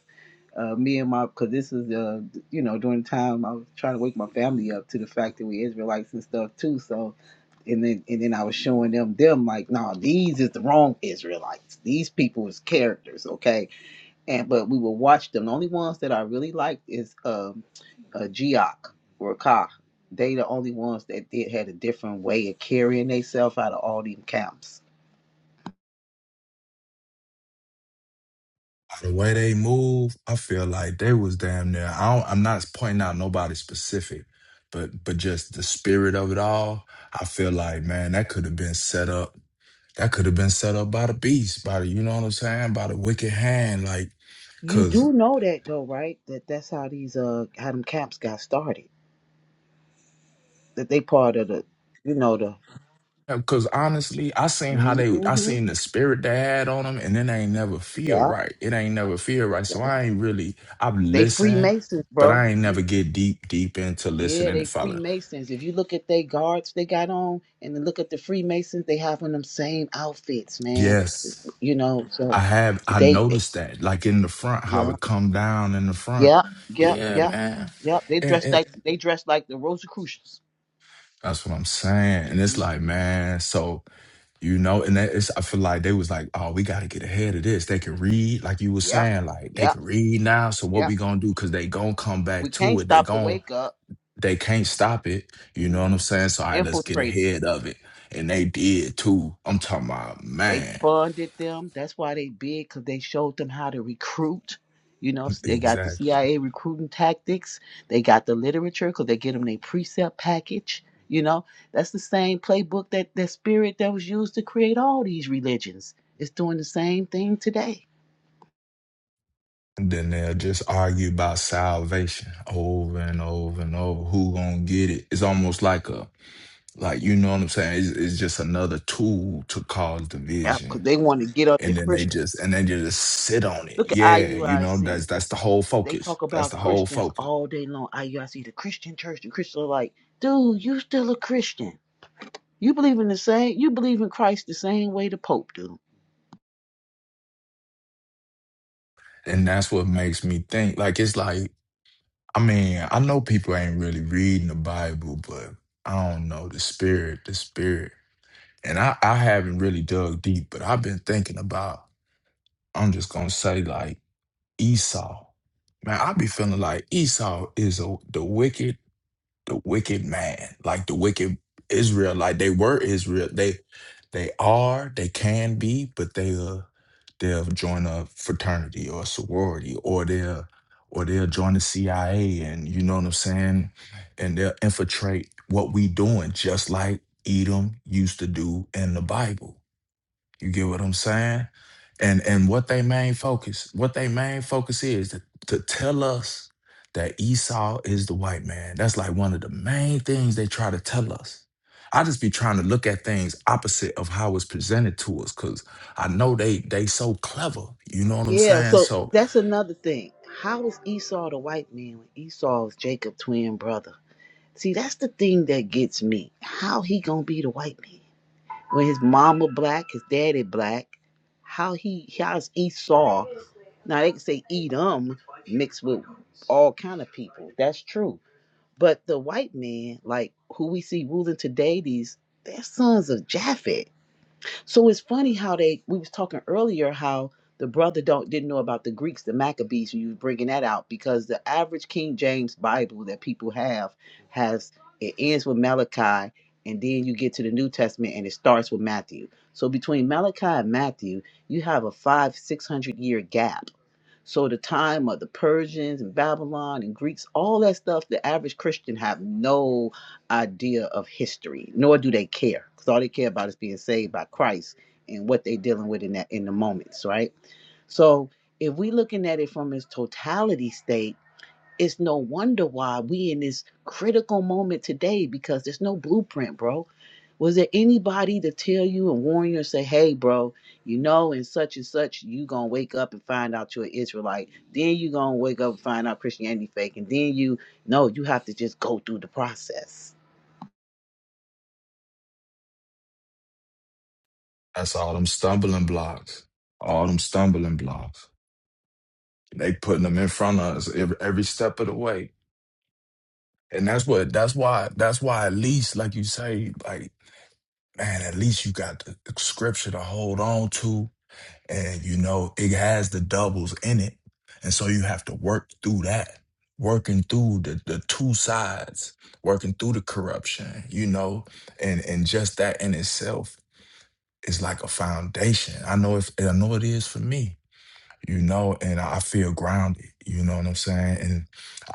Uh, me and my, because this is, uh, you know, during the time I was trying to wake my family up to the fact that we Israelites and stuff too. So, and then and then I was showing them them like, nah, these is the wrong Israelites. These people is characters, okay? and but we will watch them. The only ones that I really liked is um, uh, Geok or Ka. They the only ones that did had a different way of carrying themselves out of all them camps.
The way they move, I feel like they was damn near. I don't, I'm not pointing out nobody specific, but but just the spirit of it all. I feel like, man, that could have been set up. That could have been set up by the beast, by the, you know what I'm saying, by the wicked hand. Like,
You
cause.
do know that though, right? That that's how these uh how them camps got started. That they part of the you know the
Because honestly, I seen how they, I
Mhm.
seen the spirit they had on them, and then they ain't never feel
yeah
right. It ain't never feel right. So
yeah
I ain't really, I've
they
listened,
Freemasons,
but
bro.
I ain't never get deep, deep into
Yeah,
listening
they
and follow.
Freemasons. If you look at they guards they got on, and then look at the Freemasons, they have on them same outfits, man.
Yes,
It's- You know,
I
so
have. I
they,
noticed that, like in the front, how
yeah,
it come down in the front.
yeah, yep,
Yeah,
yep,
man.
yep. They
And,
dressed
and
like they dressed like the Rosicrucians.
that's what I'm saying. And it's like,
Mhm.
man, so You know, and that is, I feel like they was like, oh, we got to get ahead of this. They can read, like you were
Yep,
saying, like they
yep,
can read now. So what we
yep.
gonna do? Because they gonna come
We
back to
can't
it. They
stop the
gon'
wake up.
they can't stop it. You know what
hmm
I'm saying? So all right, let's get
Infiltrated.
ahead of it. And they did too. I'm talking about
They
man,
funded them. That's why they big, because they showed them how to recruit. You know, s- they got the
exactly.
CIA recruiting tactics. They got the literature because they get them their precept package. You know, that's the same playbook that that spirit that was used to create all these religions. It's doing the same thing today.
And then they'll just argue about salvation over and over and over. Who gonna get it? It's almost like a, like you know what I'm saying? It's, it's just another tool to cause
Yeah,
division
because they want to get up the
and then they
Christian.
just and then you just sit on it.
Look at
Yeah, you know
IUIC.
that's that's the whole
They
focus.
talk
That's
about
the whole
Christians
focus,
all day long. IUIC, the Christian church, the Christian like, dude, you still a Christian. You believe in the same you believe in Christ the same way the Pope do.
and that's what makes me think. Like it's like I mean I know people ain't really reading the Bible, but I don't know the spirit, the spirit, and I I haven't really dug deep, but I've been thinking about. I'm just gonna say like Esau. Man, I be feeling like Esau is a, the wicked the wicked man, like the wicked Israel, like they were Israel. They they are, they can be, but they uh they'll join a fraternity or a sorority or they'll or they'll join the CIA and you know what I'm saying? And they'll infiltrate what we doing, just like Edom used to do in the Bible. You get what I'm saying? And and what they main focus, what they main focus is to, to tell us that Esau is the white man. That's like one of the main things they try to tell us. I just be trying to look at things opposite of how it's presented to us, cause I know they they so clever. You know what I'm
Yeah,
saying?
so
So
that's another thing. How is Esau the white man when Esau is Jacob's twin brother? See, that's the thing that gets me. How he gonna be the white man when his mama black, his daddy black? How he how's Esau? Now they can say Edom mixed with all kind of people. That's true. But the white man, like who we see ruling today, these they're sons of Japhet. So it's funny how they we was talking earlier how the brother don't didn't know about the Greeks, the Maccabees. You was bringing that out because the average King James Bible that people have has it ends with Malachi, and then you get to the New Testament and it starts with Matthew. So between Malachi and Matthew, you have a five six hundred year gap so the time of the Persians and Babylon and Greeks, all that stuff, the average Christian have no idea of history, nor do they care. Because all they care about is being saved by Christ and what they're dealing with in that in the moments, right? So if we are looking at it from its totality state it's no wonder why we in this critical moment today because there's no blueprint, bro. Was there anybody to tell you and warn you and say, hey, bro, you know, in such and such, you going to wake up and find out you're an Israelite. Then you going to wake up and find out Christianity fake. And then you, no, you have to just go through the process.
that's all them stumbling blocks, all them stumbling blocks. They putting them in front of us every, every step of the way and that's what that's why that's why at least like you say like man, at least you got the scripture to hold on to. And you know, it has the doubles in it. And so you have to work through that, working through the, the two sides, working through the corruption, you know, and, and just that in itself is like a foundation. I know if I know it is for me, you know, and I feel grounded, you know what I'm saying? And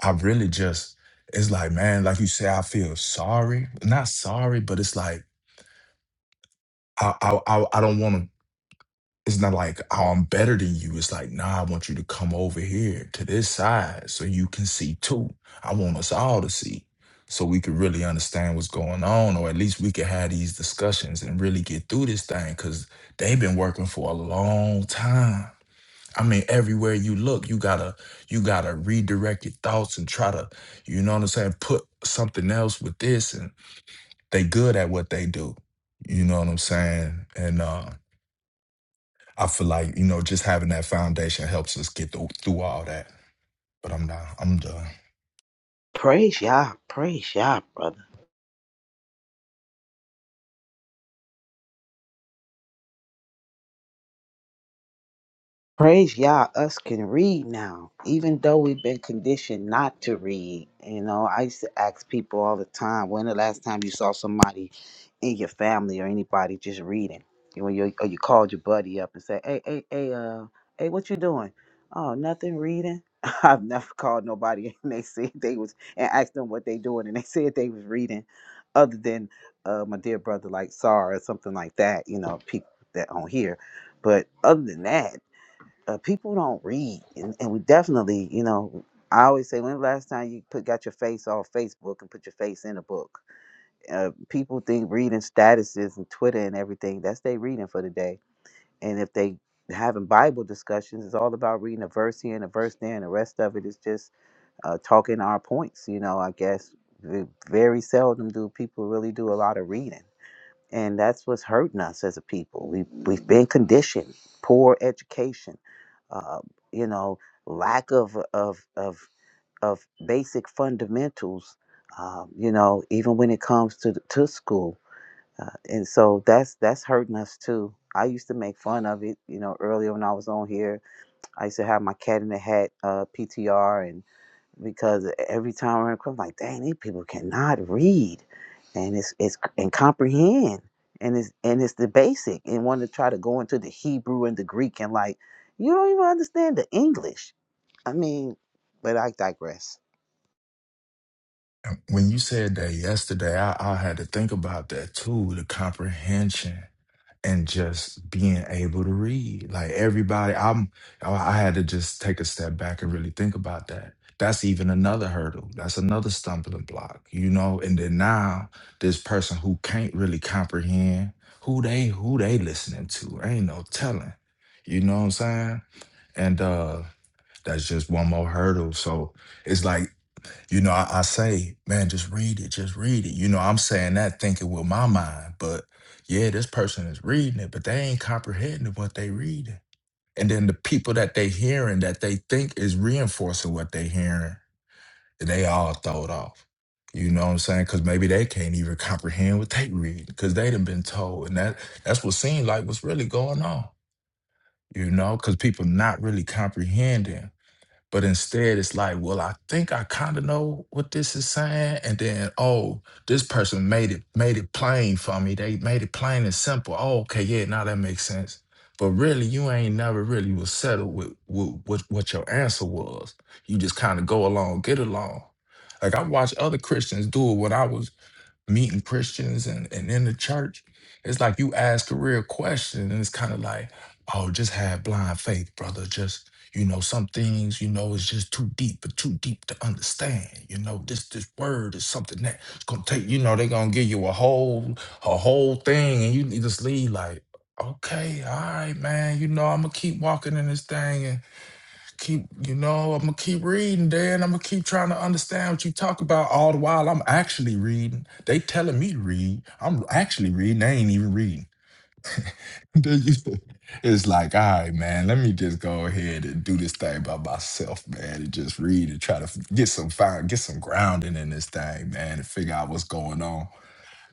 I really just it's like, man, like you say, I feel sorry. Not sorry, but it's like I I I, I don't want to. It's not like, oh, I'm better than you. It's like, nah, I want you to come over here to this side so you can see too. I want us all to see so we can really understand what's going on, or at least we can have these discussions and really get through this thing because they've been working for a long time. I mean, everywhere you look, you gotta you gotta redirect your thoughts and try to, you know what I'm saying, put something else with this and they good at what they do. You know what I'm saying? And uh I feel like, you know, just having that foundation helps us get through, through all that. But I'm not, I'm done.
Praise Yah. Praise Yah, brother. Praise Yah, us can read now, even though we've been conditioned not to read. You know, I used to ask people all the time, when the last time you saw somebody in your family or anybody just reading? You know, you, or you called your buddy up and said, hey, hey, hey, uh, hey, what you doing? Oh, nothing, reading. I've never called nobody and they said they was, and asked them what they doing and they said they was reading other than uh, my dear brother like Sar or something like that, you know, people that on here. But other than that, uh, people don't read, and, and we definitely, you know, I always say, when the last time you put got your face off Facebook and put your face in a book? Uh, people think reading statuses and Twitter and everything that's they reading for the day, and if they having Bible discussions, it's all about reading a verse here and a verse there, and the rest of it is just uh, talking our points. You know, I guess V- very seldom do people really do a lot of reading and that's what's hurting us as a people. We we've been conditioned, poor education, uh, you know, lack of of of of basic fundamentals. Um, you know, even when it comes to to school, uh, and so that's that's hurting us too. I used to make fun of it, you know, earlier when I was on here. I used to have my cat in the hat uh, PTR because every time I am like, dang, these people cannot read, and it's it's and comprehend, and it's and it's the basic, and want to try to go into the Hebrew and the Greek, and like, you don't even understand the English. I mean, but I digress.
And When you said that yesterday, I, I had to think about that too the comprehension and just being able to read. Like everybody, I'm, I I had to just take a step back and really think about that. That's even another hurdle. That's another stumbling block, you know? And then now, this person who can't really comprehend who they who they listening to ain't no telling you know what i'm saying And uh that's just one more hurdle. So it's like, you know, I, I say, man, just read it, just read it. You know, I'm saying that thinking with my mind, but yeah, this person is reading it, but they ain't comprehending what they reading. And then the people that they hearing that they think is reinforcing what they hearing, they all throwed off. You know what I'm saying? Cause maybe they can't even comprehend what they read because they done been told. And that that's what seemed like what's really going on. You know, because people not really comprehending but instead, it's like, well, I think I kind of know what this is saying, and then oh, this person made it made it plain for me. They made it plain and simple. Oh, okay, yeah, now that makes sense. But really, you ain't never really was settled with, with, with what your answer was. You just kind of go along, get along. Like I watched other Christians do it when I was meeting Christians and, and in the church, it's like you ask a real question and it's kind of like, oh, just have blind faith, brother. Just, you know, some things, you know, it's just too deep or too deep to understand. You know, this this word is something that it's gonna take, you know, they're gonna give you a whole a whole thing and you just leave like, okay, all right, man, you know, I'm gonna keep walking in this thing and keep you know i'm gonna keep reading dan i'm gonna keep trying to understand what you talk about all the while i'm actually reading they telling me to read i'm actually reading they ain't even reading They used to- it's like all right man let me just go ahead and do this thing by myself man and just read and try to f- get some find get some grounding in this thing man and figure out what's going on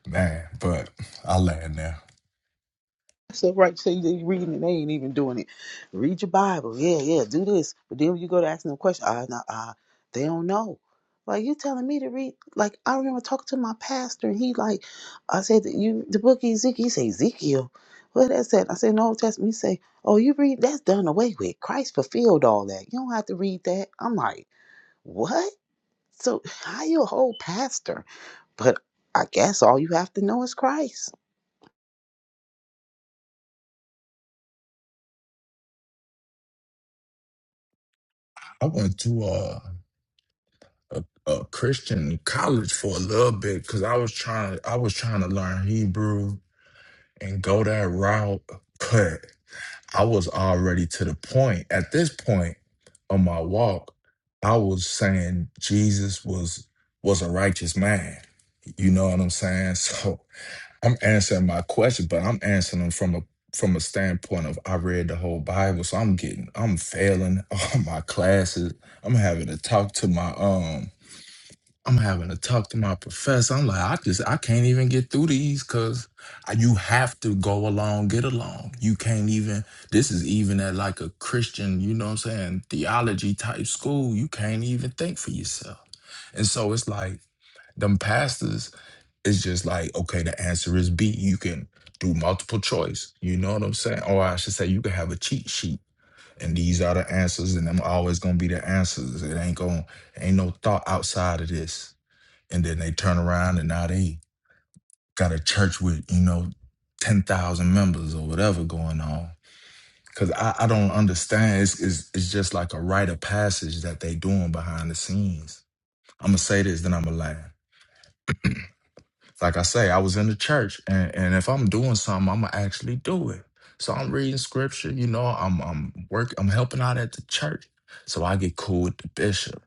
man but i land there
So right, so they reading and they ain't even doing it. Read your Bible, yeah, yeah, do this. But then when you go to ask them a question, ah, nah, ah, they don't know. Like you telling me to read? Like I remember talking to my pastor, and he like, I said that you the book Ezekiel. He say Ezekiel. What that said? I said no Old Testament. He say, oh, you read? That's done away with. Christ fulfilled all that. You don't have to read that. I'm like, what? So how you a whole pastor? But I guess all you have to know is Christ.
i went to uh a, a Christian college for a little bit because I was trying I was trying to learn Hebrew and go that route. But I was already to the point at this point on my walk, I was saying Jesus was was a righteous man. You know what I'm saying? So I'm answering my question, but I'm answering them from a from a standpoint of I read the whole Bible, so I'm getting I'm failing all my classes. I'm having to talk to my um I'm having to talk to my professor. I'm like, I just I can't even get through these because you have to go along, get along. You can't even. This is even at like a Christian, you know what I'm saying, theology type school. You can't even think for yourself. And so it's like them pastors It's just like, okay, the answer is B. You can do multiple choice. You know what I'm saying? Or I should say, you can have a cheat sheet. And these are the answers, and them always gonna be the answers. It ain't gonna ain't no thought outside of this and then they turn around and now they got a church with you know 10,000 members or whatever going on because I, I don't understand it's, it's, it's just like a rite of passage that they doing behind the scenes i'm gonna say this then i'm gonna laugh like i say i was in the church and, and if i'm doing something i'm gonna actually do it so i'm reading scripture you know i'm i'm work i'm helping out at the church so i get cool with the bishop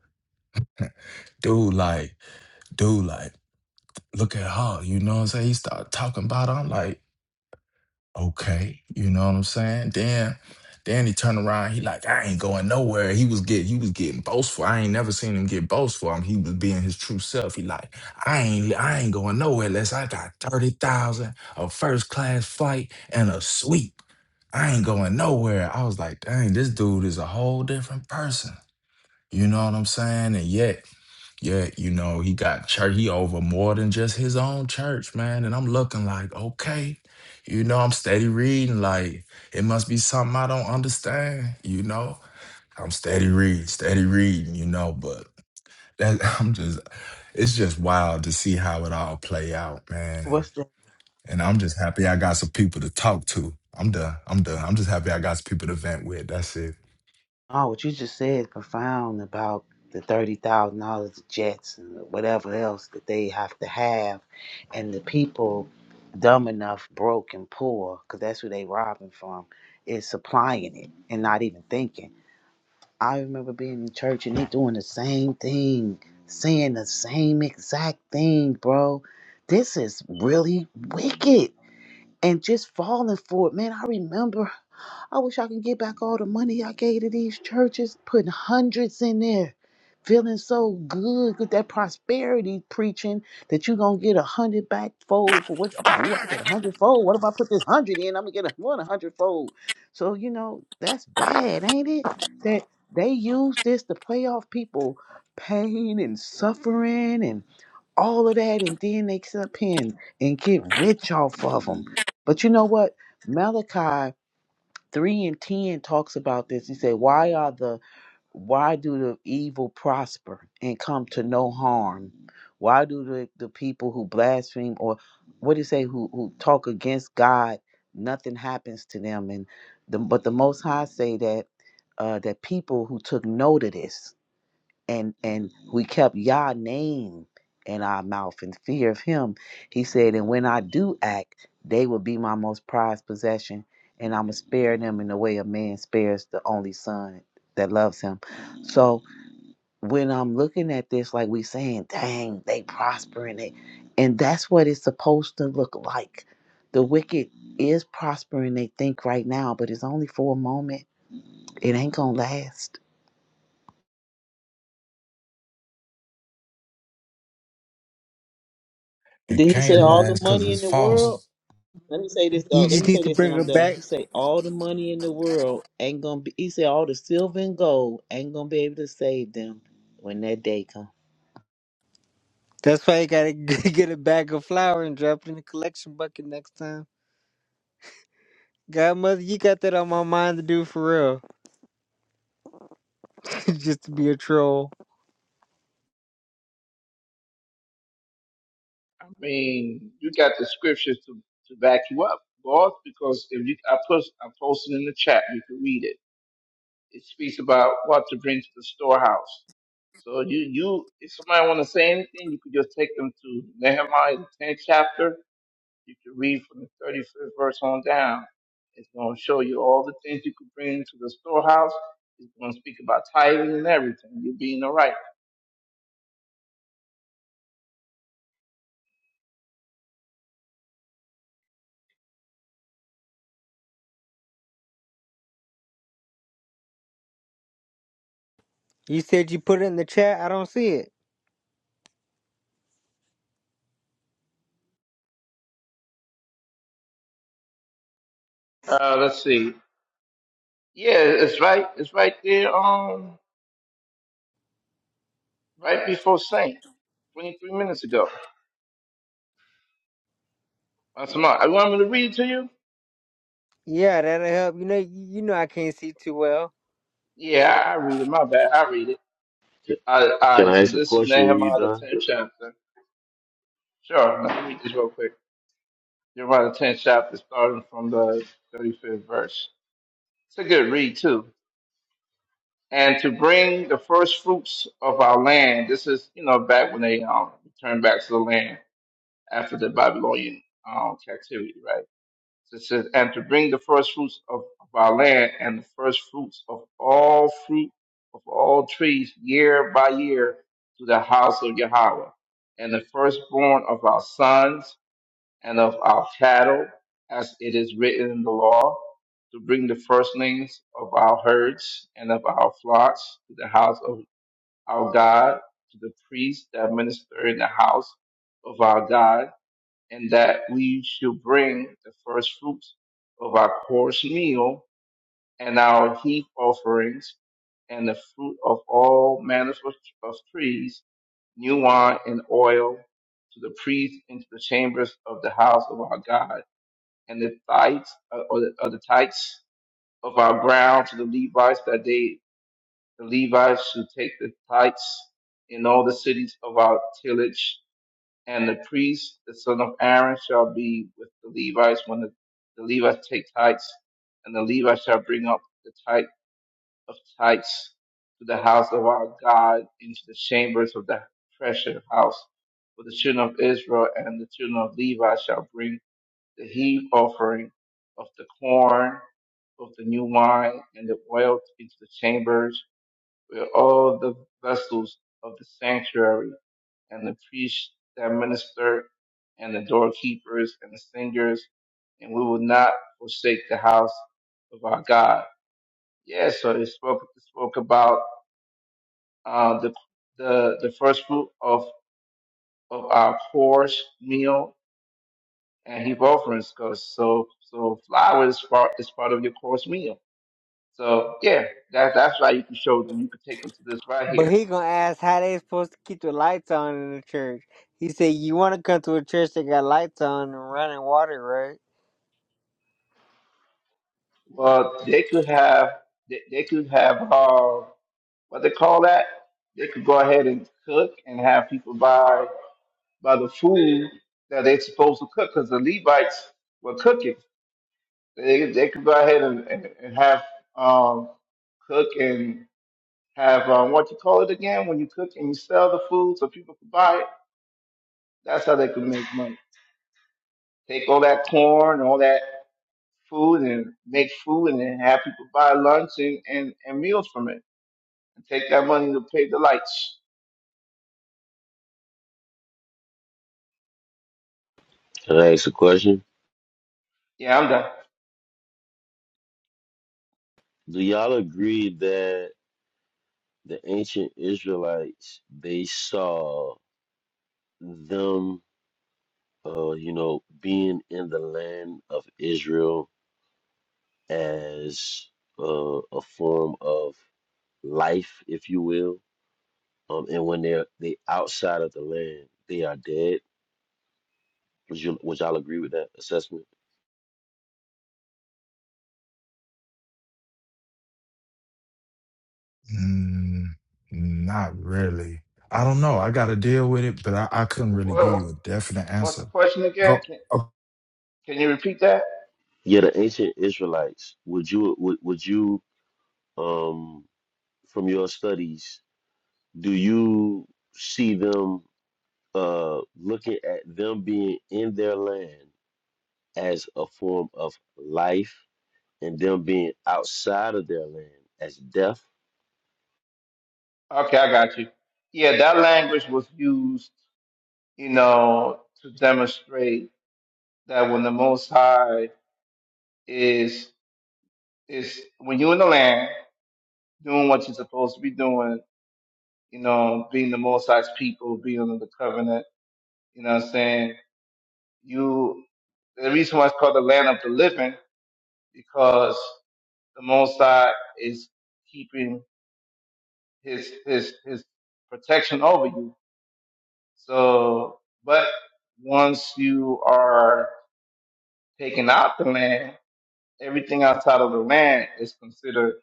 dude like dude like look at her you know what i'm saying he started talking about her i'm like okay, you know what I'm saying? Then then he turned around, he like, I ain't going nowhere. He was get, he was getting boastful. I ain't never seen him get boastful. I mean, he was being his true self. He like, I ain't I ain't going nowhere unless I got 30,000, a first class flight, and a suite. I ain't going nowhere. I was like, dang, this dude is a whole different person. You know what I'm saying? And yet yeah, you know, he got church. He over more than just his own church, man. And I'm looking like, okay, you know, I'm steady reading. Like, it must be something I don't understand, you know? I'm steady reading, steady reading, you know, but that I'm just it's just wild to see how it all play out, man. And
What's that?
and I'm just happy I got some people to talk to. I'm done. I'm done. I'm just happy I got some people to vent with. That's it.
Oh, what you just said profound about the thirty thousand dollars jets and whatever else that they have to have, and the people dumb enough, broke and poor, because that's who they robbing from, is supplying it and not even thinking. I remember being in church and they doing the same thing, saying the same exact thing, bro. This is really wicked, and just falling for it, man. I remember I wish I could get back all the money I gave to these churches, putting hundreds in there, feeling so good with that prosperity preaching that you're gonna get a hundred back fold for what I'm like, ooh, I get a hundred fold. What if I put this hundred in? I'm gonna get a one a hundred fold. So, you know, that's bad, ain't it? That they use this to play off people pain and suffering and all of that and then they sit up here and, and get rich off of them. But you know what? Malachi 3 and 10 talks about this. He said, Why are the why do the evil prosper and come to no harm? Why do the, the people who blaspheme or what do you say who who talk against God, nothing happens to them? And the, but the most high say that uh, that people who took note of this and and we kept Yah name in our mouth in fear of him. He said, And when I do act, they will be my most prized possession, and I'ma spare them in the way a man spares the only son that loves him. So when I'm looking at this, like we saying, dang, they prospering it. And that's what it's supposed to look like. The wicked is prospering, they think right now, but it's only for a moment. It ain't gonna last.
It
Did he say
can't
all the
last because
money
it's
in the world?
false.
Let me say this though.
you
Let
just
me
need
say
to
this, and
bring
I'm
her
done.
back.
He said all the money in the world ain't gonna be. He said all the silver and gold ain't gonna be able to save them when that day comes.
That's why you gotta get a bag of flour and drop it in the collection bucket next time. Godmother, you got that on my mind to do for real. Just to be a troll.
I mean, you got the scriptures to, to back you up, boss, because if you, I put, I posted in the chat, you can read it. It speaks about what to bring to the storehouse. So you, you, if somebody want to say anything, you could just take them to Nehemiah, the 10th chapter. You can read from the 35th verse on down. It's going to show you all the things you could bring to the storehouse. It's going to speak about tithing and everything. You're being all right.
You said you put it in the chat. I don't see it.
Uh, let's see. Yeah, it's right. It's right there. Um, right before Saint, 23 minutes ago. That's my, I want me to read it to you?
Yeah, that'll help. You know, you know I can't see too well.
Yeah, I I read it. My bad. I read it. All right,
Can
right,
I
so
ask a
this is
question when you're
Nehemiah, the
done?
10th chapter. Sure, let me read this real quick. Nehemiah, the 10th chapter, starting from the 35th verse. It's a good read, too. And to bring the first fruits of our land, this is, you know, back when they um, returned back to the land after the Babylonian um, captivity, right? It says, and to bring the first fruits of, of our land and the first fruits of all fruit of all trees year by year to the house of Yahweh, and the firstborn of our sons and of our cattle, as it is written in the law, to bring the firstlings of our herds and of our flocks to the house of our God, to the priests that minister in the house of our God and that we should bring the first fruits of our course meal and our heap offerings and the fruit of all manner of of trees, new wine and oil to the priest into the chambers of the house of our God, and the tithes uh, or the, or the tithes of our ground to the Levites that they the Levites should take the tithes in all the cities of our tillage and the priest, the son of Aaron, shall be with the Levites when the, the Levites take tithes, and the Levites shall bring up the tithe of tithes to the house of our God into the chambers of the treasure house. For the children of Israel and the children of Levi shall bring the heave offering of the corn, of the new wine, and the oil into the chambers where all the vessels of the sanctuary and the priest that minister, and the doorkeepers and the singers, and we will not forsake the house of our God. Yeah, so it spoke it spoke about uh, the the the first fruit of of our course meal and heap offerings, cause so so flour is part is part of your course meal. So yeah, that that's why you can show them. You could take them to this right
But
here.
he gonna ask how they supposed to keep the lights on in the church. He said you wanna come to a church that got lights on and running water, right?
Well, they could have they, they could have. uh, what they call that, they could go ahead and cook and have people buy by the food that they're supposed to cook because the Levites were cooking. They they could go ahead and, and, and have um cook and have um, what you call it again when you cook and you sell the food so people could buy it. That's how they could make money. Take all that corn, all that food, and make food, and then have people buy lunch and, and, and meals from it, and take that money to pay the lights.
Can I ask a question?
Yeah, I'm
Do y'all agree that the ancient Israelites they saw them, uh, you know, being in the land of Israel as uh, a form of life, if you will, um, and when they're they outside of the land, they are dead. Would you would y'all agree with that assessment?
Mm, not really. I don't know. I got to deal with it, but I, I couldn't really give
done.
you a definite
What's the
answer.
question again?
Go.
Can,
oh,
can you repeat that?
Yeah, the ancient Israelites. Would you would would you um from your studies do you see them uh, looking at them being in their land as a form of life and them being outside of their land as death?
Okay, I got you. Yeah, that language was used, you know, to demonstrate that when the Most High is is when you're in the land doing what you're supposed to be doing, you know, being the Most High's people, being under the covenant, you know what I'm saying? You, the reason why it's called the land of the living because the Most High is keeping his his his protection over you So, but once you are taking out the land, everything outside of the land is considered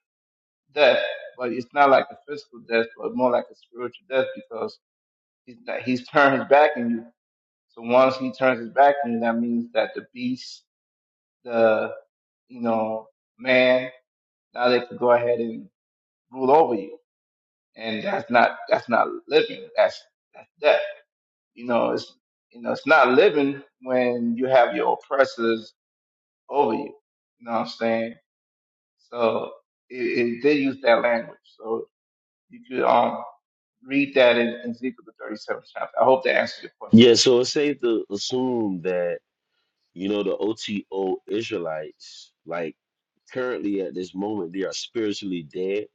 death. But it's not like a physical death, but more like a spiritual death because he's not, he's turned his back on you. So once he turns his back on you, that means that the beast, the you know man, now they can go ahead and rule over you, and that's not that's not living. That's that's death. You know, it's you know, it's not living when you have your oppressors over you. You know what I'm saying? So it, it did use that language. So you could um read that in, in Ezekiel the 37th chapter. I hope that answers your question.
Yeah, so it's safe to assume that, you know, the OTO Israelites, like currently at this moment, they are spiritually dead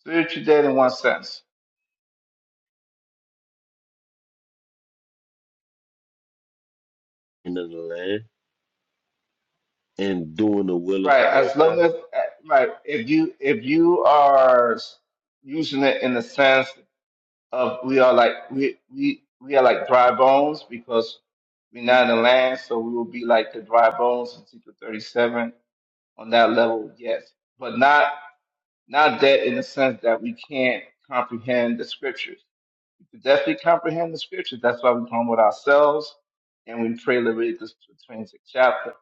Spiritual dead in one sense,
in the land and doing the will of
right?
the
As
Most High.
long as uh, right, if you if you are using it in the sense of we are like we we we are like dry bones because we're not in the land, so we will be like the dry bones in Ezekiel 37 on that level, yes. But not not that in the sense that we can't comprehend the scriptures. We can definitely comprehend the scriptures. That's why we come with ourselves and we pray Leviticus 26 chapter,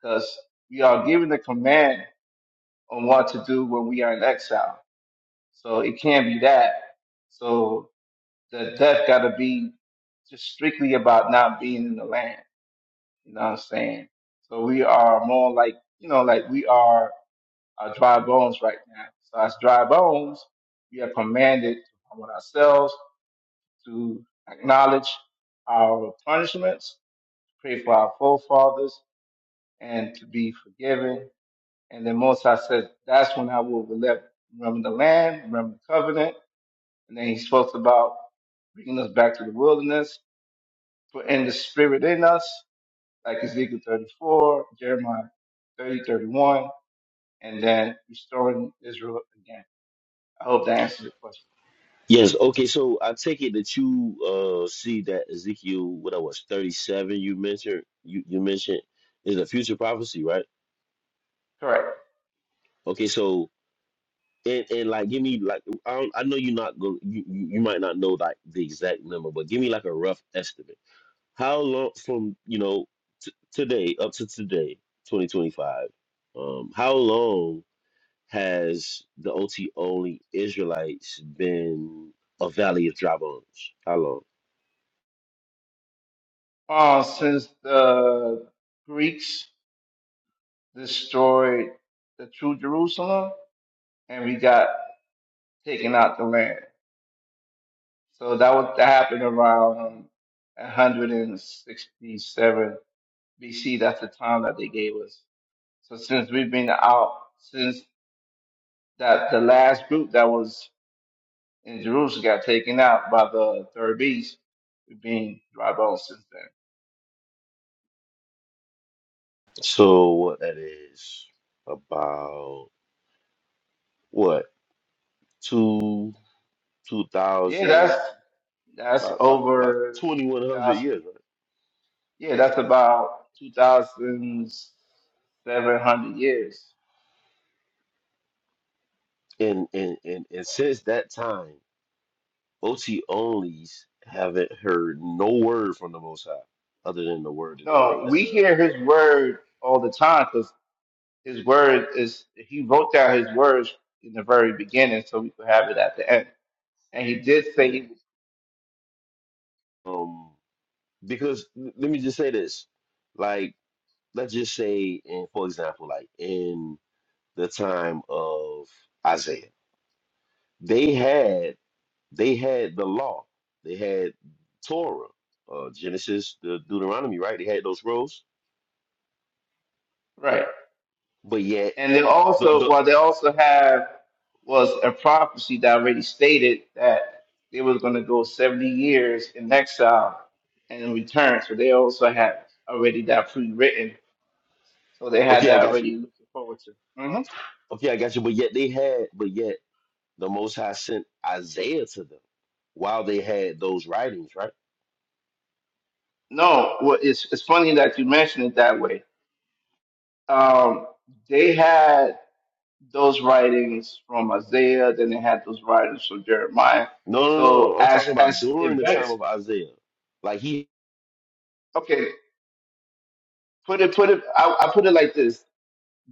because we are given the command on what to do when we are in exile. So it can't be that. So that that got to be just strictly about not being in the land. You know what I'm saying? So we are more like, you know, like we are uh, dry bones right now. So as dry bones, we are commanded to humble ourselves, to acknowledge our punishments, pray for our forefathers, and to be forgiven. And then Moses said, that's when I will relent- remember the land, remember the covenant. And then he spoke about bringing us back to the wilderness For in the spirit in us, like Ezekiel 34, Jeremiah 30, 31, and then restoring Israel again. I hope that answers the question.
Yes, okay, so I take it that you uh see that Ezekiel, what I was, 37 you mentioned you, you mentioned is a future prophecy, right?
Correct.
Okay, so and, and like give me like I don't, I know you're not go you, you you might not know like the exact number, but give me like a rough estimate. How long from, you know, t today up to today, 2025, um how long has the OT only Israelites been a valley of dry bones? How long?
Uh, since the Greeks destroyed the true Jerusalem and we got taken out the land. So that was that happened around um, 167 BC. That's the time that they gave us. So since we've been out since that the last group that was and Jerusalem got taken out by the third beast, being dry bones since then.
So what that is about what two two
Yeah, that's
thousand
that's
about, about, about
over
twenty one
two
hundred
thousand.
years, right?
Yeah, that's about two thousand seven hundred years.
And, and and and since that time, OT onlys haven't heard no word from the Most High other than the word that they read
No,
out
we hear His word all the time because His word is He wrote down His words in the very beginning, so we could have it at the end. And He did say He
of. Um, because l- let me just say this, like let's just say, in for example, like in the time of Isaiah, they had. They had the law. They had Torah, uh, Genesis, the Deuteronomy, right? They had those rules,
right.
but yet
And they
the
also,
the
well, they also have was a prophecy that already stated that they was going to go 70 years in exile and return. So they also had already that pre-written. So they had
okay, I
that
got you.
already looking forward to. hmm
Okay, I got you. But yet they had, but yet the Most High sent Isaiah to them while they had those writings, right?
No, well, it's, it's funny that you mentioned it that way. Um, they had those writings from Isaiah, then they had those writings from Jeremiah.
No, no, no.
So
no. I'm
as
talking about
as
during the time
events,
of Isaiah. Like he,
okay, put it put it. I, I put it like this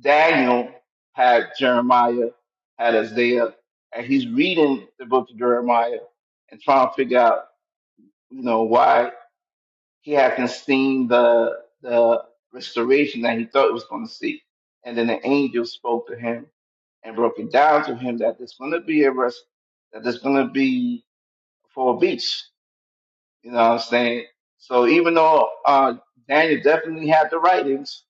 Daniel had Jeremiah, had Isaiah, and he's reading the book of Jeremiah and trying to figure out, you know, why he hasn't seen the the restoration that he thought he was going to see. And then the angel spoke to him and broke it down to him that there's going to be a rest, that there's going to be for a beach. You know what I'm saying? So even though uh, Daniel definitely had the writings,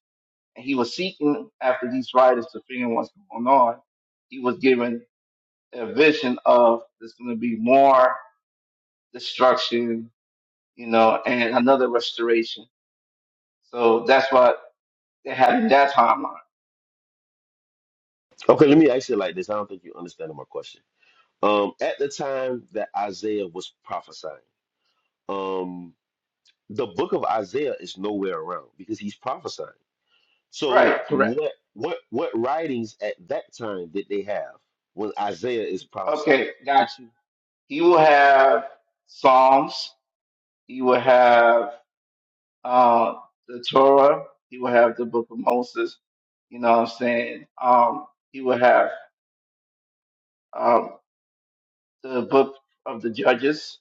and he was seeking after these writers to figure out what's going on. He was given a vision of there's going to be more destruction, you know, and another restoration. So that's what they had in that timeline.
okay. Let me ask you like this. I don't think you're understanding my question. Um, at the time that Isaiah was prophesying, um, the book of Isaiah is nowhere around because he's prophesying. So
Right, correct.
what what what writings at that time did they have when Isaiah is prophesying?
Okay, got you. He will have Psalms. He will have uh, the Torah. He will have the Book of Moses. You know what I'm saying? Um, he will have um, the book of the Judges,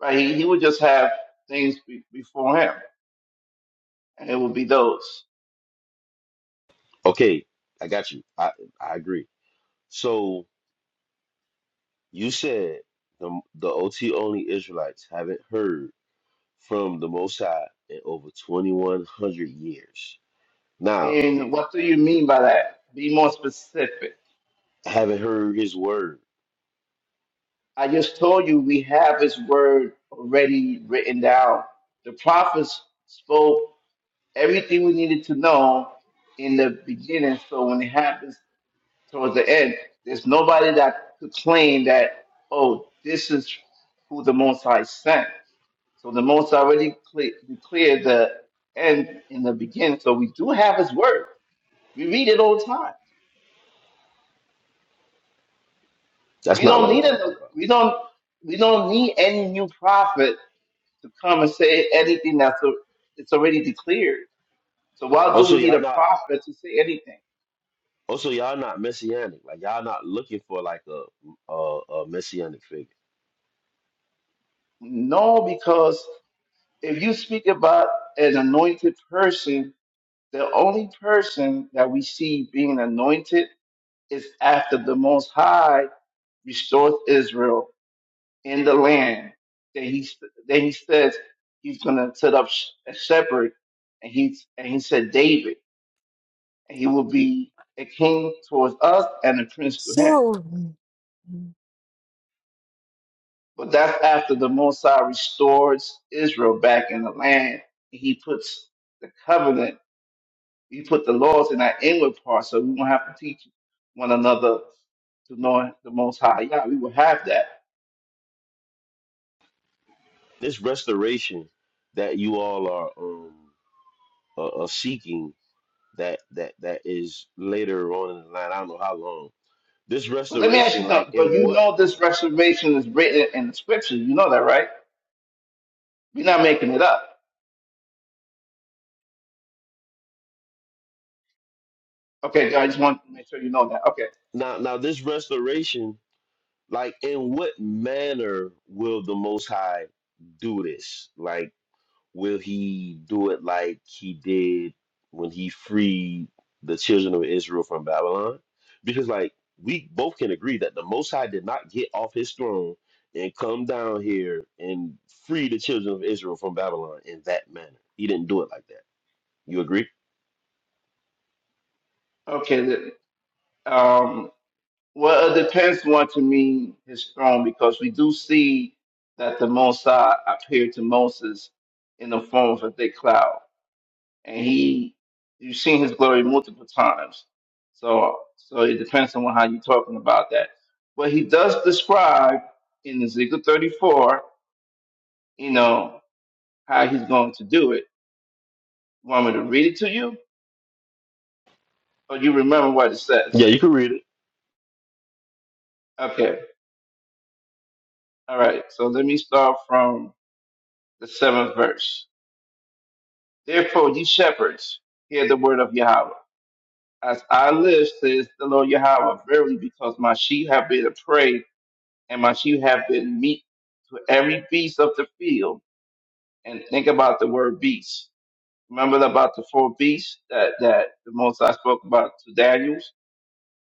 right? He, he would just have things be, before him, and it would be those.
Okay, I got you. I I agree. So you said the the OT only Israelites haven't heard from the Most High in over twenty one hundred years. Now
And what do you
d-
mean by that? Be more specific.
haven't heard His word.
I just told you we have His word already written down. The prophets spoke everything we needed to know in the beginning, so when it happens towards the end, there's nobody that could claim that, oh, this is who the Most High sent So the Most already cle declared the end in the beginning. So we do have His word. We read it all the time.
That's
We
not what
don't
I'm
need
talking
a,
about.
we don't we don't need any new prophet to come and say anything that's a, it's already declared. So why do
Also,
we need
y'all
a
not.
prophet to say anything?
Also, y'all not messianic. Like y'all not looking for like a a, a messianic figure.
No, because if you speak about an anointed person, the only person that we see being anointed is after the Most High restored Israel in the land that he that he says he's going to set up sh- a shepherd, and he's and he said David, and he will be a king towards us and a prince to him.
So
But that's after the Mosai restores Israel back in the land. and He puts the covenant, he put the laws in our inward part, so we won't have to teach one another to know the Most High. Yeah, we will have that.
this restoration that you all are um uh, uh, seeking that that that is later on in the line. I don't know how long. This
But let me ask you
restoration, like
something. But
in
you
what
know this reservation is written in the scriptures. You know that, right? You're not making it up. Okay, I just want to make sure you know that. Okay.
now now this restoration, like in what manner will the Most High do this? Like Will he do it like he did when he freed the children of Israel from Babylon? Because, like, we both can agree that the Most High did not get off his throne and come down here and free the children of Israel from Babylon in that manner. He didn't do it like that. You agree?
Okay. the- Um, well, it depends what to mean his throne because we do see that the Most High appeared to Moses in the form of a thick cloud, and he, you've seen his glory multiple times. So, so it depends on how you're talking about that. But he does describe in Ezekiel 34, you know, how he's going to do it. Want me to read it to you, or you remember what it says?
Yeah, you can read it.
Okay. All right. So let me start from the seventh verse. Therefore, ye shepherds, hear the word of Yahweh. As I live, says the Lord Yahweh, verily, because my sheep have been a prey, and my sheep have been meat to every beast of the field. And think about the word beast. Remember about the four beasts that, that the most I spoke about to Daniels?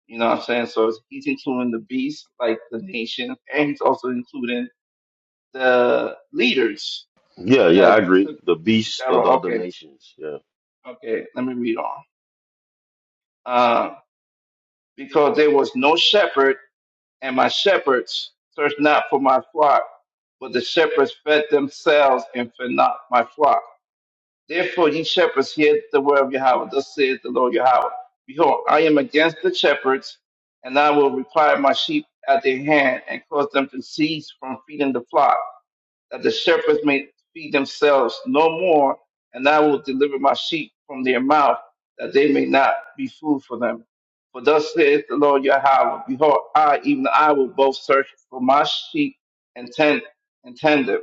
You know what I'm saying? So he's including the beast, like the nation, and he's also including the leaders
Yeah, yeah, I
that
agree.
took,
The
took
beast
that
of
road.
the other
Okay,
nations. Yeah,
okay, let me read on. Uh, because there was no shepherd, and my shepherds searched not for my flock, but the shepherds fed themselves and fed not my flock. Therefore, ye shepherds, hear the word of Yahweh. Thus saith the Lord Yahweh. Behold, I am against the shepherds, and I will require my sheep at their hand, and cause them to cease from feeding the flock that the shepherds may feed themselves no more, and I will deliver my sheep from their mouth, that they may not be food for them. For thus saith the Lord Yahweh, Behold, I, even I, will both search for my sheep and tend and tend them,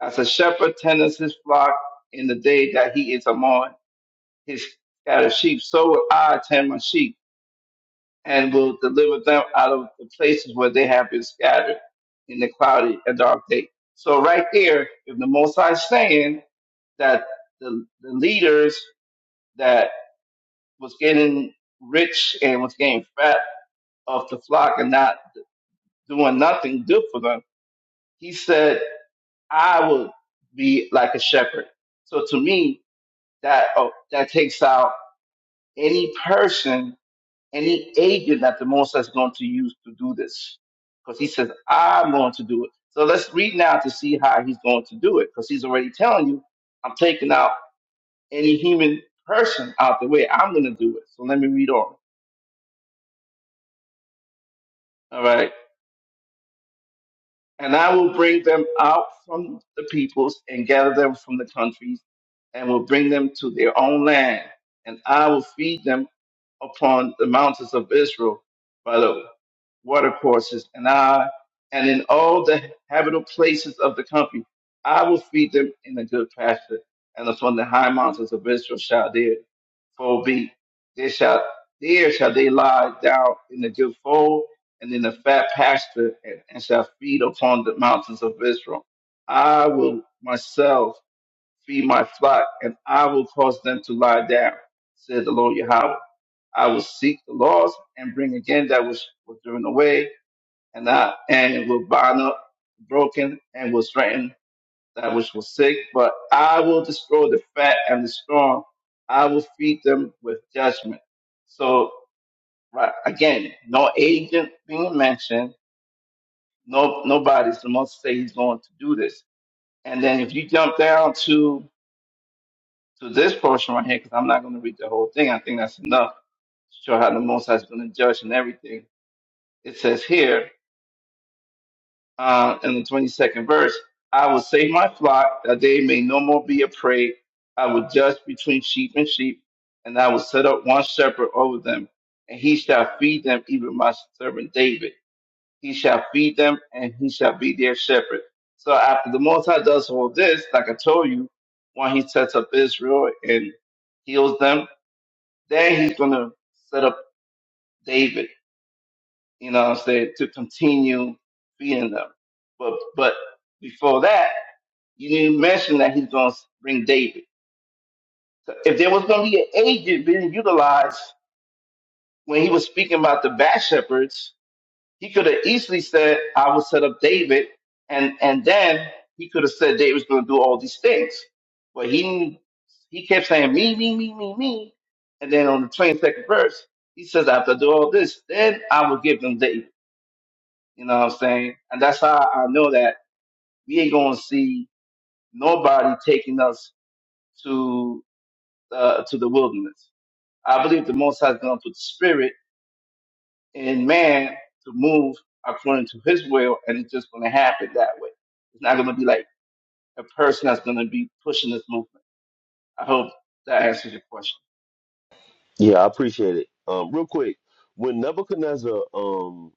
as a shepherd tendeth his flock in the day that he is among his scattered sheep. So will I tend my sheep and will deliver them out of the places where they have been scattered in the cloudy and dark day. So right there, if the Most High is saying that the, the leaders that was getting rich and was getting fat off the flock and not doing nothing good for them, he said, I will be like a shepherd. So to me, that, oh, that takes out any person any agent that the Most High is going to use to do this. Because he says, I'm going to do it. So let's read now to see how he's going to do it. Because he's already telling you, I'm taking out any human person out the way. I'm going to do it. So let me read on. All right. And I will bring them out from the peoples and gather them from the countries and will bring them to their own land. And I will feed them upon the mountains of Israel by the watercourses. And I, and in all the habitable places of the country, I will feed them in a good pasture. And upon the high mountains of Israel shall their fold be. There shall, there shall they lie down in the good fold and in the fat pasture, and, and shall feed upon the mountains of Israel. I will myself feed my flock, and I will cause them to lie down, said the Lord Yahweh. I will seek the lost and bring again that which was driven away, and I and will bind up the broken and will strengthen that which was sick. But I will destroy the fat and the strong. I will feed them with judgment. So right, again, no agent being mentioned no, nobody's supposed to say he's going to do this. And then if you jump down to to this portion right here, because I'm not going to read the whole thing. I think that's enough to show how the Most High is going to judge and everything. It says here uh, in the 22nd verse, "I will save my flock that they may no more be a prey. I will judge between sheep and sheep, and I will set up one shepherd over them, and he shall feed them, even my servant David." he shall feed them and he shall be their shepherd. So after the Most High does all this, like I told you, when he sets up Israel and heals them, then he's going to set up David, you know what I'm saying, to continue feeding them. But, but before that, you didn't mention that he's going to bring David. So if there was going to be an agent being utilized when he was speaking about the bad shepherds, He could have easily said, I will set up David, and and then he could have said David's going to do all these things. But he he kept saying me, me, me, me, me, and then on the twenty second verse, he says, after I do all this, then I will give them David. You know what I'm saying? And that's how I know that we ain't going to see nobody taking us to uh, to the wilderness. I believe the Most High is going to put the Spirit and man to move according to his will, and it's just going to happen that way. It's not going to be like a person that's going to be pushing this movement. I hope that answers your question.
yeah, I appreciate it. Um, real quick, when Nebuchadnezzar um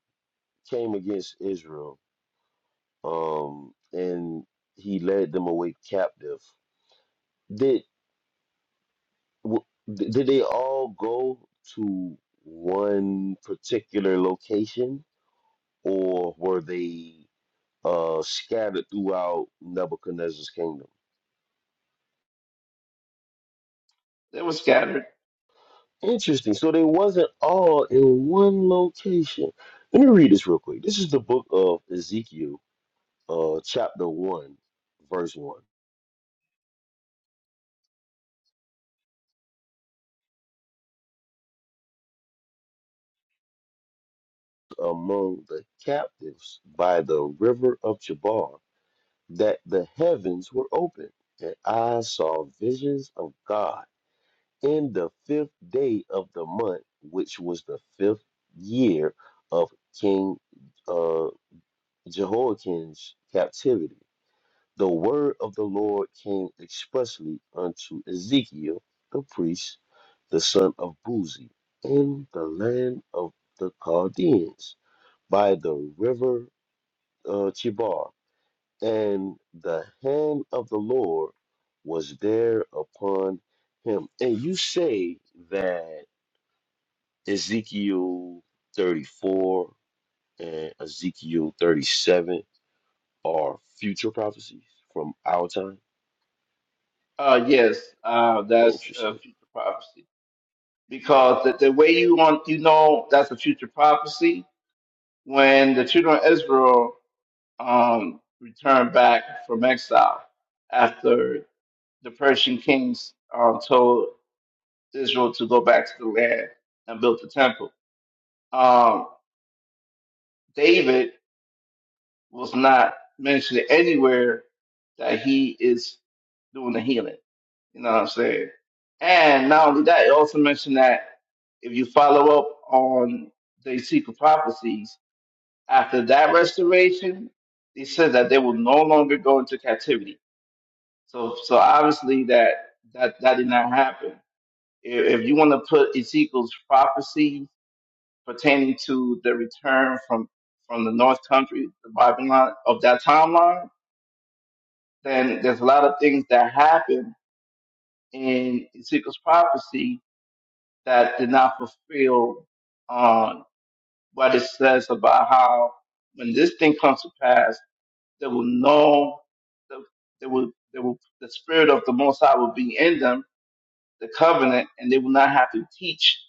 came against Israel, um, and he led them away captive. Did w- did they all go to one particular location, or were they uh, scattered throughout Nebuchadnezzar's kingdom?
They were scattered.
Interesting. So they wasn't all in one location. Let me read this real quick. This is the book of Ezekiel, uh, chapter one, verse one. Among the captives by the river of Chabar that the heavens were opened, and I saw visions of God in the fifth day of the month, which was the fifth year of King uh, Jehoiakim's captivity. The word of the Lord came expressly unto Ezekiel the priest, the son of Buzi, in the land of the Chaldeans by the river uh, Chebar and the hand of the Lord was there upon him. And you say that Ezekiel 34 and Ezekiel 37 are future prophecies from our time?
Uh, yes, uh, that's a
Interesting.
future prophecy because the, the way you want you know that's a future prophecy when the children of Israel um, returned back from exile after the Persian kings uh, told Israel to go back to the land and built the temple Um, David was not mentioned anywhere that he is doing the healing. You know what I'm saying? And not only that, it also mentioned that if you follow up on the secret prophecies, after that restoration, it says that they will no longer go into captivity. So so obviously that that, that did not happen. If, if you want to put Ezekiel's prophecies pertaining to the return from from the North Country, the Babylon of that timeline, then there's a lot of things that happened in Ezekiel's prophecy that did not fulfill um, what it says about how when this thing comes to pass, there will no the there will there will the spirit of the Most High will be in them, the covenant, and they will not have to teach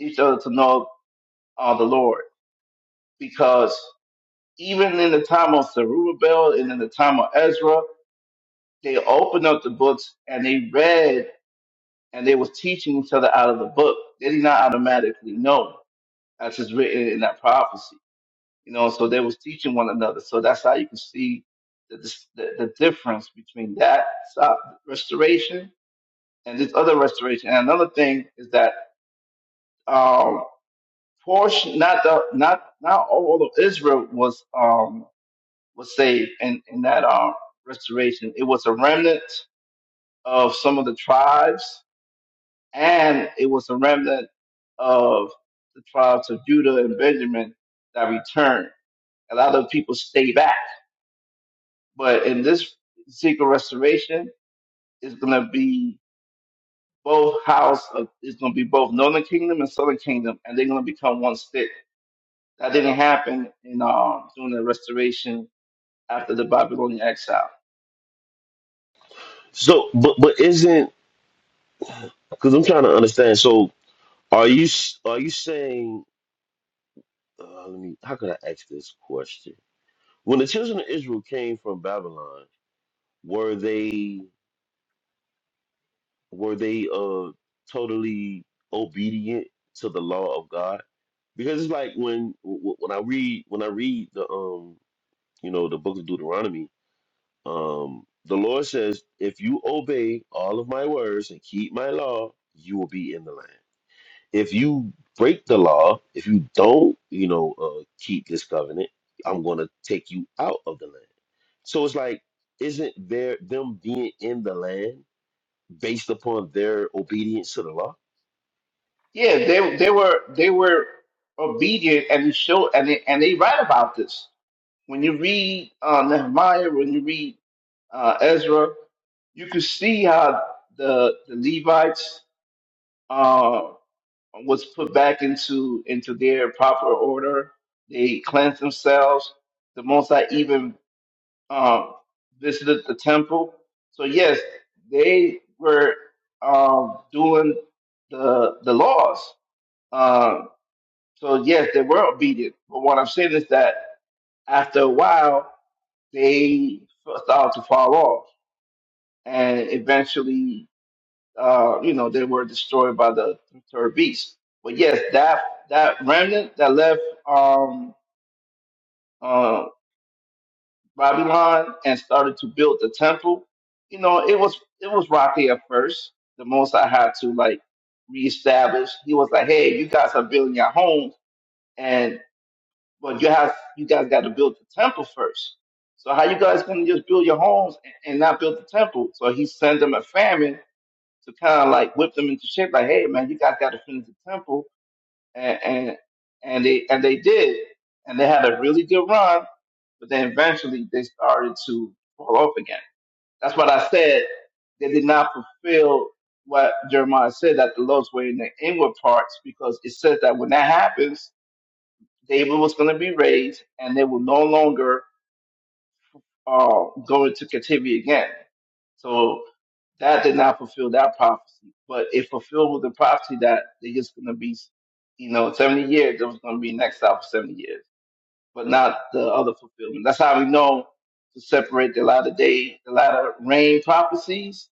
each other to know uh, the Lord because even in the time of Zerubbabel and in the time of Ezra, they opened up the books and they read and they was teaching each other out of the book. They did not automatically know as it's written in that prophecy. You know, so they was teaching one another. So that's how you can see the the, the difference between that so- restoration and this other restoration. And another thing is that um portion not the not not all of Israel was um was saved in, in that uh, restoration. It was a remnant of some of the tribes, and it was a remnant of the tribes of Judah and Benjamin that returned. A lot of people stay back, but in this secret restoration, it's going to be both house of it's going to be both northern kingdom and southern kingdom, and they're going to become one stick. That didn't happen in um, during the restoration after the Babylonian exile.
So, but but isn't because I'm trying to understand. So, are you s- are you saying? Uh, let me. How can I ask this question? When the children of Israel came from Babylon, were they? were they uh totally obedient to the law of God? Because it's like when wh- when I read when I read the um you know the book of Deuteronomy, um the Lord says, "If you obey all of my words and keep my law, you will be in the land. If you break the law, if you don't, you know, uh, keep this covenant, I'm going to take you out of the land." So it's like, isn't there them being in the land based upon their obedience to the law?
Yeah, they they were they were obedient, and they show and they, and they write about this. When you read uh, Nehemiah, when you read uh, Ezra, you can see how the the Levites uh, was put back into into their proper order. They cleansed themselves. The Most High even um, visited the temple. So yes, they were um, doing the the laws. uh, so yes, they were obedient, but what I'm saying is that after a while, they started to fall off, and eventually, uh, you know, they were destroyed by the third beast. But yes, that that remnant that left um, uh, Babylon and started to build the temple, you know, it was it was rocky at first. The most I had to like reestablish. He was like, "Hey, you guys are building your home." and But you have you guys got to build the temple first. So how you guys gonna just build your homes and, and not build the temple? So he sends them a famine to kind of like whip them into shape. Like, hey man, you guys got to finish the temple, and, and and they and they did, and they had a really good run. But then eventually they started to fall off again. That's what I said. They did not fulfill what Jeremiah said that the Lord's were in the inward parts because it says that when that happens, David was going to be raised, and they will no longer uh, go into captivity again. So that did not fulfill that prophecy, but it fulfilled the prophecy that they're just going to be, you know, 70 years, there was going to be an exile for 70 years, but not the other fulfillment. That's how we know to separate the latter day, the latter rain prophecies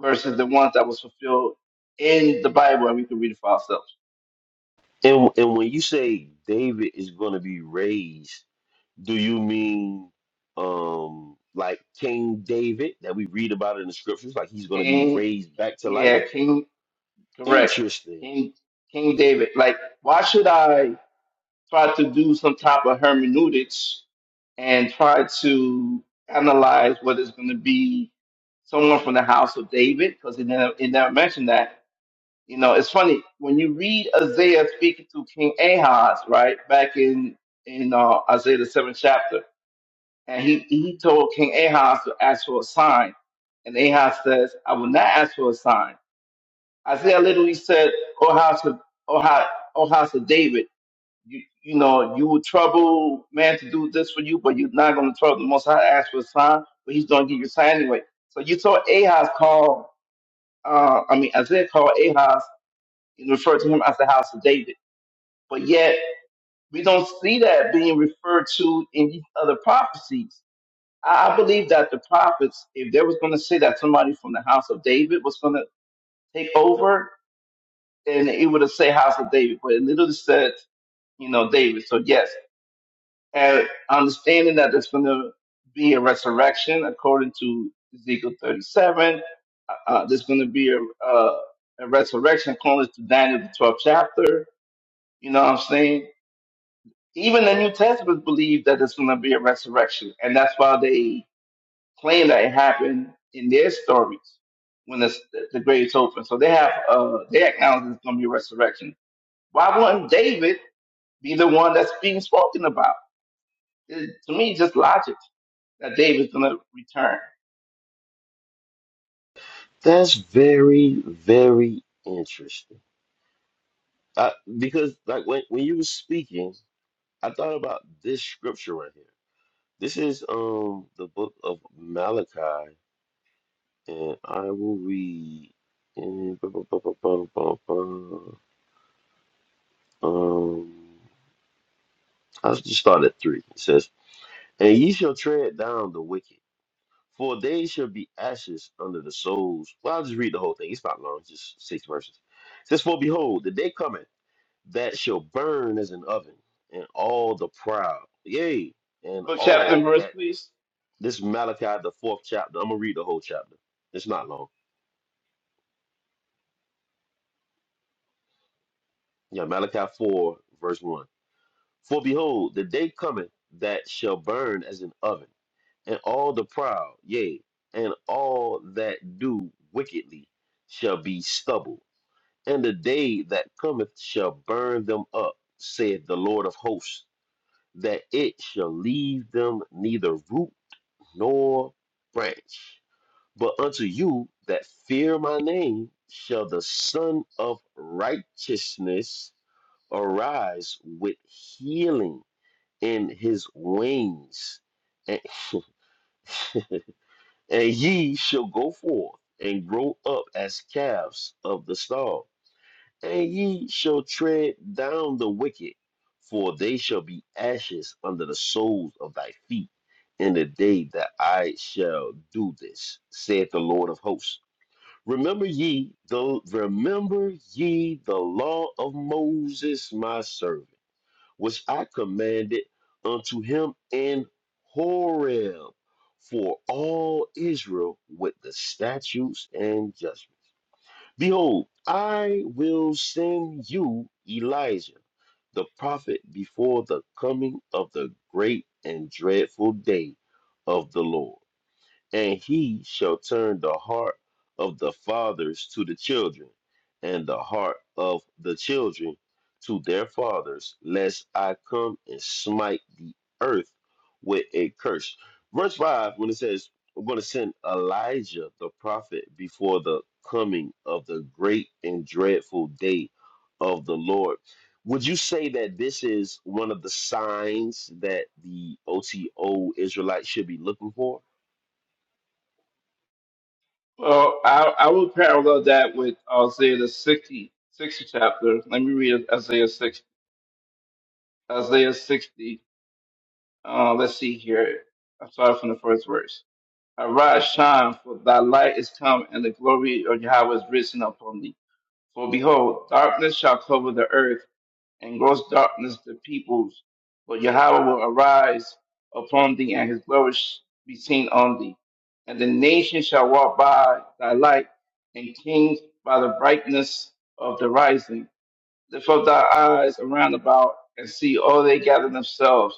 versus the ones that was fulfilled in the Bible, and we can read it for ourselves.
And and when you say David is going to be raised, do you mean um like King David that we read about in the scriptures, like he's going to be
King,
raised back to life?
yeah, King Correct.
Interesting.
King King David. Like, why should I try to do some type of hermeneutics and try to analyze what is going to be someone from the house of David? Because it never, it never mentioned that. You know, it's funny when you read Isaiah speaking to King Ahaz, right back in in uh, Isaiah the seventh chapter, and he he told King Ahaz to ask for a sign, and Ahaz says, "I will not ask for a sign." Isaiah literally said, "Oh house of oh house, oh house of David, you you know you would trouble man to do this for you, but you're not going to trouble the Most High. Ask for a sign, but He's going to give you a sign anyway." So you saw Ahaz call, uh, I mean Isaiah called Ahaz and referred to him as the house of David, but yet we don't see that being referred to in these other prophecies. I I believe that the prophets, if they was going to say that somebody from the house of David was going to take over, and it would have said House of David, but it literally said, you know, David. So yes, and understanding that there's going to be a resurrection according to Ezekiel 37, uh, uh, there's going to be a, uh, a resurrection according to Daniel the 12th chapter. You know what I'm saying? Even the New Testament believe that there's going to be a resurrection, and that's why they claim that it happened in their stories when the, the grave's open. So they have uh, they acknowledge there's going to be a resurrection. Why wouldn't David? be the one that's being spoken about. It, to me, just logic that David's going to return.
That's very very interesting. I, because like when when you were speaking, I thought about this scripture right here. This is um the book of Malachi, and I will read. And, um I'll just start at three. It says, And ye shall tread down the wicked, for they shall be ashes under the soles. Well, I'll just read the whole thing. It's not long, it's just six verses. It says, For behold, the day cometh that shall burn as an oven, and all the proud, yea, and
Book, chapter, and
all
verse,
that.
please.
This is Malachi, the fourth chapter. I'm going to read the whole chapter. It's not long. Yeah, Malachi 4, verse 1. For behold, the day cometh that shall burn as an oven and all the proud, yea, and all that do wickedly shall be stubble, and the day that cometh shall burn them up, saith the Lord of hosts, that it shall leave them neither root nor branch. But unto you that fear my name shall the Son of Righteousness arise with healing in his wings. and. And ye shall go forth and grow up as calves of the stall, and ye shall tread down the wicked, for they shall be ashes under the soles of thy feet in the day that I shall do this, saith the Lord of hosts. Remember ye the remember ye the law of Moses my servant which I commanded unto him in Horeb for all Israel with the statutes and judgments. Behold, I will send you Elijah, the prophet, before the coming of the great and dreadful day of the Lord and he shall turn the heart of the fathers to the children, and the heart of the children to their fathers, lest I come and smite the earth with a curse. Verse 5, when it says, I'm going to send Elijah the prophet before the coming of the great and dreadful day of the Lord. Would you say that this is one of the signs that the OTO Israelites should be looking for?
Well, I, I will parallel that with Isaiah the 60, sixty chapter. Let me read Isaiah 6, Isaiah 60. Uh, let's see here. I'm sorry from the first verse. Arise, shine, for thy light is come, and the glory of Yahweh is risen upon thee. For behold, darkness shall cover the earth, and gross darkness the peoples. For Yahweh will arise upon thee, and his glory sh- be seen on thee. And the nations shall walk by thy light, and kings by the brightness of the rising. Lift up thy eyes around about, and see all they gather themselves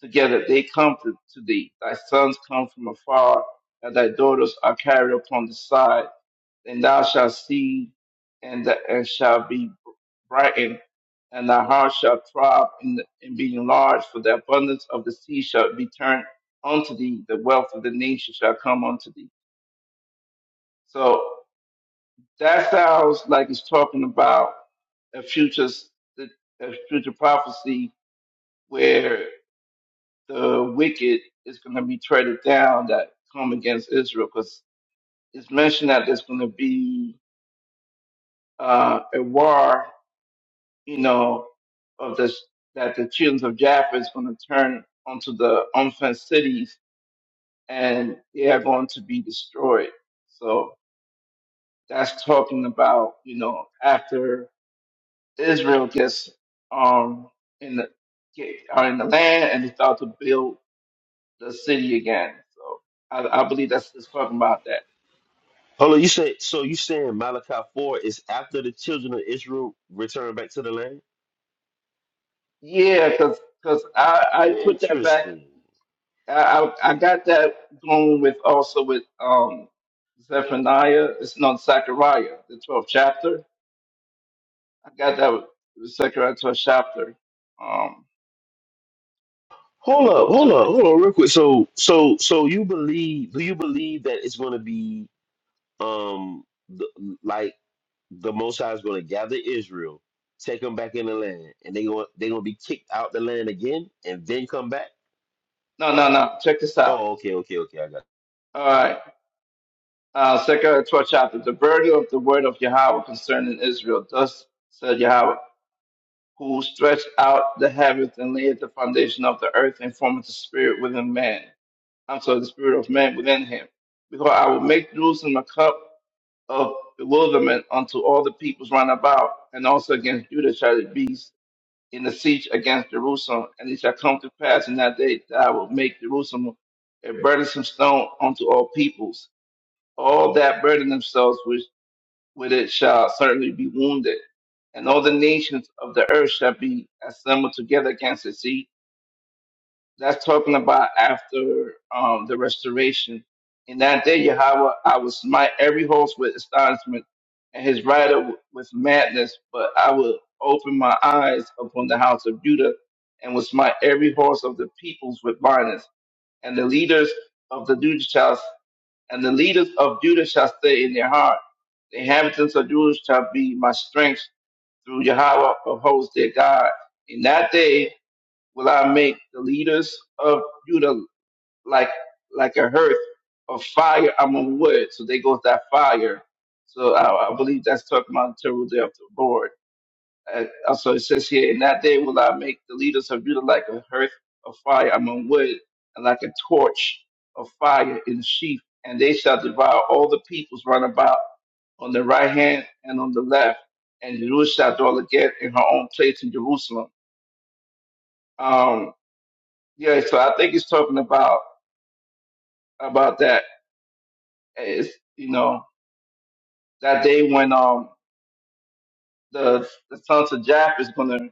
together. They come to, to thee. Thy sons come from afar, and thy daughters are carried upon the side and thou shalt see, and, the, and shall be brightened, and thy heart shall throb and, and be enlarged, for the abundance of the sea shall be turned unto thee, the wealth of the nation shall come unto thee. So that sounds like it's talking about a future, s- a future prophecy where the wicked is going to be treaded down that come against Israel, because it's mentioned that there's going to be uh, a war you know, of the that the children of Jaffa is going to turn onto the unfenced cities and they are going to be destroyed. So that's talking about you know after Israel gets um in the get, are in the land and they start to build the city again. So I, I believe that's it's talking about that.
Hold on, you say so you saying Malachi 4 is after the children of Israel return back to the land?
Yeah, because I, I put that back
Interesting.
I, I I got that going with also with um Zephaniah. It's not Zechariah, the twelfth chapter. I got that with Zechariah twelfth chapter. Um, let
Hold
me
up,
go
hold
to
up,
it.
hold on real quick. So so so you believe do you believe that it's gonna be um the, like the most high is gonna gather Israel, take them back in the land, and they going they gonna be kicked out the land again and then come back?
No, no, no. Check this out.
Oh, okay, okay, okay, I got it.
All right. Uh, Zechariah twelfth chapter. The burden of the word of Yahweh concerning Israel. Thus said Yahweh, who stretched out the heavens and laid the foundation of the earth and formed the spirit within man. I'm sorry, the spirit of man within him. Because I will make Jerusalem a cup of bewilderment unto all the peoples round about, and also against Judah shall it be in the siege against Jerusalem. And it shall come to pass in that day that I will make Jerusalem a burdensome stone unto all peoples. All that burden themselves with, with it shall certainly be wounded. And all the nations of the earth shall be assembled together against it. That's talking about after um, the restoration. In that day, Yahweh, I will smite every host with astonishment and his rider w- with madness, but I will open my eyes upon the house of Judah and will smite every horse of the peoples with violence. And the leaders of the Judah shall, and the leaders of Judah shall stay in their heart. The inhabitants of Judah shall be my strength through Yahweh of hosts, their God. In that day, will I make the leaders of Judah like like a hearth of fire among wood. So there goes that fire. So I, I believe that's talking about the terrible day of the Lord. And also it says here, in that day will I make the leaders of Judah like a hearth of fire among wood, and like a torch of fire in the sheaf, and they shall devour all the peoples round about on the right hand and on the left, and Jerusalem shall dwell again in her own place in Jerusalem. Um, Yeah, so I think he's talking about about that. It's you know that day when um the the sons of Japheth is going to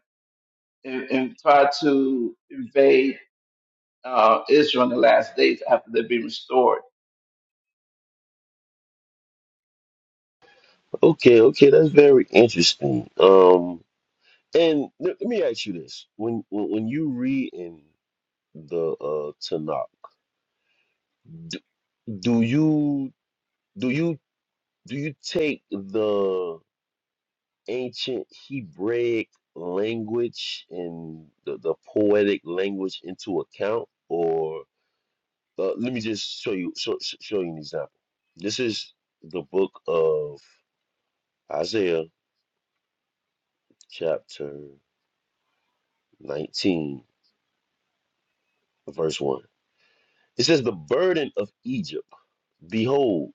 in, in, try to invade uh, Israel in the last days after they've been restored.
Okay, okay, that's very interesting. Um and let let me ask you this. When when, when you read in the uh, Tanakh. Do, do you do you do you take the ancient Hebraic language and the, the poetic language into account, or uh, let me just show you show, show show you an example. This is the book of Isaiah, chapter nineteen, verse one. It says, "The burden of Egypt, behold."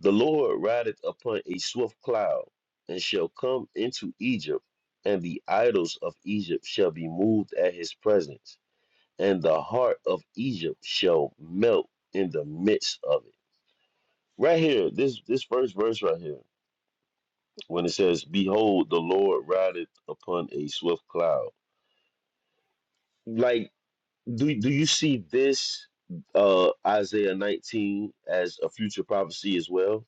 The Lord rideth upon a swift cloud, and shall come into Egypt, and the idols of Egypt shall be moved at his presence, and the heart of Egypt shall melt in the midst of it. Right here, this this first verse right here, when it says, "Behold, the Lord rideth upon a swift cloud." Like, do do you see this uh, Isaiah 19 as a future prophecy as well?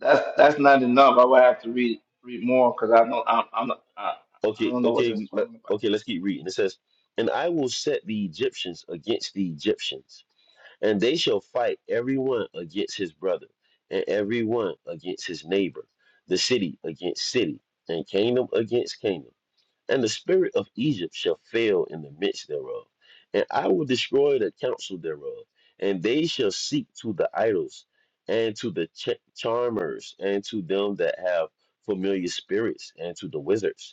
That's that's not enough. I would have to read read more because I don't I'm, I'm not, I, I
Okay,
don't know what
okay, we,
that's
let,
talking about.
okay, let's keep reading. It says, And I will set the Egyptians against the Egyptians, and they shall fight every one against his brother, and every one against his neighbor, the city against city, and kingdom against kingdom. And the spirit of Egypt shall fail in the midst thereof, and I will destroy the counsel thereof, and they shall seek to the idols, and to the ch- charmers, and to them that have familiar spirits, and to the wizards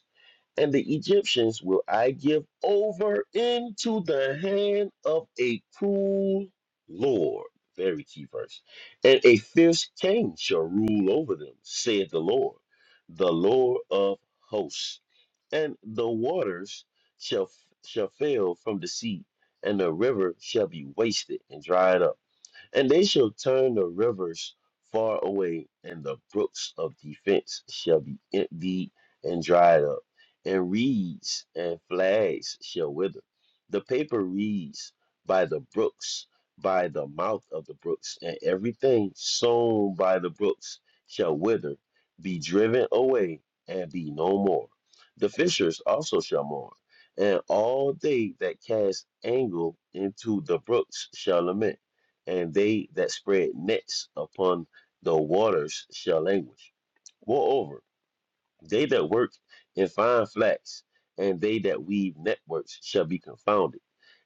and the Egyptians will I give over into the hand of a cruel Lord. Very key verse. And a fierce king shall rule over them, saith the Lord, the Lord of hosts. And the waters shall shall fail from the sea, and the river shall be wasted and dried up and they shall turn the rivers far away, and the brooks of defense shall be emptied and dried up, and reeds and flags shall wither. The paper reeds by the brooks, by the mouth of the brooks, and everything sown by the brooks shall wither, be driven away, and be no more. The fishers also shall mourn, and all they that cast angle into the brooks shall lament and they that spread nets upon the waters shall languish. Moreover, they that work in fine flax, and they that weave networks shall be confounded,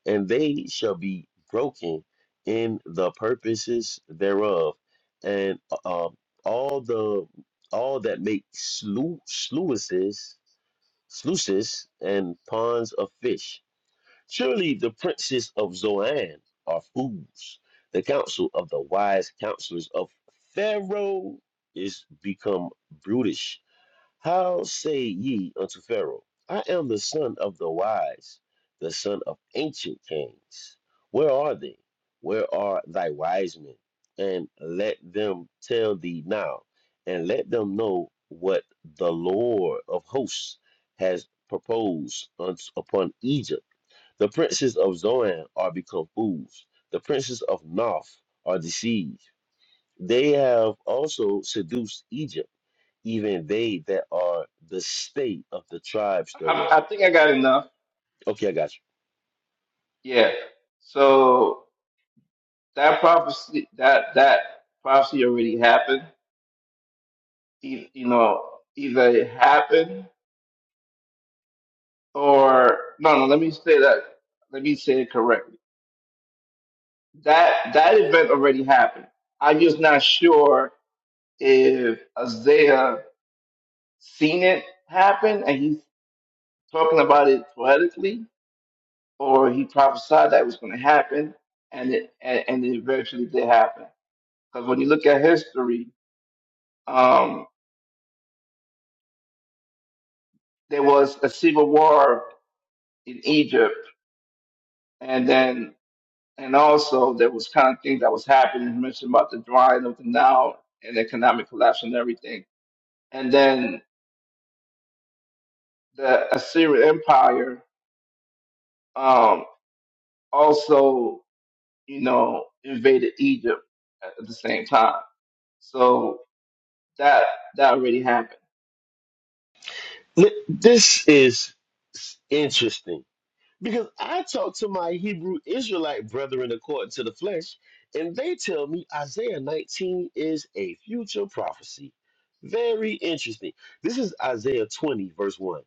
and they shall be broken in the purposes thereof, and uh, uh, all the all that make slu- sluices, sluices and ponds of fish Surely the princes of Zoan are fools. The counsel of the wise counselors of Pharaoh is become brutish. How say ye unto Pharaoh, I am the son of the wise, the son of ancient kings? Where are they? Where are thy wise men? And let them tell thee now, and let them know what the Lord of hosts has proposed unto- upon Egypt the princes of Zoan are become fools. The princes of Noph are deceived. They have also seduced Egypt, even they that are the state of the tribes
I, I
thereof.
think I got enough.
Okay, I got
Yeah. So that prophecy that that prophecy already happened. You, you know either it happened or no, no. Let me say that. Let me say it correctly. That that event already happened. I'm just not sure if Isaiah seen it happen and he's talking about it poetically, or he prophesied that was going to happen, and it and, and it eventually did happen. Because when you look at history, um, there was a civil war in Egypt, and then And also, there was kind of things that was happening. You mentioned about the drying of the Nile and economic collapse and everything. And then the Assyrian Empire um, also, you know, invaded Egypt at at the same time. So that that already happened.
you. Li- This is s- interesting Because I talk to my Hebrew Israelite brethren according to the flesh, and they tell me Isaiah 19 is a future prophecy. Very interesting. This is Isaiah 20, verse 1.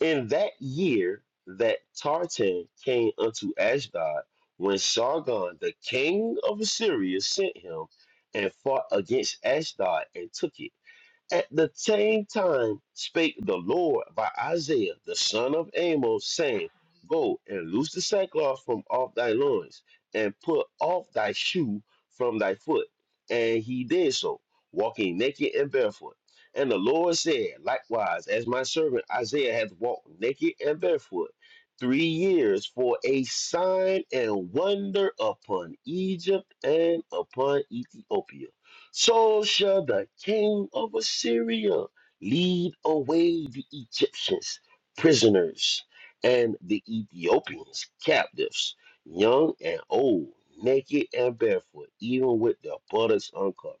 In that year that Tartan came unto Ashdod, when Sargon, the king of Assyria, sent him and fought against Ashdod and took it. At the same time spake the Lord by Isaiah the son of Amos, saying, Go and loose the sackcloth from off thy loins, and put off thy shoe from thy foot. And he did so, walking naked and barefoot. And the Lord said, Likewise, as my servant Isaiah hath walked naked and barefoot three years for a sign and wonder upon Egypt and upon Ethiopia so shall the king of Assyria lead away the Egyptians prisoners and the Ethiopians captives, young and old, naked and barefoot, even with their buttocks uncovered,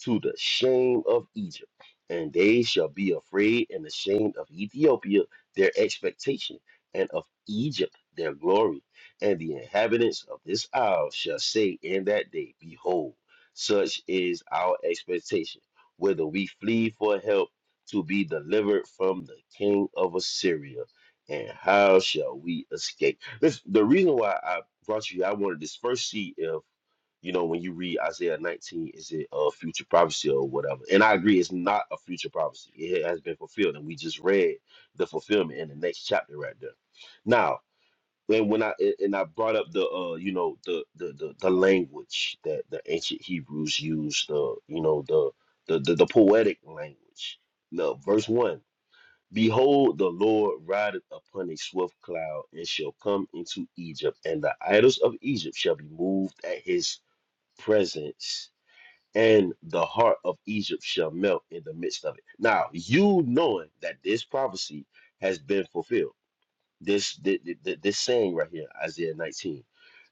to the shame of Egypt. And they shall be afraid and ashamed of Ethiopia, their expectation, and of Egypt, their glory. And the inhabitants of this isle shall say in that day, Behold, such is our expectation, whether we flee for help to be delivered from the king of Assyria. And how shall we escape? This the reason why I brought you. here, I wanted this first see if you know when you read Isaiah 19, is it a future prophecy or whatever? And I agree, it's not a future prophecy. It has been fulfilled, and we just read the fulfillment in the next chapter right there. Now, and when I and and I brought up the uh you know the the the, the language that the ancient Hebrews used the you know the the the, the poetic language. Now, verse one: Behold, the Lord rideth upon a swift cloud, and shall come into Egypt, and the idols of Egypt shall be moved at his presence, and the heart of Egypt shall melt in the midst of it. Now you knowing that this prophecy has been fulfilled this th- th- th- this saying right here, Isaiah 19.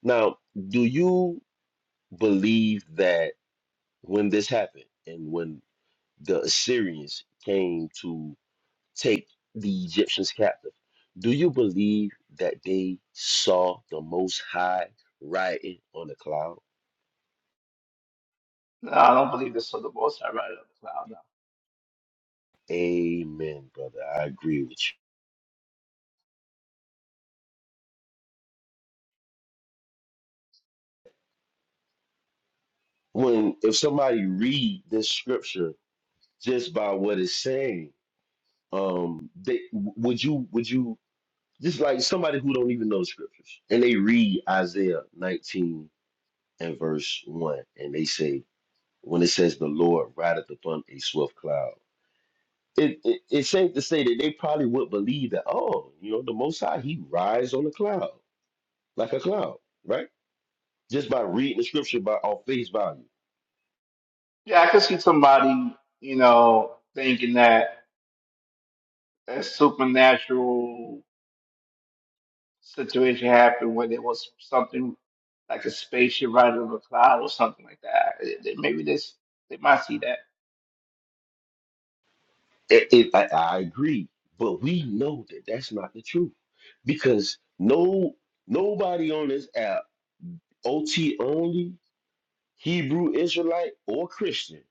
Now, do you believe that when this happened and when the Assyrians came to take the Egyptians captive, do you believe that they saw the Most High riding on the cloud?
No, I don't believe this for the most I right up the cloud. No.
Amen, brother. I agree with you. When if somebody read this scripture just by what it's saying, um, they would you would you Just like somebody who don't even know the scriptures. And they read Isaiah 19 and verse 1, and they say, when it says the Lord rideth upon a swift cloud. It, it, it's safe to say that they probably would believe that, oh, you know, the Most High, he rides on a cloud, like a cloud, right? Just by reading the scripture by off face value.
Yeah, I could see somebody, you know, thinking that that's supernatural situation happened when there was something like a spaceship riding on a cloud or something like that. Eh, eh, Maybe this they might see that.
It, it, I, I agree, but we know that that's not the truth because no nobody on this app, OT only, Hebrew Israelite or Christian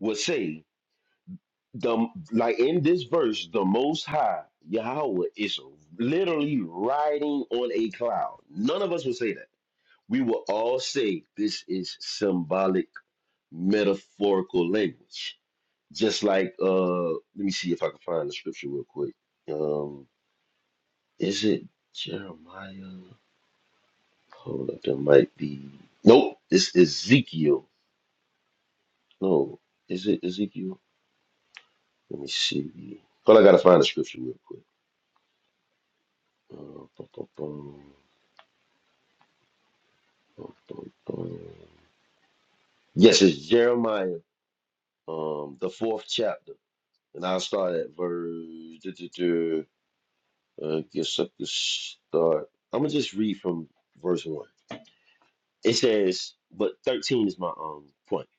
would say the like in this verse, the Most High Yahweh is literally riding on a cloud. None of us would say that. We will all say this is symbolic, metaphorical language. Just like uh, let me see if I can find the scripture real quick. Um, is it Jeremiah? Hold up, there might be. Nope, it's Ezekiel. No, is it Ezekiel? Let me see. Hold I gotta find the scripture real quick. Uh, dun, dun, dun, dun, dun, dun. Yes, it's Jeremiah, um, the fourth chapter, and I'll start at verse. duh, duh, duh. Uh, guess I could start. I'm gonna just read from verse one. It says, "But thirteen is my um point."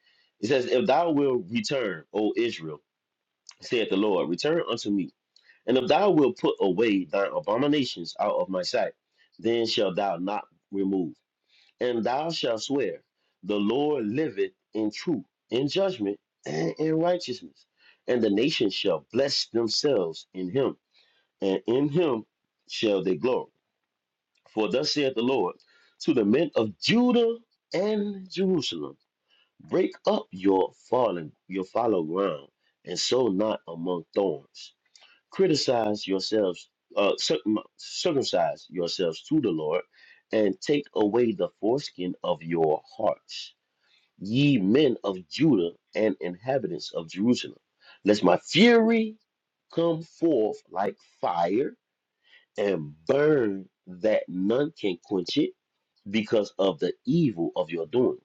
It says, "If thou wilt return, O Israel," saith the Lord, "return unto me, and if thou wilt put away thine abominations out of my sight, then shall thou not remove. And thou shalt swear, the Lord liveth in truth, in judgment, and in righteousness. And the nations shall bless themselves in him, and in him shall they glory. For thus saith the Lord to the men of Judah and Jerusalem Break up your fallen, your fallow ground, and sow not among thorns criticize yourselves, uh, circum- circumcise yourselves to the Lord, and take away the foreskin of your hearts, ye men of Judah and inhabitants of Jerusalem, lest my fury come forth like fire and burn that none can quench it because of the evil of your doing.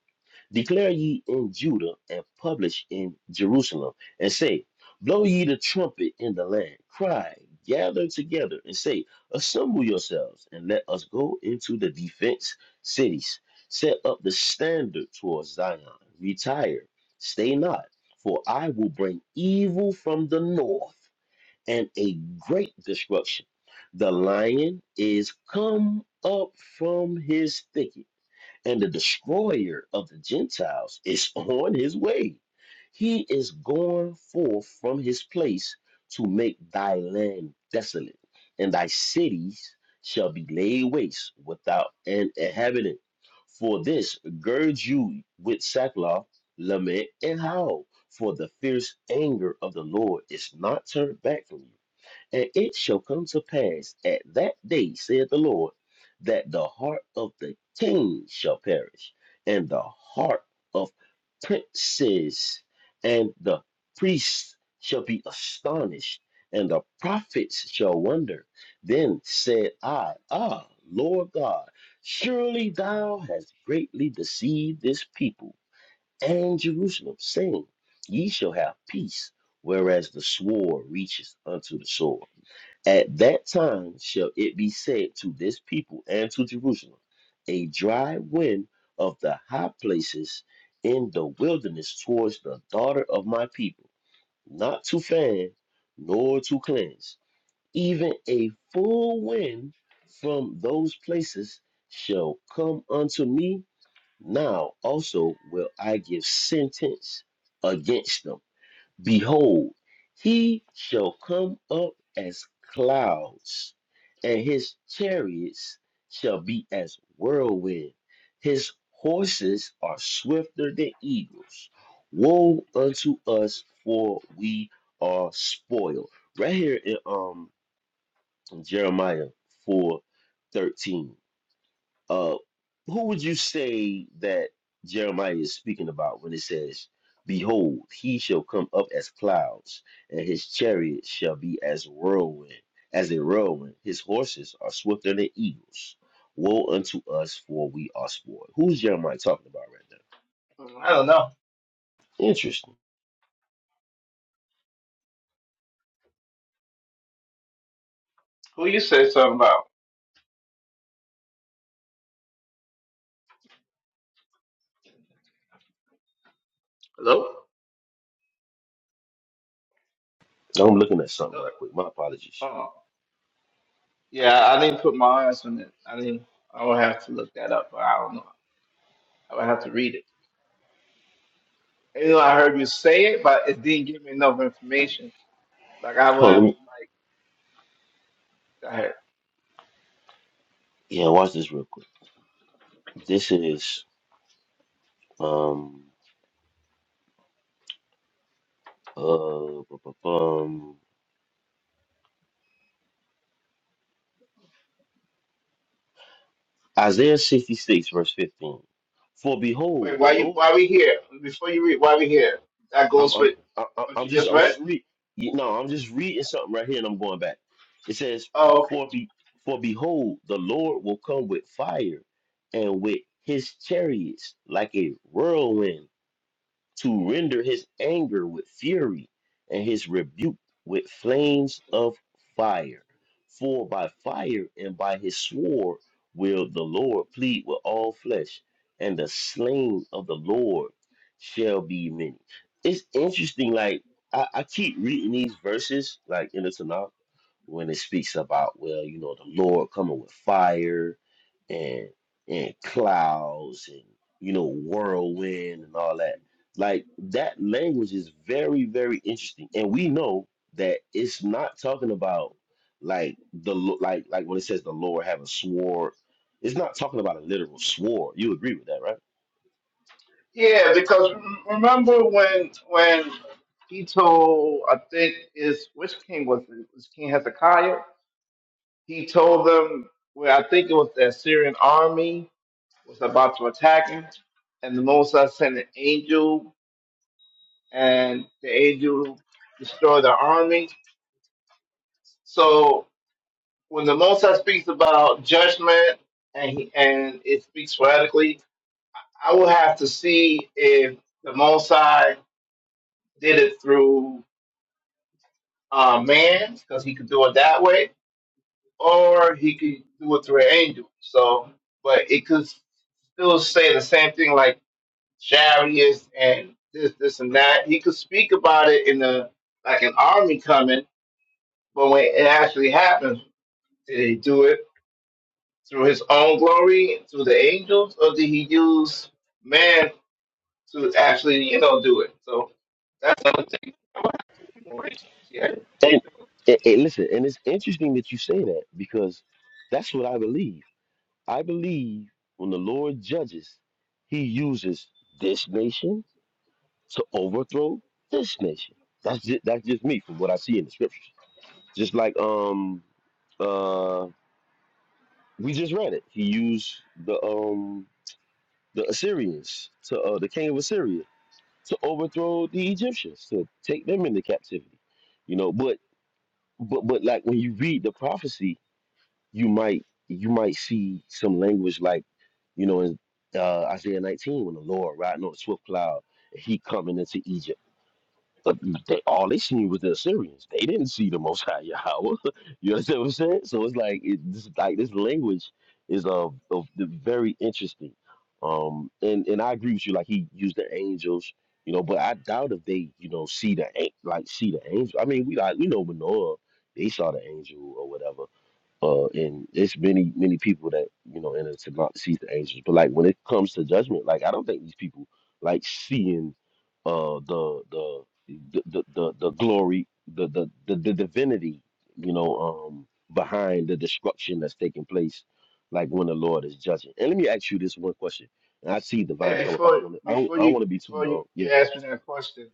Declare ye in Judah and publish in Jerusalem, and say, Blow ye the trumpet in the land, cry, gather together, and say, Assemble yourselves, and let us go into the defense cities. Set up the standard towards Zion, retire, stay not, for I will bring evil from the north and a great destruction. The lion is come up from his thicket, and the destroyer of the Gentiles is on his way. He is gone forth from his place to make thy land desolate, and thy cities shall be laid waste without an inhabitant. For this, gird you with sackcloth, lament, and howl, for the fierce anger of the Lord is not turned back from you and it shall come to pass at that day, saith the Lord, that the heart of the king shall perish, and the heart of princes and the priests shall be astonished, and the prophets shall wonder. Then said I, Ah, Lord God, surely thou hast greatly deceived this people and Jerusalem, saying, Ye shall have peace, whereas the sword reaches unto the sword at that time shall it be said to this people and to Jerusalem, a dry wind of the high places in the wilderness towards the daughter of my people, not to fan nor to cleanse. Even a full wind from those places shall come unto me. Now also will I give sentence against them Behold, he shall come up as clouds, and his chariots shall be as whirlwind. His horses are swifter than eagles. Woe unto us, for we are spoiled. Right here in um Jeremiah four thirteen. Uh, who would you say that Jeremiah is speaking about when it says, Behold, he shall come up as clouds, and his chariot shall be as whirlwind, as a whirlwind. His horses are swifter than eagles. Woe unto us, for we are spoiled. Who's Jeremiah talking about right now?
Mm, I don't know.
Interesting.
Who you said something about? Hello?
I'm looking at something
Hello?
right quick. My apologies.
Oh, yeah. I didn't put my eyes on it. I didn't. I would have to look that up. But I don't know. I would have to read it. You know, I heard you say it, but it didn't give me enough information. Like I would
Hold on,
have
let
to
me,
like. Go ahead.
yeah, watch this real quick. This is um uh bu- bu- bum. Isaiah 66, verse 15. For behold,
Wait,
the
why you?
Lord.
Why we here? Before you read, why we here? That
I'm
goes
I'm
with
I- I-
what
I'm
you
just
just
I'm
read.
just read. You know, I'm just reading something right here, and I'm going back. It says,
Oh, okay.
"For be for behold, the Lord will come with fire, and with His chariots like a whirlwind." to render his anger with fury and his rebuke with flames of fire. For by fire and by his sword will the Lord plead with all flesh, and the slain of the Lord shall be many. It's interesting, like I, I keep reading these verses, like in the Tanakh when it speaks about well you know the lord coming with fire and and clouds and you know whirlwind and all that like that language is very very interesting and we know that it's not talking about like the lo- like like when it says the lord have a sword it's not talking about a literal sword you agree with that right
Yeah, because rem- remember when when he told I think is which king was it? It was King Hezekiah? He told them where I think it was the Assyrian army was about to attack him, and the Mosai sent an angel, and the angel destroyed the army. So when the Mosai speaks about judgment and he, and it speaks radically, I will have to see if the Mosai did it through uh, man, because he could do it that way, or he could do it through an angel. So, but it could still say the same thing like chariots and this, this, and that. He could speak about it in the like an army coming, but when it actually happens, did he do it through his own glory, through the angels, or did he use man to actually, you know, do it? So that's another thing. Yeah.
and, and, and listen and it's interesting that you say that because that's what i believe I believe when the Lord judges, he uses this nation to overthrow this nation. That's just, that's just me from what I see in the scriptures. Just like um uh we just read it. He used the um the Assyrians to uh, the king of Assyria to overthrow the Egyptians to take them into captivity. You know, but but but like when you read the prophecy you might you might see some language like you know in uh, Isaiah 19 when the Lord riding on a swift cloud and he coming into Egypt. But they all they seen was the Assyrians. They didn't see the Most High Yahweh. you understand what I'm saying? So it's like it, this like this language is of of the very interesting. Um, and and I agree with you. Like he used the angels, you know, but I doubt if they you know see the an- like see the angel. I mean, we like we know Manoah, they saw the angel or whatever uh, and it's many many people that you know in it to not see the angels. But like when it comes to judgment, like I don't think these people like seeing uh the the the the, the, the glory, the, the the the divinity, you know, um behind the destruction that's taking place, like when the Lord is judging. And let me ask you this one question. And I see divine
Hey,
come up. I don't
before
want to. I don't.
before
I don't
you
want to be too
before you,
long.
you
Yeah,
ask me that question,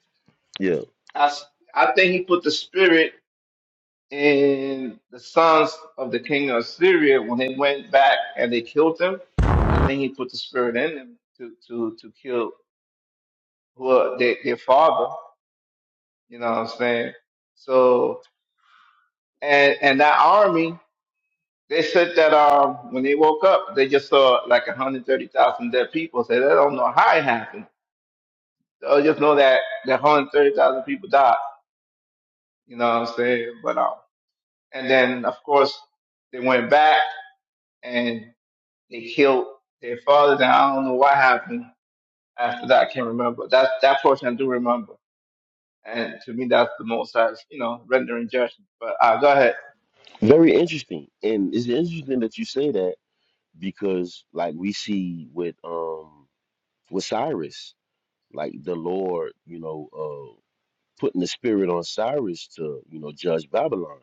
yeah.
I, s- I think he put the spirit in the sons of the king of Syria when they went back and they killed them. I think he put the spirit in them to to to kill who are their, their father. You know what I'm saying? So and and that army, they said that um when they woke up, they just saw like 130,000 dead people. So they don't know how it happened. They just know that that 130,000 people died. You know what I'm saying? But um and then of course they went back and they killed their fathers. And I don't know what happened after that. I can't remember. That that portion I do remember. And to me, that's the most, uh, you know, rendering judgment. But uh, go ahead.
Very interesting. And it's interesting that you say that because, like, we see with um with Cyrus, like the Lord, you know, uh, putting the spirit on Cyrus to, you know, judge Babylon.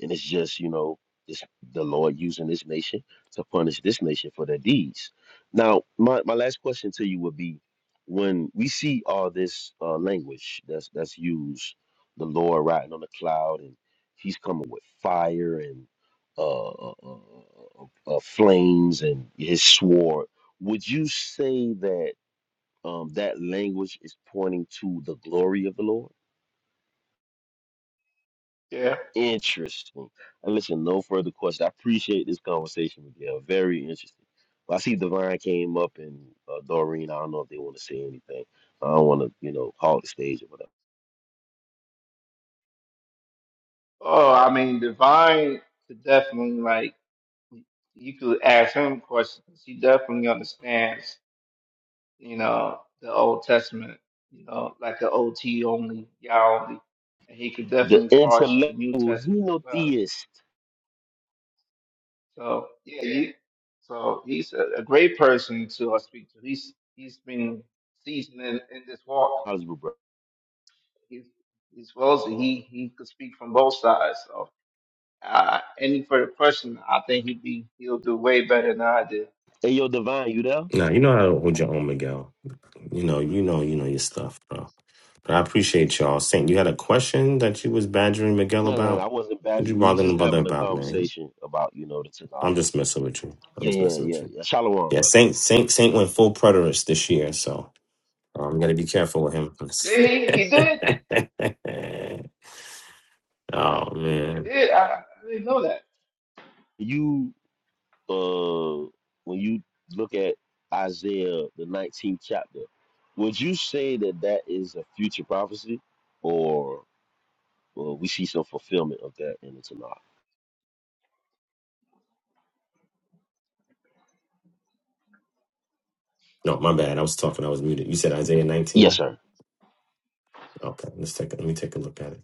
And it's just, you know, it's the Lord using this nation to punish this nation for their deeds. Now, my, my last question to you would be when we see all this uh, language that's that's used, the Lord riding on the cloud and he's coming with fire and uh, uh, uh, uh, uh, flames and his sword. Would you say that um, that language is pointing to the glory of the Lord.
Yeah.
Interesting. And listen, no further questions. I appreciate this conversation with you. Very interesting. Well, I see Divine came up and uh, Doreen. I don't know if they want to say anything. I don't want to, you know, hog the stage or whatever.
Oh, I mean, divine could definitely like you could ask him questions. He definitely understands, you know, the Old Testament, you know, like the OT only, Yah only, and he could
The
definitely parse the
intellectual
New Testament as well
henotheist.
So yeah, he, so he's a, a great person to uh, speak to. He's he's been seasoned in, in this walk.
How's it, brother?
He's he's well. He he could speak from both sides. So uh, any further question, I think he'd be he'll do way better than I did.
Hey, yo, Divine, you there?
Now, you know how to hold your own, Miguel. You know, you know, you know your stuff, bro. But I appreciate y'all. Saint, you had a question that you was badgering Miguel
No, no, no, I
about?
wasn't
What
bashing.
you
We was
bothering
just
the brother
having a
about, man?
conversation about, you know, the Tanakh.
I'm just messing with you. I'm
Yeah,
just
yeah,
messing with
yeah,
you.
yeah. Shalom,
Yeah,
brother.
Saint Saint Saint went full preterist this year, so I'm gonna be careful with him.
Did he he did
oh
he
man.
did. I, I didn't know that.
You uh, when you look at Isaiah the 19th chapter, would you say that that is a future prophecy, or uh, we see some fulfillment of that in the Tanakh?
No, my bad. I was talking, I was muted. You said Isaiah
Yes,
19?
sir.
Okay, let's take a, let me take a look at it.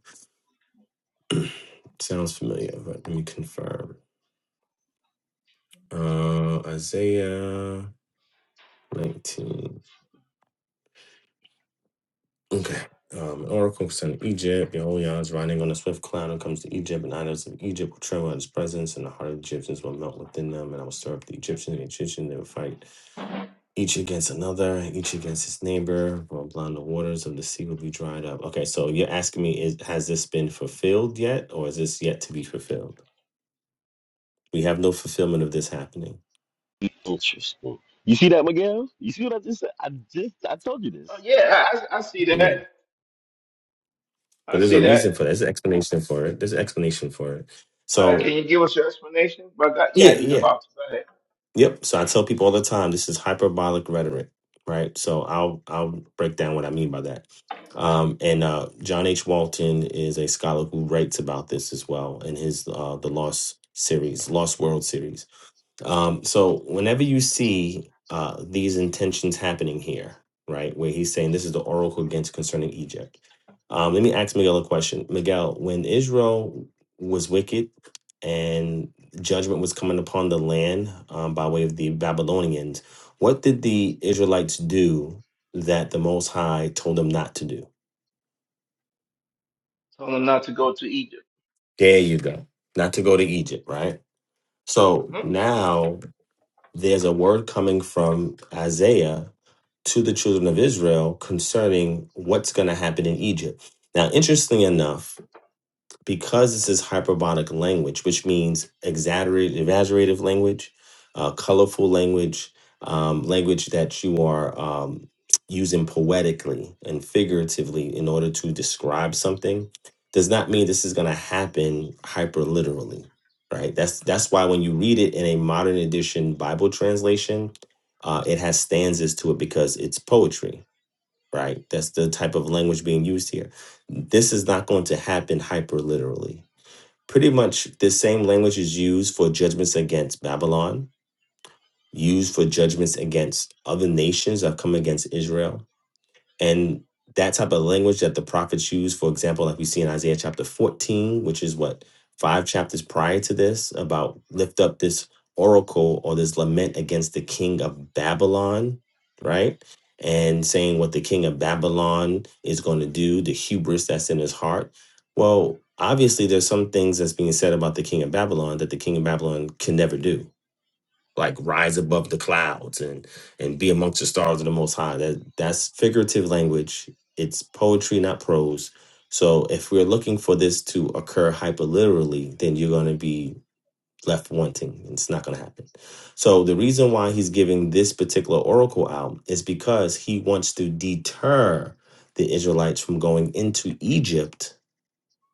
Sounds familiar, but let me confirm. Uh Isaiah 19. Okay. Um, Oracle concerning Egypt, Yehoiah is riding on a swift cloud and comes to Egypt, and idols of Egypt will tremble at his presence, and the heart of the Egyptians will melt within them, and I will stir up the Egyptians and the Egyptians, they will fight each against another, each against his neighbor, while blind the waters of the sea will be dried up. Okay, so you're asking me, is has this been fulfilled yet, or is this yet to be fulfilled? We have no fulfillment of this happening.
Interesting. You see that, Miguel? You see what I just said? I just I told you this.
Oh yeah, I, I see that.
Yeah. But
I
there's
see
a
that.
reason for that. There's an explanation for it. There's an explanation for it.
All right, can
So
you give us your explanation? But God, yeah,
yeah,
he's
yeah.
about to go ahead.
Yep. So I tell people all the time this is hyperbolic rhetoric, right? So I'll I'll break down what I mean by that. Um, and uh, John H. Walton is a scholar who writes about this as well in his uh, the Lost series, Lost World series. Um, so whenever you see uh, these intentions happening here, right, where he's saying this is the oracle against concerning Egypt. Um, let me ask Miguel a question. Miguel, when Israel was wicked and judgment was coming upon the land um, by way of the Babylonians, what did the Israelites do that the Most High told them not to do?
Told him not to go to Egypt.
There you go. Not to go to Egypt, right? So
hmm
now there's a word coming from Isaiah to the children of Israel concerning what's going to happen in Egypt. Now, interestingly enough, because this is hyperbolic language, which means exaggerated, exaggerative language, uh, colorful language, um, language that you are um, using poetically and figuratively in order to describe something, does not mean this is going to happen hyper literally, right? That's that's why when you read it in a modern edition Bible translation, uh, it has stanzas to it because it's poetry right? That's the type of language being used here. This is not going to happen hyper literally. Pretty much the same language is used for judgments against Babylon, used for judgments against other nations that come against Israel and that type of language that the prophets use, for example, like we see in Isaiah chapter 14, which is what, five chapters prior to this, about lift up this oracle or this lament against the king of Babylon, right? And saying what the king of Babylon is going to do, the hubris that's in his heart. Well, obviously, there's some things that's being said about the king of Babylon that the king of Babylon can never do like rise above the clouds and and be amongst the stars of the most high that that's figurative language it's poetry not prose so if we're looking for this to occur hyperliterally then you're going to be left wanting and it's not going to happen so the reason why he's giving this particular oracle out is because he wants to deter the israelites from going into egypt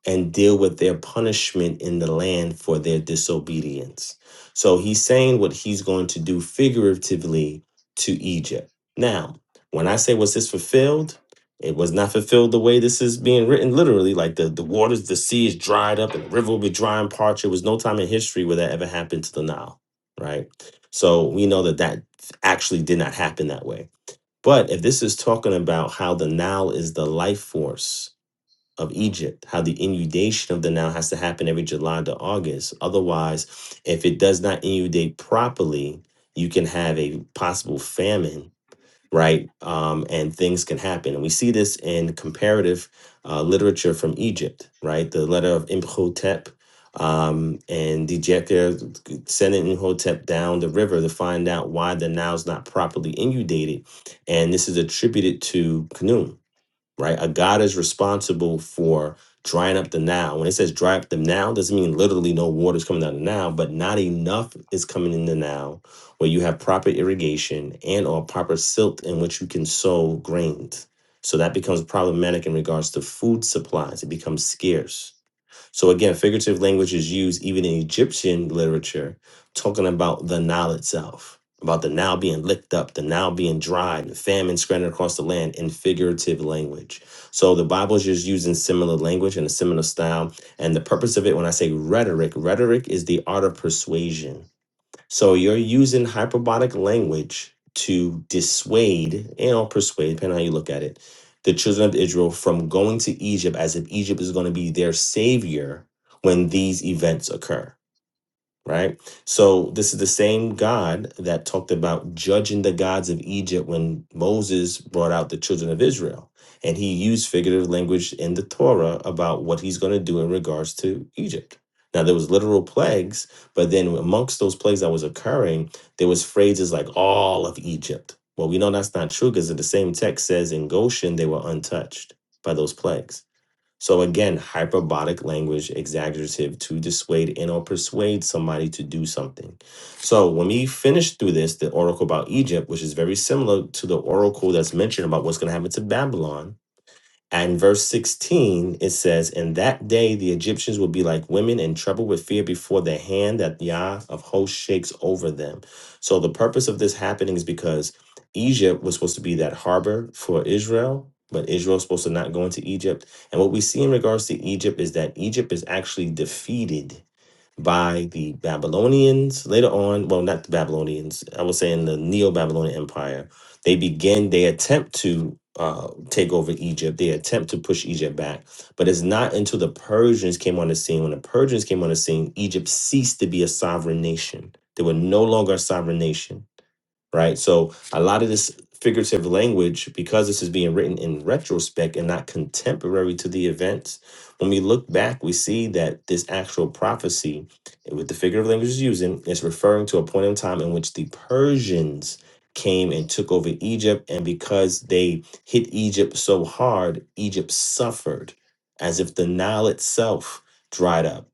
and deal with their punishment in the land for their disobedience. So he's saying what he's going to do figuratively to Egypt. Now, when I say was this fulfilled, it was not fulfilled the way this is being written literally. Like the, the waters, the sea is dried up and the river will be dry and parched. There was no time in history where that ever happened to the Nile, right? So we know that that actually did not happen that way. But if this is talking about how the Nile is the life force, of Egypt, how the inundation of the Nile has to happen every July to August. Otherwise, if it does not inundate properly, you can have a possible famine, right? Um, and things can happen. And we see this in comparative uh, literature from Egypt, right? The letter of Imhotep um, and Djeker sending Imhotep down the river to find out why the Nile's not properly inundated. And this is attributed to Canaan right? A God is responsible for drying up the now. When it says dry up the now, doesn't mean literally no water is coming out of the now, but not enough is coming in the now where you have proper irrigation and or proper silt in which you can sow grains. So that becomes problematic in regards to food supplies. It becomes scarce. So again, figurative language is used even in Egyptian literature, talking about the Nile itself, about the Nile being licked up, the Nile being dried, the famine spreading across the land in figurative language. So the Bible is just using similar language and a similar style. And the purpose of it, when I say rhetoric, rhetoric is the art of persuasion so you're using hyperbolic language to dissuade and persuade, depending on how you look at it, the children of Israel from going to Egypt as if Egypt is going to be their savior when these events occur right? So this is the same God that talked about judging the gods of Egypt when Moses brought out the children of Israel. And he used figurative language in the Torah about what he's going to do in regards to Egypt. Now there was literal plagues, but then amongst those plagues that was occurring, there was phrases like all of Egypt. Well, we know that's not true because the same text says in Goshen they were untouched by those plagues. So again, hyperbolic language exaggerative to dissuade and or persuade somebody to do something. So when we finish through this, the oracle about Egypt, which is very similar to the oracle that's mentioned about what's going to happen to Babylon, and verse 16, it says, In that day the Egyptians will be like women in trouble with fear before the hand that Yah of hosts shakes over them. So the purpose of this happening is because Egypt was supposed to be that harbor for Israel, but Israel's supposed to not go into Egypt. And what we see in regards to Egypt is that Egypt is actually defeated by the Babylonians later on. Well, not the Babylonians. I was saying the Neo-Babylonian Empire. They begin. They attempt to uh, take over Egypt. They attempt to push Egypt back. But it's not until the Persians came on the scene. When the Persians came on the scene, Egypt ceased to be a sovereign nation. They were no longer a sovereign nation right? So a lot of this figurative language, because this is being written in retrospect and not contemporary to the events, when we look back, we see that this actual prophecy with the figurative language is using is referring to a point in time in which the Persians came and took over Egypt, and because they hit Egypt so hard, Egypt suffered as if the Nile itself dried up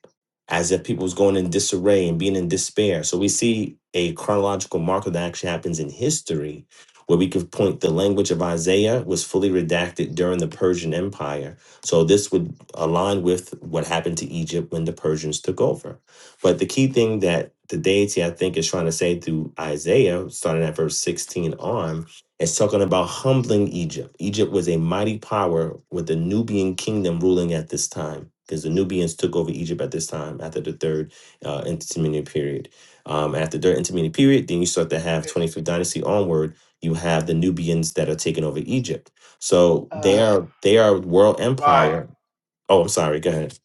as if people was going in disarray and being in despair. So we see a chronological marker that actually happens in history where we could point the language of Isaiah was fully redacted during the Persian Empire. So this would align with what happened to Egypt when the Persians took over. But the key thing that the deity I think is trying to say through Isaiah, starting at verse 16 on, it's talking about humbling Egypt. Egypt was a mighty power with the Nubian kingdom ruling at this time because the Nubians took over Egypt at this time after the third uh, intermediate period. Um, after the third intermediate period, then you start to have 25th dynasty onward. You have the Nubians that are taking over Egypt. So they
Uh,
are they are world
divine.
empire. Oh, I'm sorry. Go ahead.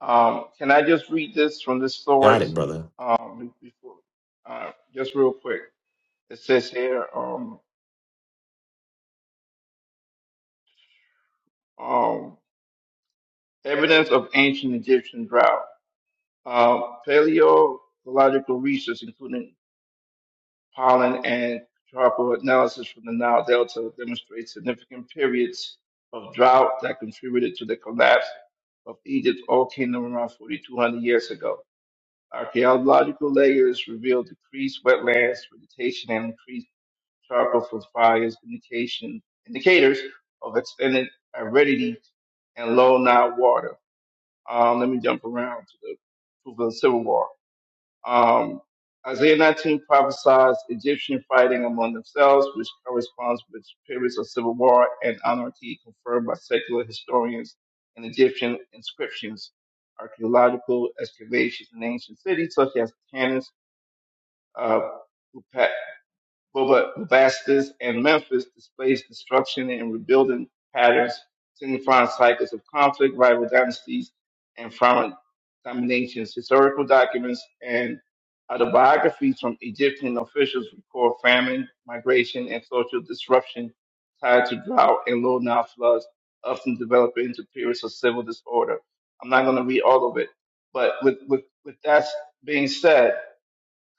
Um, can I just read this from this
Got it,
source
brother.
um, before, uh, just real quick? It says here, um, um, evidence of ancient Egyptian drought. Um, paleontological research, including pollen and charcoal analysis from the Nile Delta, demonstrates significant periods of drought that contributed to the collapse of Egypt's old kingdom around 4,200 years ago. Archaeological layers reveal decreased wetlands, vegetation, and increased charcoal for fires indication indicators of extended aridity and low Nile water. Um, let me jump around to the proof of the Civil War. Um, Isaiah 19 prophesies Egyptian fighting among themselves, which corresponds with periods of civil war and anarchy confirmed by secular historians and Egyptian inscriptions, archaeological excavations in ancient cities such as Tanis, uh, Boba Vastus, and Memphis displays destruction and rebuilding patterns, signifying cycles of conflict, rival dynasties, and foreign dominations. Historical documents and autobiographies from Egyptian officials record famine, migration, and social disruption tied to drought and low Nile floods, often developing into periods of civil disorder. I'm not going to read all of it, but with, with, with that being said,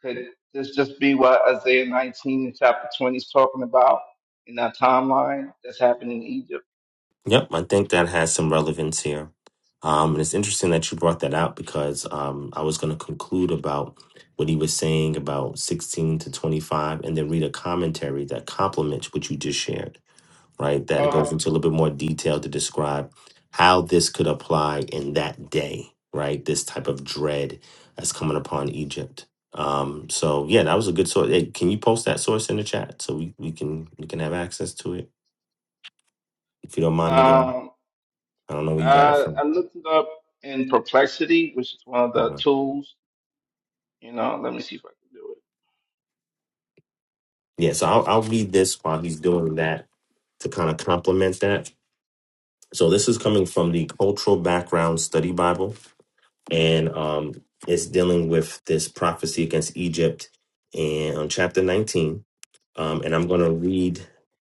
could this just be what Isaiah 19 chapter 20 is talking about in that timeline that's happening in Egypt?
Yep, I think that has some relevance here. Um, and it's interesting that you brought that out because um, I was going to conclude about what he was saying about 16 to 25 and then read a commentary that complements what you just shared, right? That it
Okay.
goes into a little bit more detail to describe how this could apply in that day, right? This type of dread that's coming upon Egypt. Um, so yeah, that was a good source. Hey, can you post that source in the chat so we, we can we can have access to it if you don't mind, Miguel?
Um,
I don't know where you got it
I, I
from.
looked it up in Perplexity, which is one of the
Uh-huh.
tools. You know, let me see if I can do it.
Yeah, so I'll, I'll read this while he's doing that to kind of complement that. So this is coming from the Cultural Background Study Bible, and um, it's dealing with this prophecy against Egypt and on chapter 19. Um, and I'm going to read,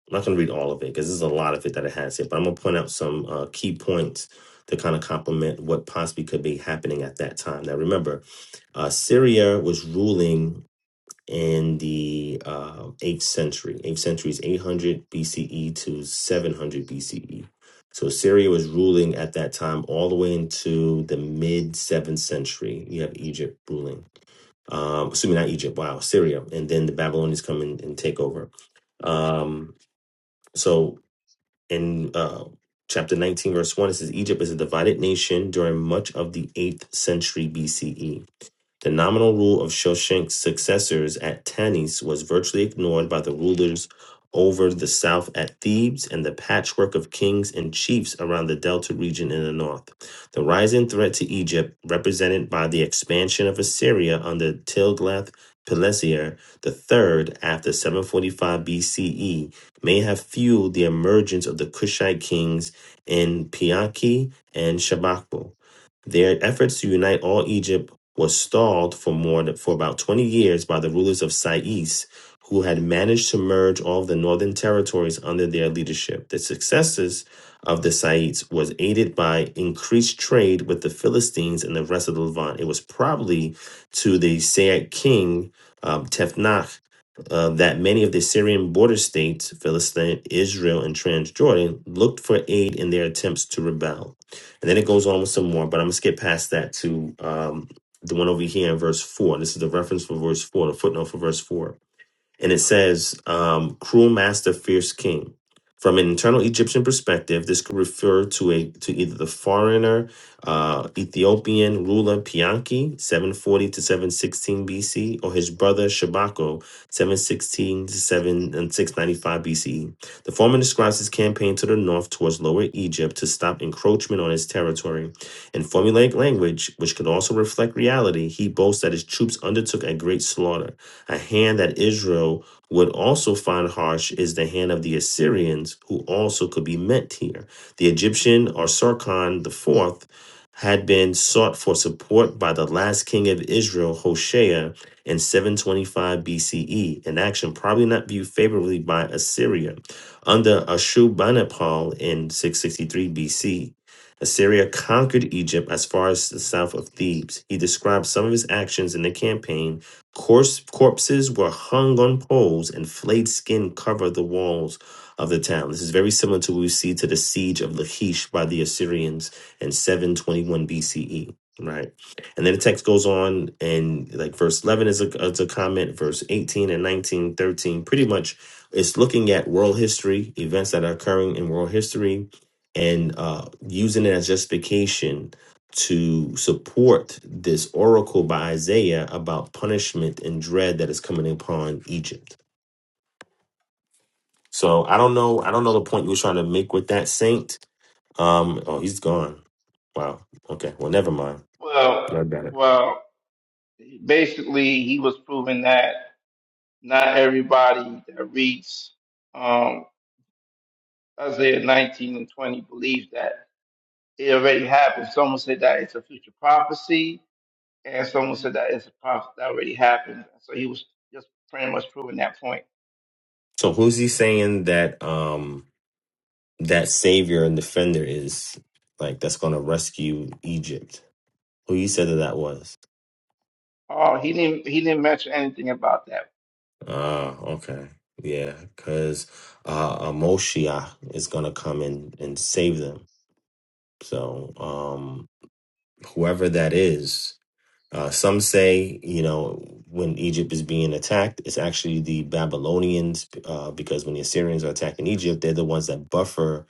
I'm not going to read all of it because there's a lot of it that it has here, but I'm going to point out some uh, key points to kind of complement what possibly could be happening at that time. Now, remember, uh, Syria was ruling in the uh, 8th century. 8th century is 800 BCE to 700 BCE. So Syria was ruling at that time all the way into the mid 7th century. You have Egypt ruling. Um, assuming not Egypt, wow, Syria. And then the Babylonians come in and take over. Um, so in uh, chapter 19, verse 1, it says Egypt is a divided nation during much of the 8th century BCE. The nominal rule of Shoshenq's successors at Tanis was virtually ignored by the rulers over the south at Thebes and the patchwork of kings and chiefs around the delta region in the north. The rising threat to Egypt, represented by the expansion of Assyria under Tiglath-Pileser III after 745 BCE, may have fueled the emergence of the Kushite kings in Piaki and Shabakbo. Their efforts to unite all Egypt was stalled for more than, for about 20 years by the rulers of Sais, who had managed to merge all of the northern territories under their leadership. The successes of the Saites was aided by increased trade with the Philistines and the rest of the Levant. It was probably to the Saite king um, Tefnach uh, that many of the Syrian border states, Philistine, Israel, and Transjordan, looked for aid in their attempts to rebel. And then it goes on with some more, but I'm going to skip past that to. um, the one over here in verse 4. And This is the reference for verse 4, the footnote for verse 4 and it says, um, "Cruel master, fierce king." From an internal Egyptian perspective, this could refer to a to either the foreigner uh, Ethiopian ruler Pianki (740 to 716 BC) or his brother Shabako (716 to 7 and 695 BCE). The former describes his campaign to the north towards Lower Egypt to stop encroachment on his territory. In formulaic language, which could also reflect reality, he boasts that his troops undertook a great slaughter. A hand that Israel would also find harsh is the hand of the Assyrians, who also could be meant here. The Egyptian or Sargon the Fourth, had been sought for support by the last king of Israel, Hoshea, in 725 BCE, an action probably not viewed favorably by Assyria. Under Ashurbanipal in 663 BC, Assyria conquered Egypt as far as the south of Thebes. He describes some of his actions in the campaign Corse, corpses were hung on poles, and flayed skin covered the walls of the town. This is very similar to what we see to the siege of Lachish by the Assyrians in 721 BCE. Right, and then the text goes on, and like verse 11 is a, is a comment, verse 18 and 19, 13, Pretty much, it's looking at world history, events that are occurring in world history, and uh, using it as justification to support this oracle by Isaiah about punishment and dread that is coming upon Egypt. So I don't know. I don't know the point you were trying to make with that saint. Um. Oh, he's gone. Wow. Okay. Well, never mind.
Well,
I got it.
well, basically, he was proving that. Not everybody that reads um, Isaiah 19 and 20 believes that it already happened. Someone said that it's a future prophecy, and someone said that it's a prophecy that already happened. So he was just pretty much proving that point.
So who's he saying that um that savior and defender is like that's going to rescue Egypt? Who you said that that was?
Oh, he didn't he didn't mention anything about that.
Ah. okay. Yeah. Because uh, a Moshiach is going to come and and save them So um, whoever that is, uh, some say, you know, when Egypt is being attacked, it's actually the Babylonians, uh, because when the Assyrians are attacking Egypt, they're the ones that buffer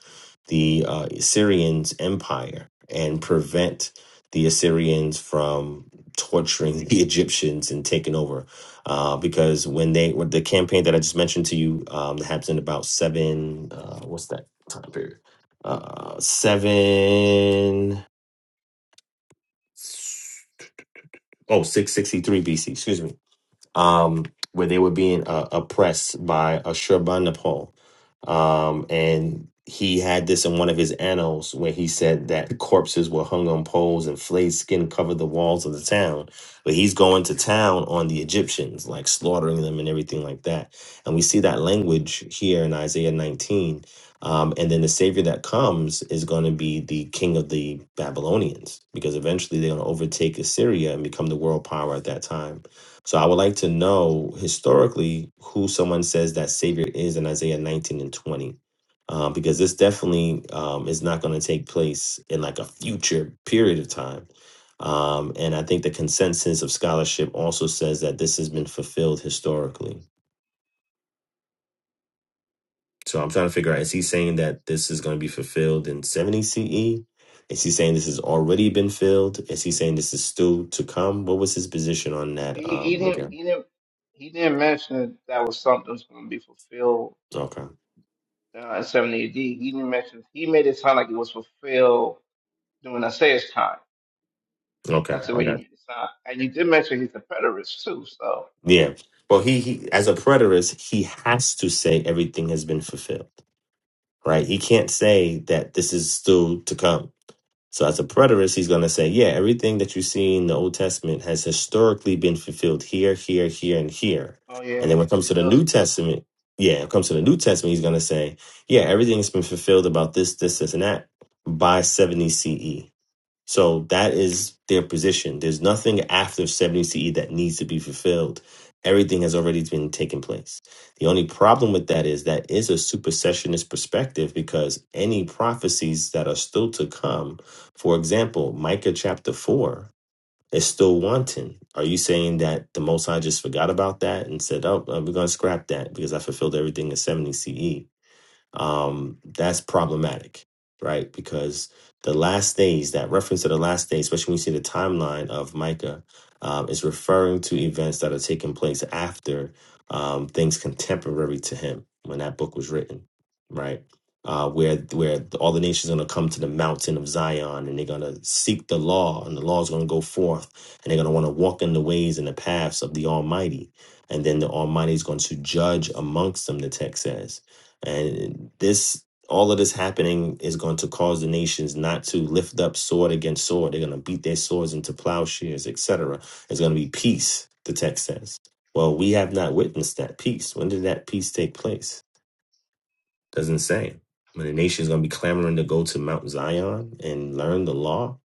the uh, Assyrians' empire and prevent the Assyrians from torturing the Egyptians and taking over. Uh, because when they, with the campaign that I just mentioned to you, um, that happens in about seven, uh, what's that time period? Uh, seven, oh, BC, excuse me um, where they were being uh, oppressed by Ashurbanipal. Um, and he had this in one of his annals where he said that corpses were hung on poles and flayed skin covered the walls of the town. But he's going to town on the Egyptians, like slaughtering them and everything like that. And we see that language here in Isaiah 19. Um, and then the savior that comes is going to be the king of the Babylonians, because eventually they're going to overtake Assyria and become the world power at that time so I would like to know historically who someone says that Savior is in Isaiah 19 and 20. Um, because this definitely um, is not going to take place in like a future period of time. Um, and I think the consensus of scholarship also says that this has been fulfilled historically. So I'm trying to figure out is he saying that this is going to be fulfilled in 70 CE? Is he saying this has already been filled? Is he saying this is still to come? What was his position on that?
He he
Um,
didn't
okay.
he didn't he didn't mention that was something that's going to be fulfilled
Okay.
uh, in 70 AD. He didn't mention he made it sound like it was fulfilled during Isaiah's time.
Okay.
That's the
I got
way
you.
you make it sound. And you did mention he's a preterist too, so
Yeah. Well, he, he as a preterist, he has to say everything has been fulfilled, right? He can't say that this is still to come. So as a preterist, he's going to say, yeah, everything that you see in the Old Testament has historically been fulfilled here, here, here, and here.
oh
And then
yeah,
when it comes to
it
the
does
New
go.
Testament, yeah, when it comes to the New Testament, he's going to say, yeah, everything's been fulfilled about this, this, this, and that by 70 CE. So that is their position. There's nothing after 70 CE that needs to be fulfilled. Everything has already been taken place. The only problem with that is that is a supersessionist perspective because any prophecies that are still to come, for example, Micah chapter 4 is still wanting. Are you saying that the Most High just forgot about that and said, oh, uh, we're going to scrap that because I fulfilled everything in 70 CE? um, that's problematic, right? Because the last days, that reference to the last days, especially when you see the timeline of Micah, um, is referring to events that are taking place after um, things contemporary to him when that book was written, right? Uh, where where all the nations are going to come to the mountain of Zion and they're going to seek the law and the law is going to go forth and they're going to want to walk in the ways and the paths of the Almighty and then the Almighty is going to judge amongst them. The text says, and this, all of this happening is going to cause the nations not to lift up sword against sword. They're going to beat their swords into plowshares, etc. There's going to be peace, the text says. Well, we have not witnessed that peace. When did that peace take place? Doesn't say. When the nation's going to be clamoring to go to Mount Zion and learn the law.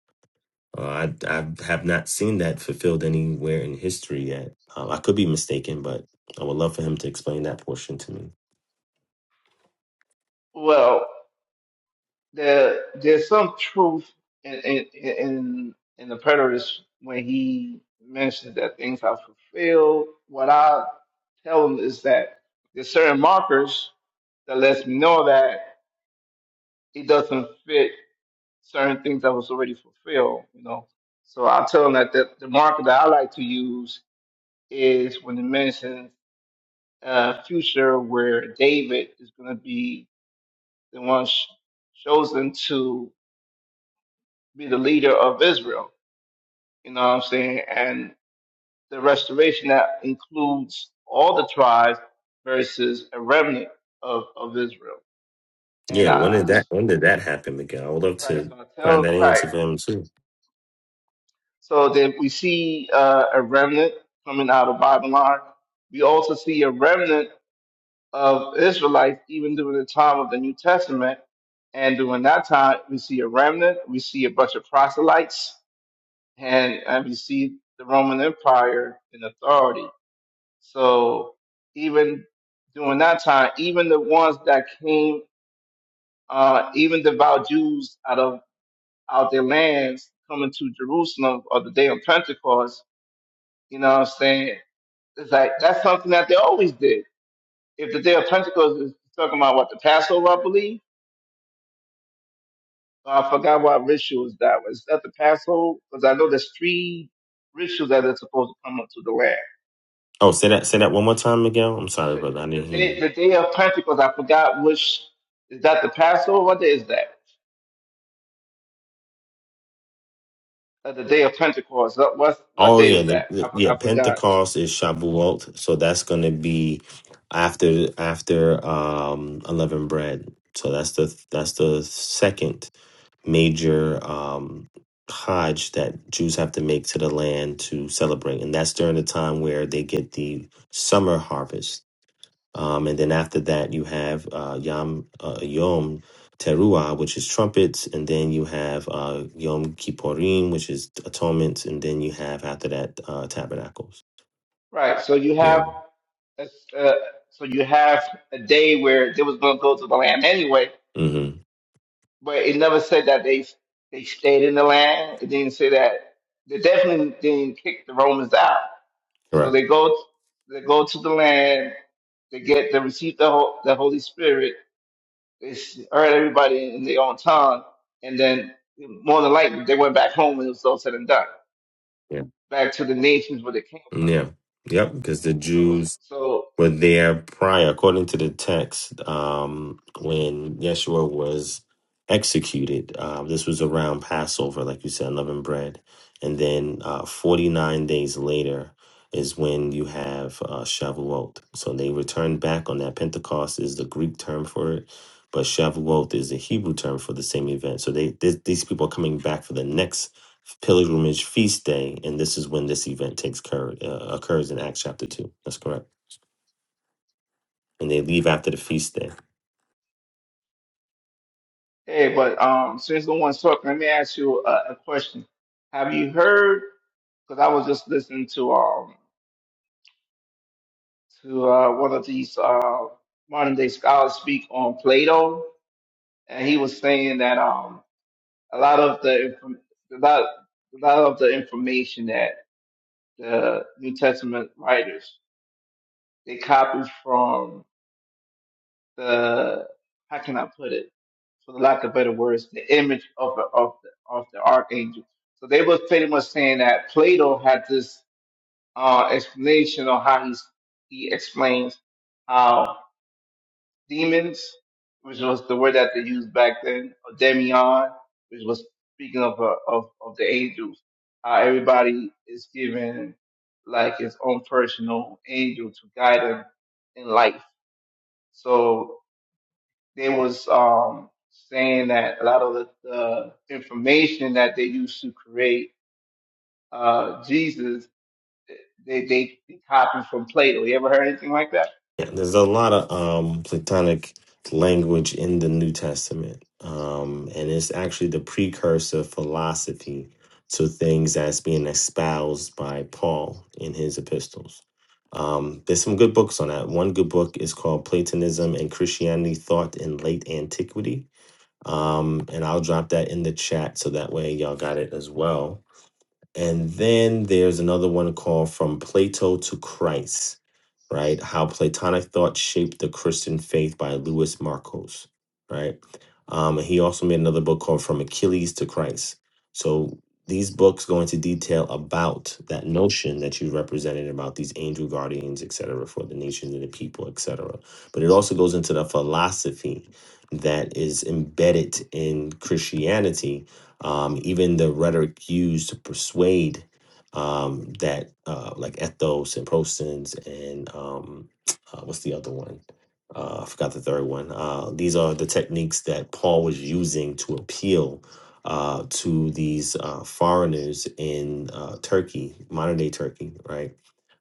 Uh, I, I have not seen that fulfilled anywhere in history yet. Um, I could be mistaken, but I would love for him to explain that portion to me.
Well, there there's some truth in in in, in the preterist when he mentioned that things are fulfilled. What I tell him is that there's certain markers that lets me know that it doesn't fit certain things that was already fulfilled, you know. So I tell him that the, the marker that I like to use is when it mentions uh, future where David is going to be the one sh- chosen to be the leader of Israel. You know what I'm saying? And the restoration that includes all the tribes versus a remnant of, of Israel. And
Yeah, when
I, I
did that
just,
when did that happen, Miguel? I would love
right,
to
so I
find that
tell, right.
answer for him too.
So that we see uh, a remnant coming out of Babylon. We also see a remnant of Israelites, even during the time of the New Testament. And during that time, we see a remnant, we see a bunch of proselytes, and, and we see the Roman Empire in authority. So even during that time, even the ones that came, uh, even devout Jews out of out their lands coming to Jerusalem on the day of Pentecost, you know what I'm saying? It's like that's something that they always did. If the day of Pentecost is talking about what the Passover, I believe Uh, I forgot what rituals that was. That the Passover, because I know there's three rituals that are supposed to come into the land.
Oh, say that say that one more time, Miguel. I'm sorry,
The,
brother. I didn't
the
hear you.
day, the day of Pentecost. I forgot which is that the Passover. What day is that? Uh, the day of Pentecost. What what, what
Oh
day
yeah,
is
the,
that? I,
the-
f-
yeah.
I forgot.
Pentecost is Shabuot, so that's going to be after after um unleavened bread. So that's the that's the second major um Hajj that Jews have to make to the land to celebrate, and that's during the time where they get the summer harvest Um, and then after that, you have uh, Yom uh, Yom Teruah, which is trumpets, and then you have uh, Yom Kippurim, which is atonement, and then you have after that uh, tabernacles.
Right. So you
Yeah.
have a, uh, so you have a day where they was going to go to the land anyway,
Mm-hmm.
but it never said that they they stayed in the land. It didn't say that. They definitely didn't kick the Romans out. So
Correct.
they go they go to the land, they get they receive the Ho- the Holy Spirit. They s- heard everybody in their own tongue, and then more than likely they went back home and it was all said and done,
Yeah.
back to the nations where they came from.
Yeah. Yep. Because the
So
Jews
so
were there prior, according to the text, um, when Yeshua was executed. Uh, this was around Passover, like you said, unleavened bread. And then uh, 49 days later is when you have uh, Shavuot. So they returned back on that. Pentecost is the Greek term for it, but Shavuot is the Hebrew term for the same event. So they th- these people are coming back for the next pilgrimage feast day, and this is when this event takes cur- uh, occurs in Acts chapter 2. That's correct and they leave after the feast day.
hey, but um, since no one's talking, let me ask you a, a question. Have you heard? Because I was just listening to um to uh, one of these uh, modern day scholars speak on Plato, and he was saying that um. a lot of the inform- a lot, a lot of the information that the New Testament writers they copied from the how can I put it for the lack of better words the image of the, of the, of the archangel. So they were pretty much saying that Plato had this uh, explanation on how he's, he explains how. demons, which was the word that they used back then, or demion, which was speaking of uh, of of the angels. How everybody is given like his own personal angel to guide them in life. So they was um saying that a lot of the, the information that they used to create uh Jesus they they, they copied from Plato. You ever heard anything like that?
Yeah, there's a lot of um, Platonic language in the New Testament, um, and it's actually the precursor philosophy to things that's being espoused by Paul in his epistles. Um, there's some good books on that. One good book is called Platonism and Christianity Thought in Late Antiquity. Um, and I'll drop that in the chat so that way y'all got it as well. And then there's another one called From Plato to Christ, right? How Platonic Thought Shaped the Christian Faith by Louis Marcos, right? Um, and he also made another book called From Achilles to Christ. So these books go into detail about that notion that you represented about these angel guardians, et cetera, for the nations and the people, et cetera. But it also goes into the philosophy that is embedded in Christianity um, even the rhetoric used to persuade um, that, uh, like ethos and prosins and um, uh, what's the other one? Uh, I forgot the third one. Uh, these are the techniques that Paul was using to appeal uh, to these uh, foreigners in uh, Turkey, modern day Turkey, right?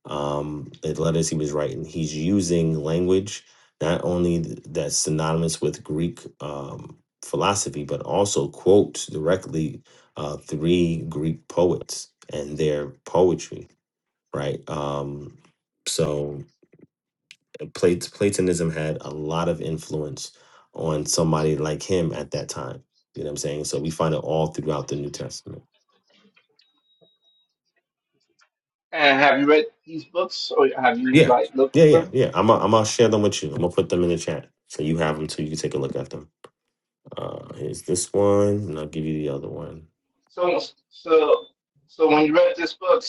Um, the letters he was writing, he's using language not only th- that's synonymous with Greek um, philosophy, but also quotes directly uh, three Greek poets and their poetry, right? Um, so Plat- Platonism had a lot of influence on somebody like him at that time. You know what I'm saying? So we find it all throughout the New Testament.
And have you read these books or have you
Yeah,
like looked
yeah,
through
yeah,
them?
yeah. I'm gonna I'm gonna share them with you. I'm gonna put them in the chat so you have them so you can take a look at them. Uh, here's this one, and I'll give you the other one.
So, so, so when you read this book,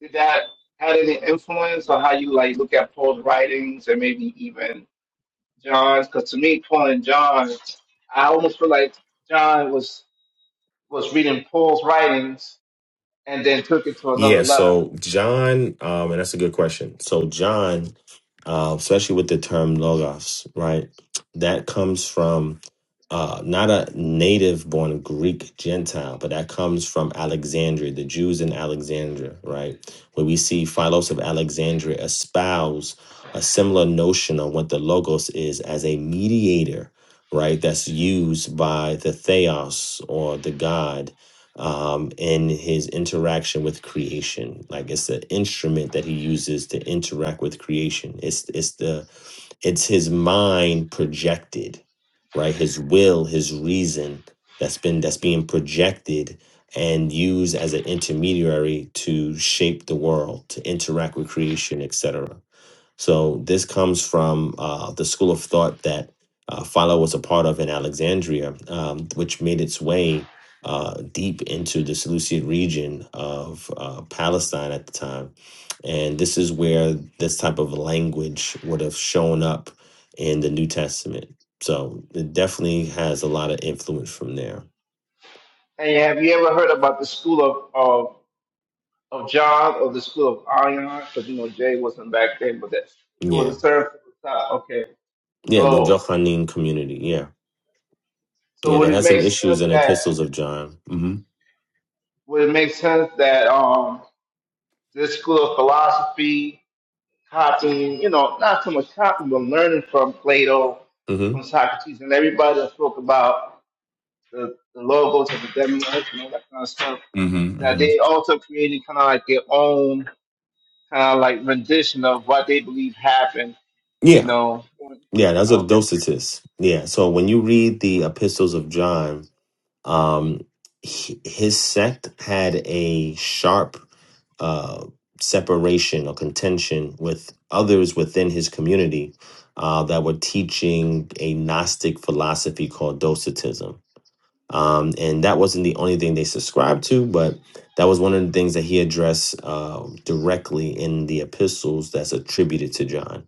did that had any influence on how you like look at Paul's writings and maybe even John's? Because to me, Paul and John, I almost feel like John was was reading Paul's writings and then took it to another
Yeah,
level.
so John, um, and that's a good question. So John, uh, especially with the term logos, right? That comes from uh, not a native born Greek Gentile, but that comes from Alexandria, the Jews in Alexandria, right? Where we see Philos of Alexandria espouse a similar notion of what the logos is as a mediator, right? That's used by the theos or the God um, in his interaction with creation. Like it's the instrument that he uses to interact with creation. It's it's the it's his mind projected, right? His will, his reason that's been that's being projected and used as an intermediary to shape the world, to interact with creation, etc. So this comes from uh, the school of thought that uh, Philo was a part of in Alexandria, um, which made its way uh, deep into the Seleucid region of uh, Palestine at the time. And this is where this type of language would have shown up in the New Testament. So it definitely has a lot of influence from there.
And have you ever heard about the school of of, of John or the school of Ion? Because you know Jay wasn't back then, but that it
Yeah.
was a term. for the top. Okay,
Yeah, the
so
Johannine community. Yeah.
so
Yeah, they
would it
had some
make
issues
sense
in
that?
Epistles of John. hmm
would it make sense that um this school of philosophy copying you know not so much copying but learning from plato
hmm
from socrates and everybody that spoke about the, the logos of the demiurge and all that kind of stuff
hmm
that
hmm
they also created kind of like their own kind of like rendition of what they believe happened you
Yeah,
know
Yeah, that's what the
okay
Docetus. Yeah. So when you read the epistles of John, um, he- his sect had a sharp uh, separation or contention with others within his community uh, that were teaching a Gnostic philosophy called Docetism. Um, and that wasn't the only thing they subscribed to, but that was one of the things that he addressed uh, directly in the epistles that's attributed to John.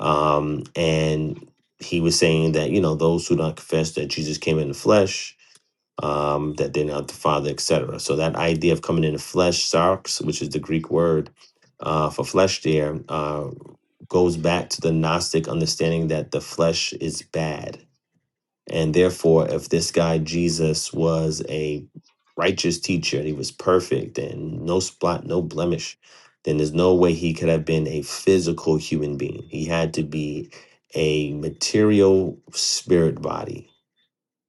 Um, and he was saying that, you know, those who don't confess that Jesus came in the flesh, um, that they're not the Father, etc. So that idea of coming in the flesh, sarx, which is the Greek word uh, for flesh there, uh, goes back to the Gnostic understanding that the flesh is bad and therefore, if this guy Jesus was a righteous teacher and he was perfect and no spot, no blemish, then there's no way he could have been a physical human being. He had to be a material spirit body,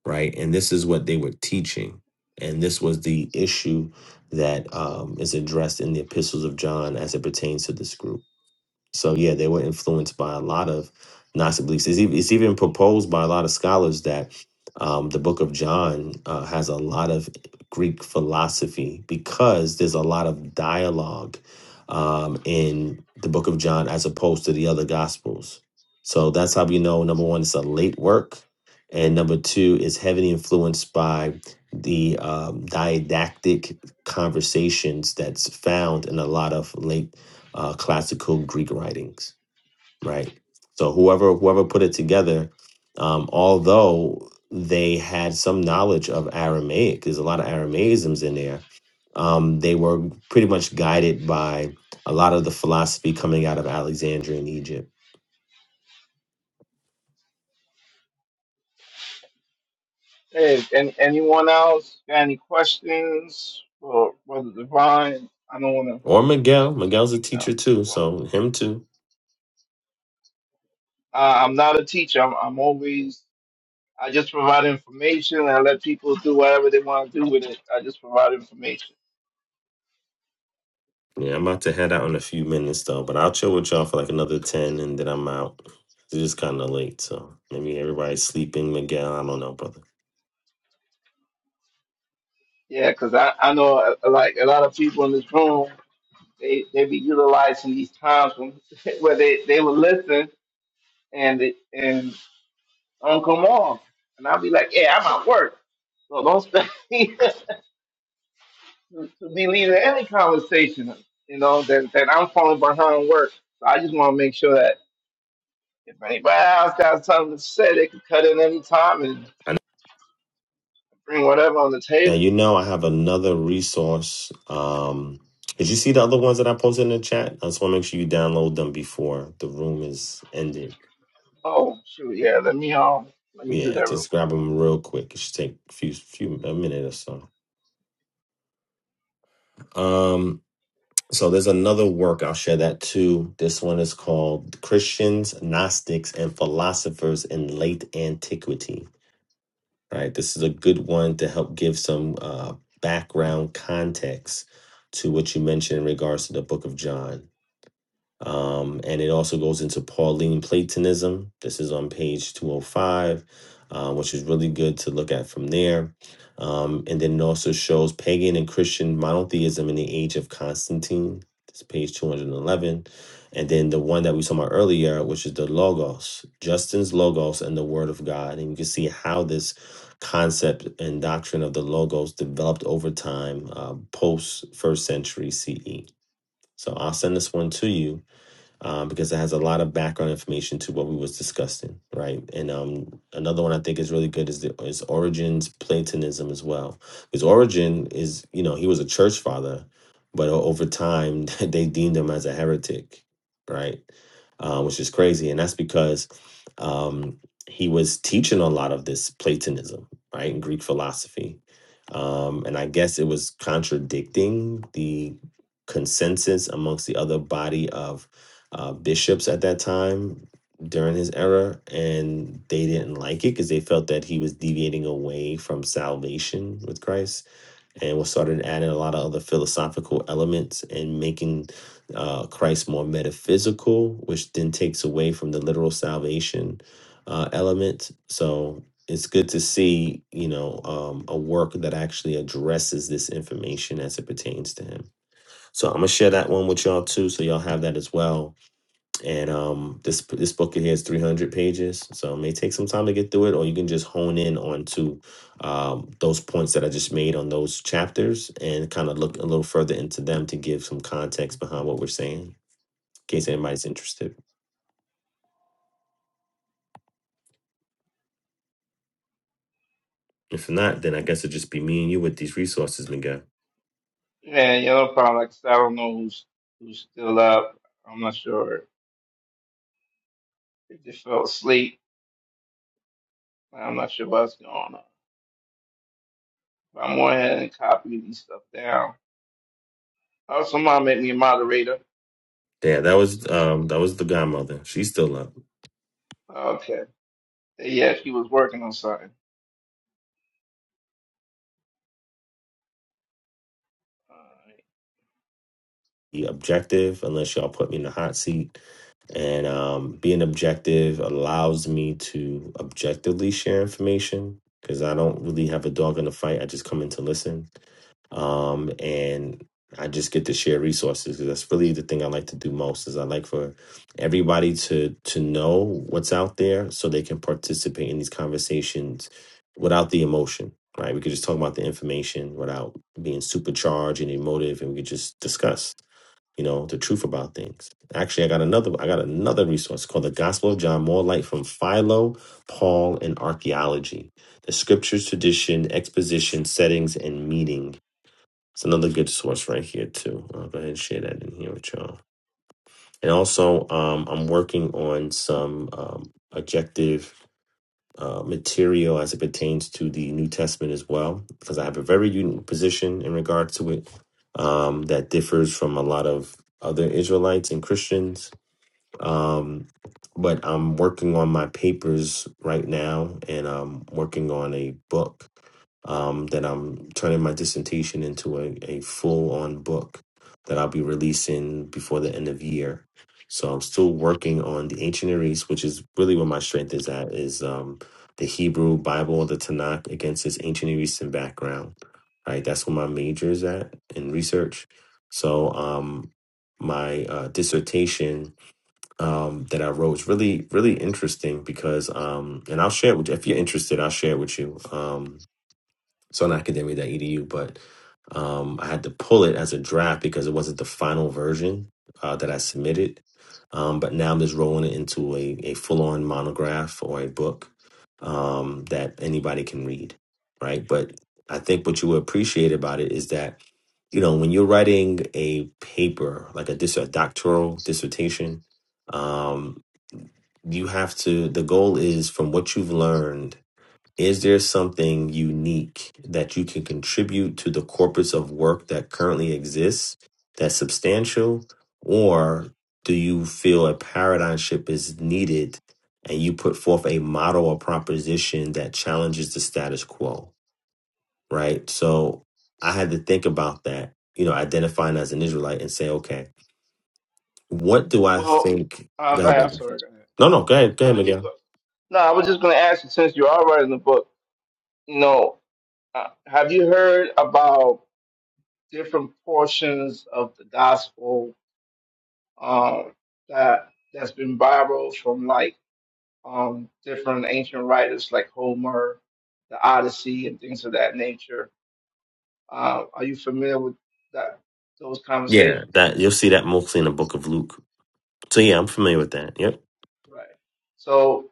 right? And this is what they were teaching. And this was the issue that um, is addressed in the epistles of John as it pertains to this group. So yeah, they were influenced by a lot of Gnostic beliefs. It's even, it's even proposed by a lot of scholars that um, the Book of John uh, has a lot of Greek philosophy because there's a lot of dialogue um, in the Book of John as opposed to the other Gospels. So that's how we know number one, it's a late work, and number two, it's heavily influenced by the um, didactic conversations that's found in a lot of late uh, classical Greek writings, right? So whoever whoever put it together, um, although they had some knowledge of Aramaic, there's a lot of Aramaisms in there. Um, they were pretty much guided by a lot of the philosophy coming out of Alexandria in Egypt.
hey and anyone else got any questions for brother divine i don't want to
Or Miguel. Miguel's a
you
teacher
know keep
too,
going
so him too.
Uh, I'm not a teacher. I'm, I'm always, I just provide information and I let people do whatever they want to do with it. I just provide information.
Yeah, I'm about to head out in a few minutes though, but I'll chill with y'all for like another ten, and then I'm out. It's just kind of late, so maybe everybody's sleeping. Miguel, I don't know, brother.
Yeah, because I, I know uh, uh, like a lot of people in this room, they, they be utilizing these times when, where they, they will listen and it, and don't come on. And I'll be like, yeah, I'm at work. So don't expect me to, to be leading any conversation, you know, that, that I'm falling behind work. So I just want to make sure that If anybody else got something to say, they could cut in any time and
I
bring whatever on the
Now
table.
you know I have another resource. Um, did you see the other ones that I posted in the chat? I just want to make sure you download them before the room is ended.
Oh shoot, yeah, let me um let me do
Yeah,
that real
just
quick.
grab them real quick. It should take a few few a minute or so. Um, so there's another work I'll share that too. This one is called Christians, Gnostics, and Philosophers in Late Antiquity. Right, this is a good one to help give some uh, background context to what you mentioned in regards to the Book of John Um, and it also goes into Pauline Platonism. This is on page 205, uh, which is really good to look at from there. Um, and then it also shows pagan and Christian monotheism in the age of Constantine. This is page 211. And eleven. And then the one that we saw earlier, which is the Logos, Justin's Logos and the Word of God. And you can see how this concept and doctrine of the Logos developed over time uh, post first century CE. So I'll send this one to you um, because it has a lot of background information to what we was discussing, right? And um, another one I think is really good is the, is Origen's Platonism as well, because Origin is you know he was a church father, but o- over time they deemed him as a heretic, right? Uh, which is crazy, and that's because um, he was teaching a lot of this Platonism, right, in Greek philosophy, um, and I guess it was contradicting the consensus amongst the other body of uh, bishops at that time during his era, and they didn't like it because they felt that he was deviating away from salvation with Christ, and was started adding a lot of other philosophical elements and making uh, Christ more metaphysical, which then takes away from the literal salvation uh, element. So. It's good to see, you know, um, a work that actually addresses this information as it pertains to him. So I'm gonna share that one with y'all too, so y'all have that as well and um this this book in here is 300 pages so it may take some time to get through it or you can just hone in on to um, those points that i just made on those chapters and kind of look a little further into them to give some context behind what we're saying in case anybody's interested if not then i guess it'd just be me and you with these resources miguel
Yeah, yeah, no problem. Like I said, I don't know who's who's still up. I'm not sure if they fell asleep. I'm not sure what's going on. But I'm going ahead and copy these stuff down. Oh, somebody make me a moderator.
yeah that was
So, so-
um that was the godmother she's still up
okay. Hey, Yeah, she was working on something. All right.
Be objective unless y'all put me in the hot seat And um, being objective allows me to objectively share information because I don't really have a dog in the fight. I just come in to listen. Um, and I just get to share resources because that's really the thing I like to do most is I like for everybody to to know what's out there so they can participate in these conversations without the emotion. Right. We could just talk about the information without being supercharged and emotive and we could just discuss you know the truth about things actually i got another i got another resource called the gospel of john more light from philo paul and archaeology the scriptures tradition exposition settings and meaning it's another good source right here too i'll go ahead and share that in here with y'all and also um, i'm working on some um, objective uh, material as it pertains to the New Testament as well, because I have a very unique position in regard to it um, that differs from a lot of other Israelites and Christians. Um, but I'm working on my papers right now, and I'm working on a book um, that I'm turning my dissertation into a, a full on book that I'll be releasing before the end of year. So I'm still working on the ancient Near East, which is really where my strength is at, is um, the Hebrew Bible, the Tanakh, against its ancient Near Eastern background. Right, that's where my major is at in research. So um, my uh, dissertation um, that I wrote is really, really interesting because, um, and I'll share it with you. if you're interested, I'll share it with you. Um, it's on academia.edu, but um, I had to pull it as a draft because it wasn't the final version uh, that I submitted. Um, but now I'm just rolling it into a, a full on monograph or a book um, that anybody can read, right? But I think what you will appreciate about it is that, you know, when you're writing a paper, like a, dis- a doctoral dissertation, um, you have to, the goal is from what you've learned is there something unique that you can contribute to the corpus of work that currently exists that's substantial? Or do you feel a paradigm shift is needed and you put forth a model or proposition that challenges the status quo? Right. So I had to think about that, you know, identifying as an Israelite and say, okay, what do I
Well,
think?
uh,
Go
go
ahead,
ahead. I'm
brother.
sorry. Go ahead.
No, no, go ahead, go ahead,
No, you,
Miguel.
no, I was just going to ask you since you are writing the book. No. Uh, have you heard about different portions of the gospel um, that that's been viral from like um, different ancient writers like Homer, the Odyssey, and things of that nature? Uh, are you familiar with that those
Yeah,
conversations?
that you'll see that mostly in the book of Luke. So yeah, I'm familiar with that. Yep.
Right. So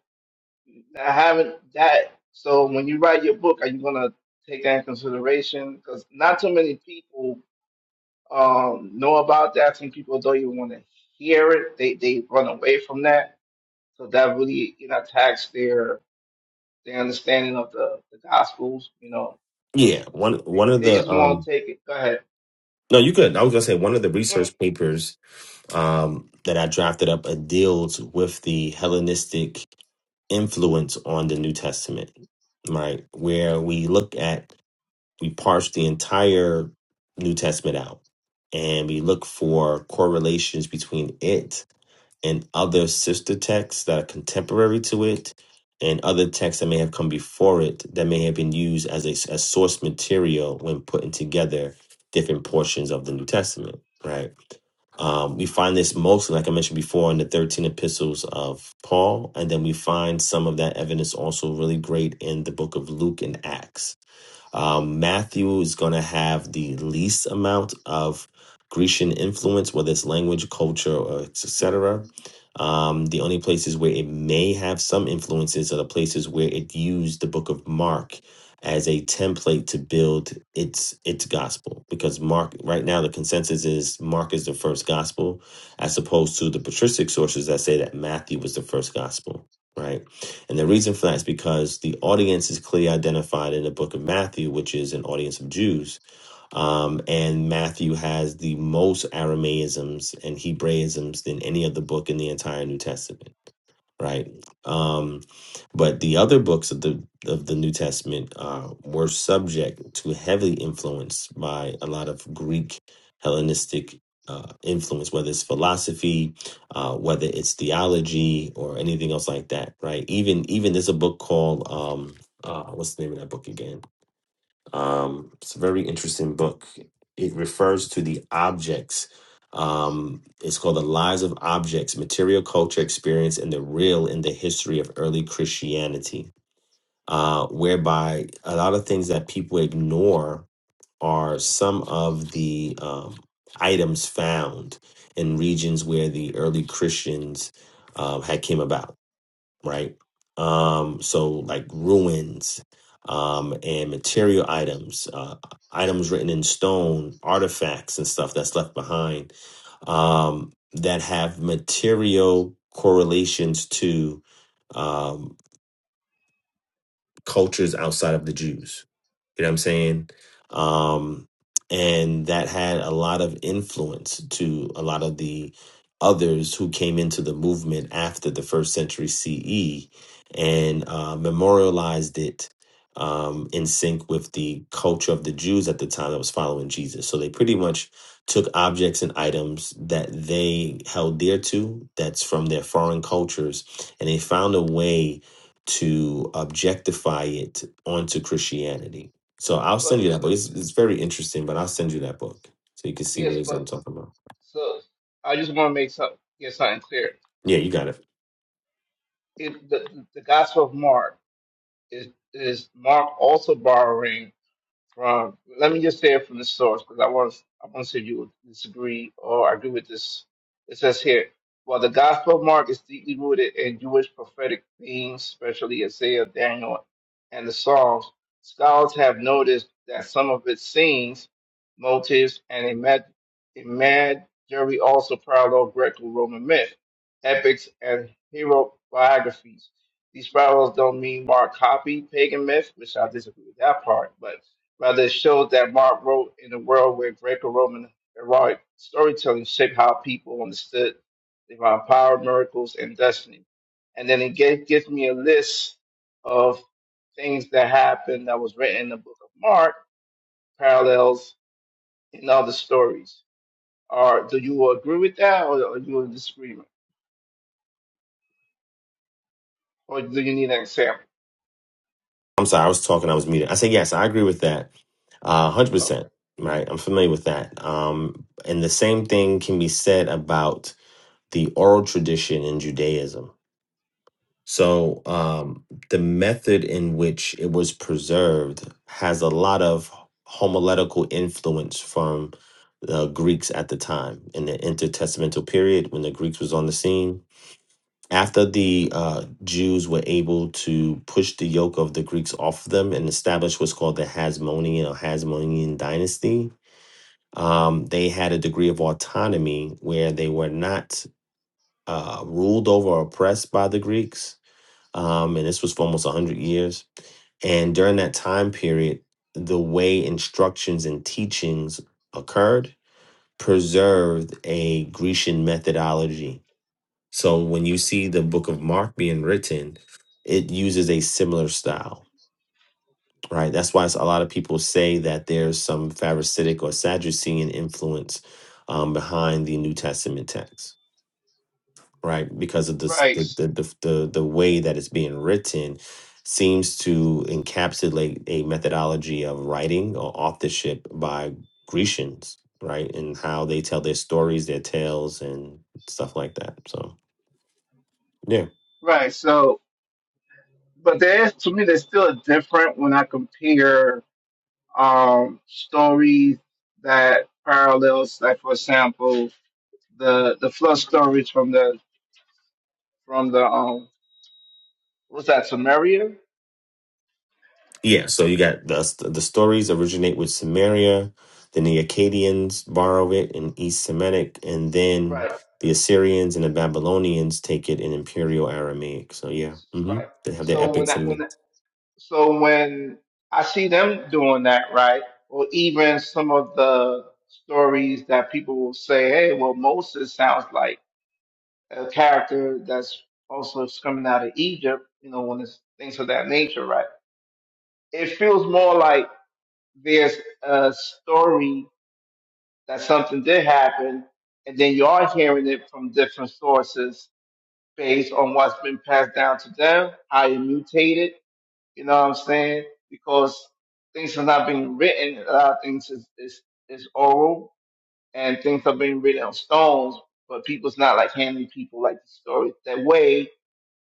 I haven't that. So when you write your book, are you gonna take that in consideration? Because not too many people um, know about that. Some people don't even want to hear it. They they run away from that. So that really you know attacks their their understanding of the, the gospels. You know, because
Yeah, one
they,
one of
they
the
just want
um
to take it. Go ahead.
no, you could. I was gonna say one of the
Mm,
research papers um that I drafted up uh, deals with the Hellenistic influence on the New Testament, right? Where we look at we parse the entire New Testament out and we look for correlations between it and other sister texts that are contemporary to it and other texts that may have come before it that may have been used as a as source material when putting together different portions of the new testament right um, we find this mostly like i mentioned before in the 13 epistles of paul and then we find some of that evidence also really great in the book of luke and acts um, Matthew is going to have the least amount of Grecian influence, whether it's language, culture, or etc. Um, the only places where it may have some influences are the places where it used the Book of Mark as a template to build its its gospel because mark right now the consensus is mark is the first gospel as opposed to the patristic sources that say that matthew was the first gospel right and the reason for that is because the audience is clearly identified in the book of Matthew, which is an audience of Jews. Um, and Matthew has the most Aramaisms and Hebraisms than any other book in the entire New Testament right? Um, but the other books of the of the New Testament uh, were subject to heavily influenced by a lot of Greek Hellenistic uh, influence, whether it's philosophy, uh, whether it's theology, or anything else like that, right? Even even there's a book called um, uh, what's the name of that book again? Um, it's a very interesting book. It refers to the objects. Um, it's called The Lives of Objects Material Culture Experience and the Real in the History of Early Christianity, uh, whereby a lot of things that people ignore are some of the um, items found in regions where the early Christians um, had came about right? Um, so like ruins um, and material items, uh, items written in stone, artifacts and stuff that's left behind um, that have material correlations to um, cultures outside of the Jews you know what I'm saying? Um, and that had a lot of influence to a lot of the others who came into the movement after the first century CE and uh, memorialized it um, in sync with the culture of the Jews at the time that was following Jesus. So they pretty much took objects and items that they held dear to, that's from their foreign cultures, and they found a way to objectify it onto Christianity so I'll
But
send you that book.
but
It's, it's very interesting, but I'll send you that book so you can see
yes,
what it is I'm
but
talking about.
so I just want to make some get something clear.
Yeah, you got it.
It, the the the Gospel of Mark is is Mark also borrowing. Uh, let me just say it from the source because I want I want to see if you disagree or agree with this. It says here, while the Gospel of Mark is deeply rooted in Jewish prophetic themes, especially Isaiah, Daniel, and the Psalms, scholars have noticed that some of its scenes, motives, and imag- imagery also parallel Greco-Roman myth, epics, and hero biographies. These parallels don't mean Mark copied pagan myth, which I disagree with that part, but Rather, it showed that Mark wrote in a world where Greco Roman heroic storytelling shaped how people understood divine power, miracles, and destiny. And then it gave, gives me a list of things that happened that was written in the book of Mark, parallels in other stories. Or do you agree with that, or are you in disagreement? Or do you need an example?
I'm sorry, I was talking, I was muted. I said, yes, I agree with that. Uh,
Okay.
100%. Right. I'm familiar with that. Um, and the same thing can be said about the oral tradition in Judaism. So um, the method in which it was preserved has a lot of homiletical influence from the Greeks at the time in the intertestamental period when the Greeks was on the scene after the uh, Jews were able to push the yoke of the Greeks off of them and establish what's called the Hasmonean or Hasmonean dynasty, um, they had a degree of autonomy where they were not uh, ruled over or oppressed by the Greeks. Um, and this was for almost 100 years. And during that time period, the way instructions and teachings occurred preserved a Grecian methodology so when you see the book of Mark being written, it uses a similar style, right? That's why s- a lot of people say that there's some Pharisaic or Sadducean influence um, behind the New Testament text, right? Because of this,
Right.
the, the, the, the, the way that it's being written seems to encapsulate a methodology of writing or authorship by Grecians, right? And how they tell their stories, their tales, and stuff like that. So, yeah.
Right. So, but there's, to me, there's still a difference when I compare um, stories that parallels, like for example, the the flood stories from the from the um what was that Samaria?
Yeah, so you got the the stories originate with Samaria, then the Akkadians borrow it in East Semitic, and then
Right,
the Assyrians and the Babylonians take it in Imperial Aramaic. So yeah, hmm
right.
they have their
So when
epics
that
in
when
it.
that, so when I see them doing that, right, or even some of the stories that people will say, hey, well Moses sounds like a character that's also coming out of Egypt, you know, when it's things of that nature, right? It feels more like there's a story that something did happen, and then you are hearing it from different sources based on what's been passed down to them, how it mutated, you know what I'm saying? Because things are not being written, a lot of things is, is, is oral, and things are being written on stones, but people's not like handing people like the story that way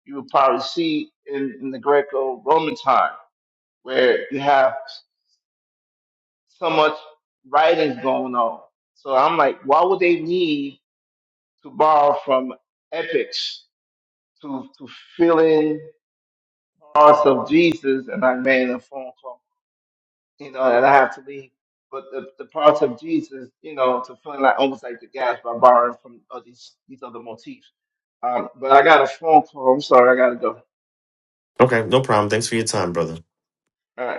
you would probably see in, in the Greco Roman time, where you have so much writing's going on. So I'm like, why would they need to borrow from epics to to fill in parts of Jesus? And I made a phone call, you know, and I have to leave. But the, the parts of Jesus, you know, to fill in like almost like the guys by borrowing from uh, these these other motifs. Um, but I got a phone call. I'm sorry, I gotta go.
Okay, no problem. Thanks for your time, brother.
All right.